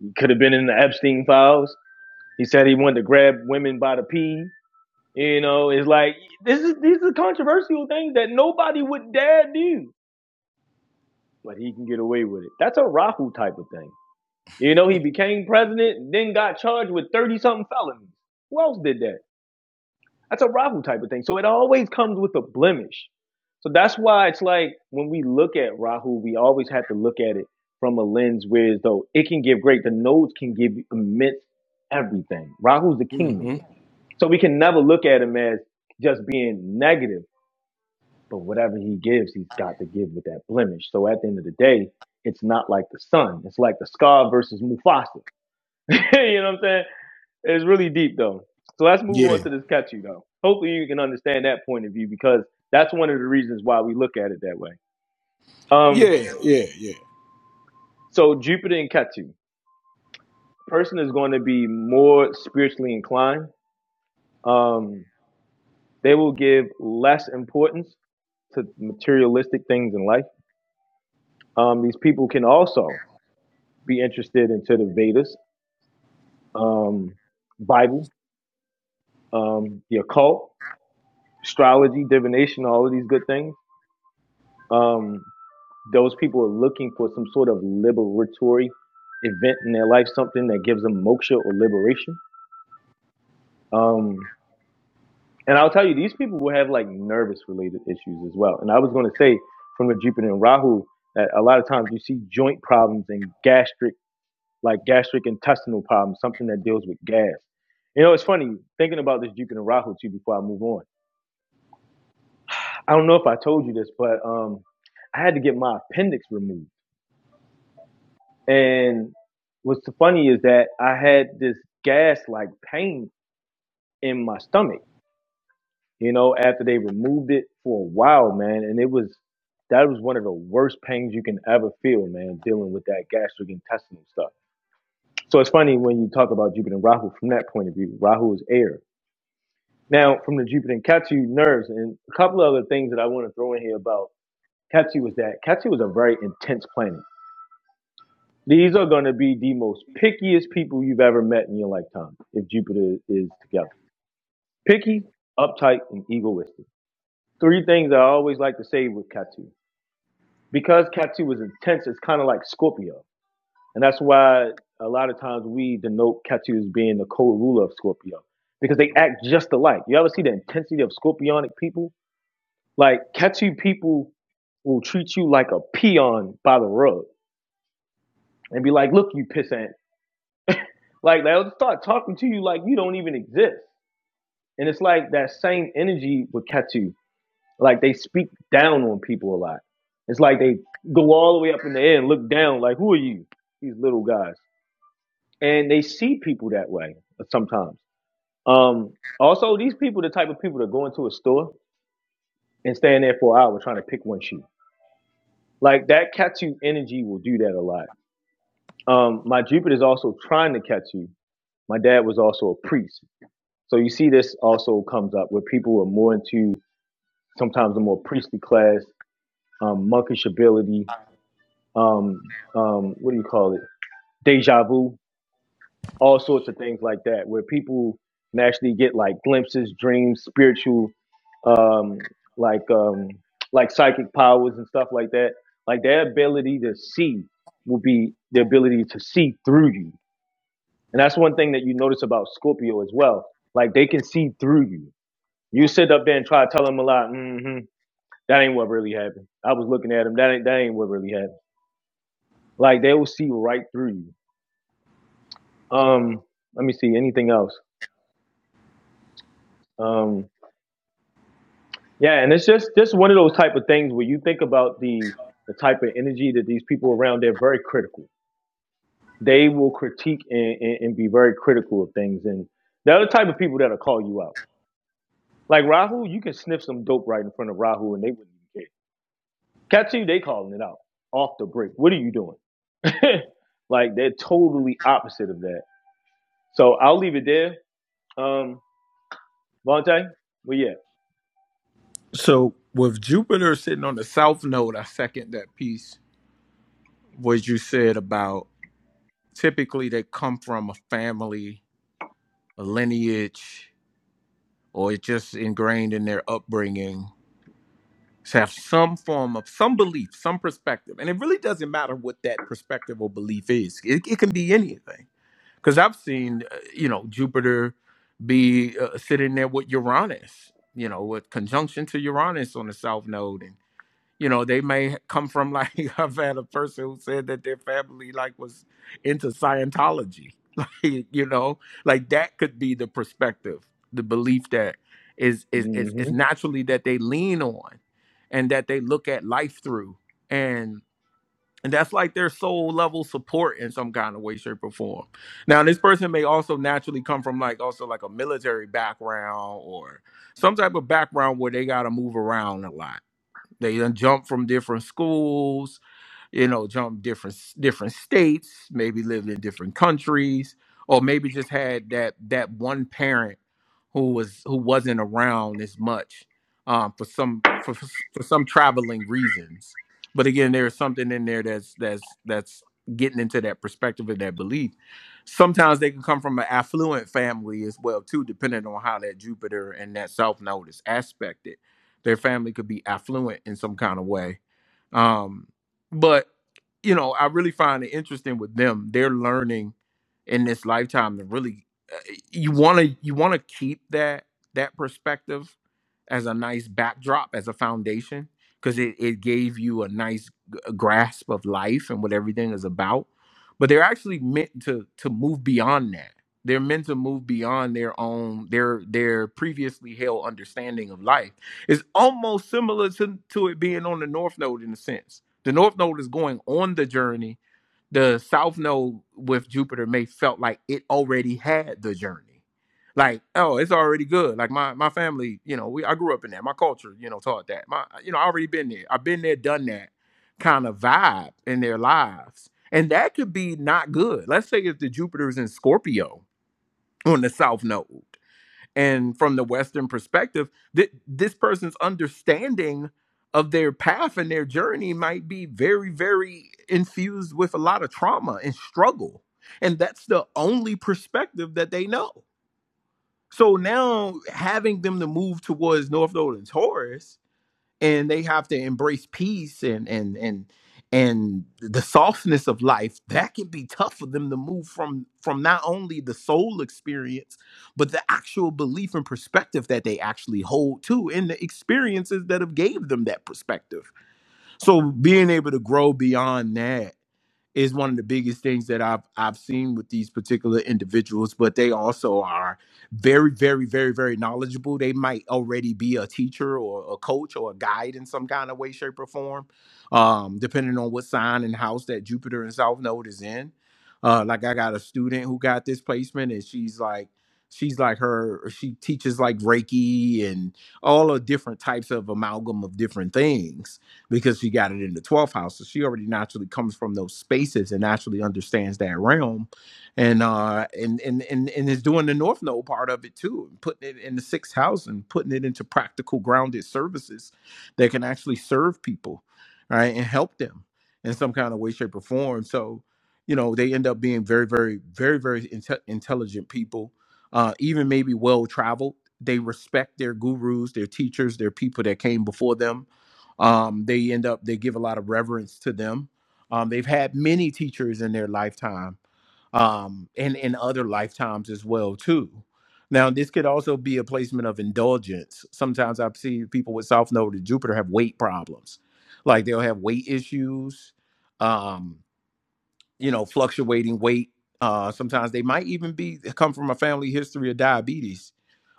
he could have been in the Epstein files. He said he wanted to grab women by the pee. You know, it's like this is these are controversial things that nobody would dare do, but he can get away with it. That's a Rahu type of thing. You know, he became president, and then got charged with thirty something felonies. Who else did that? That's a Rahu type of thing. So it always comes with a blemish. So that's why it's like when we look at Rahu, we always have to look at it from a lens where as though it can give great. The nodes can give immense everything. Rahu's the
hmm
kingmaker. So we can never look at him as just being negative, but whatever he gives, he's got to give with that blemish. So at the end of the day, it's not like the sun. It's like the scar versus Mufasa. you know what I'm saying? It's really deep though. So let's move
Yeah.
on to this catchy though. Hopefully you can understand that point of view because that's one of the reasons why we look at it that way. Um,
Yeah. Yeah. yeah.
so Jupiter and Ketu, person is going to be more spiritually inclined. Um, they will give less importance to materialistic things in life. Um, these people can also be interested into the Vedas, um, Bible, um, the occult, astrology, divination, all of these good things. Um, Those people are looking for some sort of liberatory event in their life, something that gives them moksha or liberation. Um, and I'll tell you, these people will have like nervous related issues as well. And I was going to say from the Jupiter and Rahu that a lot of times you see joint problems and gastric, like gastric intestinal problems, something that deals with gas. You know, it's funny thinking about this Jupiter and Rahu too before I move on. I don't know if I told you this, but um, I had to get my appendix removed. And what's funny is that I had this gas like pain in my stomach, you know, after they removed it for a while, man. And it was, that was one of the worst pains you can ever feel, man, dealing with that gastric intestinal stuff. So it's funny when you talk about Jupiter and Rahu from that point of view. Rahu is air. Now, from the Jupiter and Ketu nerves, and a couple of other things that I want to throw in here about Ketu was that Ketu was a very intense planet. These are going to be the most pickiest people you've ever met in your lifetime if Jupiter is together. Picky, uptight, and egoistic. Three things I always like to say with Catu. Because Catu is intense, it's kind of like Scorpio. And that's why a lot of times we denote Catu as being the co ruler of Scorpio because they act just alike. You ever see the intensity of Scorpionic people? Like, Catu people will treat you like a peon by the rug and be like, look, you pissant Like they'll start talking to you like you don't even exist. And it's like that same energy would catch you. Like they speak down on people a lot. It's like they go all the way up in the air and look down, like, who are you? These little guys. And they see people that way sometimes. Um, also, these people, the type of people that go into a store and stand there for an hour trying to pick one shoe. Like that catch you energy will do that a lot. Um, my Jupiter is also trying to catch you. My dad was also a priest. So you see this also comes up where people are more into sometimes a more priestly class, um, monkish ability, um, um, what do you call it? Deja vu, all sorts of things like that, where people can actually get like glimpses, dreams, spiritual, um, like um, like psychic powers and stuff like that. Like their ability to see will be the ability to see through you. And that's one thing that you notice about Scorpio as well. Like they can see through you You sit up there and try to tell them a lot. hmm That ain't what really happened. I was looking at them. That ain't that ain't what really happened. Like they will see right through you. Um, let me see anything else. Um, yeah, and it's just just one of those type of things where you think about the the type of energy that these people around. They're very critical. They will critique and, and, and be very critical of things, and they're the type of people that'll call you out. Like Rahu, you can sniff some dope right in front of Rahu, and they wouldn't even care. Catch you, they calling it out off the break. What are you doing? like they're totally opposite of that. So I'll leave it there. Um, Vontae, well, yeah.
So with Jupiter sitting on the south node, I second that piece. What you said about typically they come from a family, a lineage, or it's just ingrained in their upbringing to have some form of some belief, some perspective, and it really doesn't matter what that perspective or belief is. It, it can be anything. Because I've seen, uh, you know, Jupiter be uh, sitting there with Uranus, you know, with conjunction to Uranus on the south node, and. you know they may come from like i've had a person who said that their family like was into scientology like you know like that could be the perspective the belief that is is is, is
Mm-hmm.
naturally that they lean on and that they look at life through and and that's like their soul level support in some kind of way shape or form now this person may also naturally come from like also like a military background or some type of background where they got to move around a lot they done jumped from different schools you know, from different different states, maybe lived in different countries, or maybe just had that that one parent who was who wasn't around as much um, for some for for some traveling reasons. But again, there's something in there that's that's that's getting into that perspective and that belief. Sometimes they can come from an affluent family as well too, depending on how that Jupiter and that self notice aspected. Their family could be affluent in some kind of way um, but you know, I really find it interesting with them. They're learning in this lifetime to really uh, you want to you want to keep that that perspective as a nice backdrop as a foundation because it, it gave you a nice g- grasp of life and what everything is about but they're actually meant to to move beyond that they're meant to move beyond their own their their previously held understanding of life it's almost similar to, to it being on the North Node in a sense. The North Node is going on the journey. The South Node with Jupiter may felt like it already had the journey. Like, oh, it's already good. Like my my family, you know, we I grew up in that. My culture, you know, taught that. My you know, I already been there. I've been there, done that kind of vibe in their lives. And that could be not good. Let's say if the Jupiter is in Scorpio on the South Node and from the western perspective th- this person's understanding of their path and their journey might be very very infused with a lot of trauma and struggle and that's the only perspective that they know so now having them to move towards north node and taurus and they have to embrace peace and and and and the softness of life that can be tough for them to move from from not only the soul experience but the actual belief and perspective that they actually hold to and the experiences that have gave them that perspective so being able to grow beyond that is one of the biggest things that I've I've seen with these particular individuals, but they also are very, very, very, very knowledgeable. They might already be a teacher or a coach or a guide in some kind of way, shape, or form, um, depending on what sign and house that Jupiter and South Node is in. Uh, like I got a student who got this placement, and she's like, she's like her, she teaches like Reiki and all the different types of amalgam of different things because she got it in the 12th house. So she already naturally comes from those spaces and naturally understands that realm. And uh and and and, and is doing the north node part of it too, and putting it in the sixth house and putting it into practical grounded services that can actually serve people, right? And help them in some kind of way, shape, or form. So, you know, they end up being very, very, very, very inte- intelligent people, uh, even maybe well traveled. They respect their gurus, their teachers, their people that came before them um, they end up they give a lot of reverence to them um, they've had many teachers in their lifetime um, and in other lifetimes as well too now this could also be a placement of indulgence sometimes i've seen people with south node and jupiter have weight problems like they'll have weight issues um, you know fluctuating weight uh, sometimes they might even be come from a family history of diabetes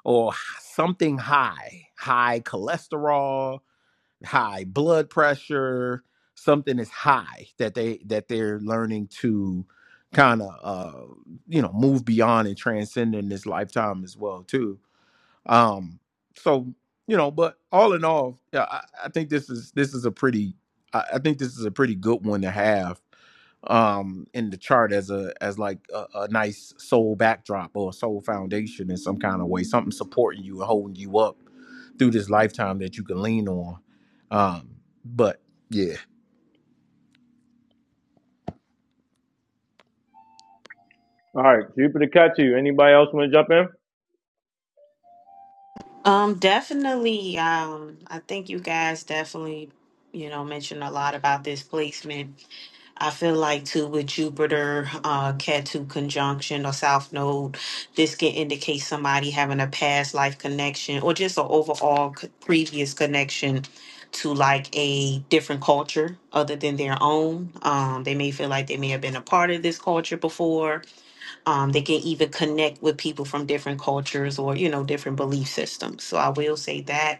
or something high high cholesterol high blood pressure something is high that they that they're learning to kind of uh you know move beyond and transcend in this lifetime as well too um so you know but all in all yeah, I, I think this is this is a pretty I, I think this is a pretty good one to have um in the chart as a as like a, a nice soul backdrop or a soul foundation in some kind of way something supporting you and holding you up through this lifetime that you can lean on um but yeah
All right, Jupiter got Anybody else want to jump in?
um definitely um i think you guys definitely you know mentioned a lot about this placement I feel like too with Jupiter, uh, Cat 2 conjunction or South Node, this can indicate somebody having a past life connection or just an overall c- previous connection to like a different culture other than their own. Um, they may feel like they may have been a part of this culture before. Um, they can even connect with people from different cultures or, you know, different belief systems. So I will say that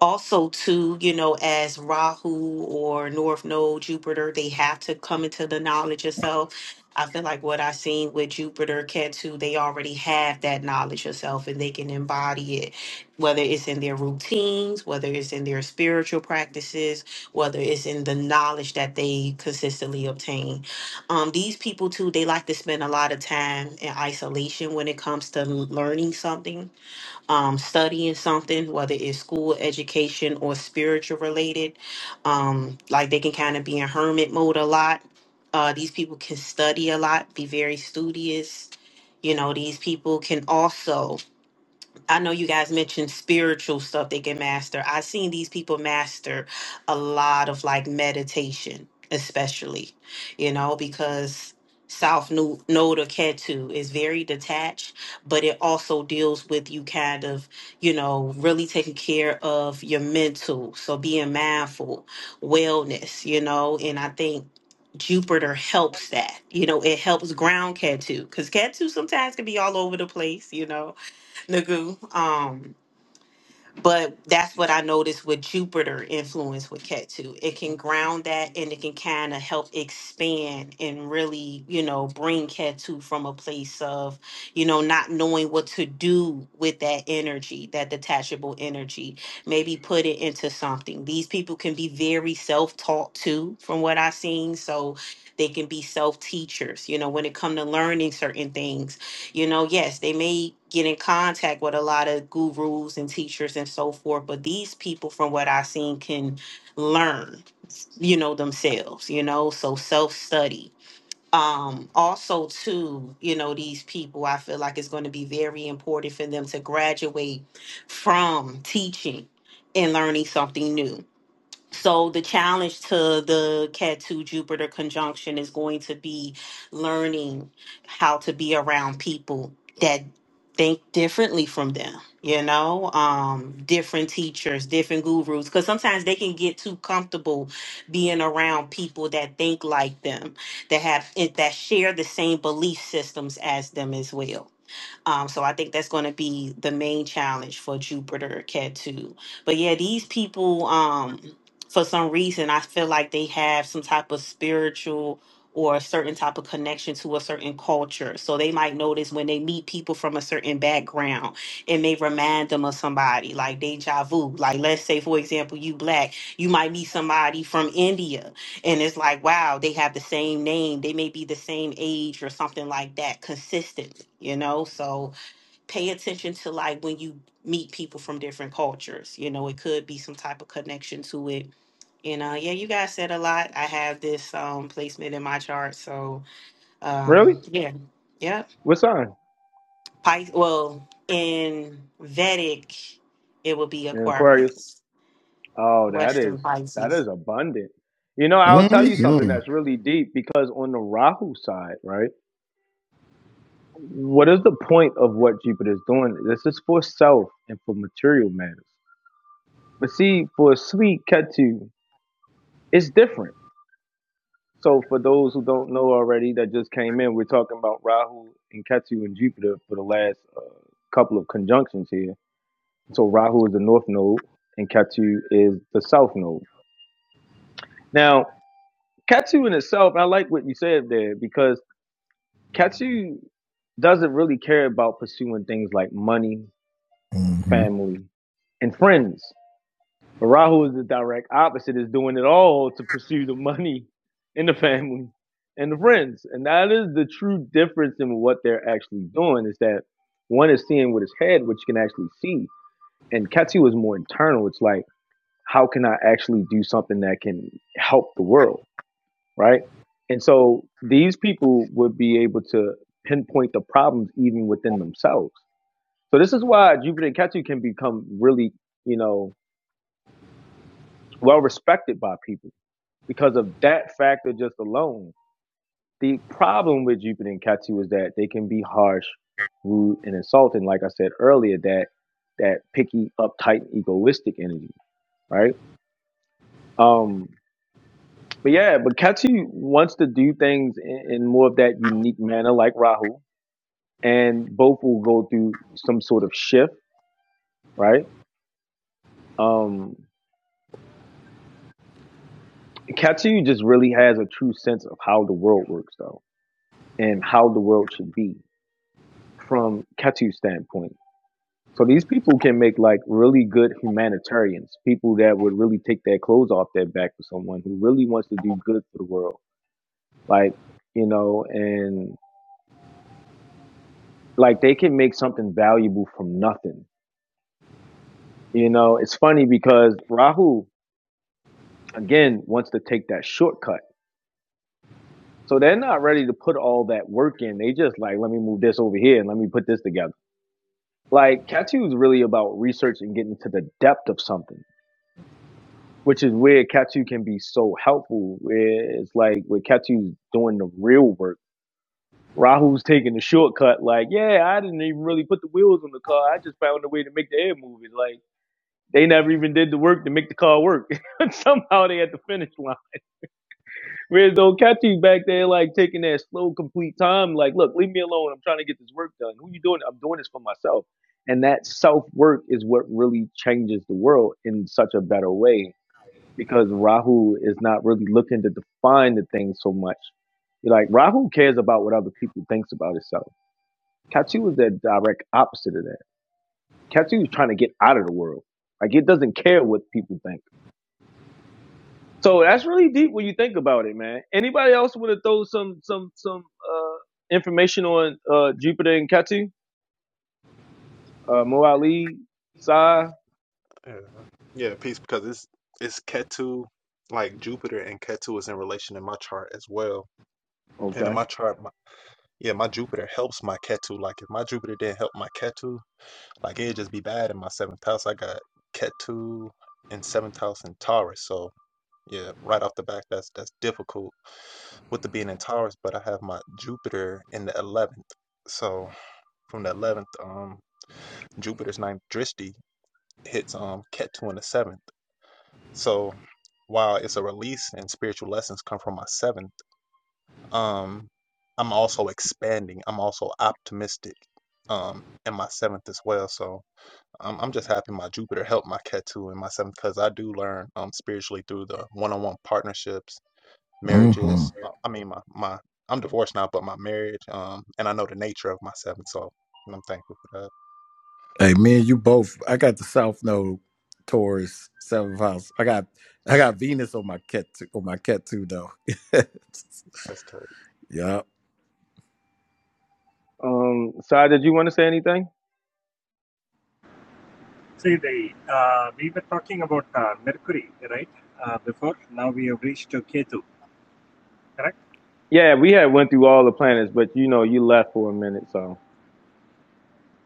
also too you know as rahu or north node jupiter they have to come into the knowledge of self i feel like what i've seen with jupiter ketu they already have that knowledge of self and they can embody it whether it's in their routines whether it's in their spiritual practices whether it's in the knowledge that they consistently obtain um, these people too they like to spend a lot of time in isolation when it comes to learning something um, studying something, whether it's school education or spiritual related. Um, like they can kind of be in hermit mode a lot. Uh, these people can study a lot, be very studious. You know, these people can also I know you guys mentioned spiritual stuff they can master. I've seen these people master a lot of like meditation, especially, you know, because South Nu- Node or Ketu is very detached, but it also deals with you kind of, you know, really taking care of your mental. So being mindful, wellness, you know, and I think Jupiter helps that. You know, it helps ground Ketu because Ketu sometimes can be all over the place, you know Nagu. Um, but that's what I noticed with Jupiter influence with Ketu. It can ground that and it can kind of help expand and really, you know, bring Ketu from a place of, you know, not knowing what to do with that energy, that detachable energy. Maybe put it into something. These people can be very self taught too, from what I've seen. So they can be self teachers, you know, when it comes to learning certain things you know, yes, they may get in contact with a lot of gurus and teachers and so forth, but these people, from what I've seen, can learn, you know, themselves, you know, so self study. Um, also, too, you know, these people, I feel like it's going to be very important for them to graduate from teaching and learning something new so the challenge to the Cat 2 Jupiter conjunction is going to be learning how to be around people that think differently from them, you know, um, different teachers, different gurus, because sometimes they can get too comfortable being around people that think like them, that have eh, that share the same belief systems as them as well. Um, so I think that's going to be the main challenge for Jupiter Cat 2. But yeah, these people, um, for some reason, I feel like they have some type of spiritual or a certain type of connection to a certain culture. So they might notice when they meet people from a certain background, it may remind them of somebody like deja vu. Like let's say, for example, you black, you might meet somebody from India and it's like wow they have the same name they may be the same age or something like that consistently you know so pay attention to like when you meet people from different cultures you know it could be some type of connection to it and uh yeah you guys said a lot i have this um placement in my chart so
Really?
um yeah yep
What sign?
Pis- well in vedic it would be
In Aquarius.
aquarius
Oh, that
western
is that
pisces
is abundant. You know, I'll tell you something
mm-hmm.
that's really deep because on the Rahu side, right? What is the point of what Jupiter's doing? This is for self and for material matters. But see, for a sweet Ketu, it's different So for those who don't know already that just came in, we're talking about Rahu and Ketu and Jupiter for the last uh, couple of conjunctions here. So Rahu is the north node and Ketu is the south node. Now, Ketu in itself, I like what you said there because Ketu doesn't really care about pursuing things like money,
Mm-hmm.
family, and friends. But Rahu is the direct opposite, is doing it all to pursue the money and the family and the friends. And that is the true difference in what they're actually doing is that one is seeing with his head, which you can actually see. And Ketu is more internal. It's like, how can I actually do something that can help the world? Right. And so these people would be able to pinpoint the problems even within themselves. So this is why Jupiter and Ketu can become really, you know, well respected by people because of that factor just alone. The problem with Jupiter and Ketu is that they can be harsh, rude, and insulting. Like I said earlier, that that picky, uptight, egoistic energy, right? Um, but yeah, but Ketu wants to do things in, in more of that unique manner, like Rahu, and both will go through some sort of shift, right? Um, Ketu just really has a true sense of how the world works, though, and how the world should be from Ketu's standpoint So these people can make like really good humanitarians, people that would really take their clothes off their back for someone who really wants to do good for the world. Like, you know, and like they can make something valuable from nothing. You know, it's funny because Rahu again wants to take that shortcut. So they're not ready to put all that work in. They just like, let me move this over here and let me put this together. Like Katu is really about research and getting to the depth of something. which is where Ketu can be so helpful. Where it's like where Ketu's doing the real work. Rahu's taking the shortcut, like, yeah, I didn't even really put the wheels on the car. I just found a way to make the air move. It's like they never even did the work to make the car work. Somehow they at the finish line. Whereas though Ketu's back there like taking that slow, complete time, like, look, leave me alone. I'm trying to get this work done. Who you doing? I'm doing this for myself. And that self work is what really changes the world in such a better way because Rahu is not really looking to define the thing so much. You're like Rahu cares about what other people thinks about itself. Ketu is the direct opposite of that. Ketu is trying to get out of the world. Like it doesn't care what people think. So that's really deep when you think about it, man. Anybody else want to throw some some some uh, information on uh, Jupiter and Ketu? Uh, Mo Ali, Sai.
Yeah, yeah, peace because it's it's Ketu, like Jupiter and Ketu is in relation in my chart as well. And
Okay.
in my chart, my, yeah, my Jupiter helps my Ketu. Like if my Jupiter didn't help my Ketu, like it'd just be bad in my seventh house. I got Ketu in seventh house in Taurus, so yeah, right off the bat, that's that's difficult with the being in Taurus. But I have my Jupiter in the eleventh, so from the eleventh, um, Jupiter's ninth drishti hits um Ketu in the seventh. So while it's a release and spiritual lessons come from my seventh, um, I'm also expanding. I'm also optimistic um in my seventh as well. So I'm I'm just happy my Jupiter helped my Ketu in my seventh because I do learn um spiritually through the one-on-one partnerships,
Mm-hmm.
marriages. uh, I mean my my I'm divorced now, but my marriage, um, and I know the nature of my seventh, so I'm thankful for that.
hey me and you both i got the south node taurus seventh house i got i got venus on my cat on my cat too though
That's tough.
yeah
Um, Sai, did you want to say anything?
Uh,
Yeah, we had went through all the planets, but you know you left for a minute, so.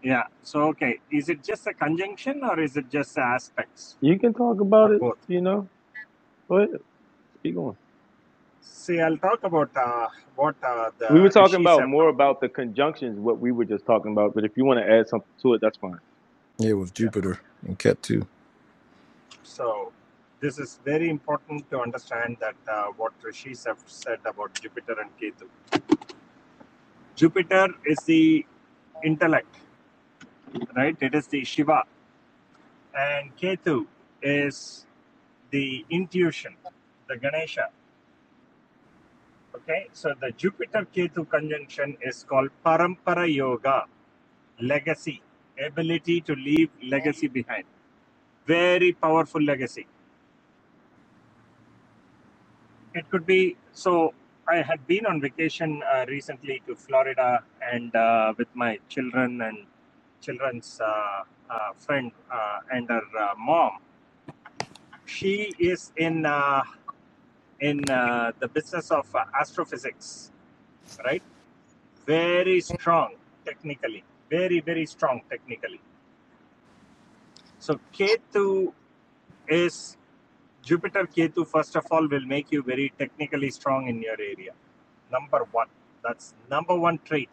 yeah. So okay, is it just a conjunction or is it just aspects
You can talk about
or
it,
both?
you know. Go ahead, speak on.
See, I'll talk about uh, what uh,
We were
the
talking
rishis
about
have
more
talked about.
about the conjunctions, what we were just talking about, but if you want to add something to it, that's fine.
yeah with
Yeah.
jupiter
Okay.
and cat too
So this is very important to understand that uh, what rishis have said about Jupiter and Ketu. Jupiter is the intellect, right? It is the Shiva, and Ketu is. the intuition, the Ganesha. Okay, so the Jupiter Ketu conjunction is called Parampara Yoga, legacy, ability to leave legacy behind. Very powerful legacy. It could be so. I had been on vacation uh, recently to Florida and uh, with my children and children's uh, uh, friend uh, and her uh, mom. She is in uh, in uh, the business of uh, astrophysics, right? very strong technically, very, very strong technically. So Ketu is Jupiter Ketu, first of all, will make you very technically strong in your area. Number one, that's number one trait.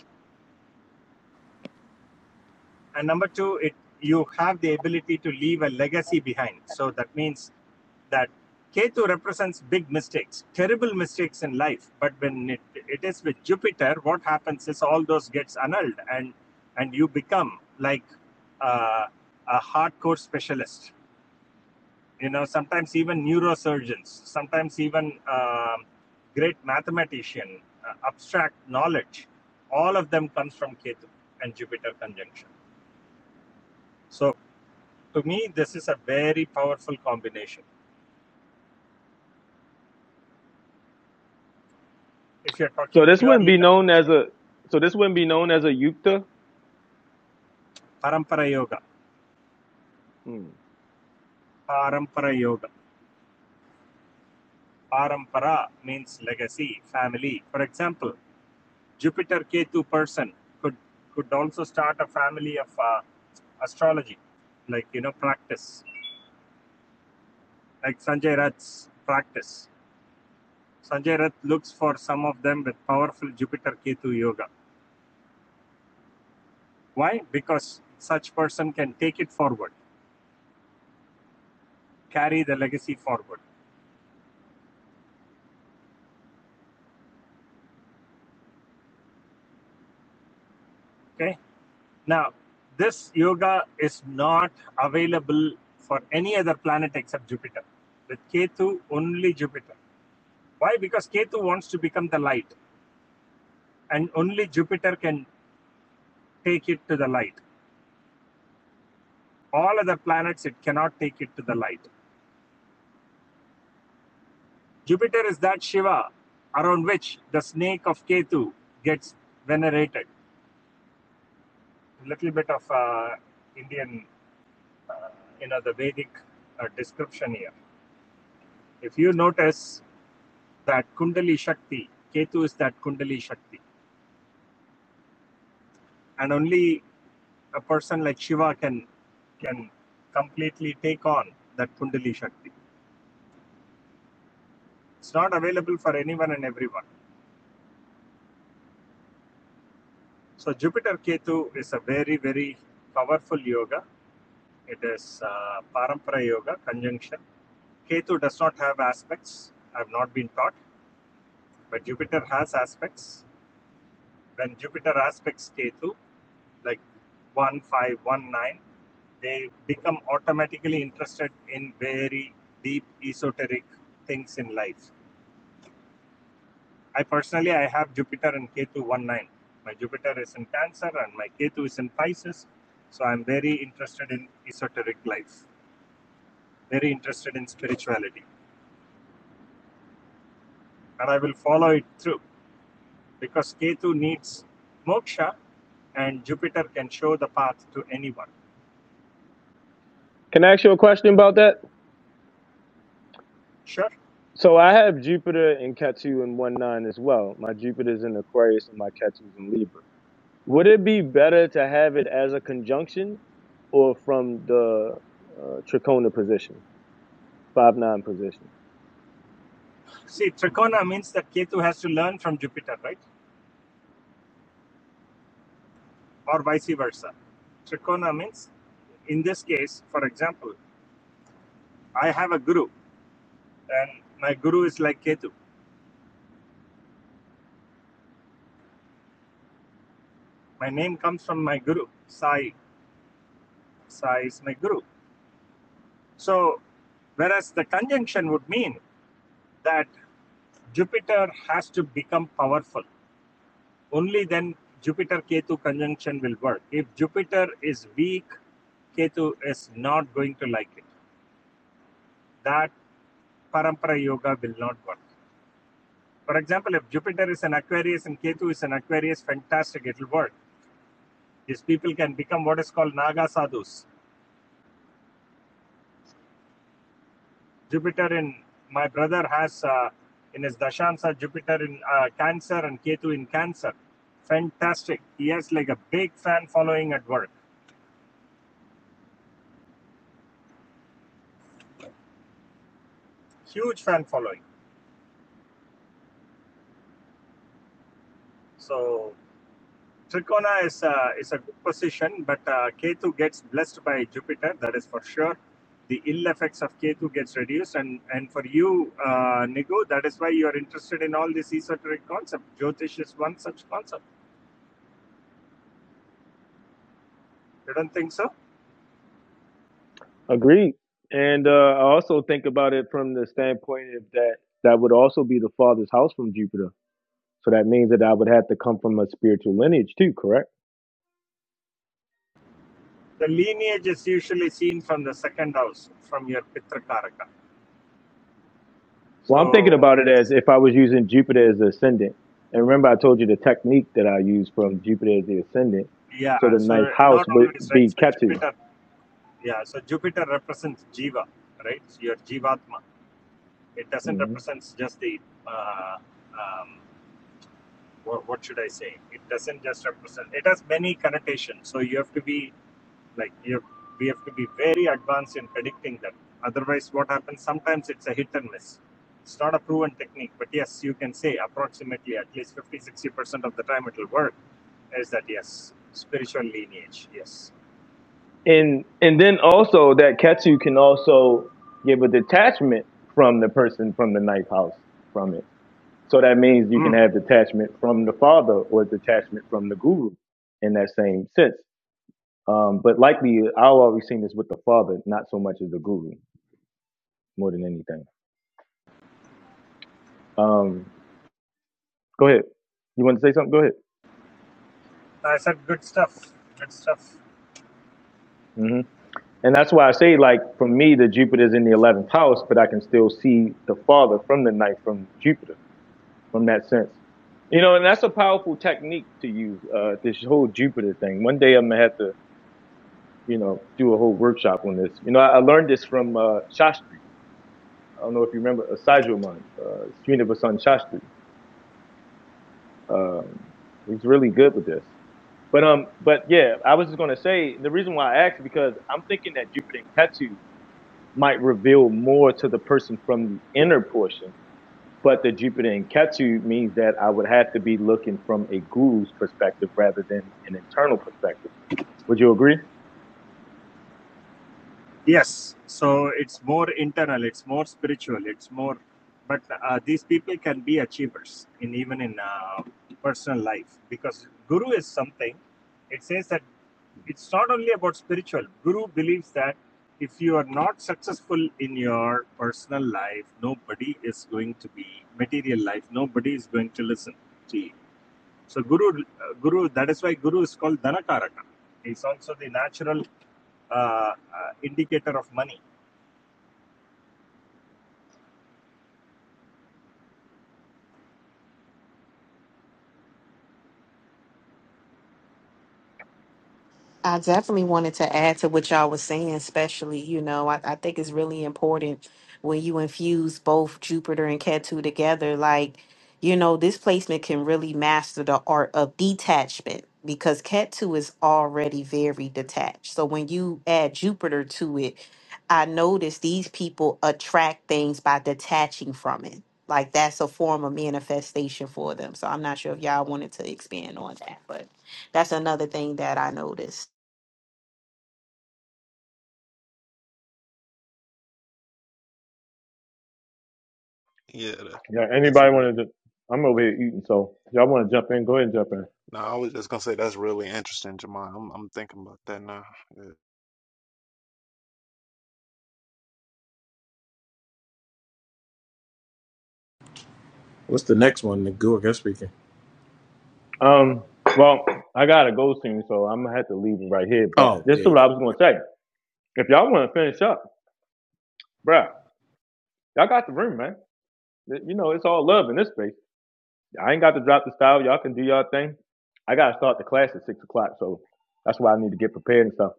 And number two, it you have the ability to leave a legacy behind. So that means that Ketu represents big mistakes, terrible mistakes in life. But when it, it is with Jupiter, what happens is all those gets annulled, and and you become like uh, a hardcore specialist. You know, sometimes even neurosurgeons, sometimes even um great mathematician, uh, abstract knowledge. All of them comes from Ketu and Jupiter conjunction. So to me, this is a very powerful combination. If you're
So
talking
this wouldn't
purely
be known as
conjunction,
a so this wouldn't be known as a yukta.
parampara yoga
Hmm.
Parampara Yoga. Parampara means legacy, family. For example, Jupiter Ketu person could could also start a family of uh, astrology, like you know practice, like Sanjay Rath's practice. Sanjay Rath looks for some of them with powerful Jupiter Ketu yoga. Why? Because such person can take it forward, carry the legacy forward. Okay Now, this yoga is not available for any other planet except Jupiter. With Ketu, only Jupiter. Why? Because Ketu wants to become the light, and only Jupiter can take it to the light. All other planets, it cannot take it to the light. Jupiter is that Shiva around which the snake of Ketu gets venerated. A little bit of uh, Indian, you know, the Vedic uh, description here. If you notice, that Kundali Shakti. Ketu is that Kundali Shakti. And only a person like Shiva can can completely take on that Kundali Shakti. It's not available for anyone and everyone. So Jupiter Ketu is a very, very powerful yoga. It is uh, Parampara yoga conjunction. Ketu does not have aspects. I have not been taught, but Jupiter has aspects. When Jupiter aspects Ketu, like 1519, they become automatically interested in very deep esoteric things in life. I personally, I have Jupiter and K2 one nine. My Jupiter is in Cancer and my K2 is in Pisces, so I'm very interested in esoteric life, very interested in spirituality, and I will follow it through because K2 needs moksha, and Jupiter can show the path to anyone.
Can I ask you a question about that?
Sure.
So I have Jupiter and Ketu in one nine as well. My Jupiter's in Aquarius and my Ketu's in Libra. Would it be better to have it as a conjunction or from the uh, Tricona position, five nine position?
See, Trikona means that Ketu has to learn from Jupiter, right? or vice versa. Trikona means, in this case, for example, I have a guru, and my guru is like Ketu. My name comes from my guru, Sai. Sai is my guru. So, whereas the conjunction would mean that Jupiter has to become powerful. Only then Jupiter Ketu conjunction will work. If Jupiter is weak, Ketu is not going to like it. That parampara yoga will not work. For example, if Jupiter is an Aquarius and Ketu is an Aquarius, fantastic, it'll work. These people can become what is called Naga sadhus. Jupiter in my brother has uh, in his Dashansa Jupiter in uh, Cancer and Ketu in Cancer. Fantastic. He has like a big fan following at work, huge fan following. So Trikona is a, is a good position, but uh, Ketu gets blessed by Jupiter, that is for sure. The ill effects of Ketu gets reduced, and, and for you, uh, Nigu, that is why you are interested in all this esoteric concept. Jyotish is one such concept. You don't think so?
Agreed. And uh, I also think about it from the standpoint of that that would also be the father's house from Jupiter. So that means that I would have to come from a spiritual lineage too, correct?
The lineage is usually seen from the second house, from your Pitrakaraka.
Well, I'm thinking
So
about
it
it as
is,
if I was using Jupiter as the ascendant. And remember, I told you the technique that I use from Jupiter as the ascendant.
yeah,
So the ninth
so
house
not
would
always, right?
be
So
Ketu.
Jupiter, yeah, so Jupiter represents Jiva, right? So Your Jivatma. It doesn't
hmm
represent just the, uh, um, what, what should I say? It doesn't just represent, it has many connotations. So you have to be like, you have, we have to be very advanced in predicting that. Otherwise, what happens? Sometimes it's a hit and miss. It's not a proven technique, but yes, you can say approximately at least fifty sixty percent of the time it will work. Is that yes? Spiritual lineage, yes.
And, and then also that Ketu can also give a detachment from the person from the ninth house from it. So that means you can
Mhm.
have detachment from the father or detachment from the guru in that same sense. Um, but likely, I've always seen this with the father, not so much as the guru, more than anything. Um, go ahead. You want to say something? Go ahead.
I said good stuff. Good stuff.
hmm And that's why I say, like, for me, the Jupiter's in the 11th house, but I can still see the father from the ninth, from Jupiter, from that sense. You know, and that's a powerful technique to use, uh, this whole Jupiter thing. One day I'm going to have to you know, do a whole workshop on this. You know, I, I learned this from uh, Shastri. I don't know if you remember uh, Sajoman, uh, Srinivasan Shastri. Um, he's really good with this. But um, but yeah, I was just gonna say the reason why I asked is because I'm thinking that Jupiter and Ketu might reveal more to the person from the inner portion, but the Jupiter and Ketu means that I would have to be looking from a guru's perspective rather than an internal perspective. Would you agree?
Yes, so it's more internal, it's more spiritual, it's more. But uh, these people can be achievers in even in uh, personal life because guru is something. It says that it's not only about spiritual. Guru believes that if you are not successful in your personal life, nobody is going to be material life. Nobody is going to listen to you. So guru, uh, guru. That is why guru is called Dhanakaraka. He's also the natural uh, uh, indicator of money
I definitely wanted to add to what y'all was saying, especially, you know, I, I think it's really important when you infuse both Jupiter and Ketu together. Like, you know, this placement can really master the art of detachment because Ketu is already very detached. So when you add Jupiter to it, I notice these people attract things by detaching from it. Like that's a form of manifestation for them. So I'm not sure if y'all wanted to expand on that, but that's another thing that I noticed.
Yeah, that-
Yeah,
that's
anybody
really
want to? just, I'm over here eating, so if y'all want to jump in? Go ahead and jump in.
No, I was just gonna say that's really interesting, Jamon. I'm I'm thinking about that now. Yeah.
What's the next one? The Gurga speaking.
Um, well, I got to go soon, so I'm gonna have to leave it right here. But
oh
this is
yeah
what I was gonna say. If y'all want to finish up, bruh, y'all got the room, man. You know, it's all love in this space. I ain't got to drop the style. Y'all can do y'all thing. I gotta start the class at six o'clock, so that's why I need to get prepared and stuff.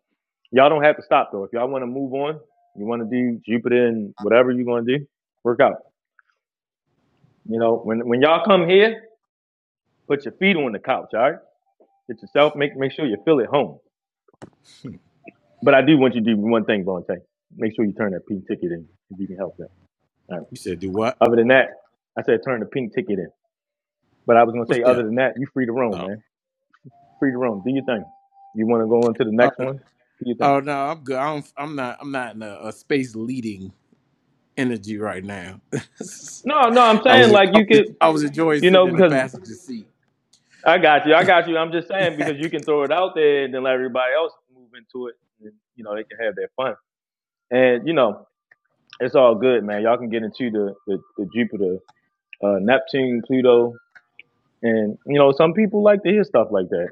Y'all don't have to stop though. If y'all want to move on, you want to do Jupiter and whatever you are going to do, work out. You know, when when y'all come here, put your feet on the couch, all right? Get yourself. Make make sure you feel at home. But I do want you to do one thing, Vontae. Make sure you turn that pink ticket in if you can help that. All right.
You said do what?
Other than that, I said turn the pink ticket in. But I was gonna
What's
say, other
that?
than that, you free to roam,
Oh,
man. Free to roam. Do your thing. You want to go on to the
oh,
next one? Do your thing.
oh no, I'm good. I'm I'm not I'm not in a, a space leading energy right now.
No, no, I'm
I
saying
was
like
I
you
was
could,
I was enjoying
you know,
sitting in the
because
passenger seat.
I got you, I got you. I'm just saying because you can throw it out there and then let everybody else move into it, and you know they can have their fun. And you know, it's all good, man. Y'all can get into the the, the Jupiter, uh, Neptune, Pluto, And you know, some people like to hear stuff like that.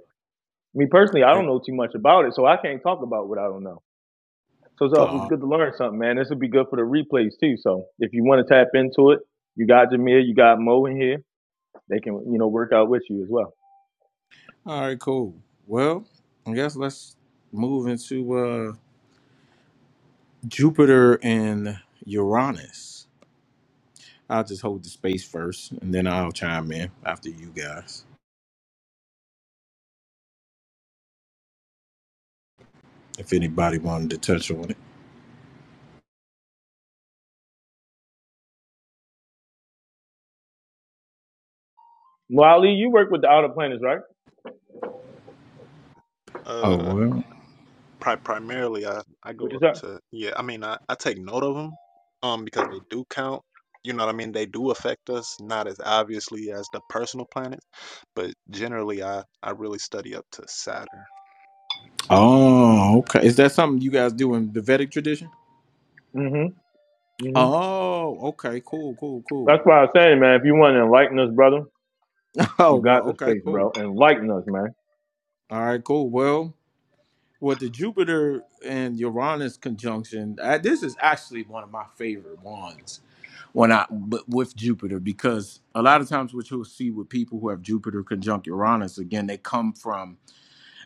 Me personally, I don't know too much about it, so I can't talk about what I don't know. So it's always
Oh,
good to learn something, man. This would be good for the replays too. So if you want to tap into it, you got Jameer, you got Mo in here. They can, you know, work out with you as well.
all right, cool. Well, I guess let's move into uh, Jupiter and Uranus. I'll just hold the space first, and then I'll chime in after you guys if anybody wanted to touch on it.
Wally, you work with the Outer Planets, right?
Oh
Uh,
well.
Pri primarily, I I
Which
go
is
up
up.
to yeah, I mean, I I take note of them, um, because they do count, you know what I mean? They do affect us, not as obviously as the personal planets, but generally, I I really study up to Saturn.
Oh, okay. Is that something you guys do in the Vedic tradition?
Mm-hmm. Mm-hmm.
Oh, okay. Cool, cool,
That's
cool.
why I say, man, if you want to enlighten us, brother,
Oh,
you
well,
got the
okay,
space,
cool.
bro. Enlighten us, man.
All right, cool. Well, with the Jupiter and Uranus conjunction, I, this is actually one of my favorite ones when I but with Jupiter because a lot of times what you'll see with people who have Jupiter conjunct Uranus again, they come from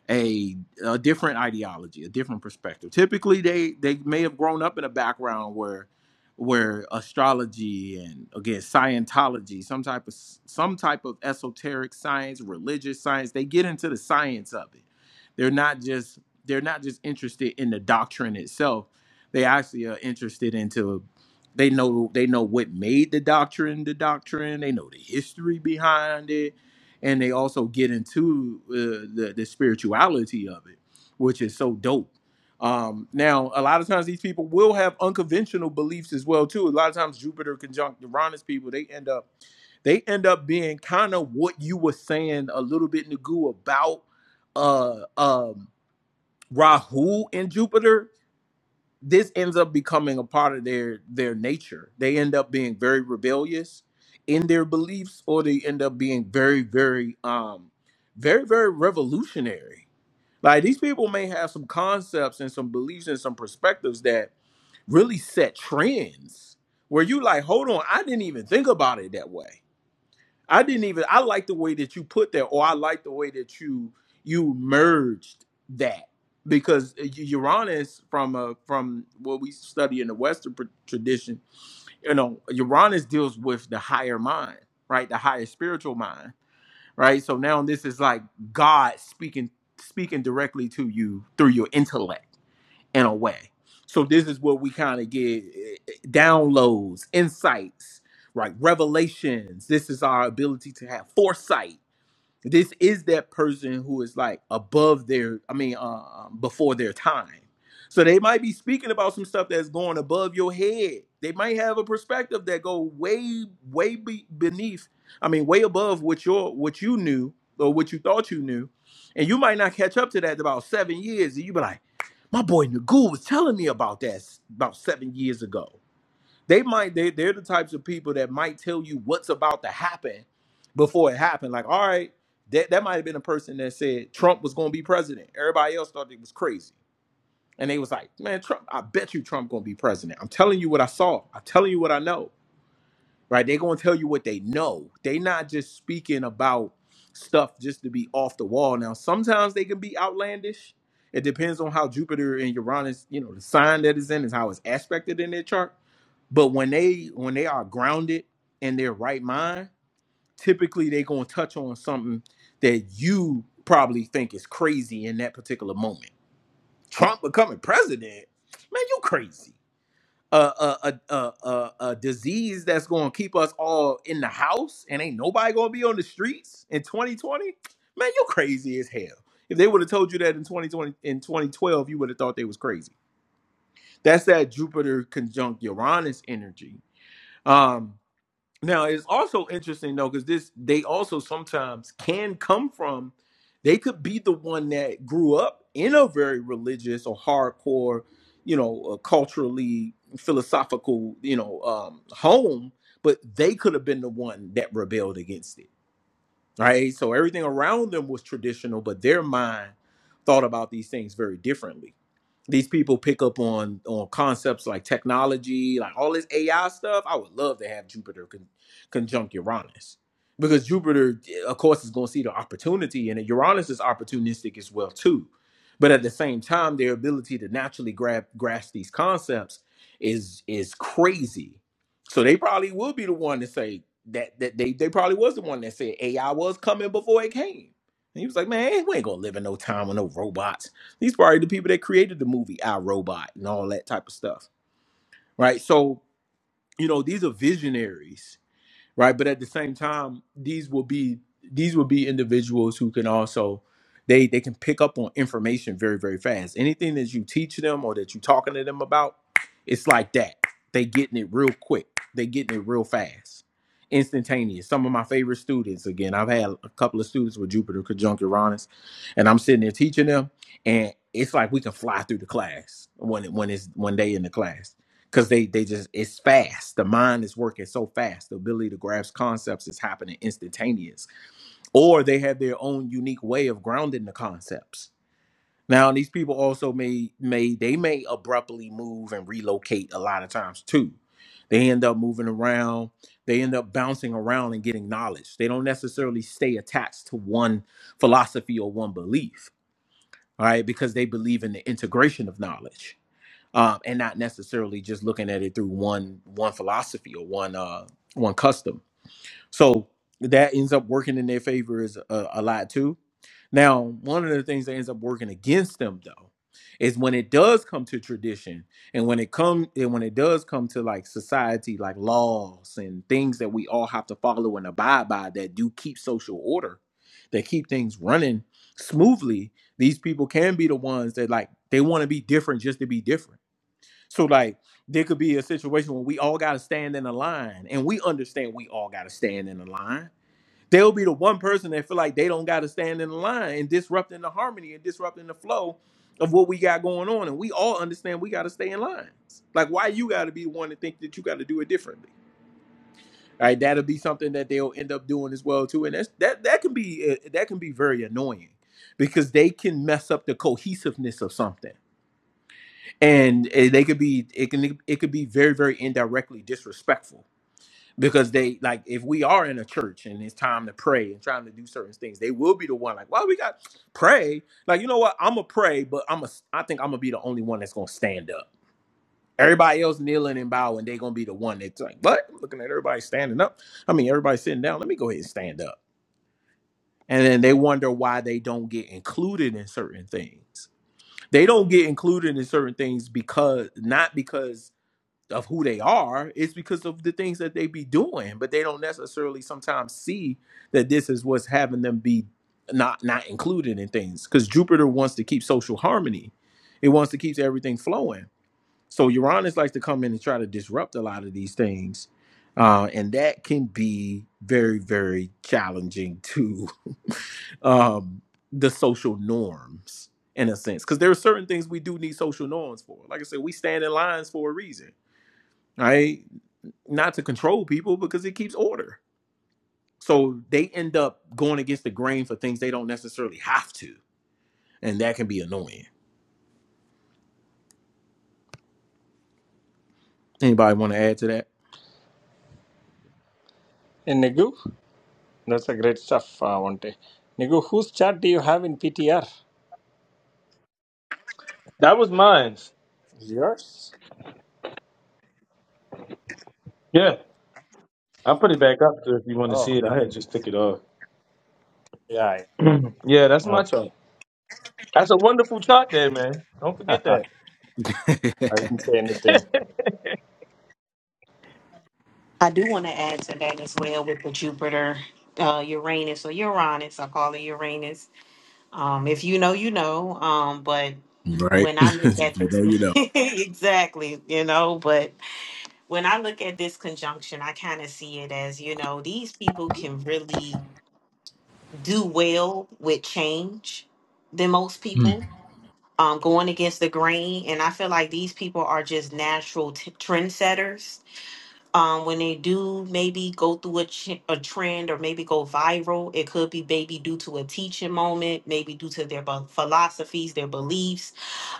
a, a different ideology, a different perspective. Typically, they they may have grown up in a background where where astrology and again Scientology, some type of some type of esoteric science, religious science, they get into the science of it. They're not just they're not just interested in the doctrine itself. They actually are interested into they know they know what made the doctrine the doctrine. They know the history behind it and they also get into uh, the the spirituality of it, which is so dope. Um, now, a lot of times these people will have unconventional beliefs as well too. A lot of times Jupiter conjunct Uranus people, they end up they end up being kind of what you were saying a little bit Nagu about uh um Rahu and Jupiter this ends up becoming a part of their their nature. They end up being very rebellious in their beliefs, or they end up being very, very, um, very, very revolutionary. Like these people may have some concepts and some beliefs and some perspectives that really set trends where you like, hold on, I didn't even think about it that way I didn't even I like the way that you put that, or I like the way that you you merged that because Uranus from a from what we study in the Western pr- tradition, you know, Uranus deals with the higher mind, right, the higher spiritual mind, right. So now this is like God speaking speaking directly to you through your intellect in a way, So this is where we kind of get eh, eh, downloads, insights, right? Revelations. This is our ability to have foresight this is that person who is like above their, I mean, uh, um, before their time. So they might be speaking about some stuff that's going above your head. They might have a perspective that go way, way be beneath. I mean, way above what your what you knew or what you thought you knew, and you might not catch up to that in about seven years. And you be like, my boy Nagu was telling me about that about seven years ago. They might they they're the types of people that might tell you what's about to happen before it happened. Like, all right, that that might have been a person that said Trump was going to be president. Everybody else thought it was crazy, and they was like, man, Trump. I bet you Trump going to be president. I'm telling you what I saw. I'm telling you what I know. Right? They're going to tell you what they know. They not just speaking about stuff just to be off the wall. Now, sometimes they can be outlandish. It depends on how Jupiter and Uranus, you know, the sign that is in is how it's aspected in their chart but when they when they are grounded in their right mind, typically they're gonna touch on something that you probably think is crazy in that particular moment. Trump becoming president, man, you crazy. A a a a, a, a disease that's gonna keep us all in the house and ain't nobody gonna be on the streets in 2020, man, you crazy as hell. If they would have told you that in 2020 in 2012, you would have thought they was crazy. That's that Jupiter conjunct Uranus energy. Um, Now it's also interesting though, because this they also sometimes can come from. They could be the one that grew up in a very religious or hardcore, you know, uh, culturally philosophical, you know, um, home, but they could have been the one that rebelled against it, right? So everything around them was traditional, but their mind thought about these things very differently these people pick up on on concepts like technology, like all this AI stuff. I would love to have Jupiter con- conjunct Uranus because Jupiter, of course, is going to see the opportunity, and Uranus is opportunistic as well too. But at the same time, their ability to naturally grab grasp these concepts is is crazy. So they probably will be the one to say that that they they probably was the one that said AI was coming before it came. And he was like, man, we ain't gonna live in no time with no robots these probably the people that created the movie I Robot and all that type of stuff, right? So you know these are visionaries right? But at the same time, these will be these will be individuals who can also they they can pick up on information very very fast. Anything that you teach them or that you're talking to them about, it's like that. They getting it real quick. They getting it real fast, instantaneous. Some of my favorite students. Again, I've had a couple of students with Jupiter conjunct Uranus, and I'm sitting there teaching them, and it's like we can fly through the class when it, when it's when they in the class because they they just it's fast the mind is working so fast the ability to grasp concepts is happening instantaneous or they have their own unique way of grounding the concepts now these people also may may they may abruptly move and relocate a lot of times too they end up moving around they end up bouncing around and getting knowledge they don't necessarily stay attached to one philosophy or one belief all right because they believe in the integration of knowledge um, and not necessarily just looking at it through one one philosophy or one uh, one custom. So that ends up working in their favor is a, a lot too. Now, one of the things that ends up working against them though is when it does come to tradition and when it come and when it does come to like society like laws and things that we all have to follow and abide by that do keep social order that keep things running smoothly these people can be the ones that like they want to be different just to be different so like there could be a situation where we all gotta stand in a line and we understand we all gotta stand in a line. There'll be the one person that feel like they don't gotta stand in a line and disrupting the harmony and disrupting the flow of what we got going on. And we all understand we gotta stay in lines. Like why you gotta be the one to think that you gotta do it differently. All right, that'll be something that they'll end up doing as well too. And that's that that can be uh, that can be very annoying because they can mess up the cohesiveness of something and eh, they could be it can it could be very very indirectly disrespectful because they like if we are in a church and it's time to pray and trying to do certain things they will be the one like well we got pray like you know what i'm gonna pray but i'm a i think i'm gonna be the only one that's gonna stand up everybody else kneeling and bowing they gonna be the one that's like but i'm looking at everybody standing up i mean everybody sitting down let me go ahead and stand up and then they wonder why they don't get included in certain things they don't get included in certain things because not because of who they are it's because of the things that they be doing but they don't necessarily sometimes see that this is what's having them be not not included in things because jupiter wants to keep social harmony it wants to keep everything flowing so uranus likes to come in and try to disrupt a lot of these things uh, and that can be very very challenging to um, the social norms in a sense because there are certain things we do need social norms for like i said we stand in lines for a reason right? not to control people because it keeps order. So they end up going against the grain for things they don't necessarily have to, and that can be annoying. Anybody want to add to
And Nigu, that's a great stuff, uh, Vante. Nigu, whose chart do you have in PTR?
That was mine.
Yours?
Yeah. I'll put it back up too if you want to
Oh,
see it. I had just took it off.
yeah. yeah.
yeah, that's my
Okay.
chart. That's a wonderful chart there, man. Don't forget that.
I
that?
didn't say anything.
I do want to add to that as well with the Jupiter, uh, Uranus, or Uranus. I call it Uranus. Um, if you know, you know. Um, but
Right?
when I look
if
at
you
this,
know, you know.
exactly, you know, but when I look at this conjunction, I kind of see it as, you know, these people can really do well with change than most
Mm.
people. Um, going against the grain, and I feel like these people are just natural t- trendsetters um, when they do maybe go through a, ch- a trend or maybe go viral, it could be maybe due to a teaching moment, maybe due to their bu- philosophies, their beliefs.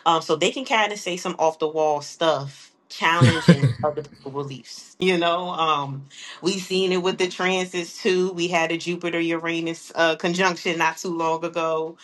Um, so they can kind of say some off the wall stuff, challenging other people's beliefs. You know, um, we've seen it with the transits too. We had a Jupiter Uranus uh, conjunction not too long ago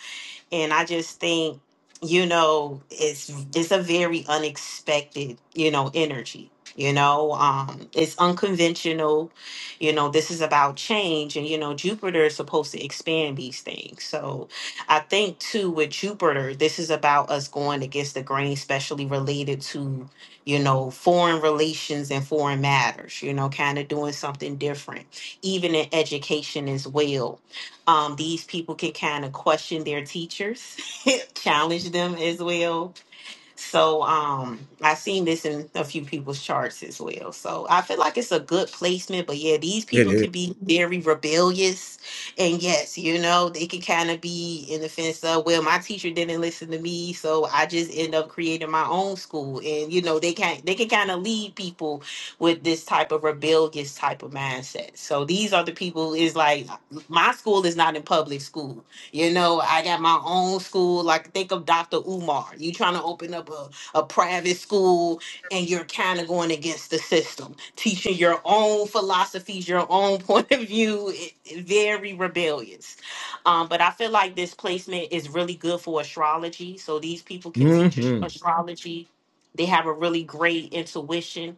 and I just think you know it's it's a very unexpected you know energy you know um it's unconventional you know this is about change and you know jupiter is supposed to expand these things so i think too with jupiter this is about us going against the grain especially related to you know foreign relations and foreign matters you know kind of doing something different even in education as well um, these people can kind of question their teachers, challenge them as well. So um I seen this in a few people's charts as well. So I feel like it's a good placement, but yeah, these
it
people
is.
could be very rebellious. And yes, you know, they could kind of be in the fence of, well, my teacher didn't listen to me, so I just end up creating my own school. And you know, they can they can kind of lead people with this type of rebellious type of mindset. So these are the people is like my school is not in public school you know, I got my own school. Like, think of Dr. Umar. You trying to open up a, a private school and you're kind of going against the system, teaching your own philosophies, your own point of view. It, it- very rebellious. Um, but I feel like this placement is really good for astrology. So these people can teach as-
Mm-hmm.
astrology. They have a really great intuition.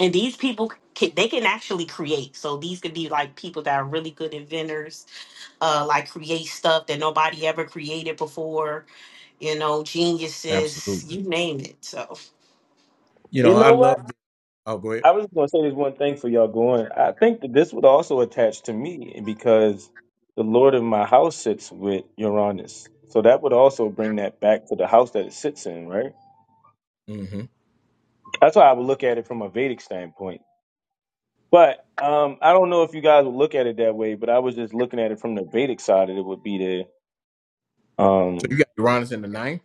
And these people, can, they can actually create. So these could be like people that are really good inventors uh, like create stuff that nobody ever created before. You know, geniuses,
Absolutely.
you name it. So I'm
You
You
know, I
know what?
love. The, oh, go ahead.
I was gonna say this one thing for y'all going. I think that this would also attach to me because the Lord of my house sits with Uranus. So that would also bring that back to the house that it sits in, right?
Mm-hmm.
That's why I would look at it from a Vedic standpoint But um, I don't know if you guys would look at it that way, but I was just looking at it from the Vedic side. and It would be the
So you
um,
got Uranus in the ninth.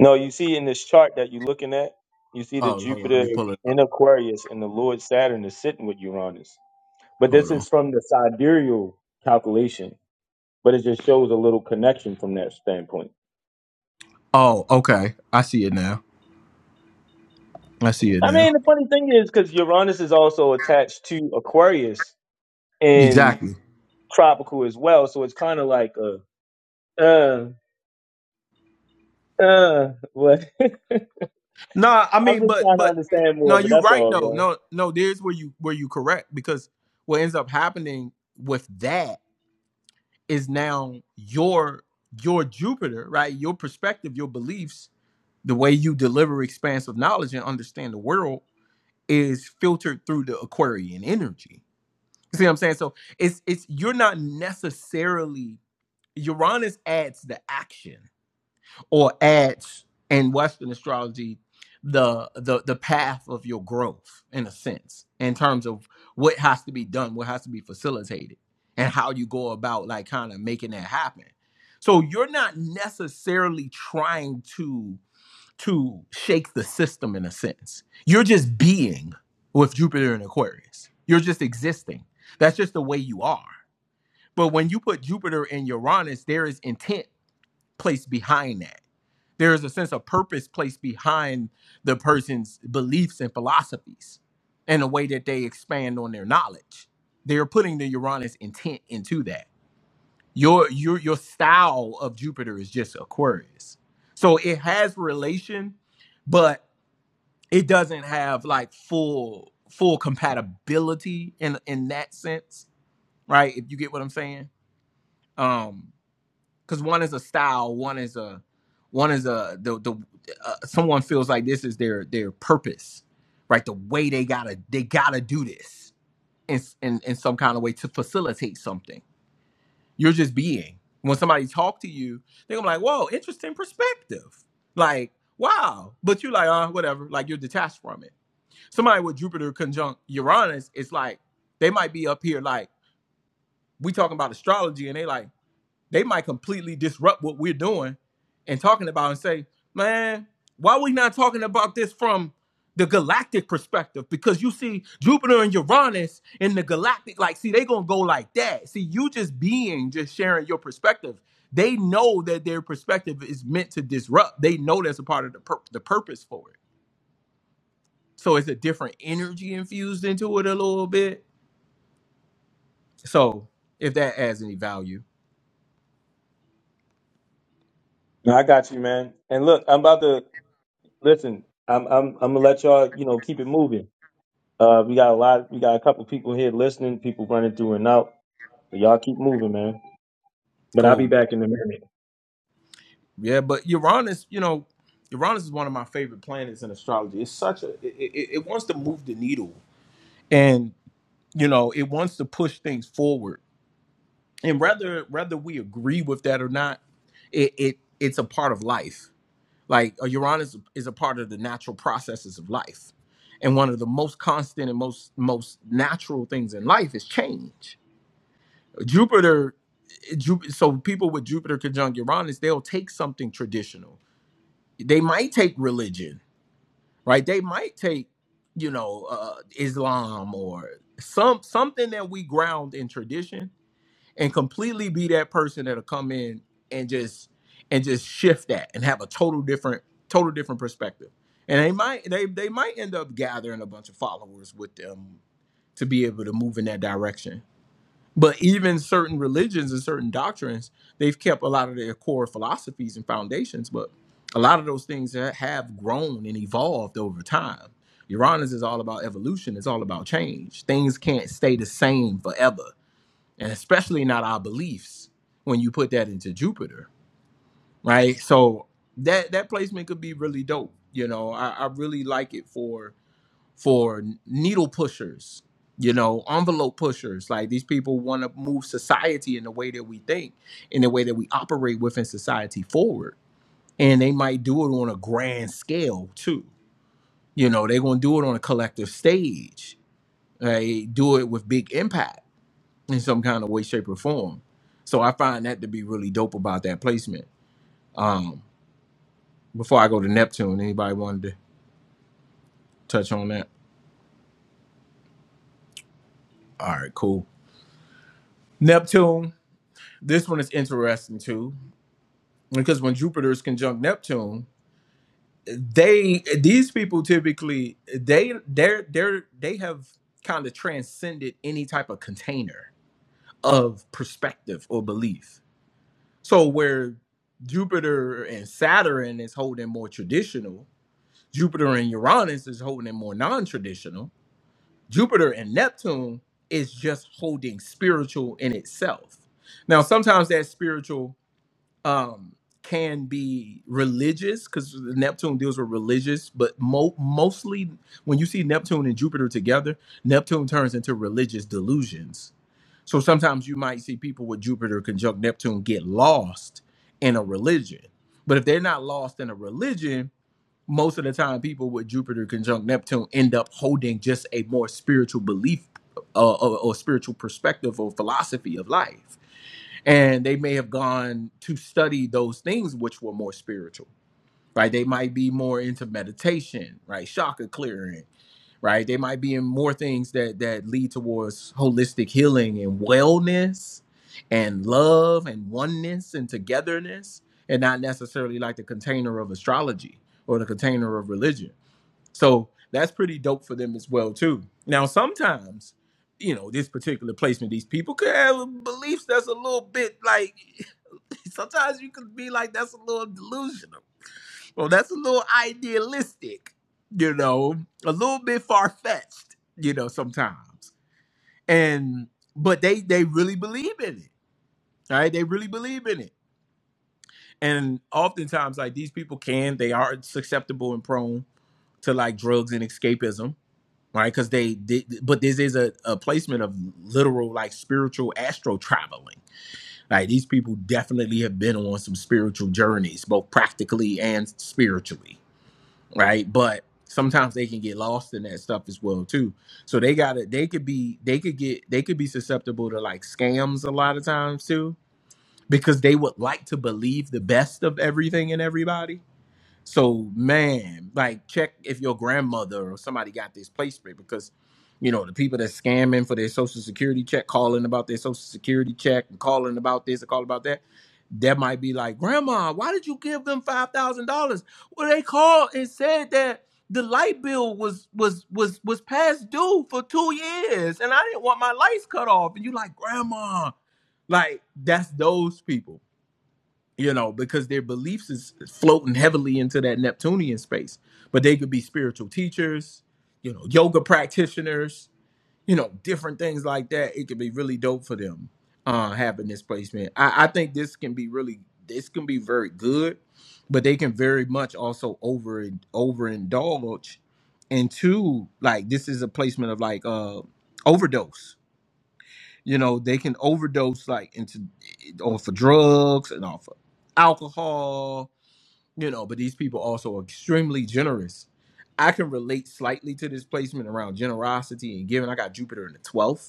no, you start that you're looking at. You see the
Oh, hold on. Let
Jupiter
me
is
pull it
in
up.
Aquarius and the Lord Saturn is sitting with Uranus. But
Hold
this
on.
is from the sidereal calculation, but it's just show connect standpoint.
Oh, okay. I see it now. I see it
I mean,
now.
the funny thing is because Uranus is also attached to Aquarius in
Exactly.
tropical as well, so it's kind of like a uh uh what.
Nah, I
I'm
mean,
just
but
trying to
but
understand more
no,
of it.
you are
That's
right
all,
though.
bro.
No, no, there's where you where you correct because what ends up happening with that is now your your Jupiter, right? Your perspective, your beliefs, the way you deliver expansive knowledge and understand the world is filtered through the Aquarian energy. See what I'm saying? So it's it's you're not necessarily Uranus adds the action or adds in Western astrology the the the path of your growth in a sense in terms of what has to be done, what has to be facilitated, and how you go about like kind of making that happen. So you're not necessarily trying to to shake the system in a sense. You're just being with Jupiter in Aquarius. You're just existing. That's just the way you are. But when you put Jupiter in Uranus, there is intent placed behind that there is a sense of purpose placed behind the person's beliefs and philosophies and the way that they expand on their knowledge. They're putting the Uranus intent into that. Your your your style of Jupiter is just Aquarius. So it has relation, but it doesn't have like full full compatibility in in that sense, right? If you get what I'm saying. Um because one is a style, one is a one is a the the uh, someone feels like this is their their purpose, right? The way they gotta they gotta do this in in, in some kind of way to facilitate something. You're just being. When somebody talk to you, they're gonna be like, "Whoa, interesting perspective." Like, wow, but you like, uh, whatever. Like you're detached from it. Somebody with Jupiter conjunct Uranus, it's like they might be up here like we talking about astrology, and they like they might completely disrupt what we're doing and talking about and say, man, why are we not talking about this from the galactic perspective? Because you see Jupiter and Uranus in the galactic, like, see, they gonna go like that. See, you just being, just sharing your perspective. They know that their perspective is meant to disrupt. They know that's a part of the pur- the purpose for it. So it's a different energy infused into it a little bit. So if that adds any value,
No, I got you, man. And look, I'm about to listen. I'm I'm I'm gonna let y'all, you know, keep it moving. Uh, we got a lot. We got a couple people here listening. People running through and out. But y'all keep moving, man. But I'll be
cool.
back in a minute.
Yeah, but Uranus, you know, Uranus is one of my favorite planets in astrology. It's such a it, it, it wants to move the needle, and you know, it wants to push things forward. And whether whether we agree with that or not, it, it it's a part of life. Like a Uranus is a part of the natural processes of life, and one of the most constant and most most natural things in life is change. Jupiter, Jupiter. So people with Jupiter conjunct Uranus, they'll take something traditional. They might take religion right? They might take, you know, uh, Islam or some something that we ground in tradition and completely be that person that'll come in and just and just shift that and have a total different total different perspective. And they might they they might end up gathering a bunch of followers with them to be able to move in that direction. But even certain religions and certain doctrines, they've kept a lot of their core philosophies and foundations, but a lot of those things ha- have grown and evolved over time. Uranus is all about evolution, it's all about change. Things can't stay the same forever, and especially not our beliefs when you put that into Jupiter, right? So that that placement could be really dope. You know, I, I really like it for for needle pushers, you know, envelope pushers. Like these people want to move society in the way that we think, in the way that we operate within society forward. And they might do it on a grand scale too. You know, they're going to do it on a collective stage, they do it with big impact in some kind of way, shape, or form. So I find that to be really dope about that placement. Um, before I go to Neptune, anybody wanted to touch on that? All right, cool. Neptune, this one is interesting too because when Jupiter is conjunct Neptune, they these people typically they they're they're they have kind of transcended any type of container of perspective or belief. So where Jupiter and Saturn is holding more traditional, Jupiter and Uranus is holding more non-traditional. Jupiter and Neptune is just holding spiritual in itself. Now sometimes that spiritual um can be religious because Neptune deals with religious, but mo- mostly when you see Neptune and Jupiter together, Neptune turns into religious delusions. So sometimes you might see people with Jupiter conjunct Neptune get lost in a religion. But if they're not lost in a religion, most of the time people with Jupiter conjunct Neptune end up holding just a more spiritual belief uh, or, or spiritual perspective or philosophy of life and they may have gone to study those things which were more spiritual right they might be more into meditation right chakra clearing right they might be in more things that that lead towards holistic healing and wellness and love and oneness and togetherness and not necessarily like the container of astrology or the container of religion so that's pretty dope for them as well too. Now sometimes, you know, this particular placement, these people could have beliefs that's a little bit like. Sometimes you could be like, that's a little delusional, Well, that's a little idealistic, you know, a little bit far fetched, you know, sometimes. And but they they really believe in it, right? They really believe in it, and oftentimes like these people can they are susceptible and prone to like drugs and escapism right? Because they, they, but this is a, a placement of literal, like spiritual astro traveling. Like these people definitely have been on some spiritual journeys, both practically and spiritually, right? But sometimes they can get lost in that stuff as well too. So they gotta, they could be, they could get, they could be susceptible to like scams a lot of times too, because they would like to believe the best of everything and everybody so man, like check if your grandmother or somebody got this placement because you know the people that scamming for their social security check, calling about their social security check and calling about this and calling about that. That might be like, Grandma, why did you give them five thousand dollars? Well, they called and said that the light bill was was was was past due for two years, and I didn't want my lights cut off. And you like, Grandma, like that's those people you know, because their beliefs is floating heavily into that Neptunian space. But they could be spiritual teachers, you know, yoga practitioners, you know, different things like that. It could be really dope for them uh having this placement. I, I think this can be really this can be very good, but they can very much also over overindulge into like this is a placement of like uh overdose you know, they can overdose like into eh, off of drugs and off of alcohol, you know, but these people also are extremely generous. I can relate slightly to this placement around generosity and giving. I got Jupiter in the 12th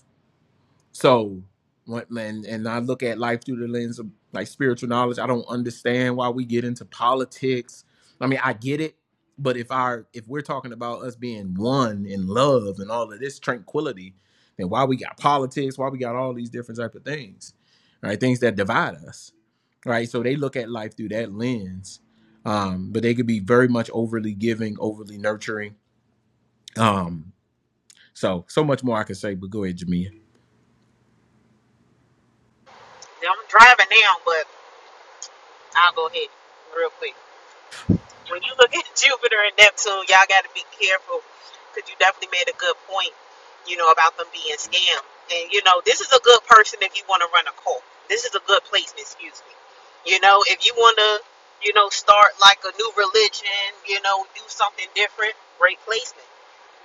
so, when, and, and I look at life through the lens of like spiritual knowledge, I don't understand why we get into politics. I mean, I get it, but if our if we're talking about us being one in love and all of this tranquility, then why we got politics? Why we got all these different type of things, right? Things that divide us, right? So they look at life through that lens, um, but they could be very much overly giving, overly nurturing. Um, so so much more I could say, but go ahead, Jamia.
driving now, but I'll go ahead real quick. When you look at Jupiter and Neptune, y'all got to be careful because you definitely made a good point, you know, about them being scammed. And, you know, this is a good person if you want to run a cult. This is a good placement, excuse me. You know, if you want to, you know, start like a new religion, you know, do something different, great placement.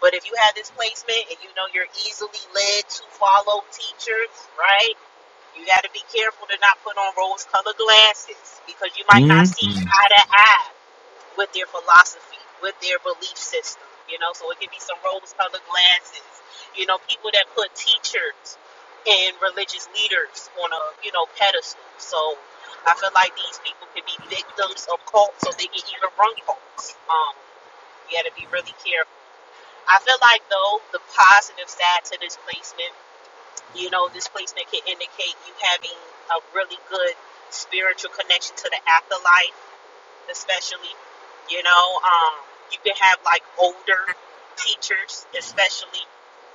But if you have this placement and you know you're easily led to follow teachers, right? You got to be careful to not put on rose colored glasses because you might not see
Mhm.
eye to eye with their philosophy, with their belief system. You know, so it could be some rose colored glasses. You know, people that put teachers and religious leaders on a, you know, pedestal. So I feel like these people could be victims of cults so they can even run cults. Um, you gotta be really careful. I feel like though the positive side to this placement, you know, this placement can indicate you having a really good spiritual connection to the afterlife especially. You know, um, you can have like older teachers, especially.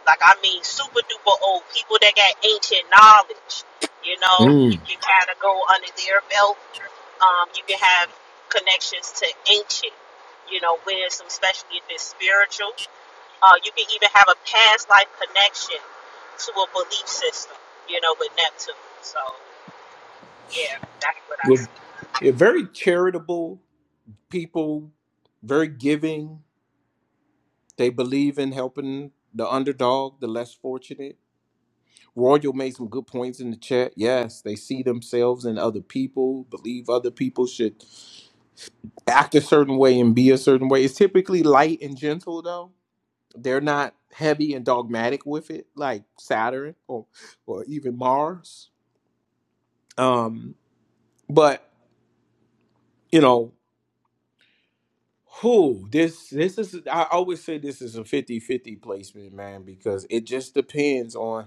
Like, I mean, super duper old people that got ancient knowledge. You know, you can kind of go under their belt. Um, you can have connections to ancient, you know, wisdom, especially if it's spiritual. Uh, you can even have a past life connection to a belief system, you know, with Neptune. So, yeah, that's what I
You're,
see.
you're very charitable people, very giving. They believe in helping the underdog, the less fortunate. Royal made some good points in the chat. Yes, they see themselves in other people, believe other people should act a certain way and be a certain way. It's typically light and gentle though. They're not heavy and dogmatic with it, like Saturn or or even Mars. Um, but you know, Who this this is I always say this is a fifty-fifty placement, man, because it just depends on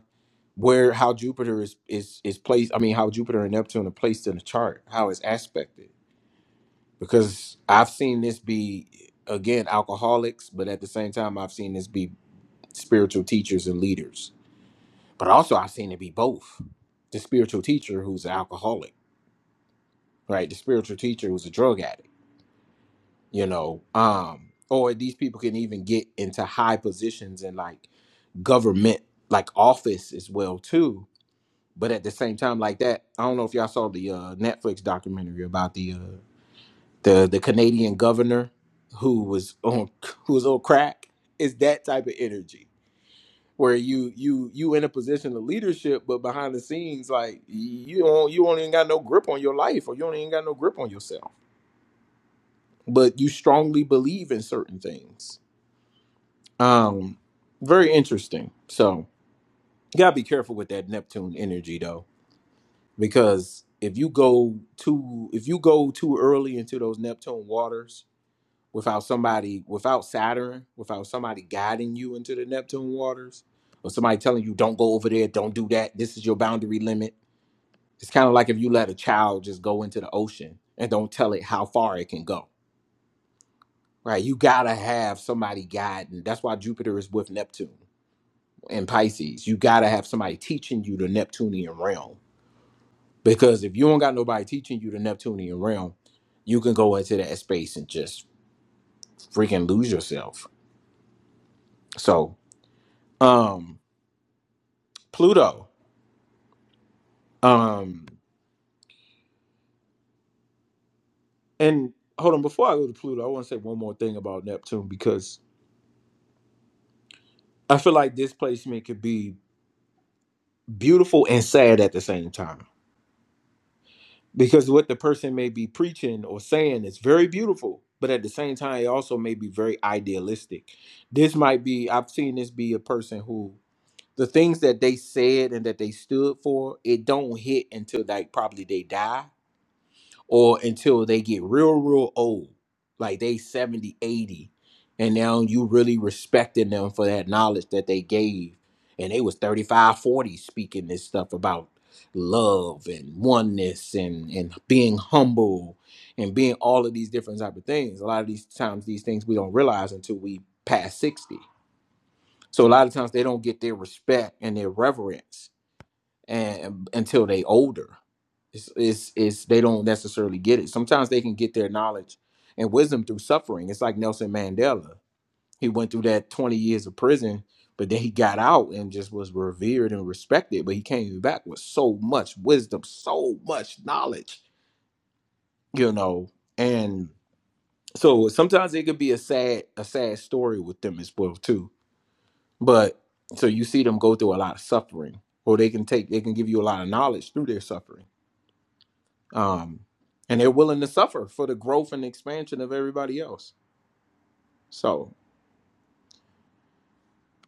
where how Jupiter is is is placed. I mean, how Jupiter and Neptune are placed in the chart, how it's aspected. Because I've seen this be again alcoholics, but at the same time, I've seen this be spiritual teachers and leaders. But also, I've seen it be both. The spiritual teacher who's an alcoholic, right? The spiritual teacher who's a drug addict you know um or these people can even get into high positions in like government like office as well too but at the same time like that i don't know if y'all saw the uh netflix documentary about the uh the the canadian governor who was on who was on crack it's that type of energy where you you you in a position of leadership but behind the scenes like you don't you don't even got no grip on your life or you don't even got no grip on yourself but you strongly believe in certain things Um, very interesting. So you gotta be careful with that Neptune energy though, because if you go too if you go too early into those Neptune waters without somebody without Saturn, without somebody guiding you into the Neptune waters, or somebody telling you don't go over there, don't do that, this is your boundary limit. It's kind of like if you let a child just go into the ocean and don't tell it how far it can go. Right? You gotta have somebody guiding. That's why Jupiter is with Neptune. in Pisces, you gotta have somebody teaching you the Neptunian realm. Because if you don't got nobody teaching you the Neptunian realm, you can go into that space and just freaking lose yourself. So, um, Pluto. Um, and hold on, before I go to Pluto, I want to say one more thing about Neptune because I feel like this placement could be beautiful and sad at the same time. because what the person may be preaching or saying is very beautiful but at the same time it also may be very idealistic this might be i've seen this be a person who the things that they said and that they stood for it don't hit until like probably they die or until they get real real old like they 70, 80, and now you really respecting them for that knowledge that they gave and they was 35, 40 speaking this stuff about love and oneness and and being humble and being all of these different type of things a lot of these times these things we don't realize until we pass 60 so a lot of times they don't get their respect and their reverence and until they older it's, it's it's they don't necessarily get it sometimes they can get their knowledge and wisdom through suffering it's like nelson mandela he went through that 20 years of prison but then he got out and just was revered and respected but he came back with so much wisdom so much knowledge you know and so sometimes it could be a sad a sad story with them as well too but so you see them go through a lot of suffering or they can take they can give you a lot of knowledge through their suffering um, and they're willing to suffer for the growth and expansion of everybody else. So,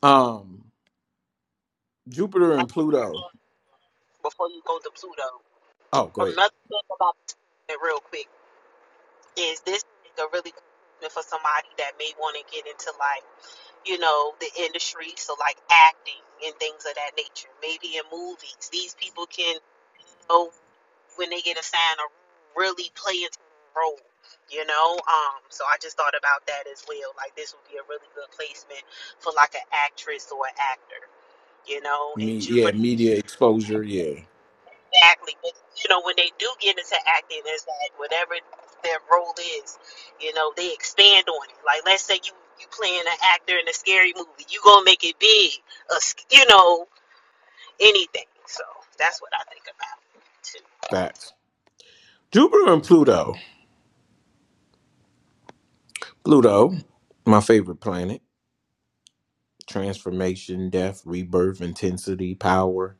um, Jupiter and Pluto.
Before you go to Pluto.
Oh, go ahead.
another thing about it real quick is this a really good investment for somebody that may want to get into like you know the industry so like acting and things of that nature maybe in movies these people can oh when they get assigned a really play into the role you know um so i just thought about that as well like this would be a really good placement for like an actress or an actor you know and
Me,
Jupiter.
yeah, media exposure. Yeah,
Exactly. But you know, when they do get into acting, is that whatever their role is, you know, they expand on it. Like let's say you you playing an actor in a scary movie, you gonna make it big, a, sc- you know, anything. So that's what I think about too.
facts. Jupiter and Pluto. Pluto, my favorite planet. Transformation, death, rebirth, intensity, power.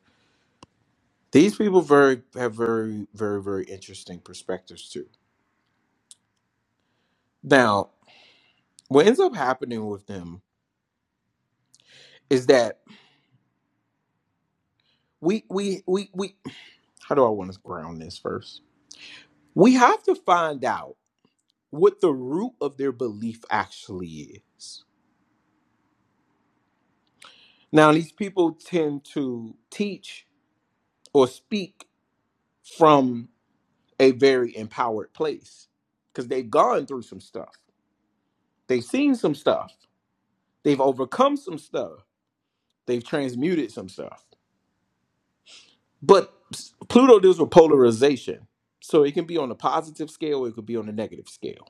These people very have very, very, very interesting perspectives too. Now, what ends up happening with them is that we we we we. How do I want to ground this first? We have to find out what the root of their belief actually is. Now, these people tend to teach or speak from a very empowered place because they've gone through some stuff, they've seen some stuff, they've overcome some stuff, they've transmuted some stuff. But Pluto deals with polarization. So it can be on a positive scale, or it could be on a negative scale.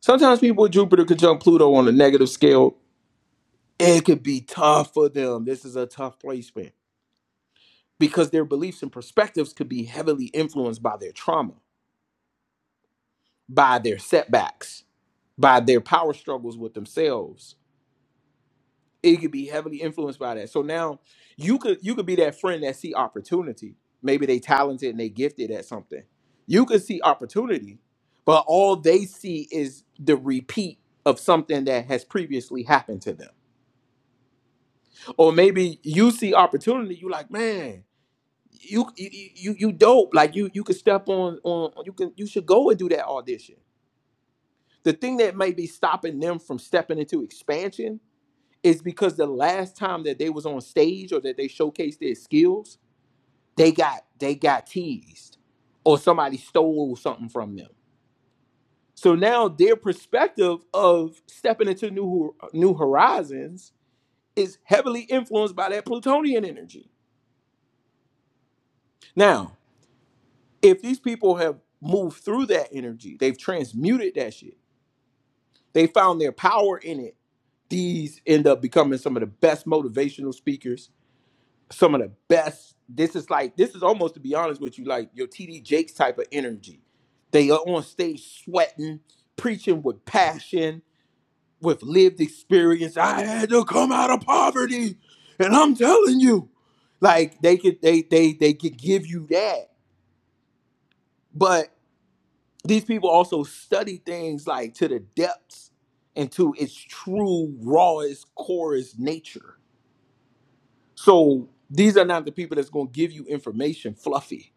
Sometimes people with Jupiter conjunct Pluto on a negative scale, it could be tough for them. This is a tough placement because their beliefs and perspectives could be heavily influenced by their trauma, by their setbacks, by their power struggles with themselves. It could be heavily influenced by that. So now you could you could be that friend that see opportunity. Maybe they talented and they gifted at something. You could see opportunity, but all they see is the repeat of something that has previously happened to them. Or maybe you see opportunity, you like, man, you you you you dope. Like you you could step on on you can you should go and do that audition. The thing that may be stopping them from stepping into expansion is because the last time that they was on stage or that they showcased their skills, they got they got teased or somebody stole something from them. So now their perspective of stepping into new new horizons is heavily influenced by that plutonian energy. Now. if these people have moved through that energy, they've transmuted that shit, they found their power in it, these end up becoming some of the best motivational speakers, some of the best. This is like, this is almost to be honest with you, like your TD Jakes type of energy. They are on stage sweating, preaching with passion, with lived experience. I had to come out of poverty, and I'm telling you, like they could, they they they could give you that. but. these people also study things like to the depths and to its true rawest corest nature so these are not the people that's going to give you information fluffy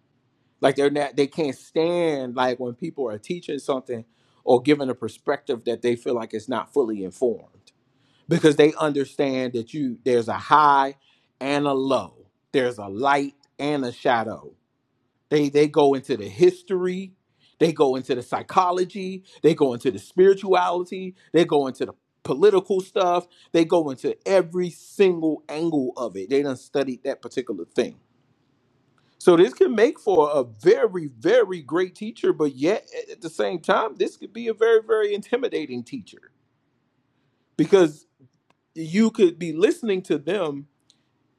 like they're not they can't stand like when people are teaching something or giving a perspective that they feel like it's not fully informed because they understand that you there's a high and a low there's a light and a shadow they they go into the history, they go into the psychology, they go into the spirituality, they go into the political stuff, they go into every single angle of it. They done studied that particular thing. So this can make for a very, very great teacher, but yet a- at the same time, this could be a very, very intimidating teacher because you could be listening to them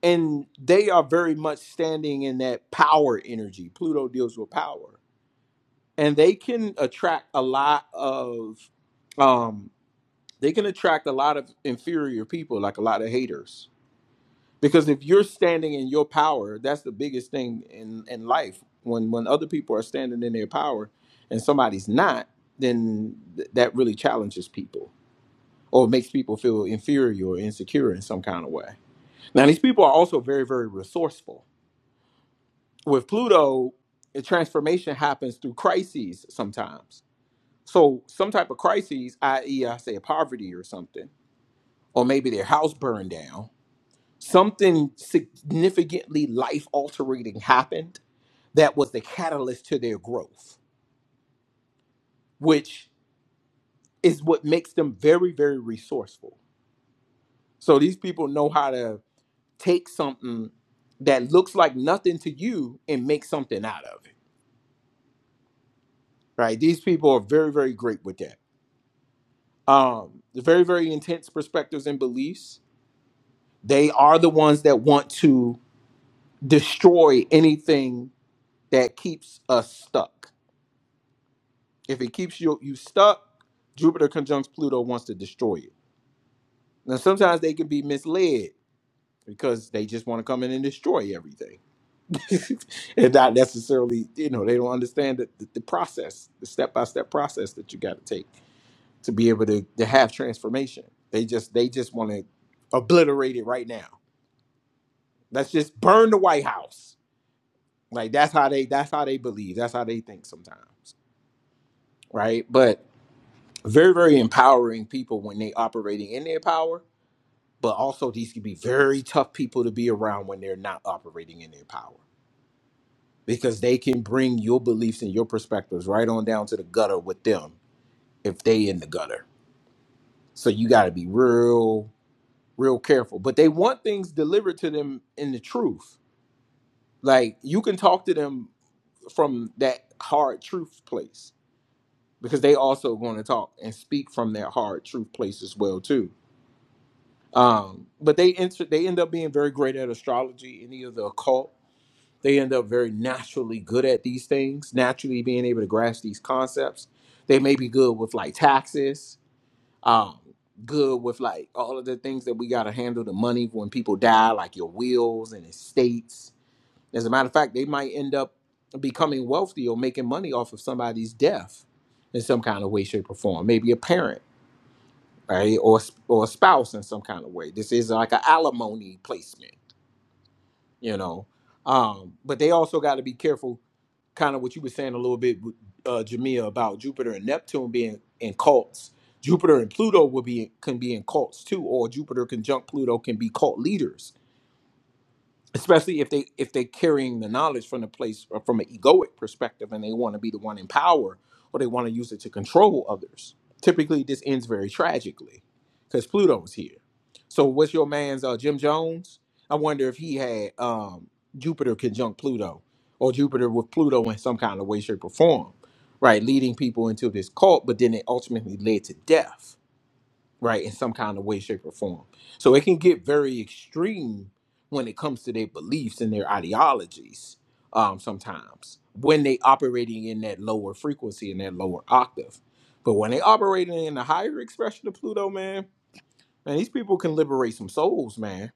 and they are very much standing in that power energy. Pluto deals with power and they can attract a lot of um they can attract a lot of inferior people like a lot of haters because if you're standing in your power that's the biggest thing in in life when when other people are standing in their power and somebody's not then th- that really challenges people or makes people feel inferior or insecure in some kind of way now these people are also very very resourceful with pluto the transformation happens through crises sometimes So some type of crises, i.e., I say poverty or something, or maybe their house burned down, something significantly life altering happened that was the catalyst to their growth, which is what makes them very, very resourceful. So these people know how to take something that looks like nothing to you and make something out of it. Right? These people are very, very great with that. Um, very, very intense perspectives and beliefs. They are the ones that want to destroy anything that keeps us stuck. If it keeps you you stuck, Jupiter conjuncts Pluto wants to destroy it. Now sometimes they can be misled because they just want to come in and destroy everything. and not necessarily, you know, they don't understand the, the, the process, the step-by-step process that you got to take to be able to, to have transformation. They just they just want to obliterate it right now. Let's just burn the White House. Like that's how they that's how they believe. That's how they think sometimes. right? But very, very empowering people when they operating in their power, but also these can be very tough people to be around when they're not operating in their power because they can bring your beliefs and your perspectives right on down to the gutter with them if they in the gutter. So you got to be real, real careful. But they want things delivered to them in the truth. Like you can talk to them from that hard truth place because they also going to talk and speak from that hard truth place as well too Um, but they enter, they end up being very great at astrology, any of the occult. They end up very naturally good at these things, naturally being able to grasp these concepts. They may be good with like taxes, um, good with like all of the things that we got to handle the money when people die, like your wills and estates. As a matter of fact, they might end up becoming wealthy or making money off of somebody's death in some kind of way, shape, or form. Maybe a parent right? Or or a spouse in some kind of way. This is like an alimony placement, you know. Um, but they also got to be careful, kind of what you were saying a little bit, with, uh, Jamia, about Jupiter and Neptune being in cults. Jupiter and Pluto will be can be in cults too, or Jupiter conjunct Pluto can be cult leaders especially if they if they're carrying the knowledge from the place or from an egoic perspective and they want to be the one in power or they want to use it to control others typically this ends very tragically because pluto's here so what's your man's uh, jim jones i wonder if he had um, jupiter conjunct pluto or jupiter with pluto in some kind of way shape or form right leading people into this cult but then it ultimately led to death right, in some kind of way, shape, or form. So it can get very extreme when it comes to their beliefs and their ideologies um, sometimes when they operating in that lower frequency and that lower octave. But when they operating in the higher expression of Pluto, man, man, these people can liberate some souls, man.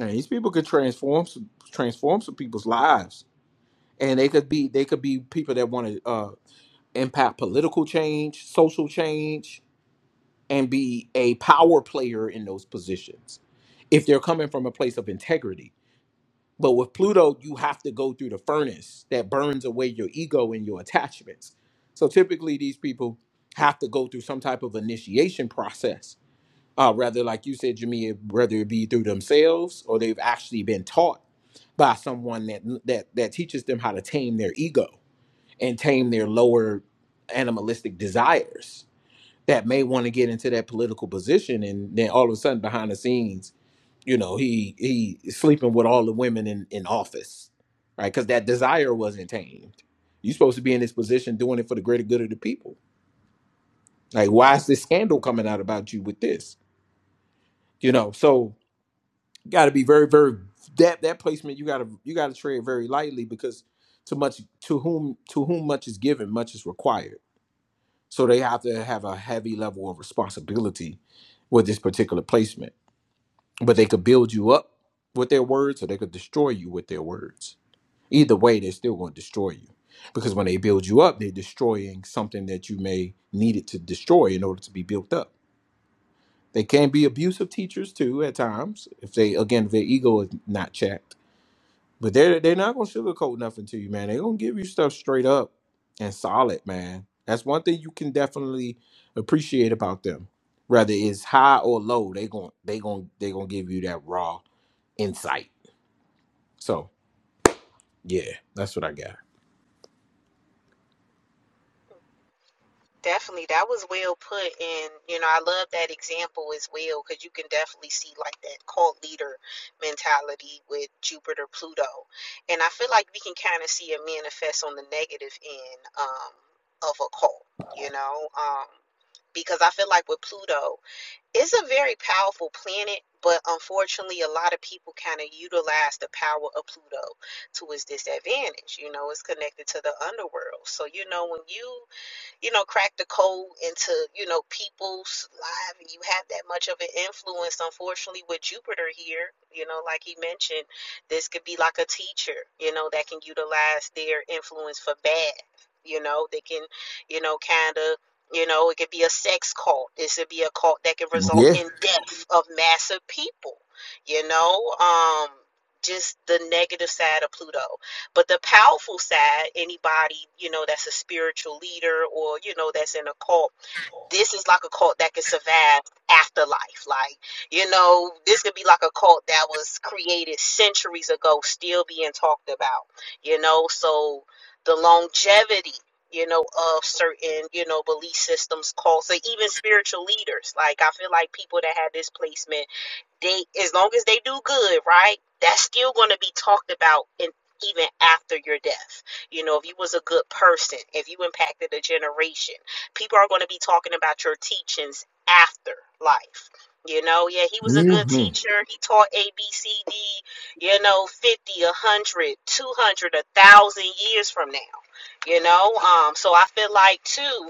And these people could transform some transform some people's lives. And they could be they could be people that want to uh, impact political change, social change, and be a power player in those positions if they're coming from a place of integrity. But with Pluto, you have to go through the furnace that burns away your ego and your attachments. So typically, these people have to go through some type of initiation process, uh, rather, like you said, Jamia, whether it be through themselves or they've actually been taught by someone that that that teaches them how to tame their ego and tame their lower animalistic desires that may want to get into that political position and then all of a sudden behind the scenes you know he he is sleeping with all the women in in office right because that desire wasn't tamed you're supposed to be in this position doing it for the greater good of the people like why is this scandal coming out about you with this you know so you got to be very very that that placement you got to you got to tread very lightly because to much to whom to whom much is given much is required so they have to have a heavy level of responsibility with this particular placement but they could build you up with their words or they could destroy you with their words either way they're still going to destroy you because when they build you up they're destroying something that you may need it to destroy in order to be built up they can be abusive teachers too at times if they again if their ego is not checked but they're they're not going to sugarcoat nothing to you man they're going to give you stuff straight up and solid man that's one thing you can definitely appreciate about them whether it's high or low they gon' they gon' they going to give you that raw insight. So yeah, that's what I got.
Definitely, that was well put, and you know, I love that example as well because you can definitely see like that cult leader mentality with Jupiter, Pluto, and I feel like we can kind of see it manifest on the negative end um, of a cult, you know, um, because I feel like with Pluto, it's a very powerful planet, but unfortunately, a lot of people kind of utilize the power of Pluto to its disadvantage. You know, it's connected to the underworld, so you know when you you know, crack the code into, you know, people's lives and you have that much of an influence, unfortunately, with Jupiter here, you know, like he mentioned, this could be like a teacher, you know, that can utilize their influence for bad. You know, they can, you know, kind of, you know, it could be a sex cult. This could be a cult that can result
Yeah.
in death of massive people, you know, um, just the negative side of Pluto but the powerful side, anybody, you know, that's a spiritual leader or, you know, that's in a cult, this is like a cult that can survive afterlife. Like, you know, this could be like a cult that was created centuries ago, still being talked about, you know. So the longevity, you know, of certain, you know, belief systems, cults, or even spiritual leaders. Like, I feel like people that have this placement they as long as they do good, right? That's still going to be talked about in even after your death. You know, if you was a good person, if you impacted a generation, people are going to be talking about your teachings after life. You know, yeah, he was a good
hmm
teacher. He taught A, B, C, D, you know, 50, 100, 200, 1,000 years from now. You know, um, so I feel like, too,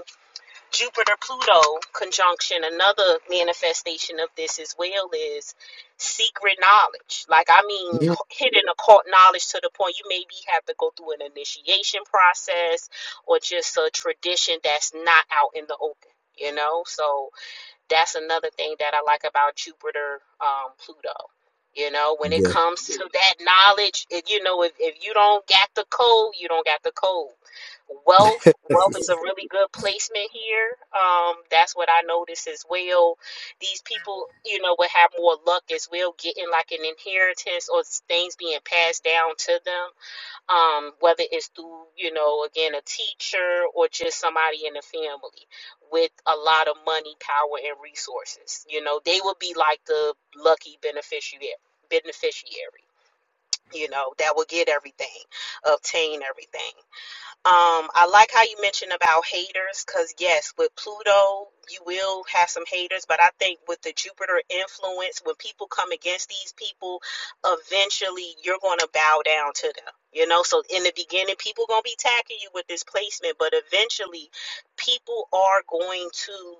Jupiter Pluto conjunction, another manifestation of this as well is secret knowledge. Like, I mean,
Yeah,
hidden occult knowledge to the point you maybe have to go through an initiation process or just a tradition that's not out in the open, you know? So, that's another thing that I like about Jupiter, um, Pluto. You know, when it comes to that knowledge, it, you know, if, if you don't got the code, you don't got the code.
yeah,
Wealth, wealth is a really good placement here. Um, that's what I noticed as well. These people, you know, will have more luck as well, getting like an inheritance or things being passed down to them um, whether it's through, you know, again, a teacher or just somebody in the family with a lot of money, power, and resources. You know, they would be like the lucky beneficiary, beneficiary, you know, that would get everything, obtain everything. Um, I like how you mentioned about haters, because yes, with Pluto, you will have some haters, but I think with the Jupiter influence, when people come against these people, eventually you're going to bow down to them. You know, so in the beginning, people going to be attacking you with this placement, but eventually people are going to,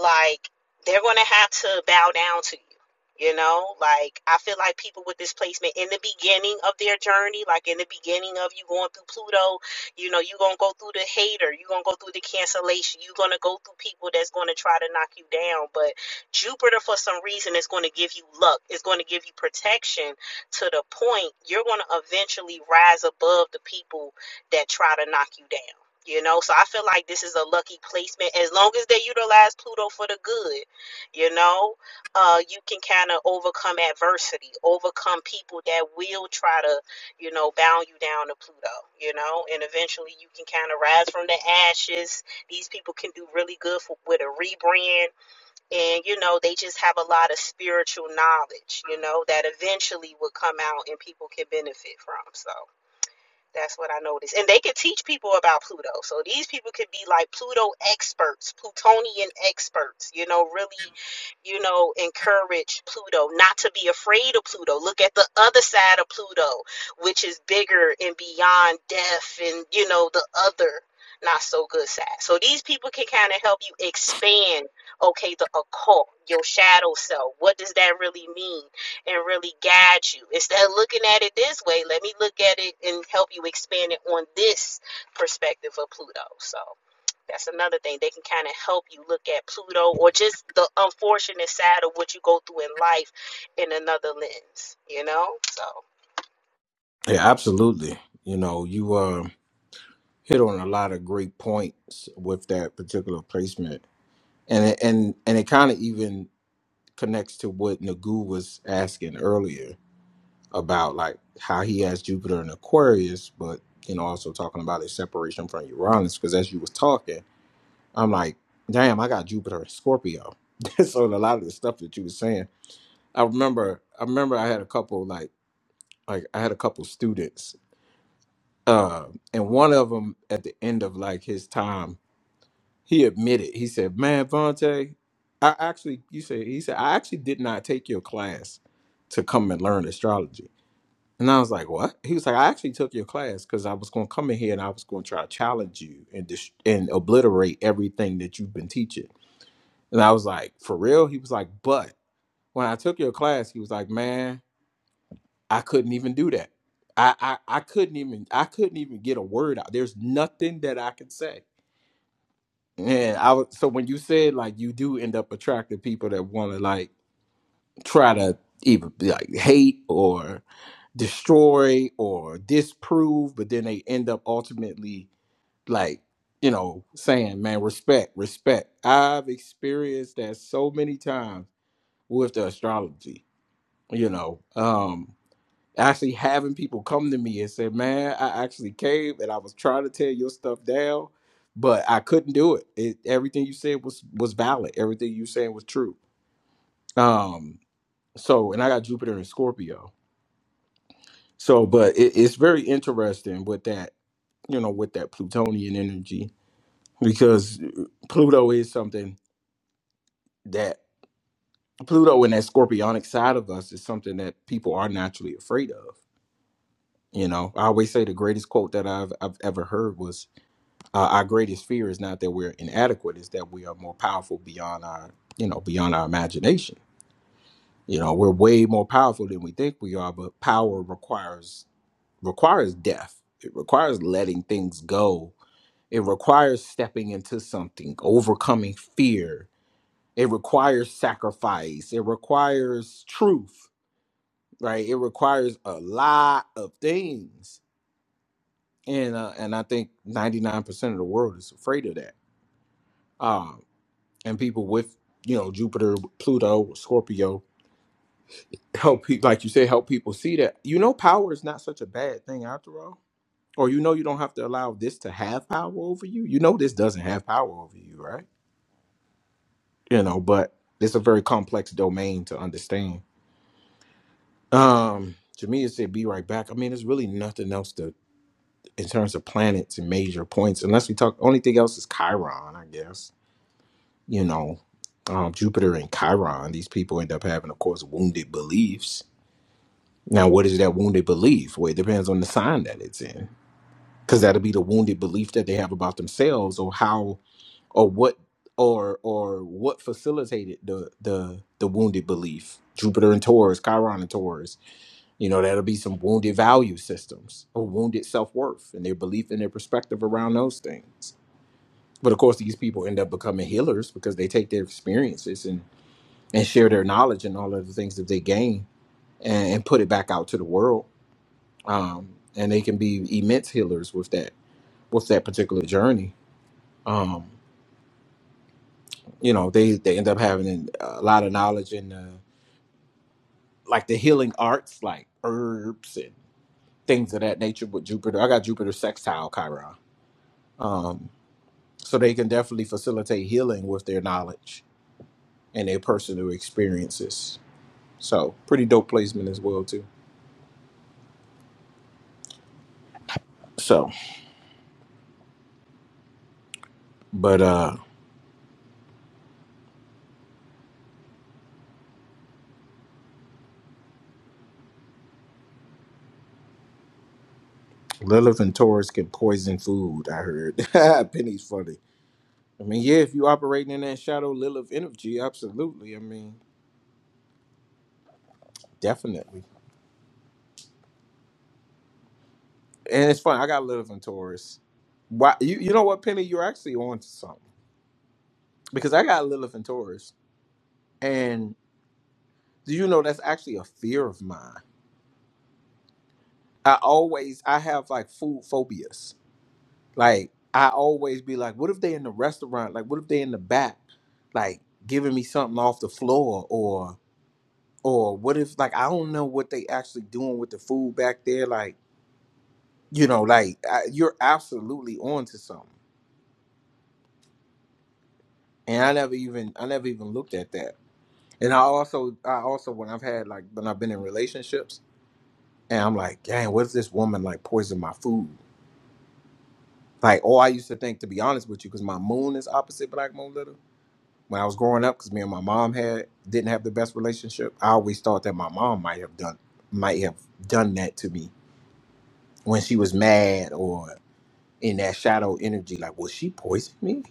like, they're going to have to bow down to you. You know, like I feel like people with this placement in the beginning of their journey, like in the beginning of you going through Pluto you know, you're going to go through the hater. You're going to go through the cancellation. You're going to go through people that's going to try to knock you down. But Jupiter, for some reason, is going to give you luck. It's going to give you protection to the point you're going to eventually rise above the people that try to knock you down. You know, so I feel like this is a lucky placement as long as they utilize Pluto for the good. You know, uh, you can kind of overcome adversity, overcome people that will try to you know, bound you down to Pluto, you know, and eventually you can kind of rise from the ashes. These people can do really good for, with a rebrand, and you know, they just have a lot of spiritual knowledge, you know, that eventually will come out and people can benefit from. So. That's what I noticed. And they can teach people about Pluto. So these people could be like Pluto experts, Plutonian experts, you know, really, you know, encourage Pluto not to be afraid of Pluto. Look at the other side of Pluto, which is bigger and beyond death and, you know, the other not so good side. So these people can kind of help you expand, okay, the occult, your shadow self. What does that really mean? and really guide you. Instead of looking at it this way, let me look at it and help you expand it on this perspective of Pluto. So that's another thing. They can kind of help you look at Pluto or just the unfortunate side of what you go through in life in another lens, you know? So
absolutely. You know, you uh, hit on a lot of great points with that particular placement, and it, and and it kind of even connects to what Nagu was asking earlier about like how he has Jupiter in Aquarius, but you know, also talking about his separation from Uranus. Because as you was talking, I'm like, damn, I got Jupiter in Scorpio. so a lot of the stuff that you were saying I remember I remember I had a couple like like I had a couple students uh, and one of them at the end of like his time he admitted he said man Vontae I actually you said he said I actually did not take your class to come and learn astrology and I was like what he was like I actually took your class because I was going to come in here and I was going to try to challenge you and dis- and obliterate everything that you've been teaching and I was like for real he was like but when I took your class he was like man I couldn't even do that. I, I I couldn't even I couldn't even get a word out. There's nothing that I could say. And I was so when you said like you do end up attracting people that want to like try to even like hate or destroy or disprove, but then they end up ultimately like you know saying man respect respect. I've experienced that so many times with the astrology. You know, Um actually having people come to me and say, "Man, I actually came and I was trying to tear your stuff down, but I couldn't do it. it everything you said was was valid. Everything you saying was true." Um. So, and I got Jupiter and Scorpio. So, but it, it's very interesting with that, you know, with that Plutonian energy because Pluto is something that Pluto and that Scorpionic side of us is something that people are naturally afraid of. You know, I always say the greatest quote that I've I've ever heard was Uh, our greatest fear is not that we're inadequate; it's that we are more powerful beyond our, you know, beyond our imagination. You know, we're way more powerful than we think we are, but power requires requires death. It requires letting things go. It requires stepping into something, overcoming fear. It requires sacrifice. It requires truth, right? It requires a lot of things and uh, and I think ninety nine percent of the world is afraid of that. Um, and people with you know Jupiter, Pluto, Scorpio help people like you say help people see that you know power is not such a bad thing after all. Or you know you don't have to allow this to have power over you. You know this doesn't have power over you, right? You know, but it's a very complex domain to understand. Um, to me, it said be right back. I mean, there's really nothing else to in terms of planets and major points, unless we talk. Only thing else is Chiron, I guess. You know, um, Jupiter and Chiron. These people end up having, of course, wounded beliefs Now, what is that wounded belief? Well, it depends on the sign that it's in, because that'll be the wounded belief that they have about themselves, or how, or what, or or what facilitated the the the wounded belief. Jupiter and Taurus, Chiron and Taurus. You know, that'll be some wounded value systems or wounded self worth and their belief and their perspective around those things. But of course, these people end up becoming healers because they take their experiences and and share their knowledge and all of the things that they gain and, and put it back out to the world um, and they can be immense healers with that with that particular journey. Um, you know, they they end up having a lot of knowledge in uh, like the healing arts, like herbs and things of that nature. With Jupiter, I got Jupiter sextile Chiron, um, so they can definitely facilitate healing with their knowledge and their personal experiences. So, pretty dope placement as well too. So, but uh, Lilith and Taurus can poison food. I heard Penny's funny I mean, yeah, if you operating in that shadow Lilith energy, absolutely. I mean, definitely. And it's fun. I got Lilith and Taurus. Why you you know what, Penny, you're actually on to something. Because I got Lilith and Taurus. And do you know that's actually a fear of mine? I always I have like food phobias. Like I always be like, what if they in the restaurant? Like what if they in the back? Like giving me something off the floor or or what if like I don't know what they actually doing with the food back there. Like you know like I, you're absolutely on to something and i never even i never even looked at that and i also i also when i've had like when i've been in relationships and i'm like dang what if this woman like poison my food like oh i used to think to be honest with you because my moon is opposite black moon little when i was growing up because me and my mom had didn't have the best relationship i always thought that my mom might have done might have done that to me when she was mad or in that shadow energy like was she poisoning me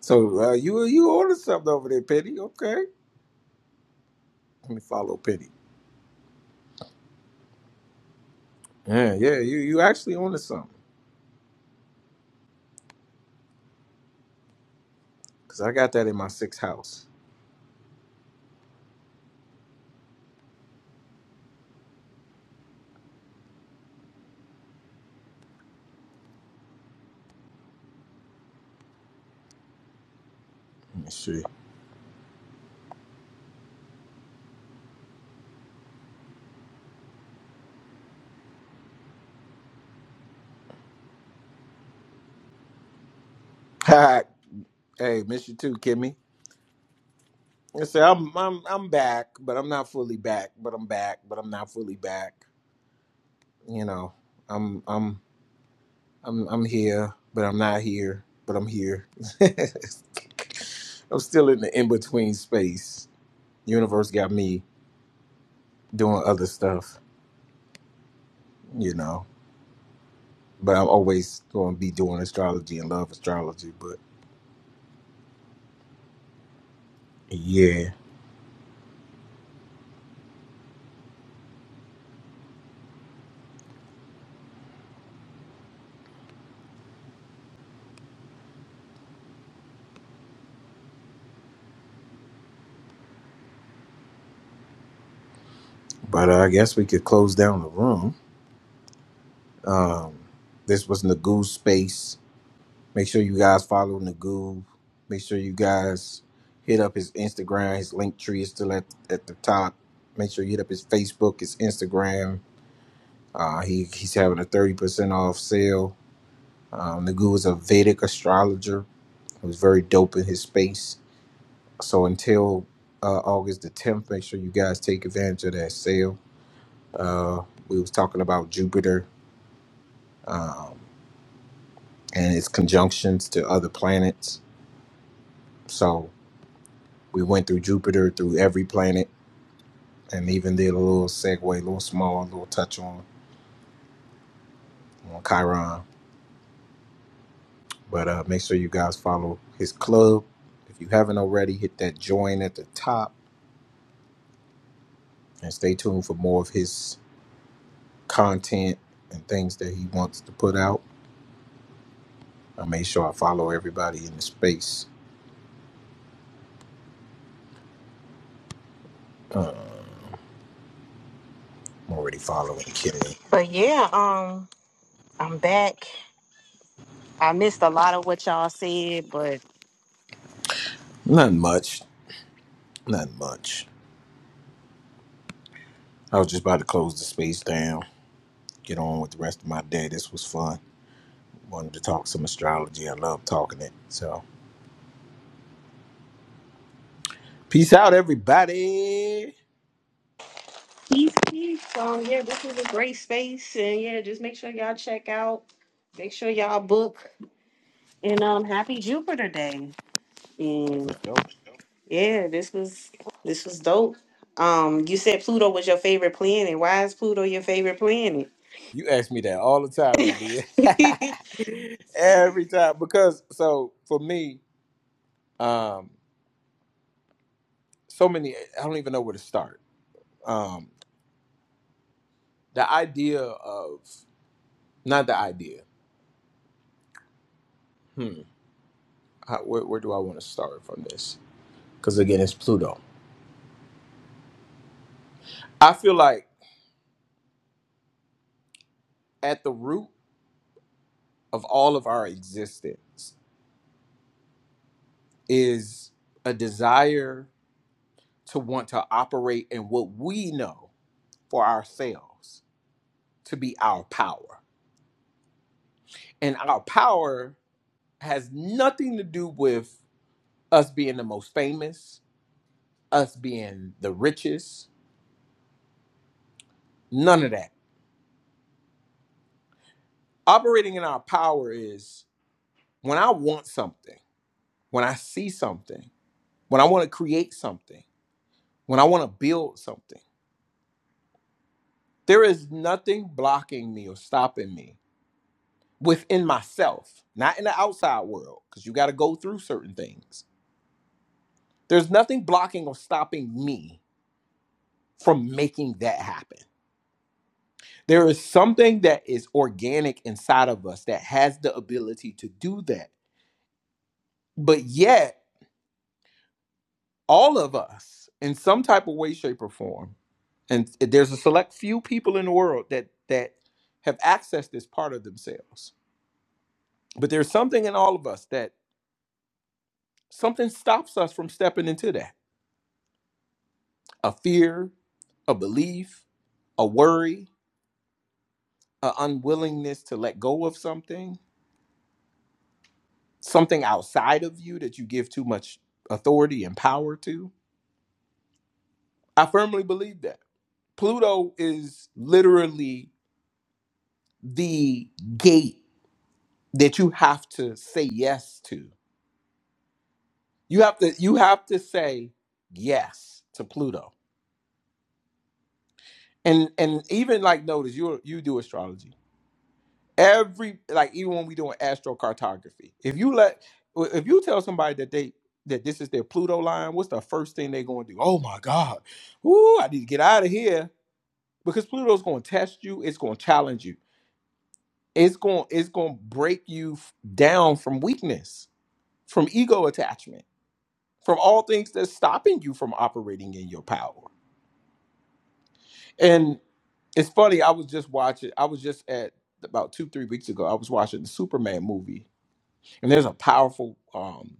So uh, you you ordered something over there, Petty? Okay, let me follow Petty. Yeah, yeah, you you actually ordered something because I got that in my sixth house. Let me see. Hi, hey, miss you too, Kimmy. I say I'm I'm I'm back, but I'm not fully back. But I'm back, but I'm not fully back. You know, I'm I'm I'm I'm here, but I'm not here, but I'm here. I'm still in the in between space. Universe got me doing other stuff. You know. but I'm always going to be doing astrology and love astrology. But yeah, but uh, I guess we could close down the room. Um, this was Nagoo Space. Make sure you guys follow Nagoo. Make sure you guys hit up his Instagram. His link tree is still at, at the top. Make sure you hit up his Facebook, his Instagram. Uh, he, he's having a 30% off sale. Um, Nagoo is a Vedic astrologer who's very dope in his space. So until uh, August the 10th, make sure you guys take advantage of that sale. Uh, we was talking about Jupiter um, and its conjunctions to other planets. So we went through Jupiter through every planet, and even did a little segue, a little small, a little touch on on Chiron. But uh, make sure you guys follow his club. If you haven't already, hit that join at the top and stay tuned for more of his content and things that he wants to put out. I made sure I follow everybody in the space. I'm already following Kimmy.
But yeah, um, I'm back. I missed a lot of what y'all said, but
Not much. Not much. I was just about to close the space down, get on with the rest of my day. This was fun. Wanted to talk some astrology. I love talking it. So, peace out, everybody.
Peace, peace. Um, yeah, this is a great space, and yeah, just make sure y'all check out. Make sure y'all book, and um, happy Jupiter Day.
For
And
sure.
yeah, this was this was dope. Um, you said Pluto was your favorite planet. Why is Pluto your favorite planet?
You ask me that all the time, Jamia. Every time. Because so for me, um, so many I don't even know where to start. Um, the idea of not the idea. Hmm. How, where, where do I want to start from this? Because again, it's Pluto. I feel like at the root of all of our existence is a desire to want to operate in what we know for ourselves to be our power. And our power has nothing to do with us being the most famous, us being the richest, none of that. Operating in our power is when I want something, when I see something, when I want to create something, when I want to build something, there is nothing blocking me or stopping me within myself, not in the outside world, because you got to go through certain things. There's nothing blocking or stopping me from making that happen. There is something that is organic inside of us that has the ability to do that. But yet, all of us in some type of way shape or form and there's a select few people in the world that that have accessed this part of themselves but there's something in all of us that something stops us from stepping into that a fear a belief a worry a unwillingness to let go of something something outside of you that you give too much authority and power to i firmly believe that pluto is literally the gate that you have to say yes to. You have to you have to say yes to Pluto. And and even like notice you you do astrology. Every like even when we doing astrocartography, if you let if you tell somebody that they that this is their Pluto line, what's the first thing they're going to do? Oh my God, ooh, I need to get out of here because Pluto's going to test you. It's going to challenge you. It's going it's going to break you f- down from weakness, from ego attachment from all things that's stopping you from operating in your power. And it's funny, I was just watching, I was just at about two, three weeks ago, I was watching the Superman movie, and there's a powerful um,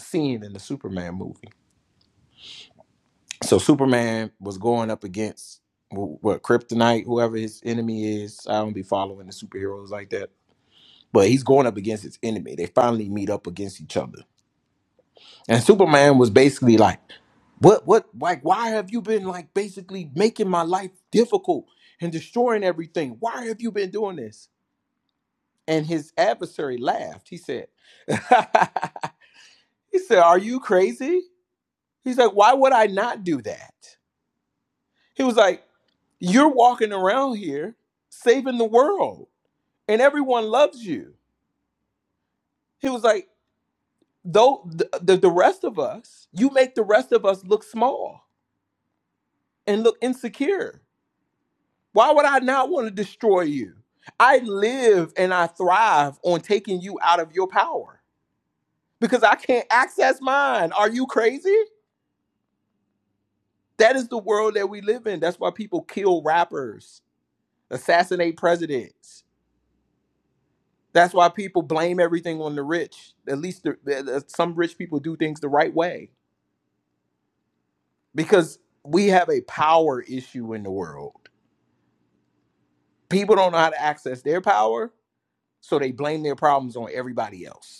scene in the Superman movie. So Superman was going up against wh- what Kryptonite, whoever his enemy is. I don't be following the superheroes like that, but he's going up against his enemy. They finally meet up against each other And Superman was basically like, what, what, like, why have you been like basically making my life difficult and destroying everything? Why have you been doing this? And his adversary laughed. He said, he said, are you crazy? He's like, why would I not do that? He was like, you're walking around here saving the world and everyone loves you. He was like, though the, the, the rest of us, you make the rest of us look small and look insecure. Why would I not want to destroy you? I live and I thrive on taking you out of your power because I can't access mine. Are you crazy? That is the world that we live in. That's why people kill rappers, assassinate presidents. That's why people blame everything on the rich. At least the, the- some rich people do things the right way because we have a power issue in the world. People don't know how to access their power, so they blame their problems on everybody else.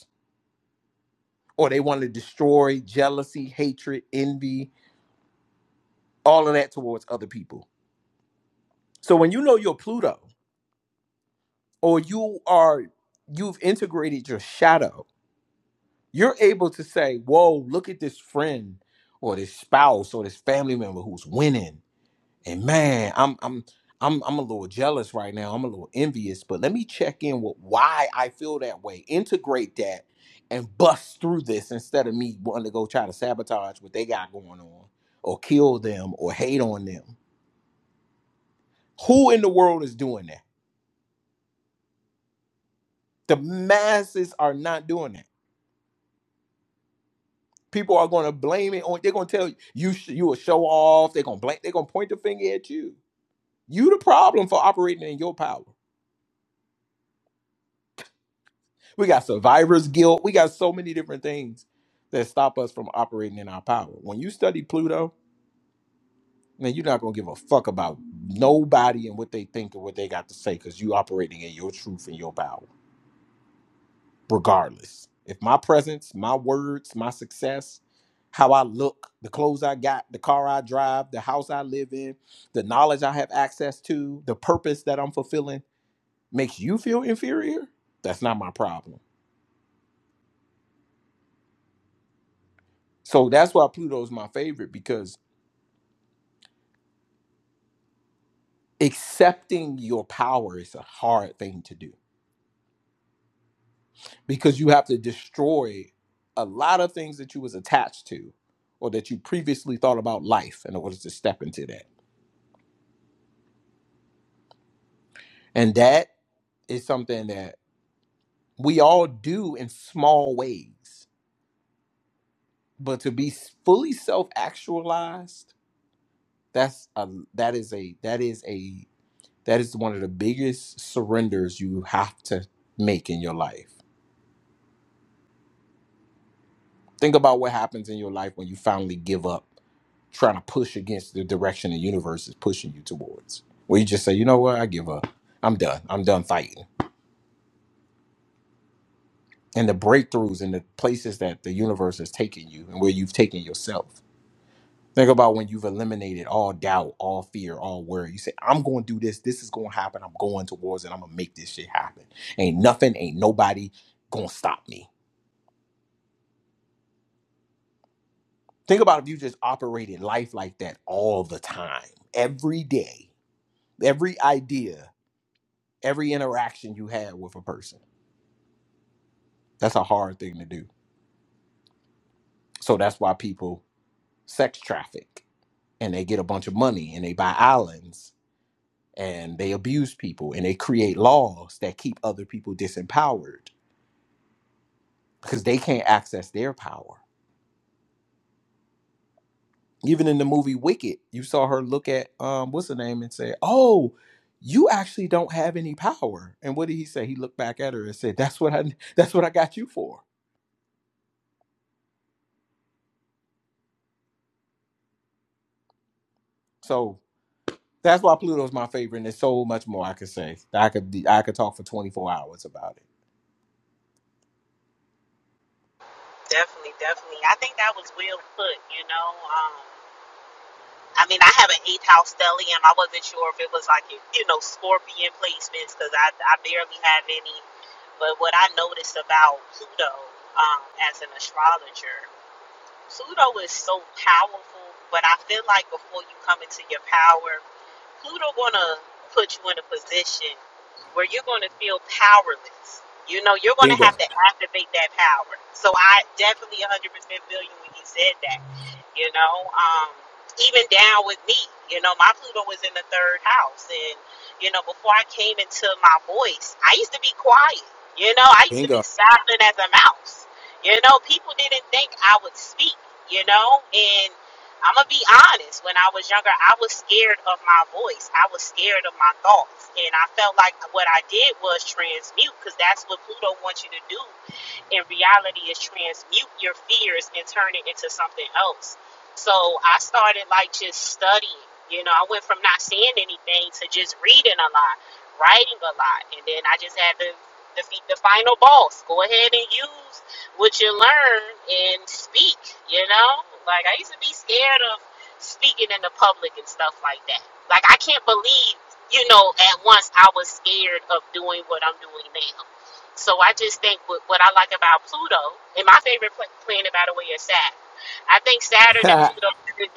or they want to destroy jealousy, hatred, envy, all of that towards other people. So when you know you're Pluto or you are you've integrated your shadow, you're able to say, "Whoa, look at this friend or this spouse or this family member who's winning. And man, I'm I'm I'm I'm a little jealous right now. I'm a little envious, but let me check in with why I feel that way. Integrate that and bust through this instead of me wanting to go try to sabotage what they got going on or kill them or hate on them. Who in the world is doing that? The masses are not doing that. People are going to blame it on. They're going to tell you you sh- you a show off. They're going to blame. They're going to point the finger at you. You the problem for operating in your power. We got survivor's guilt. We got so many different things that stop us from operating in our power. When you study Pluto, man, you're not gonna give a fuck about nobody and what they think and what they got to say because you operating in your truth and your power, regardless. If my presence, my words, my success, how I look, the clothes I got, the car I drive, the house I live in, the knowledge I have access to, the purpose that I'm fulfilling makes you feel inferior, that's not my problem. So that's why Pluto's my favorite because accepting your power is a hard thing to do because you have to destroy a lot of things that you was attached to or that you previously thought about life in order to step into that and that is something that we all do in small ways but to be fully self-actualized that's a that is a that is a that is one of the biggest surrenders you have to make in your life Think about what happens in your life when you finally give up trying to push against the direction the universe is pushing you towards. Where you just say, you know what, I give up. I'm done. I'm done fighting. And the breakthroughs and the places that the universe has taken you and where you've taken yourself. Think about when you've eliminated all doubt, all fear, all worry. You say, I'm going to do this. This is going to happen. I'm going towards it. I'm going to make this shit happen. Ain't nothing, ain't nobody going to stop me. Think about if you just operated life like that all the time, every day every idea, every interaction you had with a person. That's a hard thing to do. So that's why people sex traffic and they get a bunch of money and they buy islands and they abuse people and they create laws that keep other people disempowered because they can't access their power. Even in the movie Wicked, you saw her look at um what's her name and say, "Oh, you actually don't have any power." And what did he say? He looked back at her and said, "That's what I that's what I got you for." So. That's why Pluto's my favorite, and there's so much more I could say. I could be- I could talk for 24 hours about it.
Definitely, definitely. I think that was well put, you know. Um, I mean, I have an eighth house stellium. I wasn't sure if it was like, you know, scorpion placements because I, I barely have any. But what I noticed about Pluto um, as an astrologer Pluto is so powerful, but I feel like before you come into your power, Pluto gonna put you in a position where you're gonna feel powerless. You know, you're gonna
Bingo.
have to activate that power. So I definitely 100% feel you when you said that. You know, um, even down with me, you know, my Pluto was in the third house, and you know, before I came into my voice, I used to be quiet. You know, I used to be
Bingo.
silent as a mouse. You know, people didn't think I would speak, you know, and I'm going to be honest. When I was younger, I was scared of my voice. I was scared of my thoughts. And I felt like what I did was transmute because that's what Pluto wants you to do in reality is transmute your fears and turn it into something else. So I started like just studying. You know, I went from not seeing anything to just reading a lot, writing a lot, and then I just had to defeat the final boss. Go ahead and use what you learn and speak. You know, like I used to be scared of speaking in the public and stuff like that. Like I can't believe, you know, at once I was scared of doing what I'm doing now so I just think what, what I like about Pluto, and my favorite pl- planet, by the way, is Saturn. I think Saturn and Pluto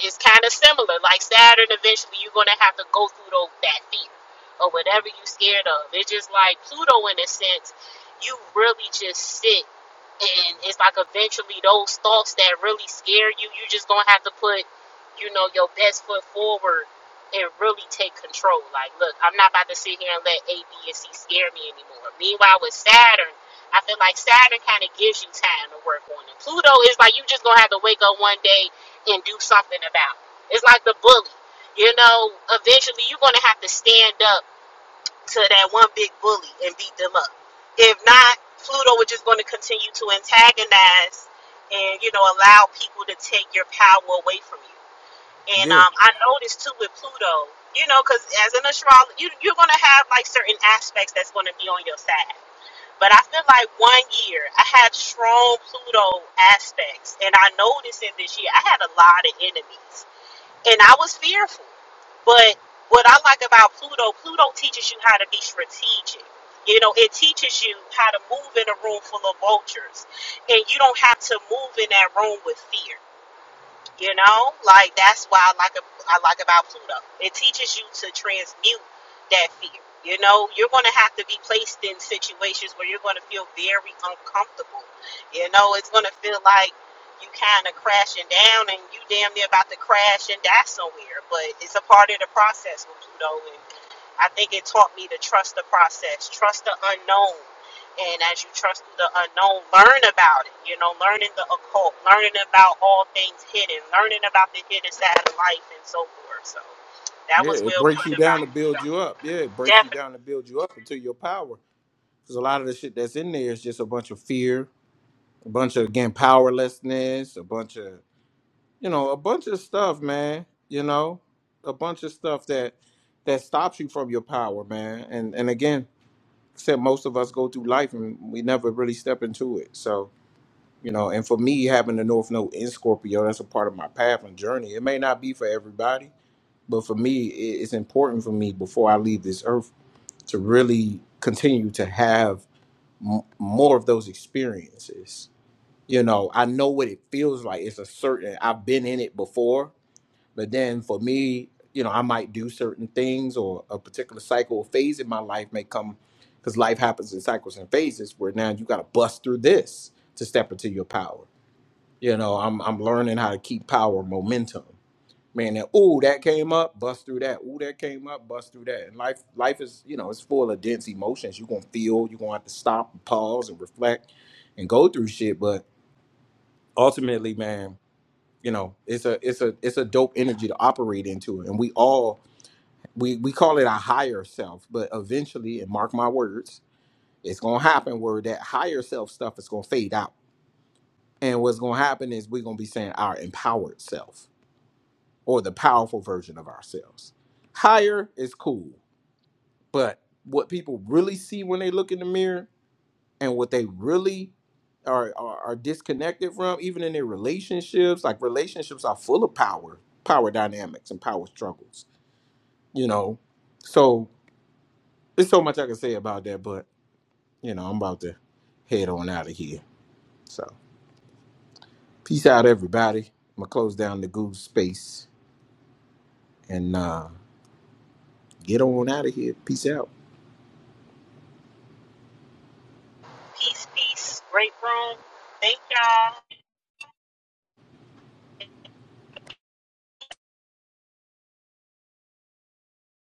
is kind of similar. Like Saturn, eventually you're gonna have to go through those, that fear or whatever you're scared of. It's just like Pluto, in a sense, you really just sit and it's like eventually those thoughts that really scare you, you just gonna have to put, you know, your best foot forward and really take control. Like, look, I'm not about to sit here and let A, B, and C scare me anymore. Meanwhile, with Saturn. I feel like Saturn kind of gives you time to work on it. Pluto is like you just gonna have to wake up one day and do something about. It. It's like the bully. You know, eventually you're gonna have to stand up to that one big bully and beat them up. If not, Pluto is just gonna continue to antagonize and you know allow people to take your power away from you. And
Yeah.
um, I noticed too with Pluto, you know, because as an astrologer, you, you're gonna have like certain aspects that's gonna be on your side but I feel like one year I had strong Pluto aspects, and I noticed in this year I had a lot of enemies, and I was fearful. But what I like about Pluto, Pluto teaches you how to be strategic. You know, it teaches you how to move in a room full of vultures, and you don't have to move in that room with fear. You know, like that's why I like I like about Pluto. It teaches you to transmute that fear. You know, you're going to have to be placed in situations where you're going to feel very uncomfortable. You know, it's going to feel like you kind of crashing down and you damn near about to crash and die somewhere. But it's a part of the process with Pluto, and I think it taught me to trust the process, trust the unknown. And as you trust the unknown, learn about it. You know, learning the occult, learning about all things hidden, learning about the hidden side of life and so forth. So that
Yeah.
was
It
well
breaks
put
you down
about
to build
it.
you up. Yeah. It breaks you
Definitely.
down to build you up into your power. Because a lot of the shit that's in there is just a bunch of fear, a bunch of, again, powerlessness, a bunch of, you know, a bunch of stuff, man. You know, a bunch of stuff that that stops you from your power, man. And and again, said most of us go through life and we never really step into it. So You know, and for me, having the North Node in Scorpio, that's a part of my path and journey. It may not be for everybody, but for me, i- it's important for me before I leave this earth to really continue to have m- more of those experiences. You know, I know what it feels like. It's a certain, I've been in it before, but then for me, you know, I might do certain things or a particular cycle or phase in my life may come because life happens in cycles and phases where now you got to bust through this to step into your power you know, I'm I'm learning how to keep power momentum. Man, that ooh, that came up, bust through that. Ooh, that came up, bust through that. And life life is, you know, it's full of dense emotions. You're gonna feel, you're gonna have to stop and pause and reflect and go through shit. But ultimately, man, you know, it's a it's a it's a dope energy to operate into. And we all we we call it a higher self, but eventually, and mark my words, it's gonna happen where that higher self stuff is gonna fade out. And what's gonna happen is we're gonna be saying our empowered self or the powerful version of ourselves. Higher is cool, but what people really see when they look in the mirror and what they really are, are, are disconnected from, even in their relationships, like relationships are full of power, power dynamics, and power struggles, you know? So there's so much I can say about that, but, you know, I'm about to head on out of here. So peace out, everybody. I'm going to close down the goose space and uh, get on out of here. Peace out.
Peace, peace. Great room. Thank y'all.